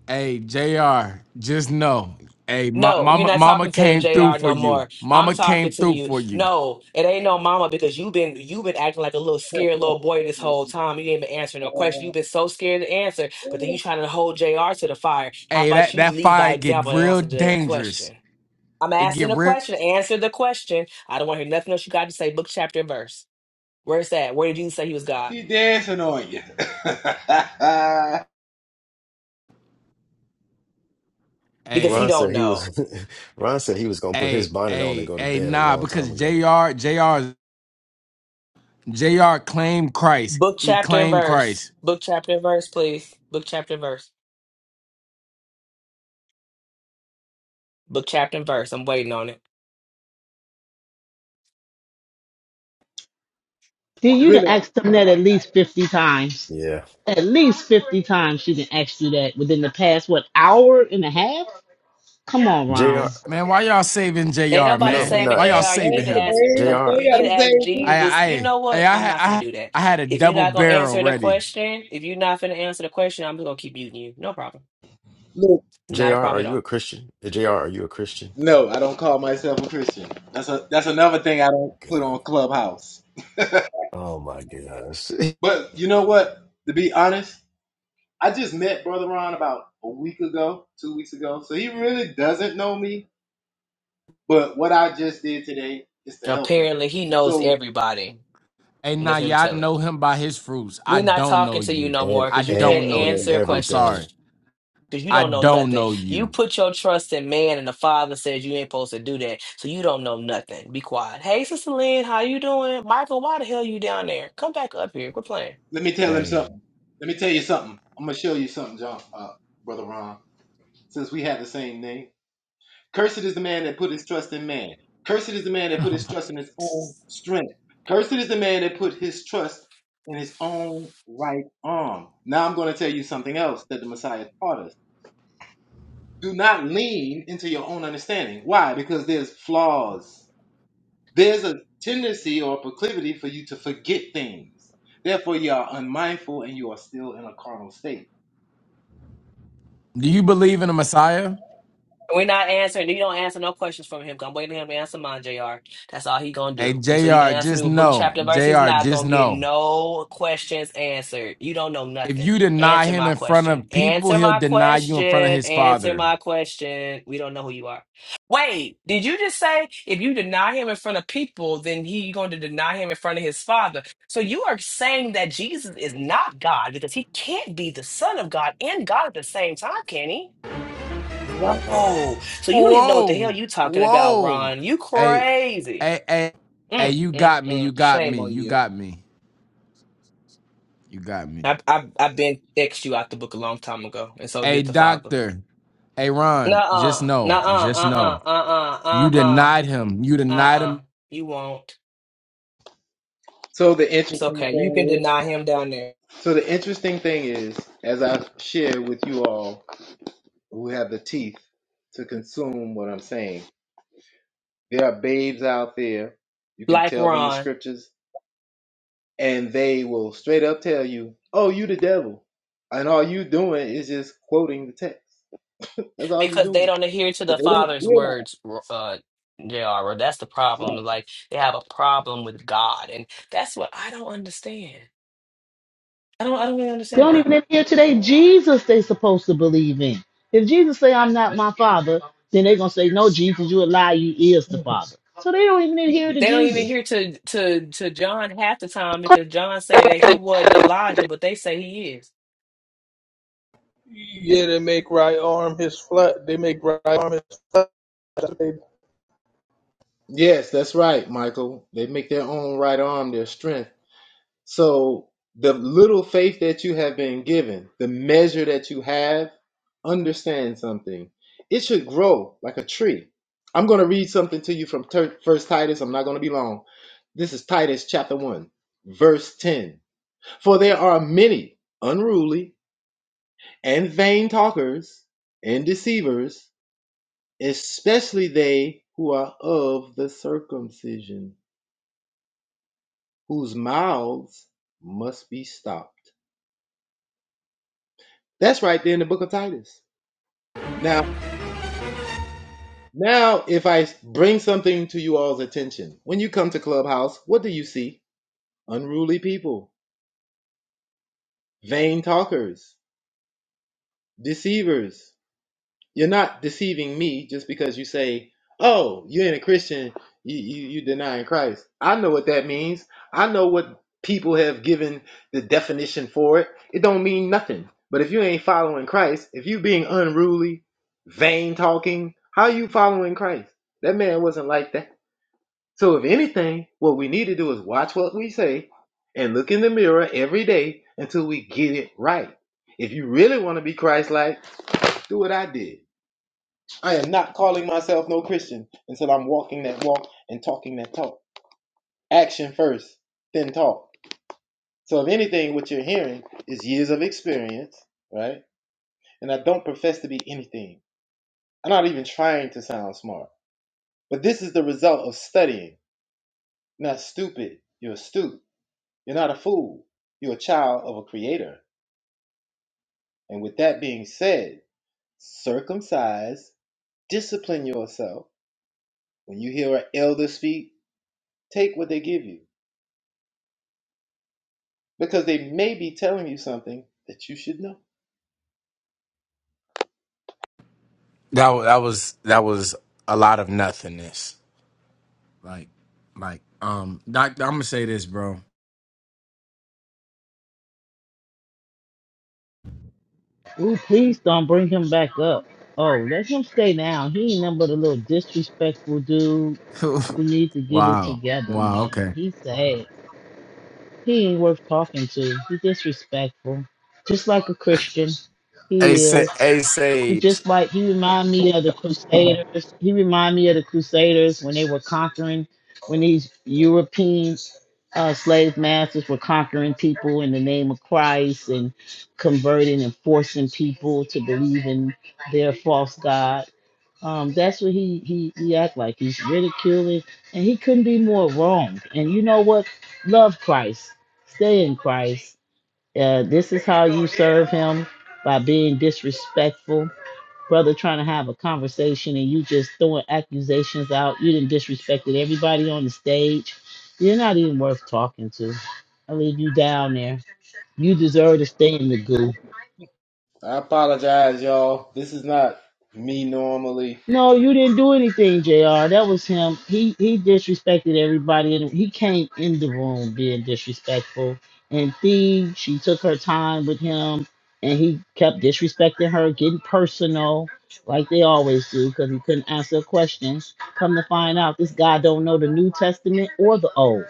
[SPEAKER 8] Hey, Jr. Just know, hey, ma-
[SPEAKER 3] No, you're
[SPEAKER 8] mama,
[SPEAKER 3] not
[SPEAKER 8] mama
[SPEAKER 3] talking to
[SPEAKER 8] came through
[SPEAKER 3] JR
[SPEAKER 8] for
[SPEAKER 3] no
[SPEAKER 8] you.
[SPEAKER 3] more. I'm
[SPEAKER 8] Mama
[SPEAKER 3] talking
[SPEAKER 8] came
[SPEAKER 3] to
[SPEAKER 8] through
[SPEAKER 3] you.
[SPEAKER 8] for you.
[SPEAKER 3] No, it ain't no mama because you've been you've been acting like a little scared little boy this
[SPEAKER 16] you.
[SPEAKER 3] whole time. You ain't been answering no question. You've been so scared to answer, but then you trying to hold JR to the fire. How
[SPEAKER 8] Hey,
[SPEAKER 3] about
[SPEAKER 8] that
[SPEAKER 3] you
[SPEAKER 8] that
[SPEAKER 3] lead by
[SPEAKER 8] fire get
[SPEAKER 3] example and
[SPEAKER 8] real
[SPEAKER 3] answer the
[SPEAKER 8] dangerous.
[SPEAKER 3] question? I'm
[SPEAKER 8] It get
[SPEAKER 3] asking a
[SPEAKER 8] real.
[SPEAKER 3] question. Answer the question. I don't want to hear nothing else you got to say. Book, chapter, and verse. Where's that? Where did you say he was God?
[SPEAKER 16] He dancing on you.
[SPEAKER 3] Because he
[SPEAKER 2] Ron
[SPEAKER 8] Hey,
[SPEAKER 3] don't
[SPEAKER 2] said he was.
[SPEAKER 3] know.
[SPEAKER 2] Ron said he was gonna put his
[SPEAKER 8] hey,
[SPEAKER 2] bonnet on and
[SPEAKER 8] hey,
[SPEAKER 2] go to
[SPEAKER 8] hey,
[SPEAKER 2] bed a
[SPEAKER 8] nah,
[SPEAKER 2] long
[SPEAKER 8] because
[SPEAKER 2] time ago.
[SPEAKER 8] Jr. Jr. Jr. claimed Christ.
[SPEAKER 3] Book,
[SPEAKER 8] He
[SPEAKER 3] chapter, and
[SPEAKER 8] claimed
[SPEAKER 3] verse.
[SPEAKER 8] Christ.
[SPEAKER 3] Book, chapter, and verse, please. Book, chapter, and verse. Book, chapter, and verse. I'm waiting on it.
[SPEAKER 6] See, you done
[SPEAKER 16] Really.
[SPEAKER 6] asked them that at least fifty times.
[SPEAKER 2] Yeah,
[SPEAKER 6] At least 50 times she didn't ask you that within the past, what, hour and a half? Come on, Ron.
[SPEAKER 2] Jr.
[SPEAKER 8] Man, why y'all saving
[SPEAKER 3] Ain't
[SPEAKER 8] Jr.
[SPEAKER 3] nobody
[SPEAKER 2] No,
[SPEAKER 8] Man,
[SPEAKER 2] we're
[SPEAKER 3] saving
[SPEAKER 8] why
[SPEAKER 2] not.
[SPEAKER 8] y'all
[SPEAKER 2] J-
[SPEAKER 3] JR. You need
[SPEAKER 8] saving
[SPEAKER 3] to
[SPEAKER 8] him?
[SPEAKER 3] ask
[SPEAKER 16] Everything
[SPEAKER 3] the
[SPEAKER 2] Jr.
[SPEAKER 3] you need
[SPEAKER 16] gotta
[SPEAKER 3] to
[SPEAKER 16] say
[SPEAKER 3] ask
[SPEAKER 8] I
[SPEAKER 3] Jesus. You
[SPEAKER 8] I
[SPEAKER 3] know
[SPEAKER 8] I
[SPEAKER 3] what?
[SPEAKER 8] I
[SPEAKER 3] I'm
[SPEAKER 8] had
[SPEAKER 3] not gonna
[SPEAKER 8] I,
[SPEAKER 3] do that.
[SPEAKER 8] I had a
[SPEAKER 3] If you're
[SPEAKER 8] double
[SPEAKER 3] not gonna
[SPEAKER 8] barrel
[SPEAKER 3] answer the
[SPEAKER 8] ready.
[SPEAKER 3] question, if you're not gonna answer the question, I'm just gonna keep muting you. No problem.
[SPEAKER 16] Look,
[SPEAKER 2] Jr.
[SPEAKER 3] Not a
[SPEAKER 2] Are
[SPEAKER 3] problem at
[SPEAKER 2] you a
[SPEAKER 3] all.
[SPEAKER 2] Christian? Jr. Are you a Christian?
[SPEAKER 16] no, I don't call myself a Christian. That's a that's another thing I don't put
[SPEAKER 2] God.
[SPEAKER 16] on Clubhouse.
[SPEAKER 2] Oh my gosh.
[SPEAKER 16] But you know what? To be honest, I just met Brother Ron about a week ago, two weeks ago. So he really doesn't know me. But what I just did today is to help him.
[SPEAKER 3] Apparently he knows
[SPEAKER 16] So
[SPEAKER 3] everybody.
[SPEAKER 8] Hey,
[SPEAKER 3] Let
[SPEAKER 8] nah,
[SPEAKER 3] him
[SPEAKER 8] yeah, I
[SPEAKER 3] tell it.
[SPEAKER 8] know him by his fruits. I
[SPEAKER 3] We're not
[SPEAKER 8] don't know
[SPEAKER 3] talking to you
[SPEAKER 8] you.
[SPEAKER 3] no
[SPEAKER 2] and
[SPEAKER 3] more
[SPEAKER 8] I
[SPEAKER 3] because you
[SPEAKER 2] and
[SPEAKER 3] can't
[SPEAKER 8] don't know
[SPEAKER 2] and
[SPEAKER 3] answer a
[SPEAKER 8] you. I'm
[SPEAKER 3] question.
[SPEAKER 2] everything.
[SPEAKER 8] sorry.
[SPEAKER 3] Because you
[SPEAKER 8] I
[SPEAKER 3] don't know
[SPEAKER 8] don't
[SPEAKER 3] nothing.
[SPEAKER 8] know
[SPEAKER 3] You
[SPEAKER 8] you.
[SPEAKER 3] put your trust in man and the father says you ain't supposed to do that. So you don't know nothing. Be quiet. Hey Sister Lynn, how you doing? Michael, why the hell you down there? Come back up here. Quit playing.
[SPEAKER 16] let me tell him
[SPEAKER 8] Hey,
[SPEAKER 16] something. Let me tell you something. I'm gonna show you something, John, uh, Brother Ron. Since we have the same name. Cursed is the man that put his trust in man. Cursed is the man that put his trust in his own strength. Cursed is the man that put his trust in his own right arm. Now I'm going to tell you something else that the Messiah taught us. Do not lean into your own understanding. Why? Because there's flaws. There's a tendency or proclivity for you to forget things. Therefore, you are unmindful and you are still in a carnal state.
[SPEAKER 8] do you
[SPEAKER 16] See?
[SPEAKER 8] believe in the Messiah?
[SPEAKER 3] We're not answering. You don't answer no questions from him. 'cause I'm waiting for him to answer mine, JR. That's all he gonna
[SPEAKER 8] Hey,
[SPEAKER 3] do. Until you can
[SPEAKER 8] Jr.
[SPEAKER 3] answer
[SPEAKER 8] Just
[SPEAKER 3] me with book,
[SPEAKER 8] know,
[SPEAKER 3] chapter, and verse, he's
[SPEAKER 8] Jr.
[SPEAKER 3] not
[SPEAKER 8] Just
[SPEAKER 3] gonna get
[SPEAKER 8] know.
[SPEAKER 3] no questions answered. You don't know
[SPEAKER 8] If
[SPEAKER 3] nothing.
[SPEAKER 8] you deny
[SPEAKER 3] Answer
[SPEAKER 8] him
[SPEAKER 3] my
[SPEAKER 8] in front
[SPEAKER 3] question.
[SPEAKER 8] of people,
[SPEAKER 3] Answer
[SPEAKER 8] he'll
[SPEAKER 3] my
[SPEAKER 8] deny you in front of
[SPEAKER 3] question.
[SPEAKER 8] his
[SPEAKER 3] Answer
[SPEAKER 8] father.
[SPEAKER 3] my question. We don't know who you are. Wait, did you just say if you deny him in front of people, then he going to deny him in front of his father? So you are saying that Jesus is not God because he can't be the Son of God and God at the same time, can he? Whoa. So you don't even know what the hell
[SPEAKER 8] Whoa,
[SPEAKER 3] you talking about,
[SPEAKER 8] whoa.
[SPEAKER 3] Ron. You
[SPEAKER 8] Hey,
[SPEAKER 3] crazy.
[SPEAKER 8] hey, hey, hey,
[SPEAKER 3] Mm,
[SPEAKER 8] you
[SPEAKER 3] mm,
[SPEAKER 8] got me,
[SPEAKER 3] mm.
[SPEAKER 8] you got
[SPEAKER 3] Shame
[SPEAKER 8] me,
[SPEAKER 3] on
[SPEAKER 8] you
[SPEAKER 3] you.
[SPEAKER 8] got me, you got me.
[SPEAKER 3] I, I, I've been ex you out the book a long time ago, and so
[SPEAKER 8] Hey,
[SPEAKER 3] did the father.
[SPEAKER 8] doctor, hey, Ron,
[SPEAKER 3] Nuh-uh.
[SPEAKER 8] just know,
[SPEAKER 3] Nuh-uh.
[SPEAKER 8] just
[SPEAKER 3] Uh-uh.
[SPEAKER 8] know. You
[SPEAKER 3] Uh-uh. Uh-uh.
[SPEAKER 8] denied him, you denied
[SPEAKER 3] Uh-uh.
[SPEAKER 8] him.
[SPEAKER 3] You won't.
[SPEAKER 16] So the interesting
[SPEAKER 3] It's okay. You can
[SPEAKER 16] thing is,
[SPEAKER 3] deny him down there.
[SPEAKER 16] so the interesting thing is, as I've shared with you all who have the teeth to consume what I'm saying. There are babes out there. You can
[SPEAKER 3] Like
[SPEAKER 16] tell them the
[SPEAKER 3] Ron.
[SPEAKER 16] scriptures, and they will straight up tell you, "Oh, you the devil," and all you doing is just quoting the text. That's all you
[SPEAKER 3] Because they
[SPEAKER 16] doing.
[SPEAKER 3] don't adhere to the
[SPEAKER 16] But they don't
[SPEAKER 3] father's
[SPEAKER 16] realize.
[SPEAKER 3] words, uh, J.R. That's the problem. Like, they have a problem with God. And that's what I don't understand. I don't, I don't really
[SPEAKER 6] They
[SPEAKER 3] understand
[SPEAKER 6] don't even
[SPEAKER 3] that.
[SPEAKER 6] adhere to their Jesus they supposed to believe in. If Jesus say, I'm not my father, then they going to say, no, Jesus, you a lie, you is the father. So they don't even adhere to
[SPEAKER 3] They don't even
[SPEAKER 6] Jesus.
[SPEAKER 3] hear to to to John half the time because John say that he wasn't Elijah, but they say he is.
[SPEAKER 17] Yeah, they make right arm his flesh. They make right arm his flesh.
[SPEAKER 16] Yes, that's right, Michael. They make their own right arm their strength So the little faith that you have been given, the measure that you have, understand something. It should grow like a tree. I'm going to read something to you from Tur- First Titus. I'm not going to be long. This is Titus chapter 1, verse 10. For there are many unruly and vain talkers and deceivers, especially they who are of the circumcision, whose mouths must be stopped That's right there in the book of Titus. Now, now if I bring something to you all's attention, when you come to Clubhouse, what do you see? Unruly people, vain talkers, deceivers, You're not deceiving me just because you say, "Oh, you ain't a Christian. You you, you denying Christ." I know what that means. I know what people have given the definition for it. It don't mean nothing. But if you ain't following Christ, if you being unruly, vain talking, how you following Christ? That man wasn't like that. So if anything, what we need to do is watch what we say and look in the mirror every day until we get it right. If you really want to be Christ-like, do what I did. I am not calling myself no Christian until I'm walking that walk and talking that talk. Action first, then talk. So, if anything, what you're hearing is years of experience, right? And I don't profess to be anything. I'm not even trying to sound smart. But this is the result of studying. You're not stupid. You're astute. You're not a fool. You're a child of a creator. And with that being said, circumcise, discipline yourself. When you hear an elder speak, take what they give you because they may be telling you something that you should know.
[SPEAKER 8] That wa- that was that was a lot of nothingness. Like, like, um, doctor, I'm gonna say this, bro.
[SPEAKER 6] Ooh, please don't bring him back up. Oh, let him stay down. He ain't nothing but a little disrespectful dude who needs to get it
[SPEAKER 8] wow,
[SPEAKER 6] together,
[SPEAKER 8] wow,
[SPEAKER 6] man.
[SPEAKER 8] okay.
[SPEAKER 6] He's sad. He ain't worth talking to. He disrespectful. Just like a Christian.
[SPEAKER 8] Hey,
[SPEAKER 6] He
[SPEAKER 8] say,
[SPEAKER 6] is.
[SPEAKER 8] hey,
[SPEAKER 6] He
[SPEAKER 8] Sage.
[SPEAKER 6] just like he remind me of the Crusaders. He remind me of the Crusaders when they were conquering, when these European uh, slave masters were conquering people in the name of Christ and converting and forcing people to believe in their false god. Um, that's what he, he he act like. He's ridiculing, and he couldn't be more wrong. And you know what? Love Christ, stay in Christ. Uh, this is how you serve Him by being disrespectful, brother. Trying to have a conversation and you just throwing accusations out. You didn't disrespected everybody on the stage. You're not even worth talking to. I leave you down there. You deserve to stay in the goo.
[SPEAKER 16] I apologize, y'all. This is not me normally.
[SPEAKER 6] No, you didn't do anything, Jr. That was him. He he disrespected everybody, and he came in the room being disrespectful. And Thee, she took her time with him, and he kept disrespecting her, getting personal, like they always do, because he couldn't answer a question. Come to find out, this guy don't know the New Testament or the Old.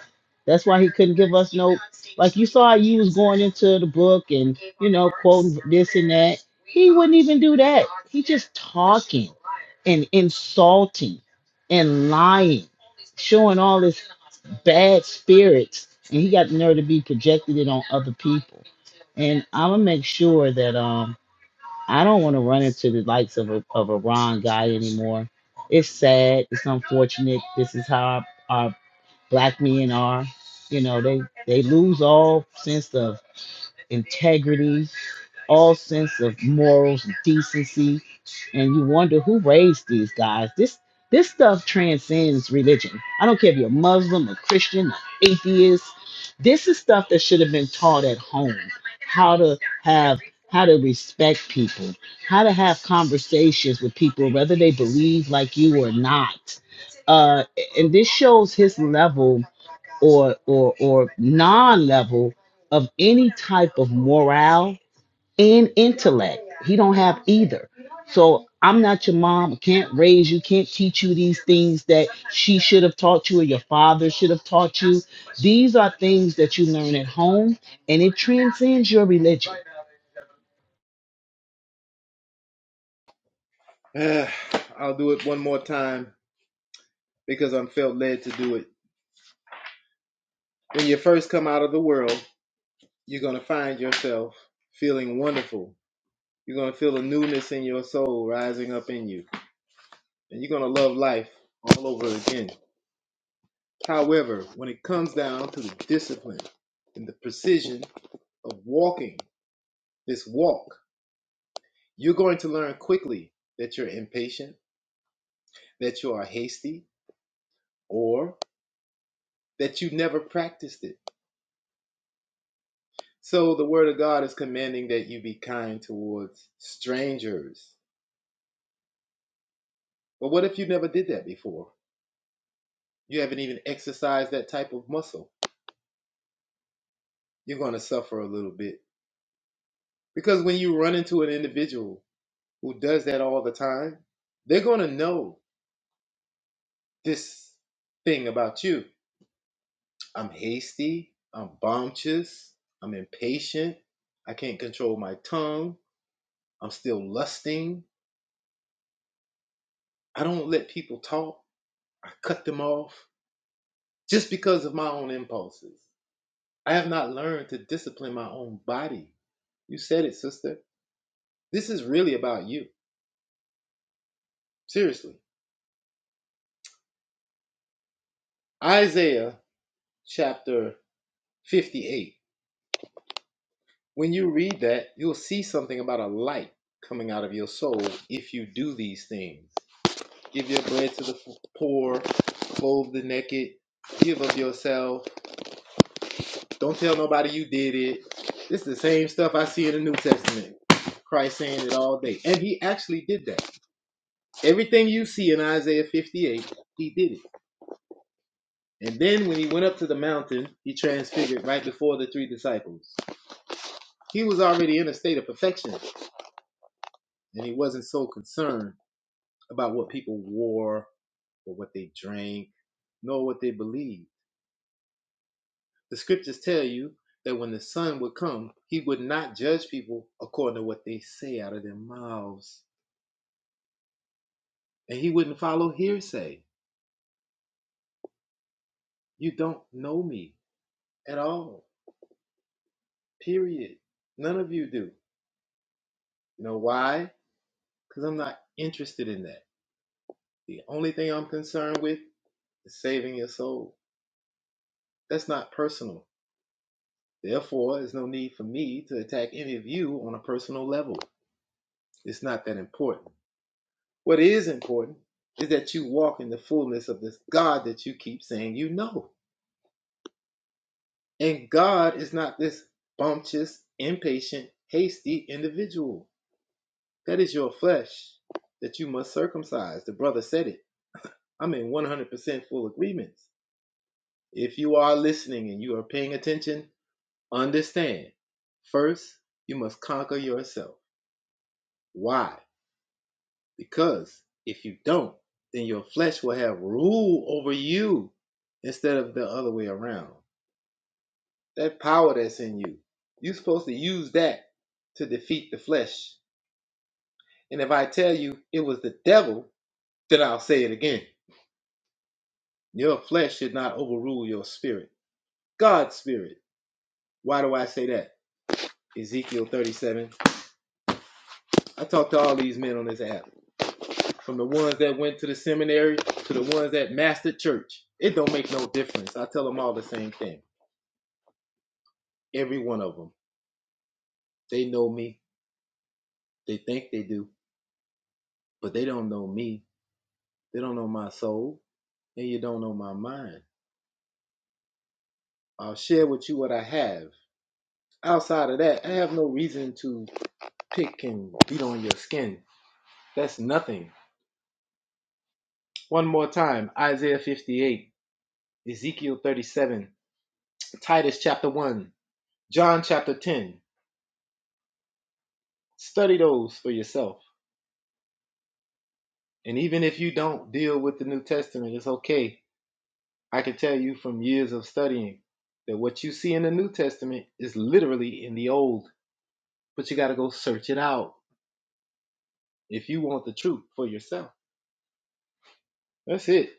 [SPEAKER 6] That's why he couldn't give us no like you saw you was going into the book and you know quoting this and that. He wouldn't even do that. He just talking and insulting and lying, showing all his bad spirits, and he got the nerve to be projected it on other people. And I'm gonna make sure that um I don't want to run into the likes of a of a Ron guy anymore. It's sad. It's unfortunate. This is how our, our black men are. You know, they they lose all sense of integrity, all sense of morals and decency, and you wonder who raised these guys. This this stuff transcends religion. I don't care if you're Muslim, a Christian, an atheist. This is stuff that should have been taught at home. How to have how to respect people, how to have conversations with people, whether they believe like you or not uh, and this shows his level or or or non-level of any type of morale and intellect. He don't have either. So I'm not your mom. Can't raise you. Can't teach you these things that she should have taught you or your father should have taught you. These are things that you learn at home, and it transcends your religion.
[SPEAKER 16] I'll do it one more time because I'm felt led to do it. When you first come out of the world, you're going to find yourself feeling wonderful. You're going to feel a newness in your soul rising up in you, and you're going to love life all over again. However, when it comes down to the discipline and the precision of walking this walk, You're going to learn quickly that you're impatient, that you are hasty, or that you've never practiced it. So the Word of God is commanding that you be kind towards strangers. But what if you never did that before? You haven't even exercised that type of muscle. You're going to suffer a little bit. Because when you run into an individual who does that all the time, they're going to know this thing about you I'm hasty. I'm bombchus. I'm impatient. I can't control my tongue. I'm still lusting. I don't let people talk. I cut them off just because of my own impulses. I have not learned to discipline my own body. You said it, sister. This is really about you. Seriously. Isaiah chapter 58. When you read that, you'll see something about a light coming out of your soul if you do these things. Give your bread to the poor, clothe the naked, give of yourself. Don't tell nobody you did it. It's the same stuff I see in the New Testament. Christ saying it all day. And he actually did that. Everything you see in Isaiah 58, he did it. And then when he went up to the mountain, he transfigured right before the three disciples. He was already in a state of perfection, and he wasn't so concerned about what people wore or what they drank, nor what they believed The scriptures tell you that when the Son would come, he would not judge people according to what they say out of their mouths. And he wouldn't follow hearsay. You don't know me at all, period. None of you do. You know why? Because I'm not interested in that. The only thing I'm concerned with is saving your soul. That's not personal. Therefore, there's no need for me to attack any of you on a personal level. It's not that important. What is important is that you walk in the fullness of this God that you keep saying you know. And God is not this bumptious, impatient, hasty individual. That is your flesh that you must circumcise. The brother said it. I'm in 100% full agreement. If you are listening and you are paying attention, understand. First, you must conquer yourself. Why? Because if you don't, then your flesh will have rule over you instead of the other way around. That power that's in you, you're supposed to use that to defeat the flesh. And if I tell you it was the devil, then I'll say it again. Your flesh should not overrule your spirit, God's spirit. Why do I say that? Ezekiel 37. I talked to all these men on this app, from the ones that went to the seminary to the ones that mastered church. It don't make no difference. I tell them all the same thing. Every one of them. They know me. They think they do, but they don't know me. They don't know my soul, and you don't know my mind. I'll share with you what I have. Outside of that, I have no reason to pick and beat on your skin. That's nothing. One more time Isaiah 58, Ezekiel 37, Titus chapter 1, John chapter 10. Study those for yourself. And even if you don't deal with the New Testament, it's okay I can tell you from years of studying that what you see in the New Testament is literally in the Old, but you got to go search it out if you want the truth for yourself. That's it.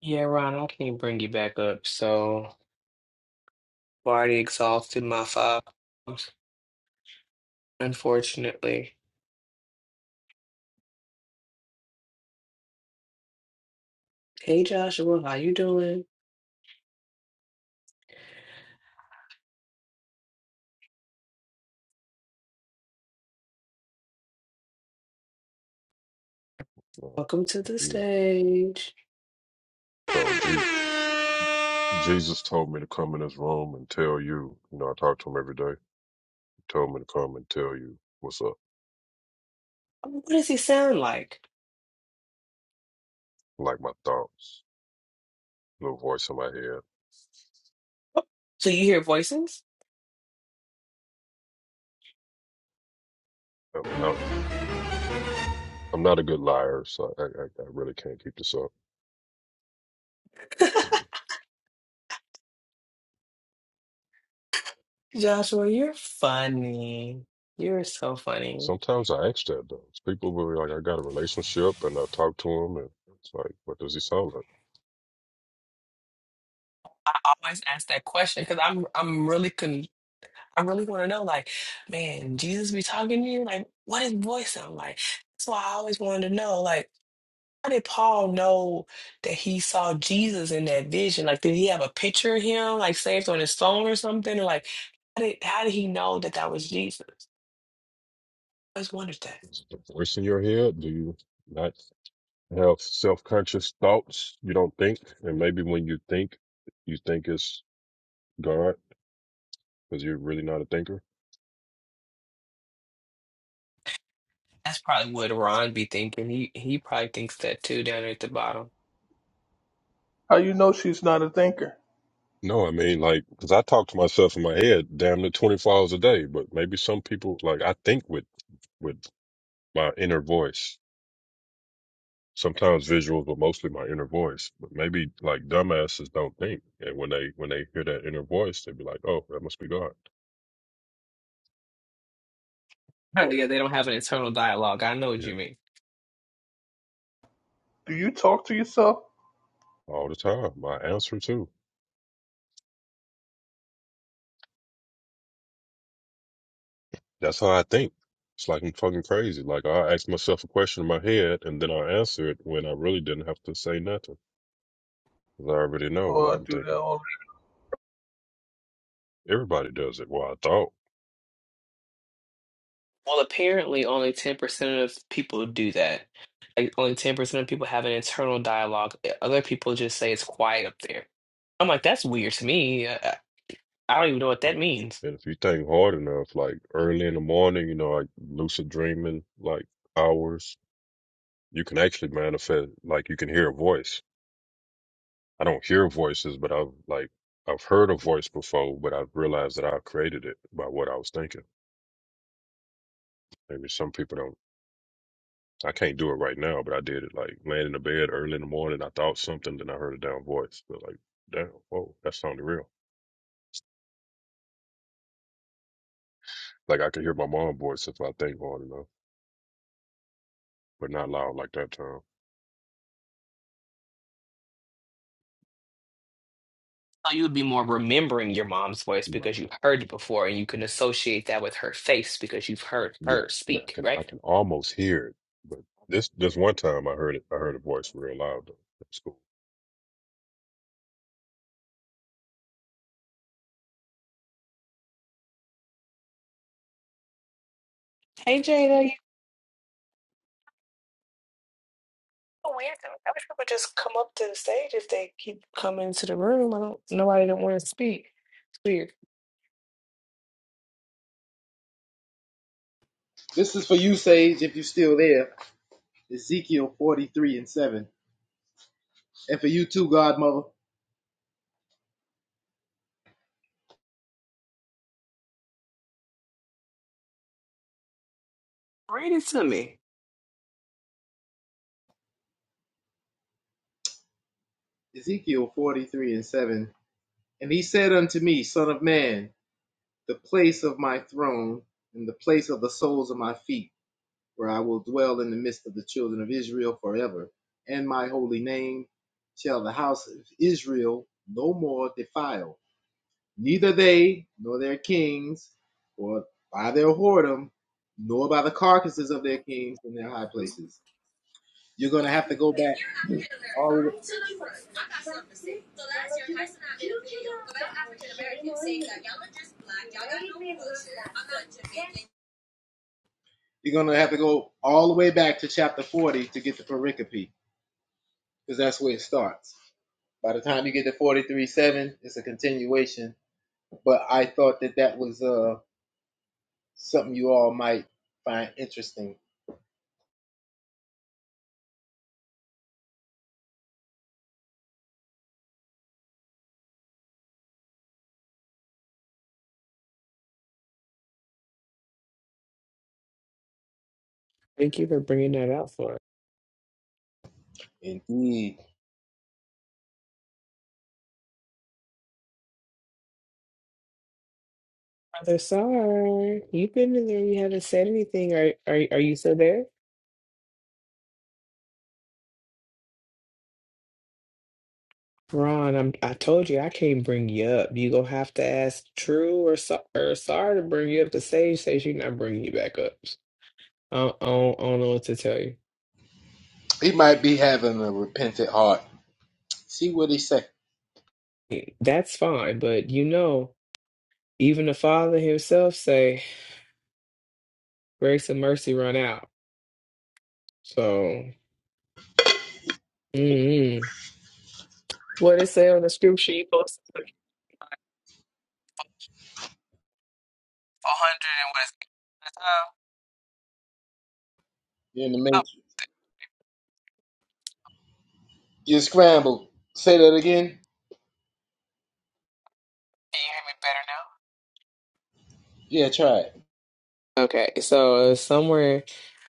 [SPEAKER 3] Yeah, Ron, I can't bring you back up, so I've already exhausted my five, unfortunately. Hey, Joshua, how you doing?
[SPEAKER 18] you know,
[SPEAKER 3] Welcome to
[SPEAKER 18] of
[SPEAKER 3] the
[SPEAKER 18] you.
[SPEAKER 3] stage.
[SPEAKER 18] So Je- Jesus told me to come in this room and tell you. You know, I talk to him every day. He told me to come and tell you what's up,
[SPEAKER 3] What does he sound like?
[SPEAKER 18] like my thoughts, little voice in my head.
[SPEAKER 3] So you hear voices?
[SPEAKER 18] I'm, I'm, I'm not a good liar, so I, I, I really can't keep this up. See,
[SPEAKER 3] Joshua, you're funny. You're so funny.
[SPEAKER 18] Sometimes I ask that though. People will be like, I got a relationship, and I talk to him, and it's like, what does he sound like?
[SPEAKER 3] I always ask that question because I'm I'm really con. I really want to know, like, man, Jesus be talking to you? Like, what his voice sound like? That's why I always wanted to know, like, how did Paul know that he saw Jesus in that vision? Like, did he have a picture of him, like, saved on his phone or something? Or, like, how did how did he know that that was Jesus? I just wondered that.
[SPEAKER 18] Is it the voice in your head? Do you not have self-conscious thoughts? You don't think, and maybe when you think, you think it's God, because you're really not a thinker?
[SPEAKER 3] That's probably what Ron be thinking. He he probably thinks that too down there at the bottom.
[SPEAKER 17] How you know she's not a thinker?
[SPEAKER 18] No, I mean, like, because I talk to myself in my head damn near 24 hours a day, but maybe some people, like, I think with, with my inner voice, sometimes visuals, but mostly my inner voice. But maybe, like, dumbasses don't think. And when they, when they hear that inner voice, they be like, oh, that must be God.
[SPEAKER 3] Yeah, they don't have an internal dialogue. I know what
[SPEAKER 18] Yeah.
[SPEAKER 3] you mean.
[SPEAKER 17] Do you talk to yourself?
[SPEAKER 18] All the time. My answer, too. That's how I think. It's like I'm fucking crazy. Like, I ask myself a question in my head and then I answer it when I really didn't have to say nothing. Because I already know
[SPEAKER 17] Oh,
[SPEAKER 18] what
[SPEAKER 17] I
[SPEAKER 18] I'm
[SPEAKER 17] do that
[SPEAKER 18] thinking.
[SPEAKER 17] all
[SPEAKER 18] Everybody does it. Well, I thought.
[SPEAKER 3] Well, apparently only 10% of people do that. Like only 10% of people have an internal dialogue. Eh, Other people just say it's quiet up there. I'm like, that's weird to me. I, I I don't even know what that
[SPEAKER 18] right,
[SPEAKER 3] means.
[SPEAKER 18] And if you think hard enough, like early in the morning, you know, like lucid dreaming, like hours, you can actually manifest. Like you can hear a voice. I don't hear voices, but I've like I've heard a voice before, but I've realized that I created it by what I was thinking. Maybe some people don't. I can't do it right now, but I did it. Like laying in the bed early in the morning, I thought something, then I heard a damn voice. But like, damn, whoa, that sounded real. Like I could hear my mom's voice if I think hard enough, but not loud like that time.
[SPEAKER 3] Oh, you would be more remembering your mom's voice
[SPEAKER 18] Right.
[SPEAKER 3] because you heard it before and you can associate that with her face because you've heard
[SPEAKER 18] Yeah,
[SPEAKER 3] her
[SPEAKER 18] but I
[SPEAKER 3] speak,
[SPEAKER 18] can
[SPEAKER 3] right?
[SPEAKER 18] I can almost hear it. But this this one time I heard it. I heard a voice real loud. Though. That's cool.
[SPEAKER 3] Hey, Jada, you know, weird. to I wish people just come up to the stage if they keep coming to the room. I don't, nobody don't want to speak. It's weird.
[SPEAKER 16] This is for you, Sage, if you're still there. Ezekiel 43 and 7. And for you too, Godmother.
[SPEAKER 3] Read it to me.
[SPEAKER 16] Ezekiel 43 and 7. And he said unto me, Son of man, the place of my throne and the place of the soles of my feet where I will dwell in the midst of the children of Israel forever. And my holy name shall the house of Israel no more defile, neither they nor their kings, or by their whoredom, nor by the carcasses of their kings in their high places. You're going to have to go
[SPEAKER 19] If
[SPEAKER 16] back
[SPEAKER 19] you're African American,
[SPEAKER 16] all
[SPEAKER 19] to the front. I got something to say. So last year, Tyson and I made a video about African Americans saying that y'all are just black, y'all got no culture. I'm not Jamaican,
[SPEAKER 16] you're going to have to go all the way back to chapter 40 to get the pericope because that's where it starts. By the time you get to forty three seven, it's a continuation, but I thought that that was uh Something you all might find interesting.
[SPEAKER 3] Thank you for bringing that out for us.
[SPEAKER 16] Indeed.
[SPEAKER 3] Brother Sar, you've been in there. You haven't said anything. Are are are you still there, Ron? I'm. I told you I can't bring you up. You gonna have to ask True or Sar, or Sar to bring you up. The sage says you not bringing you back up. I don't, I don't, I don't know what to tell you.
[SPEAKER 16] He might be having a repentant heart. See what he say.
[SPEAKER 3] That's fine, but you know, even the Father Himself say grace and mercy run out. So, mm-hmm. what it say on the scripture you posted? A hundred and what is it? Uh,
[SPEAKER 16] You're in the
[SPEAKER 3] Oh,
[SPEAKER 16] matrix. you scrambled. Say that again.
[SPEAKER 3] can you
[SPEAKER 16] Yeah, try it.
[SPEAKER 3] hear me better now? Okay, so uh, somewhere.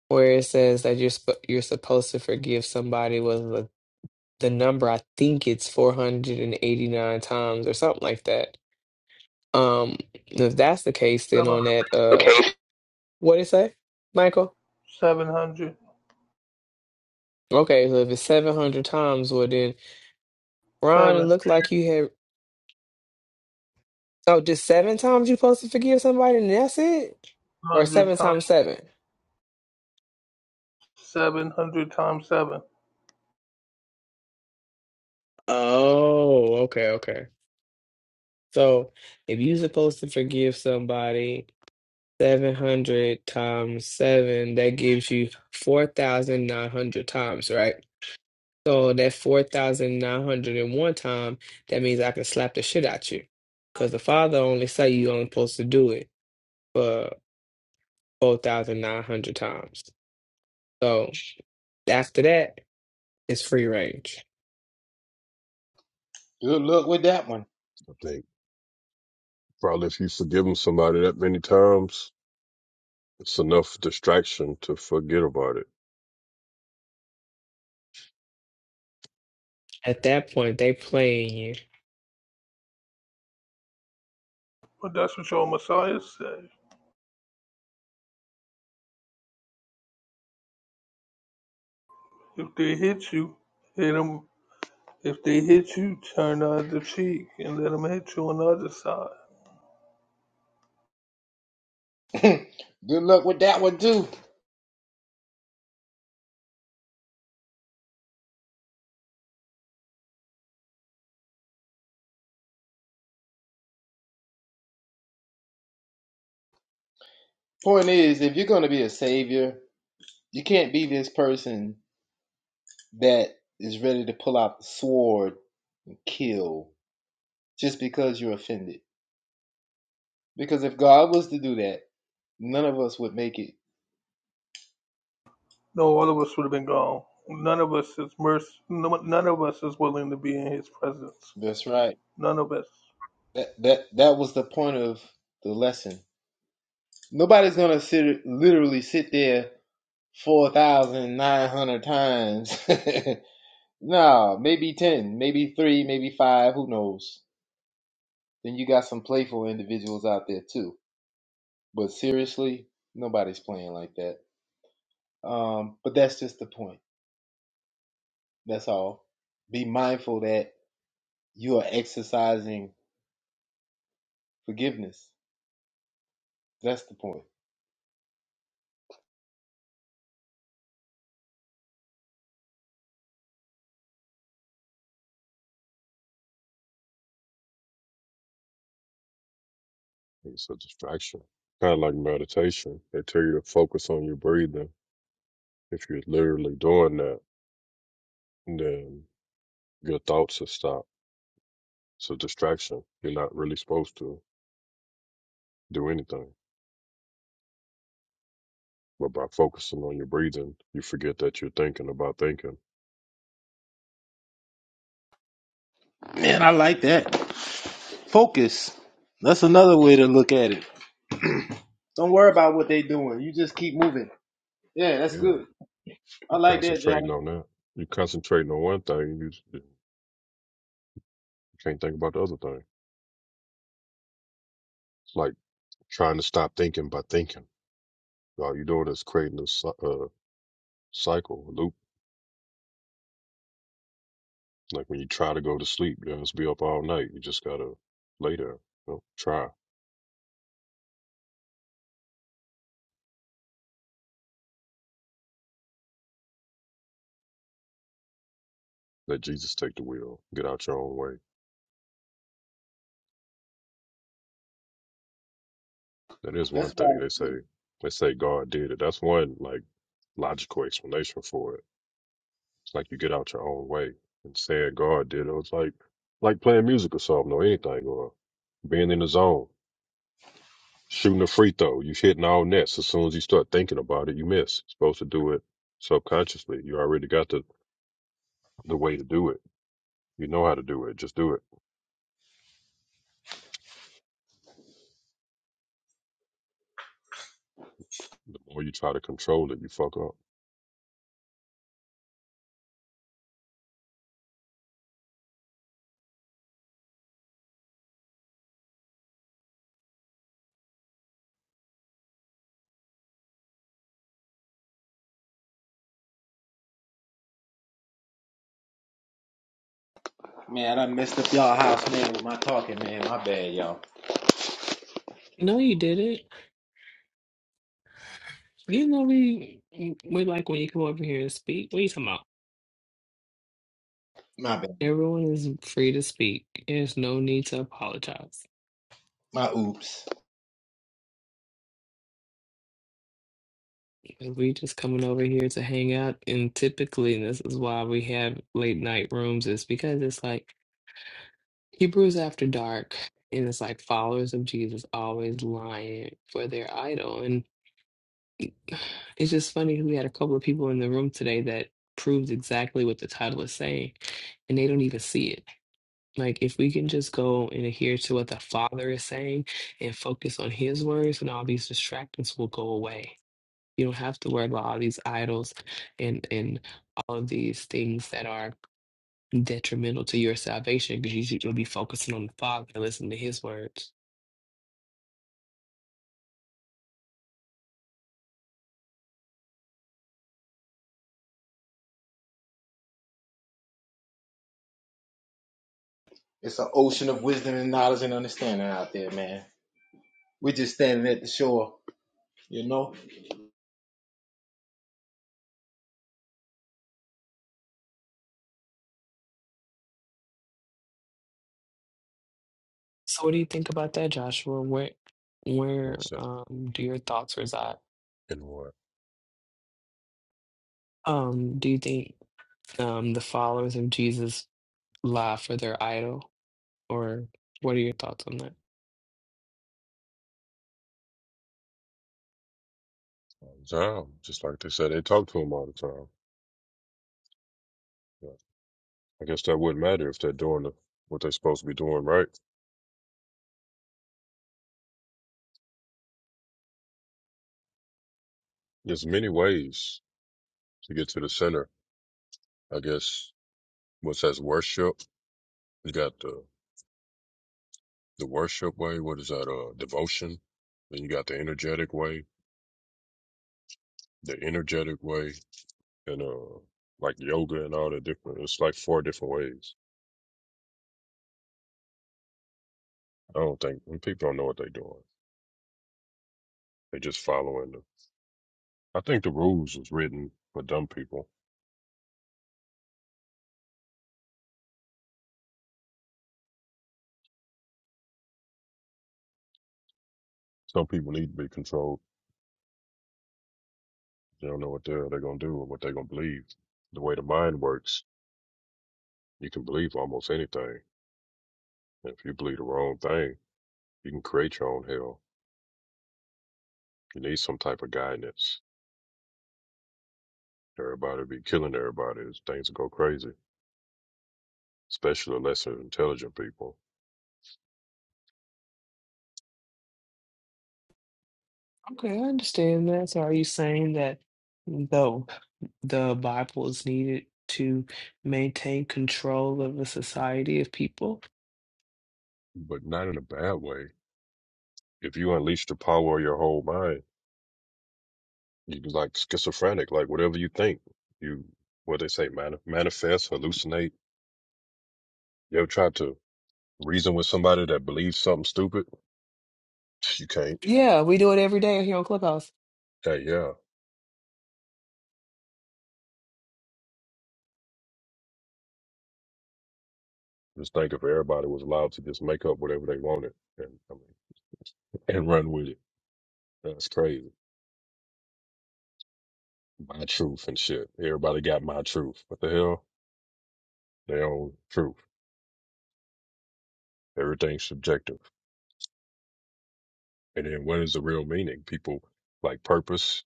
[SPEAKER 3] where it says that you're sp- you're supposed to forgive somebody was the, the number I think it's 489 times or something like that. Um if that's the case then
[SPEAKER 17] seven
[SPEAKER 3] on that uh what did it say? Michael?
[SPEAKER 17] seven hundred
[SPEAKER 3] Okay, so if it's 700 times well then Ron it
[SPEAKER 17] seven
[SPEAKER 3] looked like you had oh just 7 times you're supposed to forgive somebody and that's it? Or
[SPEAKER 17] hundred
[SPEAKER 3] 7
[SPEAKER 17] times
[SPEAKER 3] times 7?
[SPEAKER 17] seven hundred times seven.
[SPEAKER 3] Oh, okay, okay. So if you're supposed to forgive somebody 700 times 7, that gives you 4,900 times, right? So that 4,901 time, that means I can slap the shit out you. Because the father only say you only supposed to do it for 4,900 times. So after that, it's free range.
[SPEAKER 16] Good luck with that one.
[SPEAKER 18] I think probably if you forgive 'em somebody that many times, it's enough distraction to forget about it.
[SPEAKER 3] At that point, they playing you.
[SPEAKER 17] But that's what your Messiah said. If they hit you, hit 'em. If they hit you, turn the other cheek and let 'em hit you on the other side.
[SPEAKER 16] Good luck with that one too. Point is, if you're gonna be a savior, you can't be this person that is ready to pull out the sword and kill just because you're offended. Because if God was to do that, none of us would make it.
[SPEAKER 17] No, all of us would have been gone. None of us is merc- no- None of us is willing to be in his presence.
[SPEAKER 16] That's right.
[SPEAKER 17] None of us.
[SPEAKER 16] That that that was the point of the lesson. Nobody's gonna sit literally sit there four thousand nine hundred times. nah, maybe ten, maybe three, maybe five. Who knows? Then you got some playful individuals out there too. But seriously, nobody's playing like that. Um, but that's just the point. That's all. Be mindful that you are exercising forgiveness. That's the point.
[SPEAKER 18] It's a distraction, kind of like meditation. They tell you to focus on your breathing. If you're literally doing that, then your thoughts will stop. It's a distraction. You're not really supposed to do anything. But by focusing on your breathing, you forget that you're thinking about thinking.
[SPEAKER 16] Man, I like that. Focus. That's another way to look at it. Don't worry about what they doing. You just keep moving. Yeah, that's
[SPEAKER 18] Yeah,
[SPEAKER 16] good. I
[SPEAKER 18] you
[SPEAKER 16] like that,
[SPEAKER 18] concentrating
[SPEAKER 16] y'all.
[SPEAKER 18] on that. you concentrating on one thing, and you, just- you can't think about the other thing. It's like trying to stop thinking by thinking. All you're doing is creating a cy- uh, cycle, a loop. Like when you try to go to sleep, you just be up all night. You just gotta lay there. You know, try. Let Jesus take the wheel. Get out your own way. That is
[SPEAKER 16] That's
[SPEAKER 18] one thing
[SPEAKER 16] what I
[SPEAKER 18] they say.
[SPEAKER 16] do.
[SPEAKER 18] They say God did it. That's one like logical explanation for it It's like you get out your own way. and Instead, God did. It was like like playing music or something or anything or being in the zone, shooting a free throw. You hitting all nets. As soon as you start thinking about it, you miss. You're supposed to do it subconsciously. You already got the the way to do it. You know how to do it. Just do it. The more you try to control it, you fuck up.
[SPEAKER 16] Man, I messed up y'all house, man, with my talking, man. My bad, y'all.
[SPEAKER 3] No, you didn't. You know, we, we like when you come over here and speak. What are you talking about?
[SPEAKER 16] My bad.
[SPEAKER 3] Everyone is free to speak. There's no need to apologize.
[SPEAKER 16] My oops.
[SPEAKER 3] And We just coming over here to hang out, and typically this is why we have late night rooms, is because it's like Hebrews after dark, and it's like followers of Jesus always lying for their idol. And it's just funny, we had a couple of people in the room today that proves exactly what the title is saying, and they don't even see it. Like if we can just go and adhere to what the Father is saying and focus on his words, and all these distractions will go away you don't have to worry about all these idols and and all of these things that are detrimental to your salvation because you will be focusing on the Father and listening to His words.
[SPEAKER 16] It's an ocean of wisdom and knowledge and understanding out there, man. We're just standing at the shore, you know?
[SPEAKER 3] So, what do you think about that, Joshua? Where where
[SPEAKER 18] What's that?
[SPEAKER 3] um, do your thoughts reside?
[SPEAKER 18] In what?
[SPEAKER 3] Um, do you think um, the followers of Jesus lie for their idol, or what are your thoughts on that?
[SPEAKER 18] Zone. Just like they said, they talk to him all the time. But I guess that wouldn't matter if they're doing the, what they're supposed to be doing right. There's many ways to get to the center. I guess What says worship? You got the the worship way. What is that? Uh, devotion. Then you got the energetic way, the energetic way, and uh, like yoga and all the different. It's like four different ways. I don't think and people don't know what they're doing. They just following the. I think the rules was written for dumb people. Some people need to be controlled. They don't know what they're they're gonna do or what they're gonna believe. The way the mind works, you can believe almost anything. And if you believe the wrong thing, you can create your own hell. You need some type of guidance Everybody be killing everybody. Things go crazy, especially the lesser intelligent people,
[SPEAKER 3] Okay, I understand that. So, are you saying that though? The Bible is needed to maintain control of a society of people.
[SPEAKER 18] but not in a bad way. If you unleash the power of your whole mind, you can like schizophrenic, like whatever you think, you what they say, man, manifest, hallucinate. You ever try to reason with somebody that believes something stupid? You can't.
[SPEAKER 3] Yeah, we do it every day here on Clubhouse.
[SPEAKER 18] Hey, yeah. Just think if everybody was allowed to just make up whatever they wanted and I mean, and run with it. That's crazy. My truth and shit. Everybody got my truth. What the hell? Their own truth. Everything's subjective. And then what is the real meaning? People like purpose.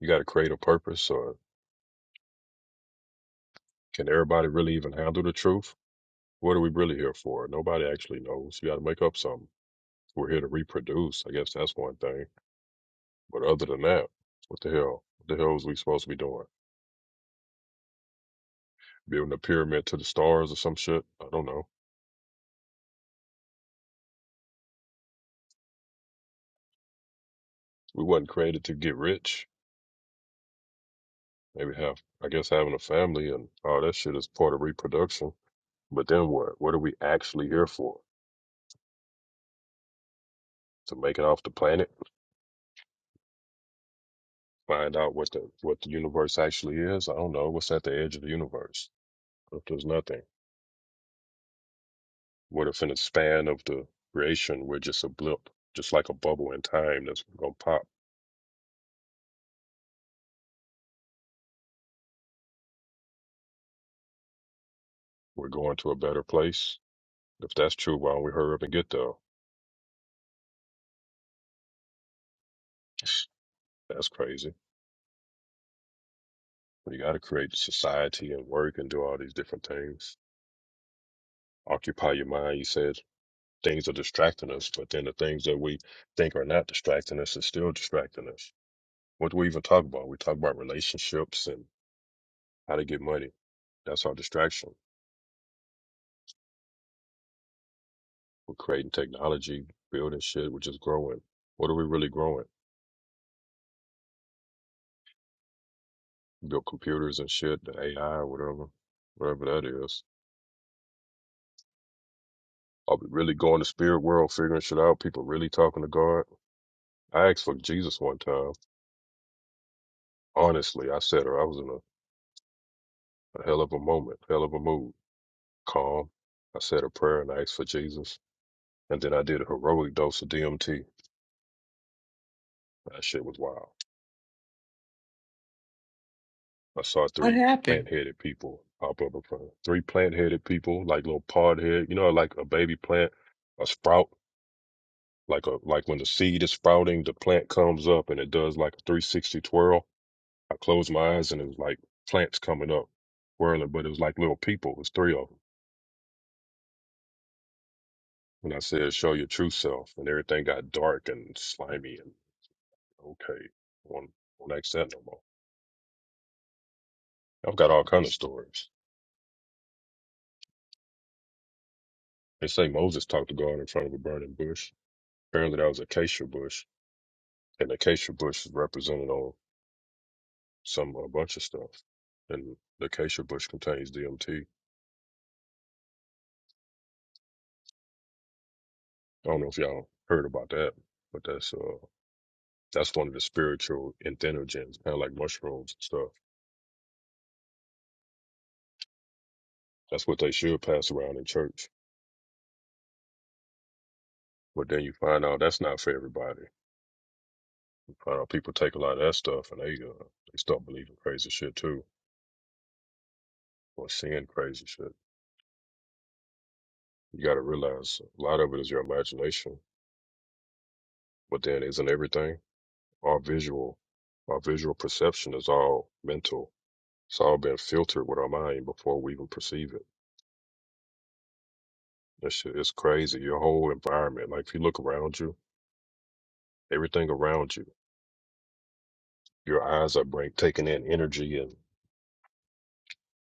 [SPEAKER 18] You got to create a purpose, or can everybody really even handle the truth? What are we really here for? Nobody actually knows. You got to make up something. We're here to reproduce. I guess that's one thing. But other than that, what the hell? What the hell is we supposed to be doing? Building a pyramid to the stars or some shit? I don't know. We wasn't created to get rich. Maybe have, I guess, having a family and all that shit is part of reproduction. But then what? What are we actually here for? To make it off the planet? Find out what the what the universe actually is. I don't know what's at the edge of the universe. What If there's nothing, what if in the span of the creation we're just a blip, just like a bubble in time that's gonna pop? We're going to a better place. If that's true, why don't we hurry up and get there? That's crazy. Well, You got to create society and work and do all these different things. Occupy your mind. You said things are distracting us, but then the things that we think are not distracting us is still distracting us. What do we even talk about? We talk about relationships and. how to get money. That's our distraction. We're creating technology, building shit, which is growing. What are we really growing? Build computers and shit, the AI or whatever, whatever that is. Are we really going to spirit world, figuring shit out? People really talking to God? I asked for Jesus one time. Honestly, I said her, I was in a, a hell of a moment, hell of a mood, calm. I said a prayer and I asked for Jesus. And then I did a heroic dose of DMT. That shit was wild. I saw
[SPEAKER 3] What
[SPEAKER 18] three
[SPEAKER 3] happened?
[SPEAKER 18] plant headed people pop up in front. of Three plant headed people, like little pod head, you know, like a baby plant, a sprout, like a like when the seed is sprouting, the plant comes up and it does like a three sixty twirl. I closed my eyes and it was like plants coming up, whirling, but it was like little people. It was three of them. And I said, "Show your true self," and everything got dark and slimy and okay. Won't won't ask that no more. I've got all kind of stories. They say Moses talked to God in front of a burning bush. Apparently, that was acacia bush and the acacia bush is represented on some a bunch of stuff. And the acacia bush contains DMT. I don't know if y'all heard about that, but that's uh that's one of the spiritual entheogens, kind of like mushrooms and stuff. That's what they should pass around in church. But then you find out that's not for everybody. You find out people take a lot of that stuff and they uh, they start believing crazy shit too, or seeing crazy shit. You got to realize a lot of it is your imagination. But then isn't everything? Our visual, our visual perception is all mental. It's all been filtered with our mind before we even perceive it. That shit is crazy. Your whole environment, like if you look around you, everything around you, your eyes are break, taking in energy and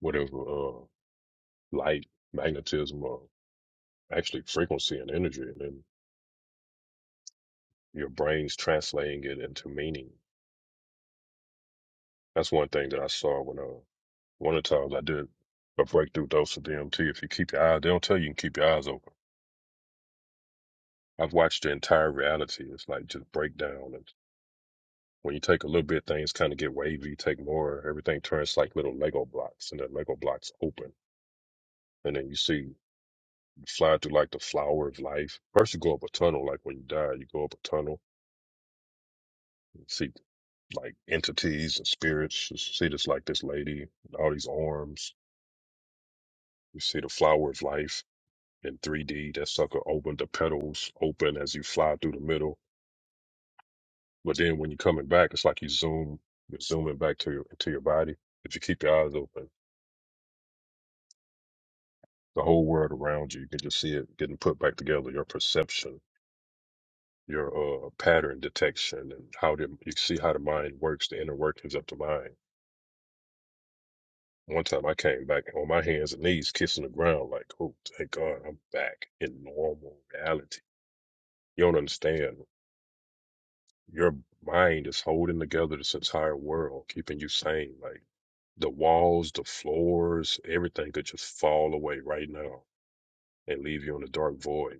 [SPEAKER 18] whatever uh, light, magnetism, or actually frequency and energy, and then your brain's translating it into meaning. That's one thing that I saw when uh, one of the times I did a breakthrough dose of DMT. If you keep your eyes, they don't tell you you can keep your eyes open. I've watched the entire reality. It's like just breakdown. And when you take a little bit, things kind of get wavy. You take more, everything turns like little Lego blocks, and the Lego blocks open. And then you see you fly through like the flower of life. First, you go up a tunnel. Like when you die, you go up a tunnel. You see like entities and spirits. You see this like this lady, and all these arms. You see the flower of life in 3D. That sucker opened the petals open as you fly through the middle But then when you're coming back, it's like you zoom, you're zooming back to your to your body. If you keep your eyes open, the whole world around you, you can just see it getting put back together. Your perception, your uh, pattern detection, and how the, you see how the mind works, the inner workings of the mind. One time I came back on my hands and knees, kissing the ground, like, oh, thank God, I'm back in normal reality. You don't understand. Your mind is holding together this entire world, keeping you sane. Like The walls, the floors, everything could just fall away right now and leave you in a dark void.